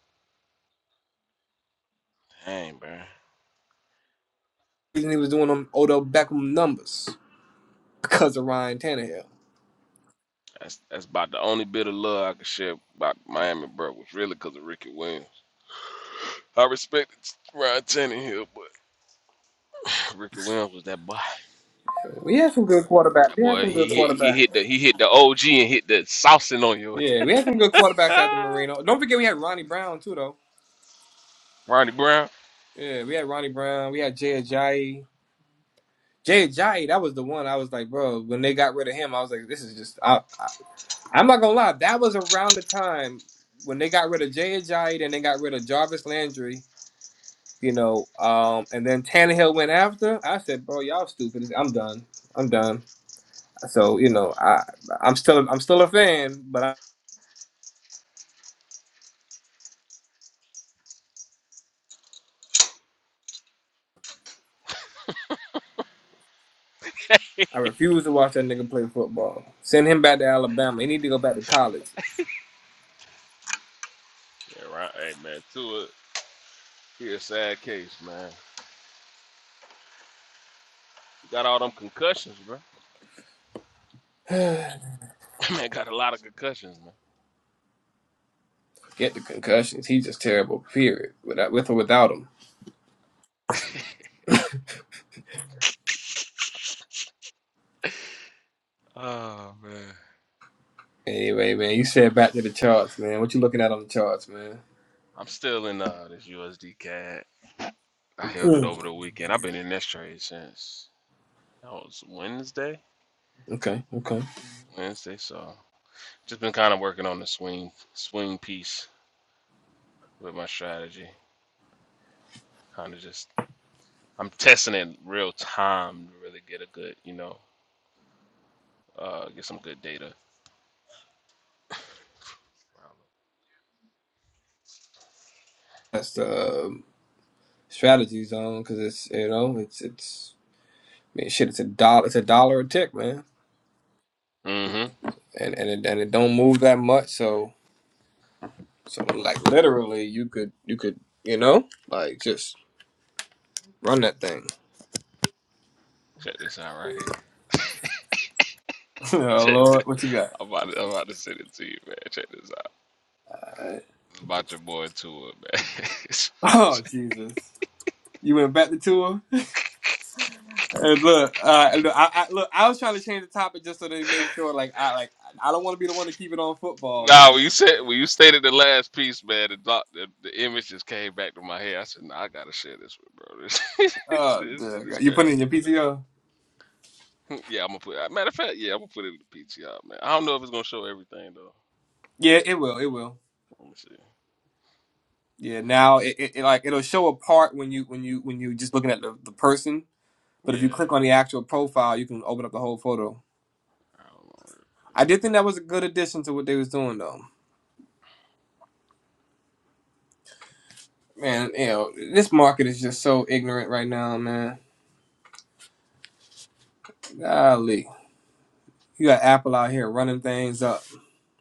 S11: Dang, bro.
S9: The reason he was doing them Odell Beckham numbers because of Ryan Tannehill.
S11: That's that's about the only bit of love I could share about Miami, bro, was really because of Ricky Williams. I respected Ryan Tannehill, but Ricky Williams was that boy.
S9: We had some good quarterbacks.
S11: That
S9: We had
S11: boy,
S9: some good
S11: he hit he
S9: quarterbacks.
S11: hit the he hit the OG and hit the saucing on you.
S9: Yeah, we had some good quarterbacks after Marino. Don't forget we had Ronnie Brown too, though.
S11: Ronnie Brown.
S9: Yeah, we had Ronnie Brown. We had Jay Ajayi. Jay Ajayi, that was the one. I was like, bro, when they got rid of him, I was like, this is just. I, I, I'm not gonna lie. That was around the time when they got rid of Jay Ajayi, then they got rid of Jarvis Landry. You know, um, and then Tannehill went after. I said, bro, y'all stupid. I'm done. I'm done. So you know, I I'm still I'm still a fan, but I refuse to watch that nigga play football. Send him back to Alabama. He need to go back to college.
S11: Yeah, right. Hey man, Tua, he a sad case, man. He got all them concussions, bro.
S9: Get
S11: man got a lot of concussions, man.
S9: the concussions. He's just terrible. Period. Without, with or without him.
S11: oh man.
S9: Anyway, man, you said back to the charts, man. What you looking at on the charts, man?
S11: I'm still in uh this USD CAD. I held it
S9: Mm.
S11: over the weekend. I've been in this trade since that was Wednesday.
S9: Okay, okay.
S11: Wednesday, so just been kind of working on the swing swing piece with my strategy. Kind of just I'm testing it real time to really get a good, you know, uh, get some good data.
S9: That's the um, strategy zone because it's you know it's it's I mean shit. It's a dollar. It's a dollar a tick, man.
S11: Mm-hmm.
S9: And and it, and it don't move that much. So so like literally, you could you could you know like just run that thing.
S11: Check this out right here.
S9: oh
S11: Check this.
S9: Lord, what you got?
S11: I'm about, to, I'm about to send it to you, man. Check this out. It's about your boy Tua, man.
S9: Oh Jesus! You went back to tour. And look, uh, look, I, I, look, I was trying to change the topic just so they make sure, like, I like, I don't want to be the one to keep it on football, but
S11: nah, when you said when you stated the last piece, man, the, doc, the the image just came back to my head. I said, nah, I gotta share this with bro. This,
S9: uh,
S11: this shit
S9: the-
S11: is
S9: you put
S11: crazy,
S9: it in your
S11: bro.
S9: PTO.
S11: yeah, I'm gonna put. Matter of fact, yeah, I'm gonna put it in the PTR, man. I don't know if it's gonna show everything though.
S9: Yeah, it will, it will.
S11: Let me see.
S9: Yeah, now it, it, it like it'll show a part when you when you when you just looking at the, the person, but if you
S11: Yeah.
S9: click on the actual profile, you can open up the whole photo.
S11: Hold on real quick.
S9: I did think that was a good addition to what they was doing, though. Man, you know, this market is just so ignorant right now, man. Golly. You got Apple out here running things up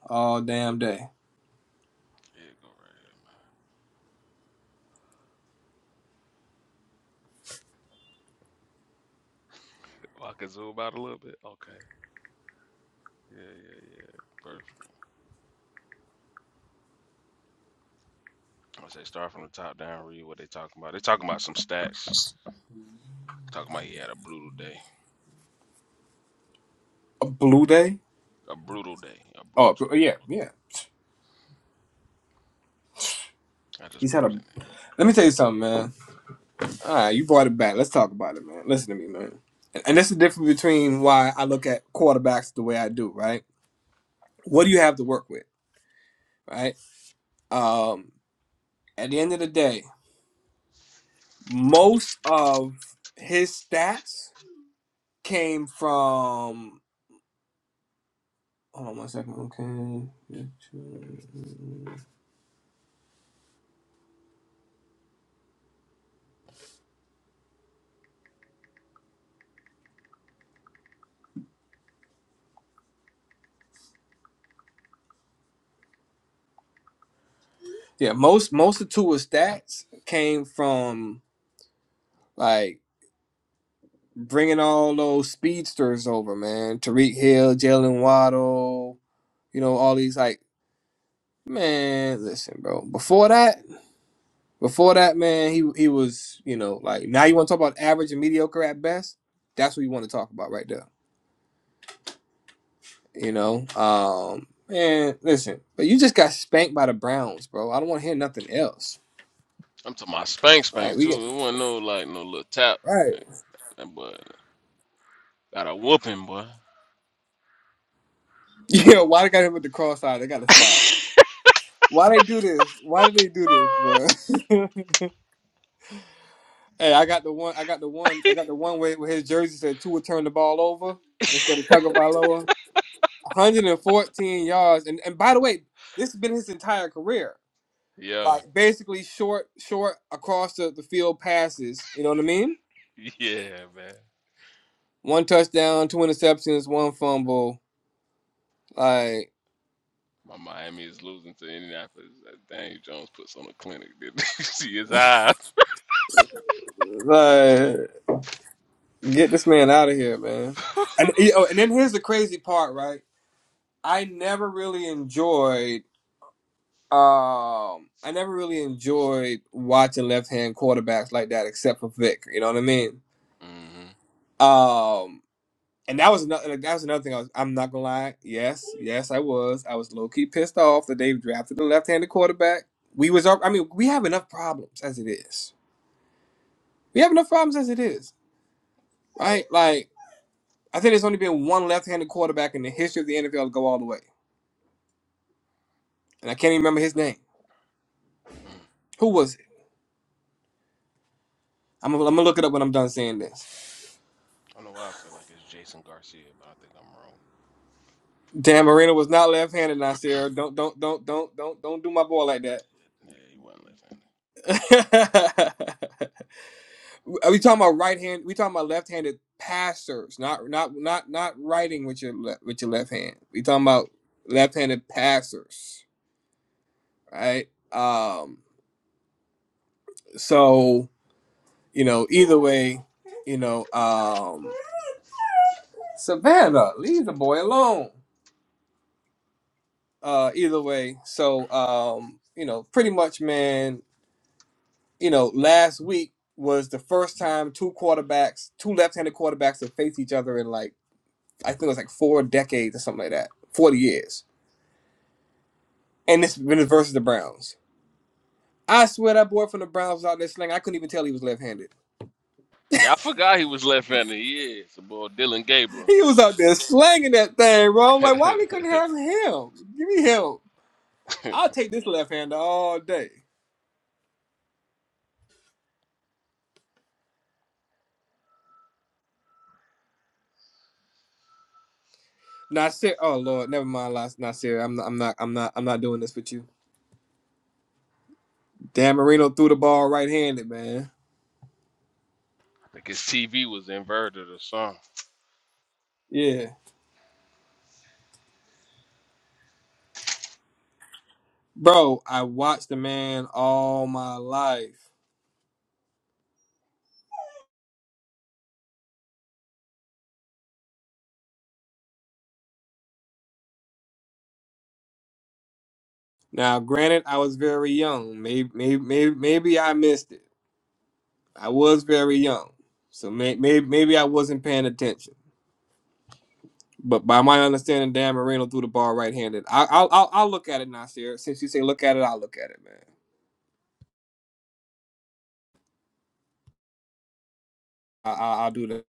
S9: all damn day.
S11: Yeah, go right here. Oh, I can zoom out a little bit. Okay. Yeah, yeah, yeah. Perfect. I say start from the top down. Read what they talking about. They talking about some stats. Talking about he had a brutal day.
S9: A blue day?
S11: A brutal day. A
S9: Oh
S11: brutal.
S9: b- yeah, yeah.
S11: I just
S9: He's had
S11: put it
S9: a.
S11: in there.
S9: Let me tell you something, man. All right, you brought it back. Let's talk about it, man. Listen to me, man. And, and that's the difference between why I look at quarterbacks the way I do, right? What do you have to work with, right? Um, at the end of the day, most of his stats came from. Hold on one second. Okay. Yeah, most most of Tua's stats came from like bringing all those speedsters over, man. Tariq Hill, Jalen Waddle, you know, all these like man. Listen, bro. Before that, before that, man, he he was you know like now you want to talk about average and mediocre at best. That's what you want to talk about right there. You know, um, man. Listen, but you just got spanked by the Browns, bro. I don't want to hear nothing else.
S11: I'm talking about spank
S9: Like
S11: spank
S9: we get
S11: too. It wasn't no like no little tap.
S9: right.
S11: That boy got a whooping, boy.
S9: Yeah, why they got him with the cross eye? They gotta stop. Why they do this? Why do they do this, bro? hey, I got the one. I got the one. I got the one way where his jersey said Tua turned the ball over instead of Tagovailoa. 114 yards, and and by the way, this has been his entire career.
S11: Yeah.
S9: Like basically short, short across the, the field passes. You know what I mean?
S11: Yeah, man.
S9: One touchdown, two interceptions, one fumble. Like,
S11: My Miami is losing to Indianapolis. That Daniel Jones puts on a clinic. Did you see his eyes?
S9: like get this man out of here, man. And
S11: hmm
S9: you know, and then here's the crazy part, right? I never really enjoyed Um, I never really enjoyed watching left-hand quarterbacks like that, except for Vic. You know what I mean? Um, and that was another. That was another thing. I was. I'm not gonna lie. Yes, yes, I was. I was low-key pissed off that they drafted a left-handed quarterback. We was. I mean, we have enough problems as it is. We have enough problems as it is, right? Like, I think there's only been one left-handed quarterback in the history of the NFL to go all the way, and I can't even remember his name.
S11: I
S9: Who was it? I'm. I'm gonna look it up when I'm done saying this.
S11: don't know why I feel like it's Jason Garcia, but I think I'm wrong.
S9: Dan Marino was not left-handed, Nasir. Don't don't don't don't don't don't do my boy like that.
S11: Yeah, he wasn't left-handed.
S9: Are we talking about right hand? We talking about left-handed passers, not not not not writing with your left with your left hand. We talking about left-handed passers, right? Um, so you know, either way, you know, um, Savannah, leave the boy alone. Uh, either way, so um, you know, pretty much, man you know, last week was the first time two quarterbacks, two left-handed quarterbacks have faced each other in like I think it was like four decades or something like that, forty years. And this was versus the Browns. I swear that boy from the Browns was out there slinging. I couldn't even tell he was left-handed.
S11: Yeah, I forgot he was left-handed. Yeah, it's the boy Dylan Gabriel.
S9: He was out there slanging that thing, bro. I'm like, why we couldn't
S11: I
S9: have him? Give me him. I'll take this left-hander all day. Nasir, oh Lord, never mind. Las- Nasir, I'm not, I'm not, I'm not, I'm not doing this with you. Dan Marino threw the ball right-handed, man.
S11: think his TV was inverted or something.
S9: Yeah. Bro, I watched the man all my life. Now, granted, I was very young. Maybe, maybe, maybe, maybe I missed it. I was very young, so may, maybe, maybe I wasn't paying attention. But by my understanding, Dan Marino threw the ball right-handed. I, I'll, I'll, I'll look at it, Nasir. Since you say look at it, I'll look at it, man. I, I, I'll do that.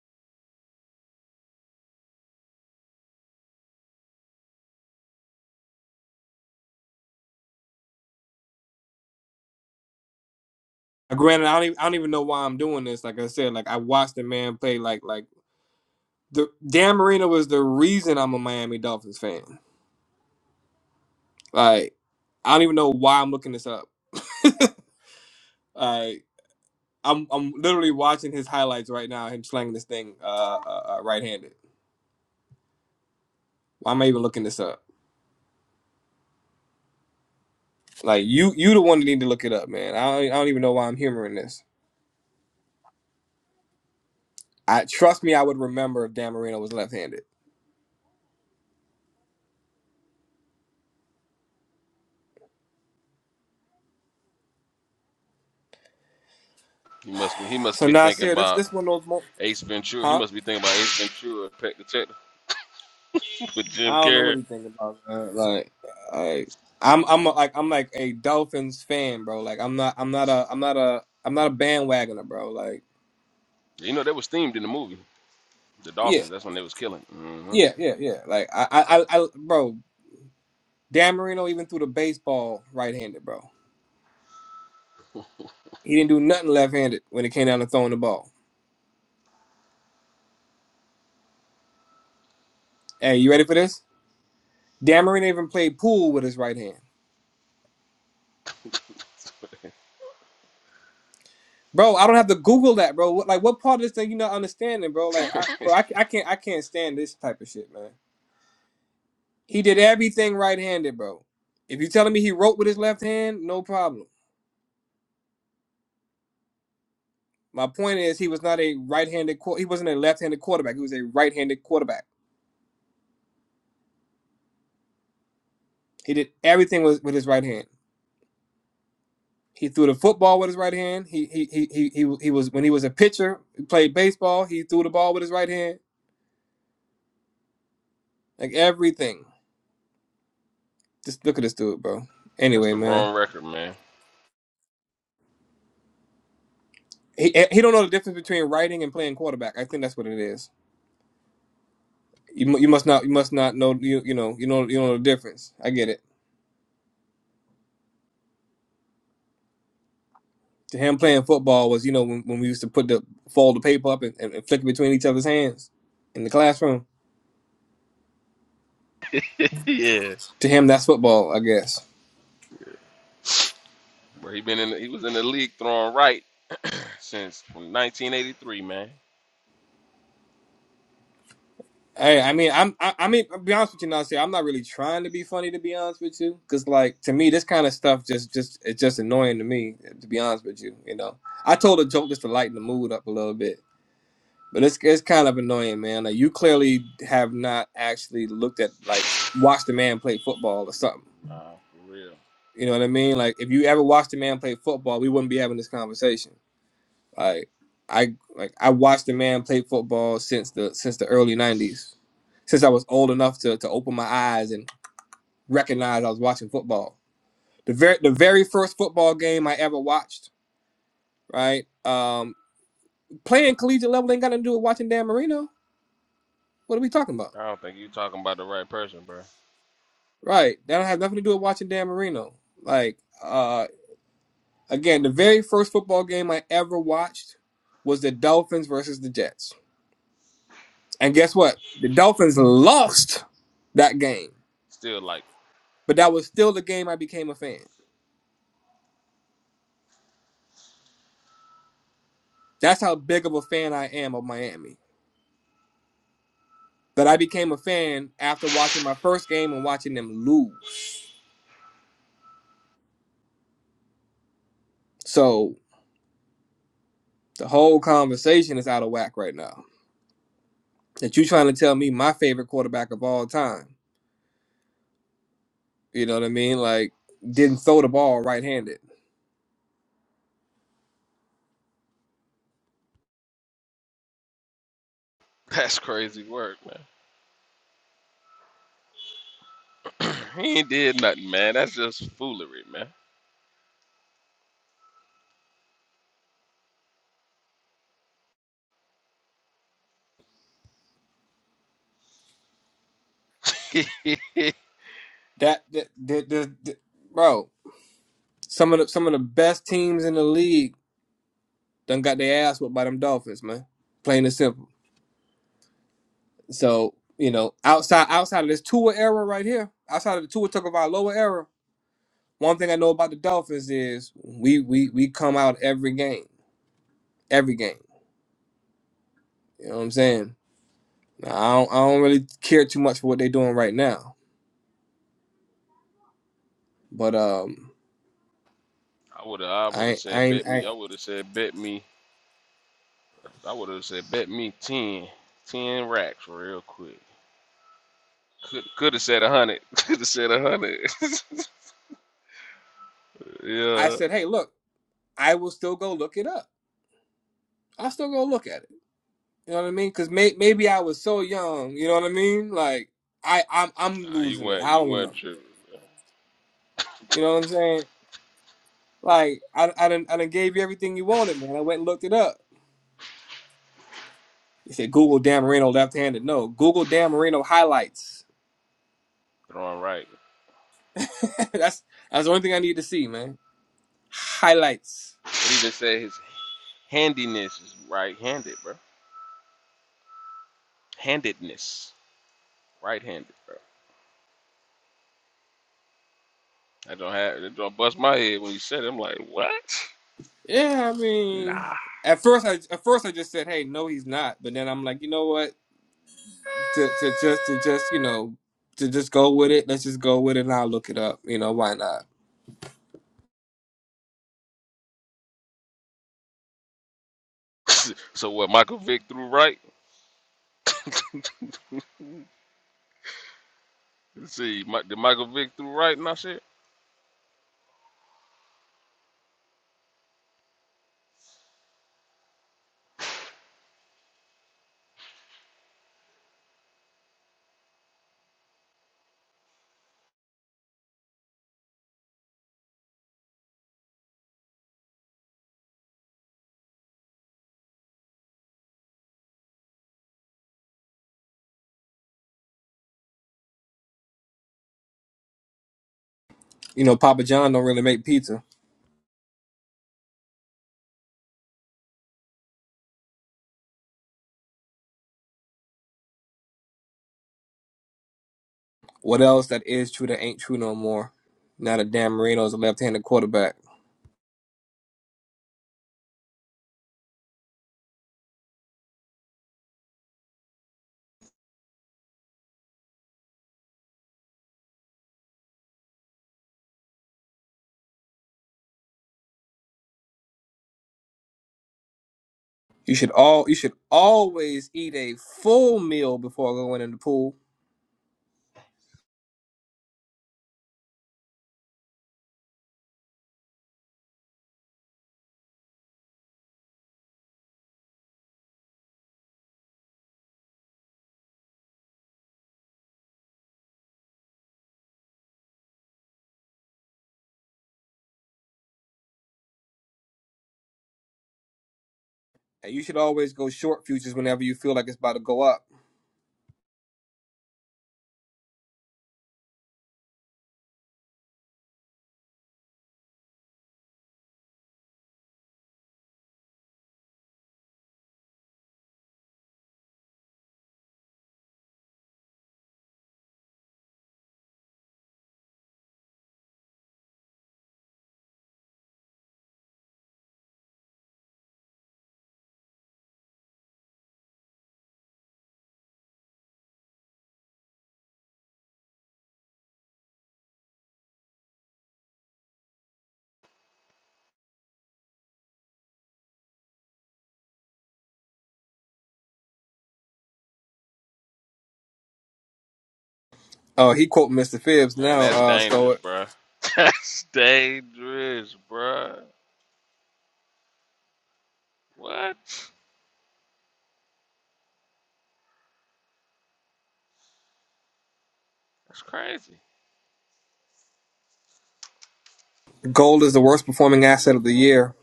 S9: Granted, I don't, even, I don't even know why I'm doing this. Like I said, like I watched the man play. Like, like the Dan Marino was the reason I'm a Miami Dolphins fan. Like, I don't even know why I'm looking this up. Uh, I'm I'm literally watching his highlights right now. Him slanging this thing uh, uh, uh right-handed. Why am I even looking this up? Like you you the one that need to look it up, man. I don't, I don't even know why I'm humoring this. I trust me, I would remember if Dan Marino was left-handed.
S11: He must be. He must
S9: So
S11: be thinking
S9: Nasir, this
S11: about
S9: this one of those mo-
S11: Ace Ventura. He
S9: huh?
S11: must be thinking about Ace Ventura, Pet Detective with Jim
S9: I don't know what
S11: Carrey.
S9: he think about, man. Like, like I'm I'm a, like I'm like a Dolphins fan, bro. Like I'm not I'm not a I'm not a I'm not a bandwagoner, bro. Like
S11: You know, that was themed in the movie. The
S9: yeah
S11: Dolphins. That's when they was killing. mm
S9: yeah yeah yeah. Like I I I I- bro. Dan Marino even threw the baseball right-handed, bro. He didn't do nothing left-handed when it came down to throwing the ball. Hey, you ready for this? Dan Marino even played pool with his right hand, bro. I don't have to Google that, bro. What- Like, what part of this thing you not understanding, bro? Like,
S11: hmm
S9: I, bro, I, I can't, I can't stand this type of shit, man. He did everything right-handed, bro. If you're telling me he wrote with his left hand, no problem. My point is, he was not a right-handed. quar- He wasn't a left-handed quarterback. He was a right-handed quarterback. He did everything with, with his right hand. He threw the football with his right hand. He he he he he, he was when he was a pitcher, he played baseball. He threw the ball with his right hand. Like everything. Just look at this dude, bro.
S11: That's
S9: Anyway,
S11: the
S9: man,
S11: wrong record, man.
S9: he eh, he don't know the difference between writing and playing quarterback. I think that's what it is. You you must not you must not know you you know you know you know the difference. I get it. To him playing football was you know when, when we used to put the fold the paper up and, and flick it between each other's hands in the classroom.
S11: yeah.
S9: To him, that's football, I guess.
S11: Where he been in he was in the league throwing right since 1983, man.
S9: Hey, I mean, I'm, I, I mean, I'll be honest with you, Nasir. I'm not really trying to be funny, to be honest with you, because like to me, this kind of stuff just, just, it's just annoying to me, to be honest with you. You know, I told a joke just to lighten the mood up a little bit, but it's, it's kind of annoying, man. Like you clearly have not actually looked at, like, watched a man play football or something.
S11: Nah, for real.
S9: You know what I mean? Like if you ever watched a man play football, we wouldn't be having this conversation. Like I like I watched the man play football since the since the early nineties. Since I was old enough to, to open my eyes and recognize I was watching football. The very the very first football game I ever watched, right? Um playing collegiate level ain't got nothing to do with watching Dan Marino. What are we talking about?
S11: I don't think you talking about the right person, bro.
S9: Right. That don't have nothing to do with watching Dan Marino. Like uh again, the very first football game I ever watched was the Dolphins versus the Jets. And guess what? The Dolphins lost that game
S11: Still like
S9: But that was still the game I became a fan. That's how big of a fan I am of Miami. That I became a fan after watching my first game and watching them lose. So the whole conversation is out of whack right now. That you trying to tell me my favorite quarterback of all time, you know what I mean? Like didn't throw the ball right handed.
S11: that's crazy work, man. he ain't did nothing, man. That's just foolery, man. I
S9: That, that, that, that- that- bro, some of the some of the best teams in the league done got their ass whooped by them Dolphins, man. Plain and simple. So you know, outside outside of this Tua era right here, outside of the Tua Tagovailoa era, one thing I know about the Dolphins is we we we come out every game, every game. You know what I'm saying? Now, I don't I don't really care too much for what they're doing right now, but um,
S11: would have I would have
S9: I I
S11: said bet
S9: ain't- I,
S11: me. I would have said bet me. I would have said bet me 10. 10 racks real quick. Could could have said a hundred. Could have said a hundred.
S9: I
S11: yeah.
S9: said, hey, look, I will still go look it up. I'll still go look at it. You know what I mean? Because may, maybe I was so young. You know what I mean? Like I I'm I'm
S11: Nah, you
S9: losing it.
S11: went
S9: I
S11: you
S9: don't
S11: went
S9: remember.
S11: tripping.
S9: You know what I'm saying? Like I I done, I done gave you everything you wanted, man. I went and looked it up. You said Google Dan Marino left-handed. No, Google Dan Marino highlights.
S11: Throwing right.
S9: that's that's the only thing I need to see, man. Highlights.
S11: It even said his handiness is right-handed, bro. Handedness, right-handed, bro. I don't have. That don't bust my head when you said. It. I'm like, what?
S9: Yeah, I mean,
S11: Nah.
S9: at first I at first I just said, hey, no, he's not. But then I'm like, you know what? To to just to just you know to just go with it. Let's just go with it, and I'll look it up. You know why not?
S11: so what? Michael Vick threw right. Let's see. Mi- Did Michael Vick threw right and I said,
S9: You know, Papa John don't really make pizza. What else that is true that ain't true no more? Now that Dan Marino is a left-handed quarterback. You should all you should always eat a full meal before going in the pool, and you should always go short futures whenever you feel like it's about to go up. Oh, uh, he quote Mr. Phibbs
S11: man,
S9: now.
S11: that's
S9: Uh,
S11: dangerous,
S9: so
S11: bro. that's dangerous, bro. What? That's crazy.
S9: gold is the worst performing asset of the year.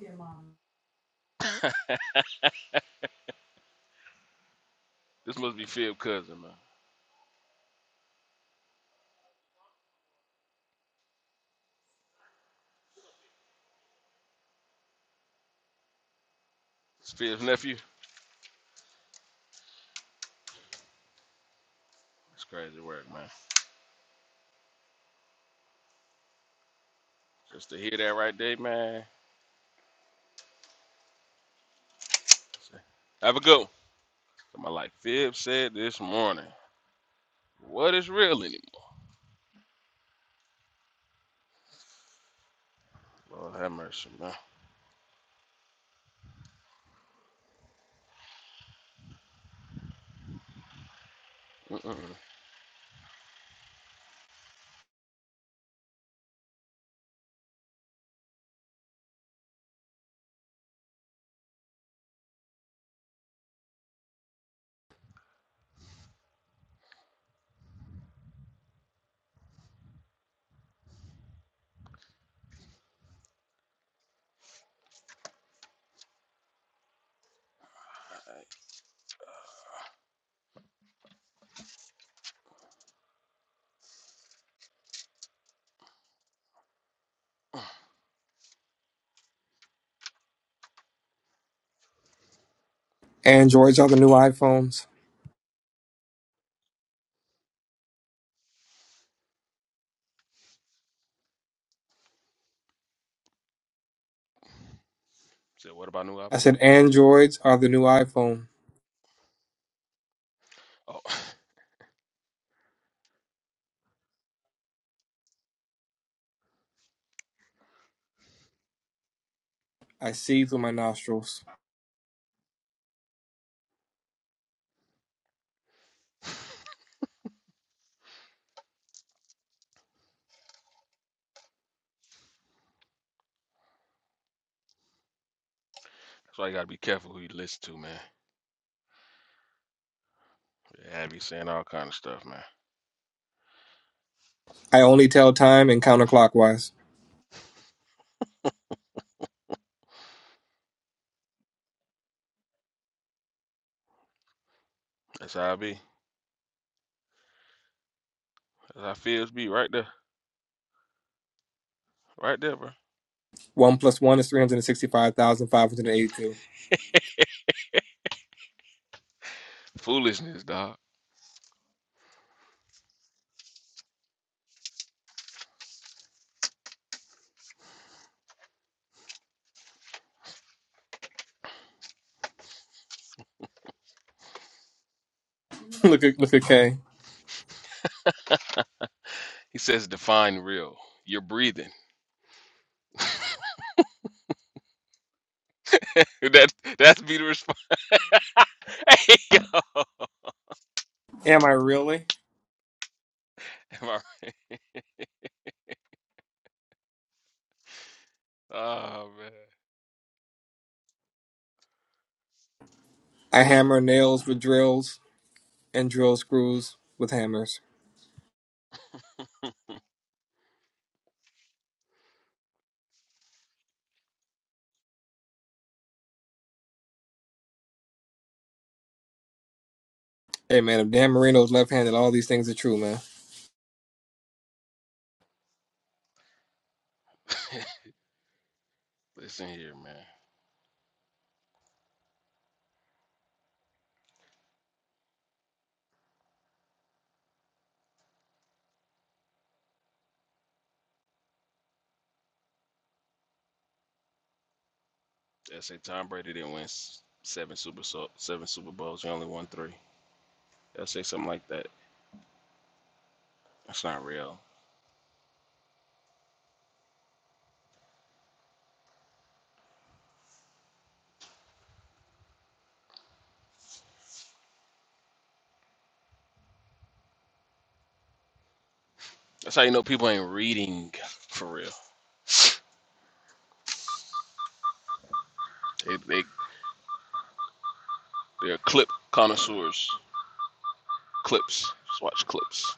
S11: This must be Phil's cousin, man. It's Phil's nephew. That's crazy work, man. Just to hear that right there, man. Have a go. So My like Fib said this morning, what is real anymore? Lord have mercy, man. Mm-mm. All right.
S9: Androids are the new iPhones.
S11: Said, what about new
S9: I
S11: album?
S9: said androids are the new iPhone.
S11: Oh, that's
S9: I see through my nostrils.
S11: why you gotta be careful who you listen to, man. Yeah, I be saying all kind of stuff, man.
S9: I only tell time and counterclockwise.
S11: That's how I be. That's how Fibs be right there, right there, bro.
S9: One plus one is three hundred and sixty-five thousand five hundred and eighty-two.
S11: Foolishness, dog.
S9: look at look at K.
S11: He says, define real. You're breathing. That that's be the response. Am
S9: Am I really?
S11: I- oh man.
S9: I hammer nails with drills. and drill screws with hammers. Hey man, if Dan Marino's left-handed, all these things are true, man.
S11: Listen here, man. They say Tom Brady didn't win s- seven Super so- seven Super Bowls. He only won three. They'll say something like that. That's not real. That's how you know people ain't reading for real. They they they're clip connoisseurs. Clips. Just watch clips.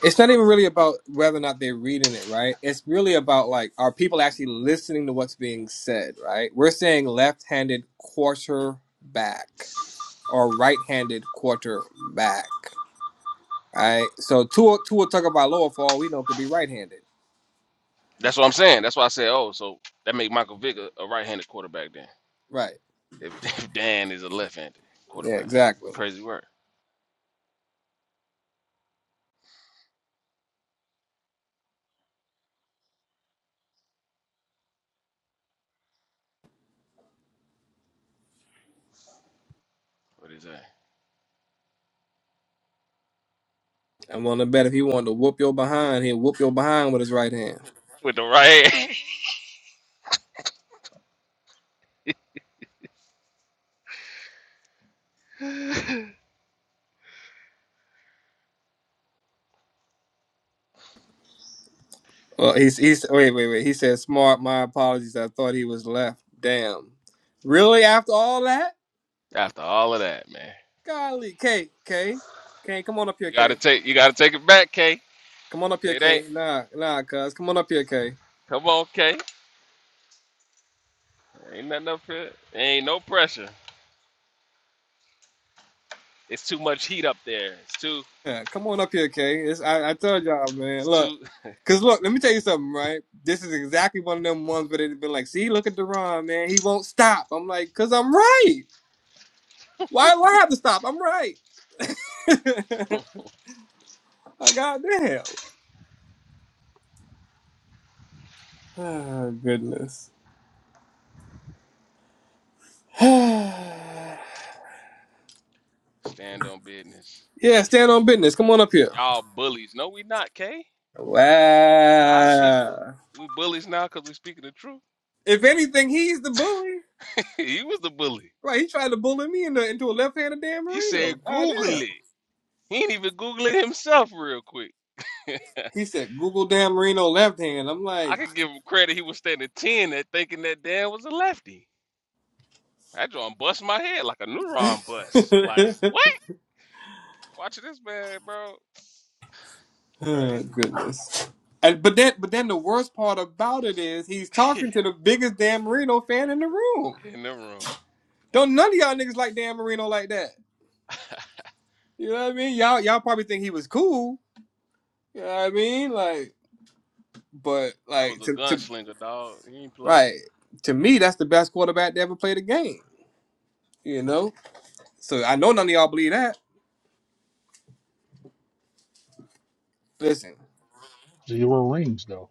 S9: It's not even really about whether or not they're reading it, right? It's really about like are people actually listening to what's being said, right? We're saying left-handed quarterback or right-handed quarterback, right? So Tua Tua Tagovailoa, for all we know, could be right-handed,
S11: That's what I'm saying. That's why I said, oh, so that make Michael Vick a, a right-handed quarterback then.
S9: right?
S11: If, if Dan is a left-handed
S9: Yeah,
S11: quarterback,
S9: exactly.
S11: crazy word. What is that?
S9: I'm willing to bet if he wanted to whoop your behind, he'd whoop your behind with his right hand.
S11: With the right hand.
S9: Well, he's he's wait wait wait. He said smart. My apologies. I thought he was left. Damn. Really? After all that?
S11: After all of that, man,
S9: Golly, K K K. Come on up
S11: you
S9: here,
S11: gotta
S9: K.
S11: take you gotta take it back, K.
S9: Come on up here,
S11: It ain't.
S9: K. Nah nah, cuz. Come on up here, K.
S11: Come on, K. Ain't nothing up here. Ain't no pressure. It's too much heat up there. It's too.
S9: Yeah, come on up here, K. It's, I I told y'all, man.
S11: It's
S9: Look,
S11: too.
S9: cause look, let me tell you something, right? This is exactly one of them ones where they've been like, see, look at Deron, man. He won't stop. I'm like, cause I'm right. Why do I have to stop? I'm right. I goddamn. Oh goodness. yeah,
S11: Stand on business.
S9: stand
S11: K.
S9: on business. Come on up here.
S11: Y'all bullies. No, we not, K. A lot of people,
S9: Wow.
S11: we bullies now because we speaking the truth.
S9: If anything, he's the bully.
S11: he was the bully.
S9: Right, he tried to bully me into, into a left-handed Dan
S11: He said,
S9: Marino. God
S11: Google
S9: damn.
S11: it. He ain't even Google it himself real quick.
S9: He said, Google Dan Marino left hand. I'm
S11: I
S9: like,
S11: could give him credit. He was standing 10 at thinking that Dan was a lefty. That drawing bust my head like a neuron bust. Like, what? Watch this man, bro.
S9: oh,
S11: Crazy.
S9: goodness. And, but then, but then the worst part about it is he's talking to the biggest Dan Marino fan in the room.
S11: In the room.
S9: Don't none of y'all niggas like Dan Marino like that. You know what I mean? Y'all, y'all probably think he was cool. You know what I mean? Like, But
S11: That was
S9: like
S11: a
S9: to to
S11: gunslinger, dog. He ain't play.
S9: right to me, that's the best quarterback to ever play the game. You know, so I know none of y'all believe that. Listen,
S6: Zero rings though.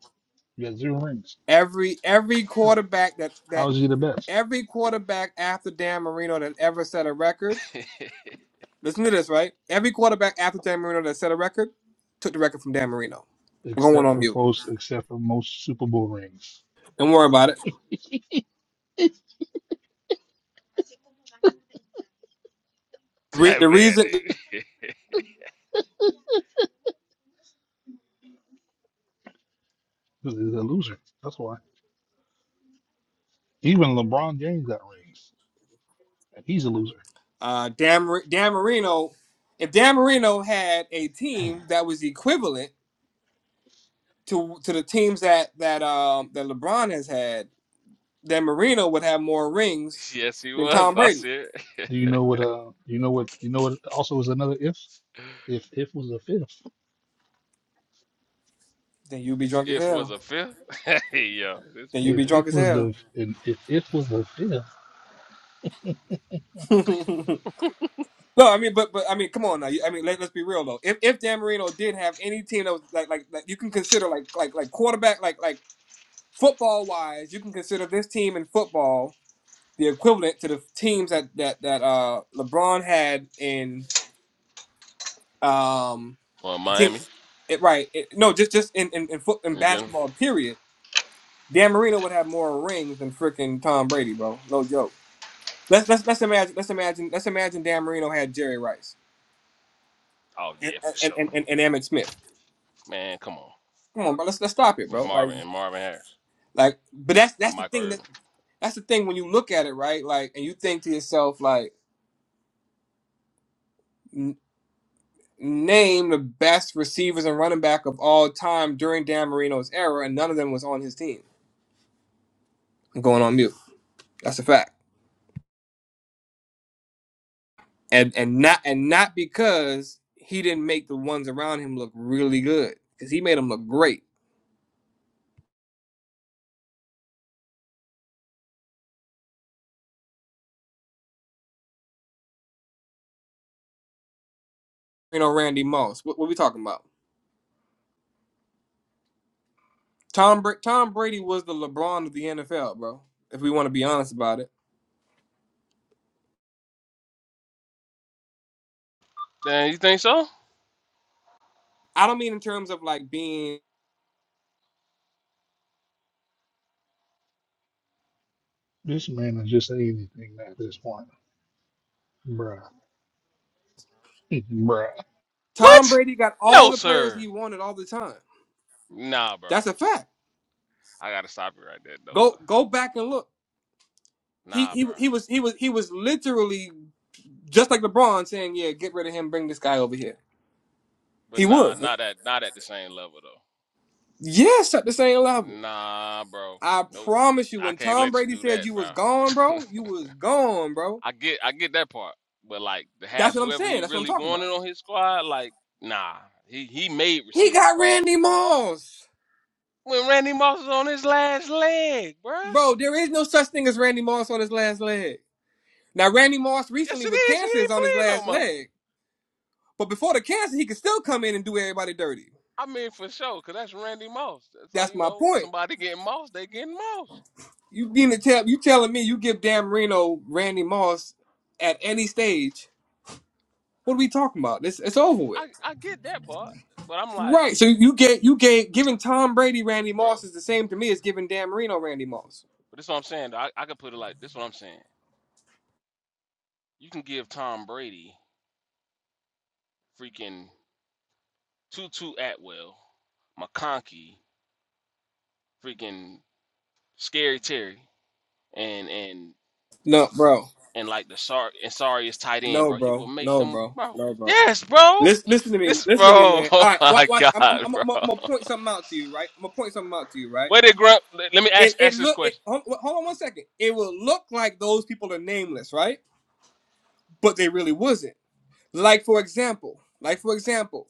S6: You got zero rings.
S9: every every
S6: Huh.
S9: quarterback that
S6: How
S9: that
S6: is he the best?
S9: every quarterback after Dan Marino that ever set a record. Listen to this, right? Every quarterback after Dan Marino that set a record took the record from Dan Marino. We're going
S6: except
S9: on
S6: for
S9: mute.
S6: folks, except for most Super Bowl rings,
S9: Don't worry about it. Re-
S11: That
S9: the
S11: man,
S9: reason
S11: nigga.
S6: He's a loser. That's why. Even LeBron James got rings, and he's a loser.
S9: uh, Dan, Mar- Dan Marino, if Dan Marino had a team that was equivalent to to the teams that that um that LeBron has had, then Marino would have more rings
S11: Yes, he
S9: than
S11: was.
S9: Tom
S11: I
S9: Brady.
S11: said,
S6: Do you know what? Uh, do you know what? You know what? Also, is another if. If if was the fifth.
S9: Then you'd be
S11: His
S9: drunk as
S11: if was
S9: hell.
S11: a fifth. hey, yo, this
S9: Then you'd
S6: If
S9: be
S11: man
S9: drunk
S6: if
S9: as
S6: was
S9: hell.
S6: the and if if was the fifth.
S9: no, I mean, but but I mean, come on now. You- I mean, let, let's be real though. If if Dan Marino did have any team that was like like like you can consider like like like quarterback like like football wise, you can consider this team in football the equivalent to the teams that that that uh LeBron had in. Um,
S11: from
S9: the team,
S11: Miami
S9: it, right? It, no, just just in in in, foot, in
S11: in general.
S9: basketball. Period. Dan Marino would have more rings than freaking Tom Brady, bro. No joke. Let's let's let's imagine let's imagine let's imagine Dan Marino had Jerry Rice
S11: Oh
S9: and
S11: yeah, for
S9: and
S11: sure.
S9: and, and, and Emmett Smith.
S11: Man, come on.
S9: Come on, bro. Let's let's stop it,
S11: And
S9: bro. Like
S11: Marvin and Marvin Harris
S9: like, but that's
S11: or
S9: that's the
S11: Michael
S9: thing that
S11: Irvin.
S9: that's the thing when you look at it, right? Like, and you think to yourself, like, n- name the best receivers and running back of all time during Dan Marino's era, and none of them was on his team. I'm going on mute. That's a fact. and and not and not because he didn't make the ones around him look really good because he made them look great. You know, Randy Moss. What, what we talking about? Tom Bra- Tom Brady was the LeBron of the NFL, bro. If we want to be honest about it,
S11: Damn, you think so?
S9: I don't mean in terms of like being
S6: This man is just anything at this point, bruh, bruh.
S9: Tom
S11: What?
S9: Brady got all
S11: No,
S9: the players
S11: sir.
S9: he wanted all the time.
S11: Nah, bro.
S9: That's a fact.
S11: I gotta stop you right there, though, sir.
S9: Go go back and look. He
S11: Nah,
S9: he
S11: bro.
S9: he was he was he was literally just like LeBron saying, "Yeah, get rid of him, bring this guy over here."
S11: But
S9: He
S11: nah,
S9: was.
S11: not at not at the same level though.
S9: Yes, at the same level.
S11: Nah, bro.
S9: I
S11: Nope.
S9: promise you,
S11: I
S9: when
S11: can't
S9: Tom
S11: let you
S9: Brady
S11: do
S9: said
S11: that,
S9: you was gone,
S11: bro.
S9: bro, you was gone, bro.
S11: I get I get that part, but like the half
S9: That's what I'm
S11: whoever he
S9: saying. That's what I'm
S11: really
S9: talking
S11: wanted
S9: about.
S11: on his squad, like nah, he he made
S9: He
S11: receivers,
S9: got
S11: bruh.
S9: Randy Moss.
S11: When Randy Moss is on his last leg, bruh.
S9: Bro, there is no such thing as Randy Moss on his last leg. Now, Randy Moss
S11: Yes,
S9: recently
S11: it
S9: with
S11: is. He
S9: cancer is
S11: ain't
S9: on his
S11: playing no
S9: last
S11: more.
S9: leg. But before the cancer, he could still come in and do everybody dirty.
S11: I mean, for sure, cause that's Randy Moss. That's all
S9: That's
S11: you
S9: my
S11: know.
S9: point.
S11: Somebody getting Moss, they getting Moss.
S9: You being to tell you telling me you give Dan Marino Randy Moss at any stage. What are we talking about? It's, it's over with.
S11: I I get that part, but I'm like,
S9: Right. So you get you get giving Tom Brady Randy
S11: bro.
S9: Moss is the same to me as giving Dan Marino Randy Moss.
S11: But that's what I'm saying. Though. I I could put it like this. What I'm saying. You can give Tom Brady freaking Tutu Atwell, McConkey, freaking Scary Terry. and and
S9: No, bro.
S11: and like the Sar and Sarius tight end,
S9: No,
S11: bro. He will
S9: bro.
S11: make
S9: No,
S11: them,
S9: bro.
S11: bro.
S9: No, bro.
S11: Yes, bro.
S9: Listen, listen to me.
S11: This,
S9: Listen to me,
S11: bro.
S9: man.
S11: Oh
S9: All right,
S11: my
S9: watch. watch. I'm, I'm,
S11: God,
S9: I'm,
S11: bro.
S9: I'm, I'm gonna point something out to you, right? I'm gonna point something out to you, right?
S11: Where did Grunt? Let, let me
S9: It,
S11: ask
S9: it
S11: ask this
S9: look. It,
S11: question.
S9: hold, hold on one second. It will look like those people are nameless, right? But they really wasn't. Like for example, like for example,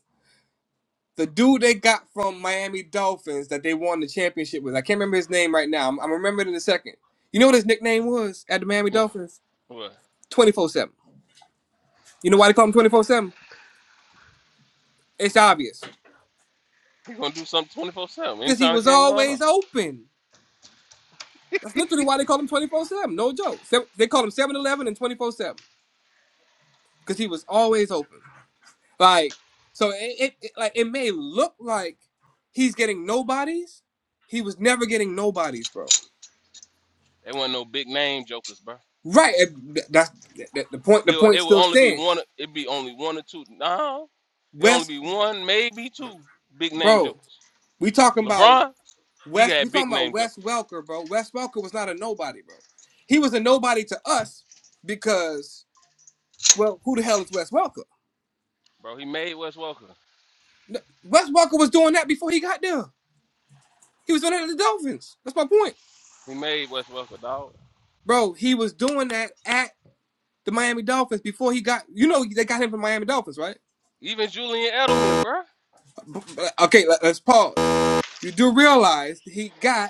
S9: the dude they got from Miami Dolphins that they won the championship with. I can't remember his name right now. I'm, I'm remember it in a second. You know what his nickname was at the Miami
S11: Mm,
S9: Dolphins?
S11: What?
S9: 24 7. You know why they call him 24 7? It's obvious.
S11: He gonna do something twenty four seven
S9: Because he
S11: anytime the
S9: was
S11: game going on.
S9: always open. That's literally why they call him 24 7. No joke. Se- They call him Seven-Eleven and 24 7. Because he was always open. Like, so it, it, it, like, it may look like he's getting nobodies. He was never getting nobodies, bro.
S11: They weren't no big name jokers, bro.
S9: Right. and th- That's th- th- the point. The
S11: He'll, they
S9: point
S11: will
S9: still
S11: only be
S9: stands.
S11: one. It'd be only one or two. No, it'd only
S9: West,
S11: be one, maybe two big name
S9: bro.
S11: jokers.
S9: We talking about
S11: LeBron, he
S9: West. We
S11: had big
S9: talking about
S11: name
S9: Wes
S11: jokers,
S9: Welker, bro. Wes Welker was not a nobody, bro. He was a nobody to us because, well, who the hell is Wes Welker?
S11: bro. He made Wes Welker.
S9: N- Wes Welker was doing that before he got there. He was doing that at the Dolphins. That's my point,
S11: He made Wes Welker, dog.
S9: bro. He was doing that at the Miami Dolphins before he got. You know, they got him from Miami Dolphins, right?
S11: Even Julian Edelman, bro.
S9: B- b- Okay, let- let's pause. You do realize he got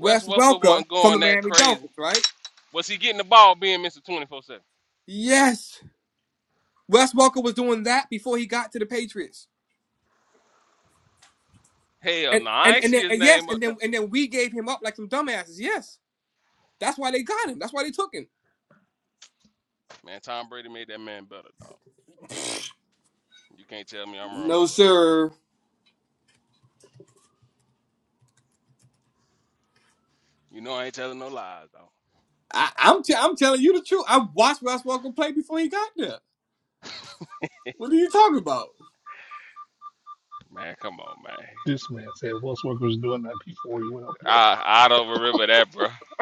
S11: Wes Welker
S9: Welker
S11: wasn't
S9: from the
S11: going that
S9: Miami
S11: crazy.
S9: Dolphins, right?
S11: Was he getting the ball being Mr. 24 7?
S9: Yes. Wes Welker was doing that before he got to the Patriots.
S11: Hell
S9: And
S11: no, I
S9: and
S11: ain't
S9: and
S11: see
S9: then
S11: his
S9: and yes,
S11: name up
S9: and
S11: there.
S9: then and then we gave him up like some dumbasses. Yes. That's why they got him. That's why they took him.
S11: Man, Tom Brady made that man better, dog. You can't tell me I'm wrong,
S9: No,
S11: bro.
S9: sir.
S11: You know I ain't telling no lies, dog.
S9: I, I'm t- I'm telling you the truth. I watched Wes Welker play before he got there. What are you talking about?
S11: Man, come on, man.
S6: This man said Westbrook was doing that before he went up there.
S11: I I don't remember that, bro.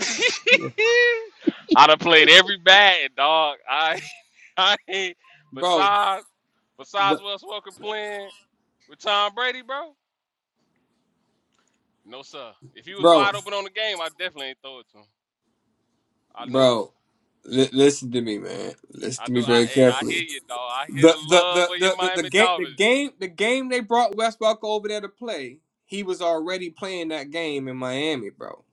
S6: Yeah.
S11: I done played every bad, dog. I I ain't
S9: Bro,
S11: besides besides
S9: the,
S11: Wes Welker playing with Tom Brady, bro. No sir. If he was
S9: bro,
S11: wide open on the game, I definitely ain't throw it to him. I know it.
S9: bro. Li- listen to me, man. Listen
S11: I
S9: to me
S11: know. I
S9: very
S11: hey, I
S9: carefully.
S11: hear you, dog. I hear the
S9: The the
S11: love
S9: the
S11: of your
S9: the the, the
S11: Miami
S9: game the
S11: Dolphins, G.
S9: game the game they brought Westbrook over there to play. He was already playing that game in Miami, bro.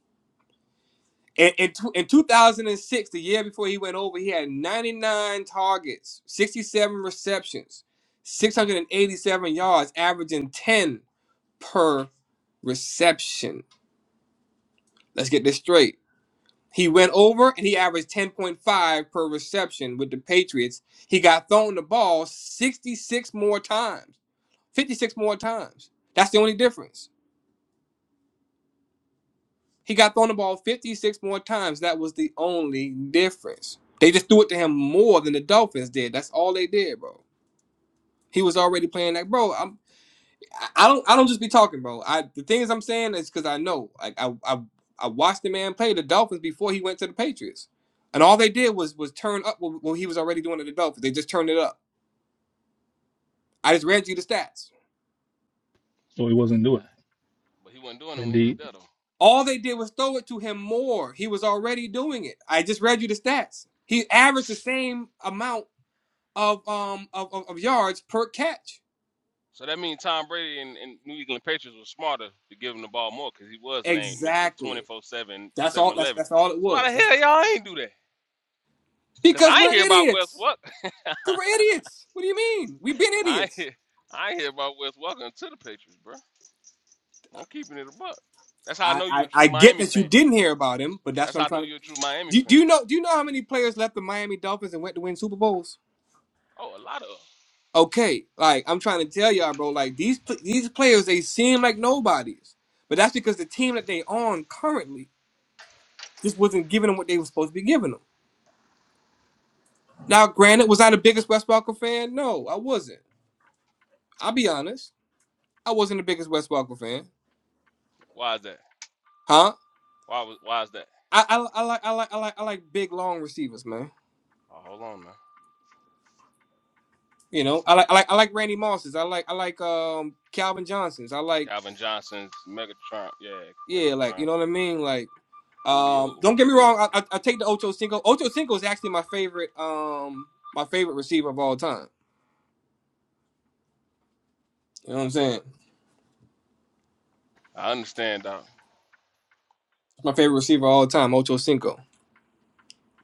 S9: In in, tw- in 2006, the year before he went over, he had 99 targets, 67 receptions, 687 yards, averaging 10 per reception. Let's get this straight. He went over and he averaged 10.5 per reception with the Patriots. He got thrown the ball 66 more times. 56 more times. That's the only difference. He got thrown the ball 56 more times. That was the only difference. They just threw it to him more than the Dolphins did. That's all they did, bro. He was already playing like, bro. I'm, I don't, I don't just be talking, bro. I the things I'm saying is because I know, like, I, I, I watched the man play the Dolphins before he went to the Patriots, and all they did was was turn up what what he was already doing to the Dolphins. They just turned it up. I just read you the stats.
S6: So he wasn't
S11: Yeah,
S6: doing
S11: but he wasn't doing
S6: it.
S11: it when he was
S6: Indeed.
S11: there, though.
S9: All they did was throw it to him more. He was already doing it. I just read you the stats. He averaged the same amount of um of, of, of yards per catch.
S11: So that means Tom Brady and, and New England Patriots were smarter to give him the ball more because he was named Mr.
S9: Exactly.
S11: 24/7,
S9: That's all that's
S11: 7-Eleven.
S9: that's all it
S11: So why
S9: was.
S11: the
S9: That's,
S11: hell y'all ain't do that? Cause
S9: because
S11: I ain't
S9: we're
S11: hear about Wes
S9: idiots.
S11: Welker.
S9: Because we're idiots. What do you mean? We've been
S11: I ain't
S9: idiots.
S11: hear, I ain't hear about Wes Welker until the Patriots, bro. I'm keeping it a buck. That's how I
S9: I,
S11: know you're a
S9: I,
S11: true
S9: I get
S11: Miami
S9: that you
S11: fan.
S9: didn't hear about him, but that's
S11: That's
S9: what
S11: how
S9: I'm
S11: I know
S9: trying to
S11: you're a true Miami
S9: do, do
S11: fan.
S9: you know do you know how many players left the Miami Dolphins and went to win Super Bowls?
S11: Oh, a lot of. us.
S9: okay, like I'm trying to tell y'all, bro, like these pl- these players they seem like nobodies, but that's because the team that they on currently just wasn't giving them what they were supposed to be giving them. Now, granted, was I the biggest West Walker fan? No, I wasn't. I'll be honest, I wasn't the biggest West Walker fan,
S11: Why is that?
S9: huh?
S11: Why was? Why is that?
S9: I, I, I like I like I like I like big long receivers, man.
S11: Oh, hold on, man.
S9: You know, I like I like I like Randy Mosses. I like I like um Calvin Johnsons. I like
S11: Calvin Johnson's Megatron. Yeah,
S9: yeah, like
S11: Megatron.
S9: you know what I mean, like.
S11: Julio,
S9: Um, don't get me
S11: Julio.
S9: wrong. I, I, I take the Ocho Cinco. Ocho Cinco is actually my favorite. Um, my favorite receiver of all time. You know what I'm saying?
S11: I understand, Doc.
S9: My favorite receiver of all time, Ocho Cinco.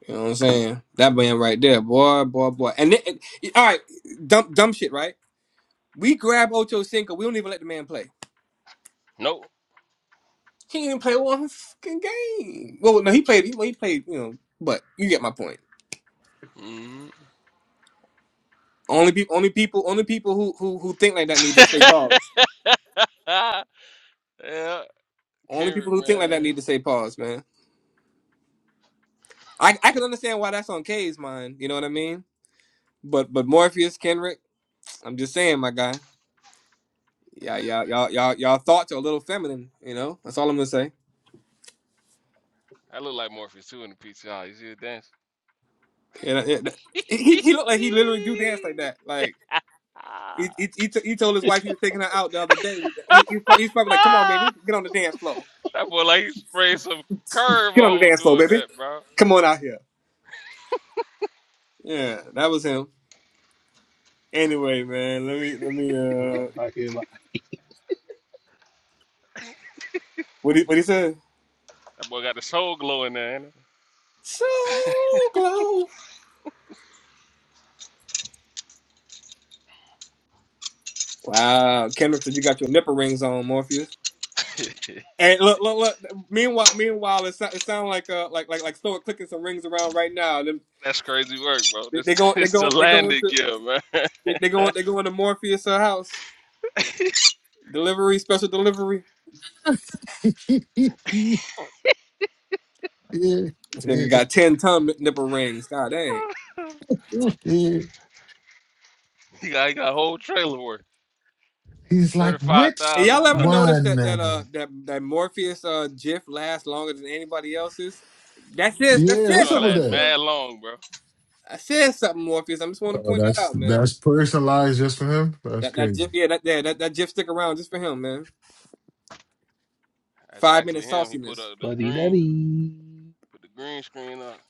S9: You know what I'm saying? That man right there, boy, boy, boy. And then, and- all right, dumb, dumb shit, right? We grab Ocho Cinco. We don't even let the man play.
S11: Nope.
S9: He didn't even play one fucking game. Well, no, he played. He, well, he played. You know, but you get my point.
S11: hmm
S9: Only people, only people, only people who who who think like that need to say pause.
S11: yeah,
S9: Only people
S11: Kendrick,
S9: who think like that
S11: man.
S9: need to say pause, man. I I can understand why that's on K's mind. You know what I mean? But but Morpheus Kendrick, I'm just saying, my guy. Yeah, yeah, y'all y'all y'all thoughts are a little feminine. You know, that's all I'm gonna say.
S11: I look like Morpheus too in the PTR. You see the dance?
S9: And uh, it- he he looked like he literally do dance like that. Like he he he, t- he told his wife he was taking her out the other day. He, he, pro- he's probably like, "Come on, baby,
S11: that
S9: get on the dance floor.
S11: boy like he sprayed some curve
S9: Get on the
S11: on
S9: dance floor,
S11: doing
S9: baby.
S11: that, bro.
S9: Come on out here." Yeah, that was him. Anyway, man, let me let me
S6: Hello,
S9: uh,
S6: I hear my
S9: what he what he said?
S11: That boy got the soul glow in there. Ain't
S9: So glow. Wow, Kendrick said you got your nipple rings on, Morpheus.
S11: it?
S9: And look, look, look. Meanwhile, meanwhile, it, so, it sounds like uh, like like like Stoic clicking some rings around right now. Them-
S11: That's crazy work, bro.
S9: They,
S11: This
S9: they go, they
S11: this the
S9: go, they go
S11: landing
S9: into,
S11: gear, man.
S9: they, they go, they go into Morpheus' uh, house. Delivery, special delivery. This nigga got ten ton nip- nipple rings. God dang.
S11: He got, he got a whole trailer worth.
S7: He's like, which
S9: Hey,
S11: 35,000
S9: y'all ever
S11: pounds.
S9: notice that that uh
S7: one?
S9: that that Morpheus uh GIF lasts longer than anybody else's? That says that
S7: Yeah,
S11: That
S7: what's
S9: says
S11: joint
S7: up with
S9: something. I
S11: lasts
S9: just
S7: that?
S9: want,
S11: mad long, bro.
S9: I said something, Morpheus. I just want to
S7: Oh,
S9: point that
S7: that's
S9: out, man.
S7: that's personalized just for him. That's
S9: That that
S7: crazy.
S9: GIF, yeah, that yeah, that that GIF stick around just for him, man.
S11: That's
S9: Five minute
S11: actually him. He put
S9: sauciness.
S11: up the
S6: buddy
S11: green,
S6: daddy.
S11: put the green screen up.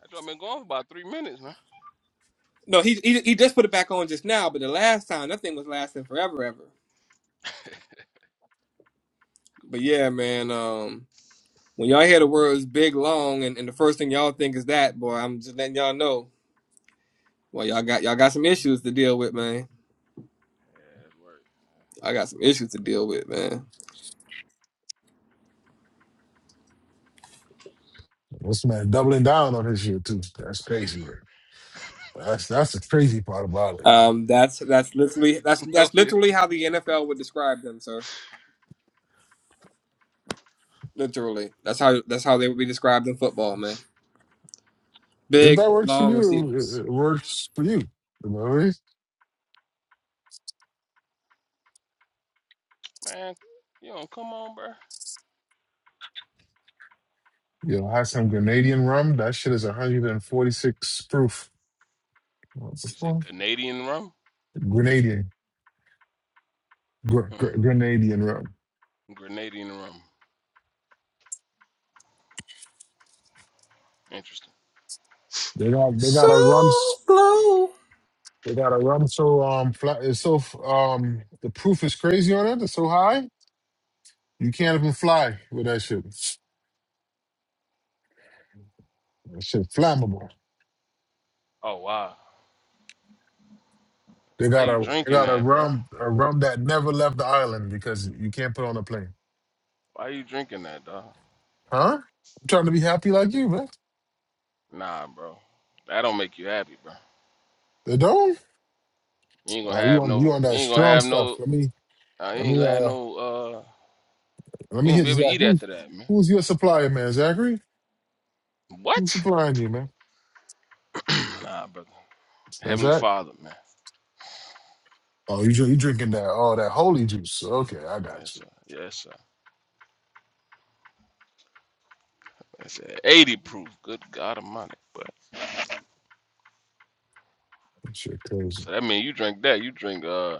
S11: That joint been going for about three minutes, man.
S9: No, he, he he just put it back on just now, but the last time that thing was lasting forever, ever. But yeah,
S11: Complete.
S9: man. Um, when y'all hear the words big long, and, and the first thing y'all think is that boy, I'm just letting y'all know. Well, y'all got y'all got some issues to deal with, man.
S11: ass
S9: I got some issues to deal with, man.
S7: This man doubling down on his shit too. That's crazy, bro. That's that's the crazy part about it.
S9: Um, that's that's literally that's that's
S11: work.
S9: literally how the NFL would describe them, sir. Literally, that's how that's how they would be described in football, man.
S7: If
S9: Big
S7: that works for
S9: long
S7: you, it
S9: receivers.
S7: it works for you. You know what I mean?
S11: man, you don't come on, bro.
S7: You know, have some Grenadian rum. That shit is 146 proof. What's
S11: You
S7: it
S11: said
S7: called?
S11: Canadian rum?
S7: Grenadian. Gr- gr-
S11: Hmm.
S7: Grenadian rum.
S11: Grenadian rum. Interesting.
S7: They got they
S9: So
S7: got a rum. s-
S9: glow.
S7: They got a rum so um fly, it's so f- um the proof is crazy on it. It's so high you can't even fly with that shit. That shit flammable.
S11: Oh, wow.
S7: They
S11: How
S7: got a
S11: you
S7: they
S11: drinking
S7: got a
S11: that, bro?
S7: rum a rum that never left the island because you can't put it on a plane.
S11: Why you drinking that, dog?
S7: Huh? I'm trying to be happy like you, man.
S11: Nah, bro. That don't make you happy, bro.
S7: They don't?
S11: You ain't gonna
S7: Oh, you
S11: have
S7: on you
S11: no,
S7: on
S11: you
S7: that
S11: ain't gonna
S7: strong
S11: have
S7: stuff.
S11: no,
S7: Let me
S11: uh, you
S7: let
S11: ain't
S7: me
S11: gonna have
S7: uh
S11: no, uh,
S7: let
S11: you
S7: me
S11: ain't gonna
S7: hit
S11: be able to
S7: Zach.
S11: eat
S7: Who's
S11: after that, man.
S7: who's your supplier, man? Zachary? Who's
S11: What?
S7: supplying you, man?
S11: nah, brother.
S7: That's
S11: Heavenly
S7: Zach?
S11: Father, man.
S7: Oh, you drink, you drinking that oh that holy juice. Okay, I got
S11: Yes,
S7: you.
S11: sir. Yes, sir. That's it. 80 proof. Good God Almighty. But
S7: That Shit crazy.
S11: so that mean you drink that. You drink uh,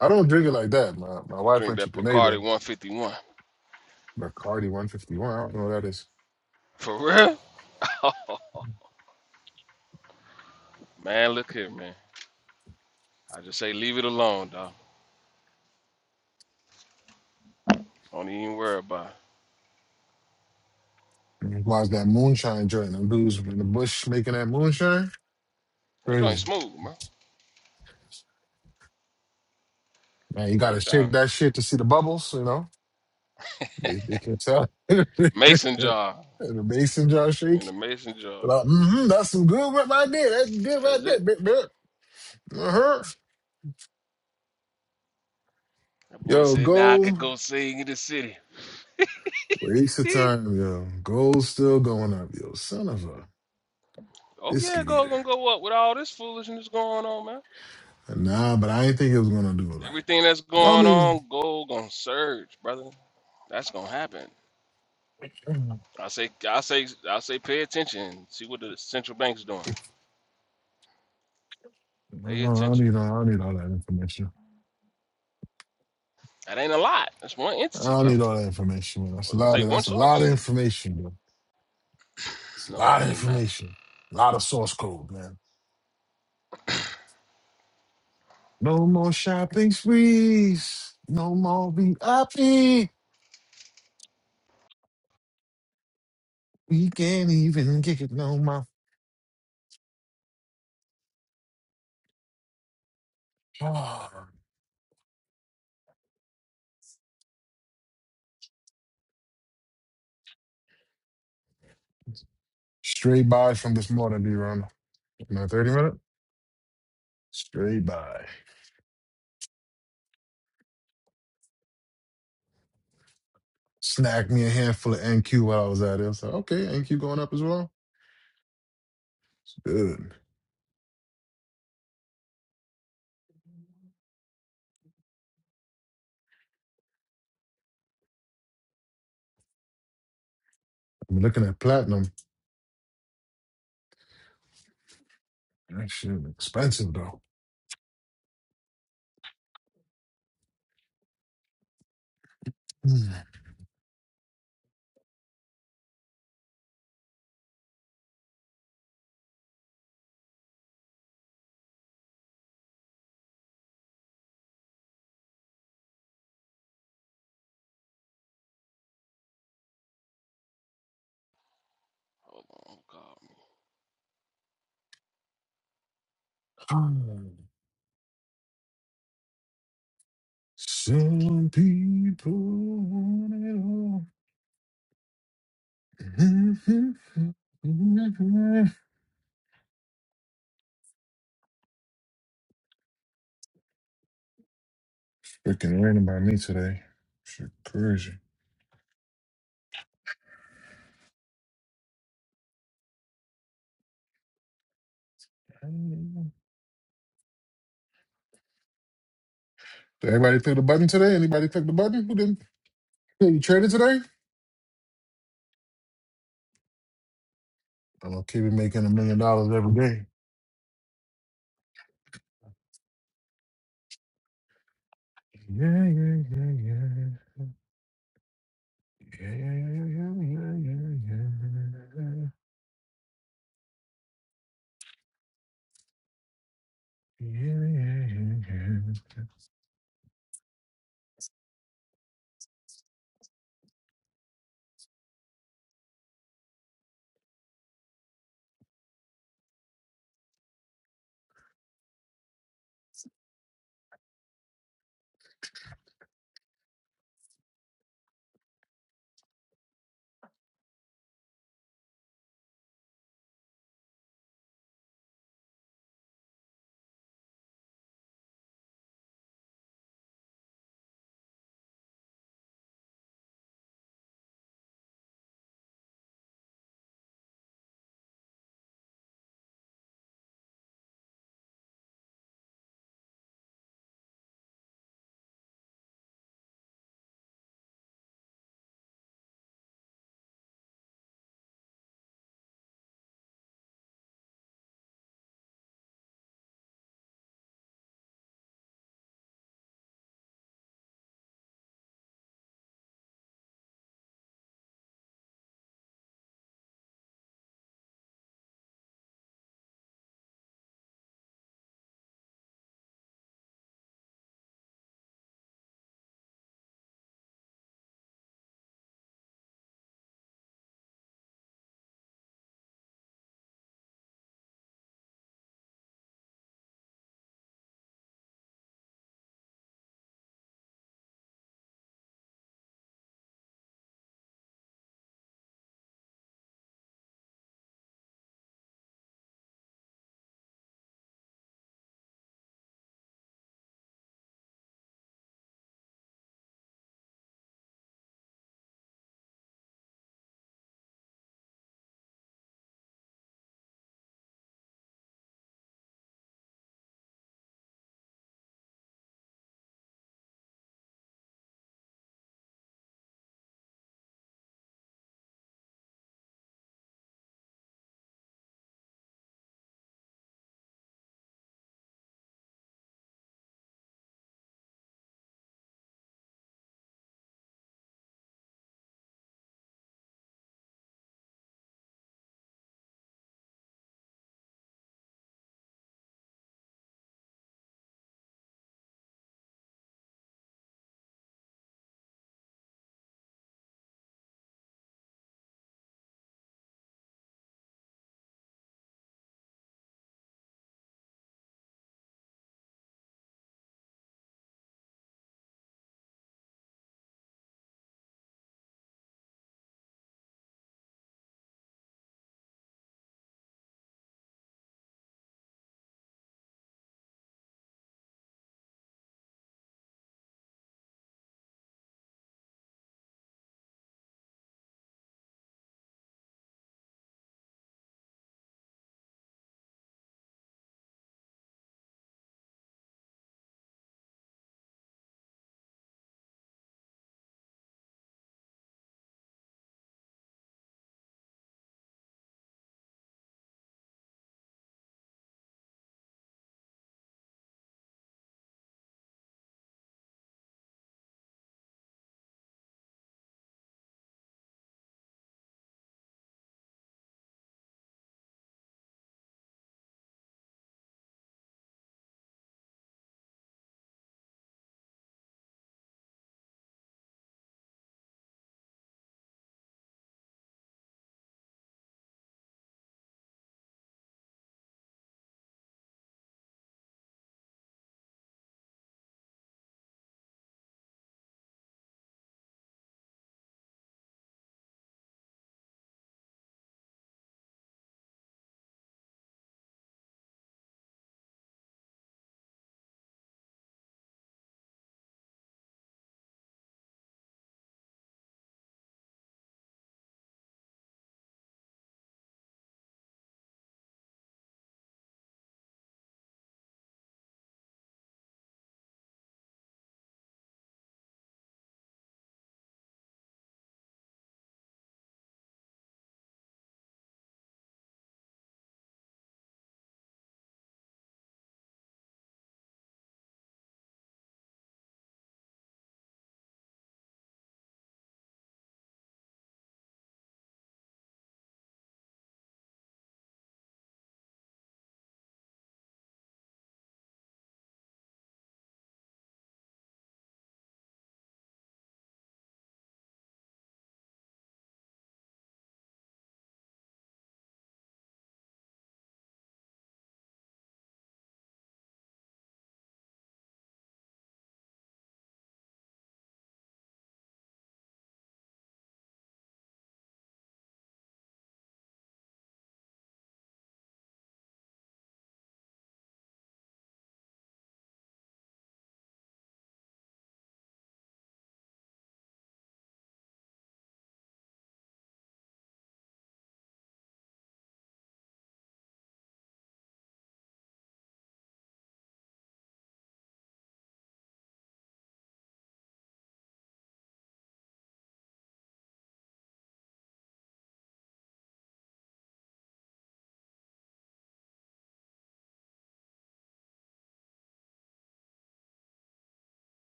S7: I don't drink it like that. My my
S11: you
S7: wife
S11: drink
S7: went to
S11: that Picardi
S7: Grenada,
S11: 151.
S7: Bacardi one fifty one. I don't know what that is.
S11: For real? Oh, man, look here, man. I just say leave it alone, dog. Don't even worry about it.
S7: Why's that moonshine joint? Them dudes in the bush making that moonshine?
S11: That joint
S7: Crazy.
S11: smooth, man.
S7: Man, you
S11: I'm
S7: gotta
S11: trying.
S7: shake that shit to see the bubbles, you know? They, they can tell. and
S11: Mason jar.
S7: the mason jar
S11: In the
S7: shake.
S11: mason jar.
S7: Like, mm-hmm, that's some good work right there. That's good right
S11: That's
S7: there.
S11: it.
S7: Bit, bit. Uh-huh.
S11: That boy
S7: Yo,
S11: said, "Now I could
S7: gold.
S11: go sing in the city."
S7: Waste of time, yo. Gold still going up, yo. Son of a
S11: Oh yeah,
S7: biscuit
S11: go
S7: eater.
S11: gonna go up with all this foolishness going on, man.
S7: Nah, but I didn't think it was gonna do it like.
S11: Everything that's
S7: Well, I
S11: going
S7: mean,
S11: on, gold gonna surge, brother. That's gonna happen.
S7: if,
S11: I say, I say, I say, pay attention. See what the central bank's doing.
S7: I don't
S11: Pay
S7: know, I don't
S11: attention.
S7: need all, I don't need all that information.
S11: That ain't a lot. That's one
S7: I
S11: entity,
S7: don't
S11: bro.
S7: need all that information, man. That's a lot
S11: Say
S7: of
S11: one
S7: that's a lot of
S11: source.
S7: information, bro. It's a
S11: No, it
S7: lot of
S11: ain't, man.
S7: information. A lot of source code, man. No more shopping sprees. No more VIP. We can't even get it no more. Ah. Straight buys from this morning, D-Ron. Now 30 minutes? Straight buy. Snagged me a handful of NQ while I was at it. I was like, okay, NQ going up as well? It's good. I'm looking at platinum. That shit expensive, though.
S11: Hold on, call me.
S7: Mm. Mm. Some people want it all. Freaking raining by me today. Shit, crazy. Did everybody click the button today? Anybody click the button? Who didn't? Hey, you traded today? I'm gonna keep it making a million dollars every day. Yeah, yeah, yeah, yeah. Yeah, yeah, yeah, yeah, yeah, yeah. Yeah, yeah, yeah, yeah. yeah, yeah, yeah.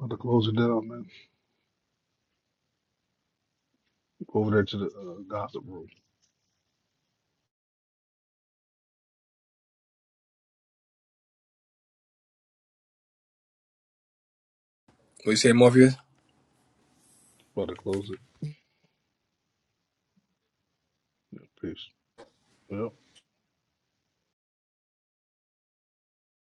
S6: Want to close it down, man. over there to the uh, gossip room.
S9: What you say, Morpheus?
S6: About to close it. Yeah, peace. Yep.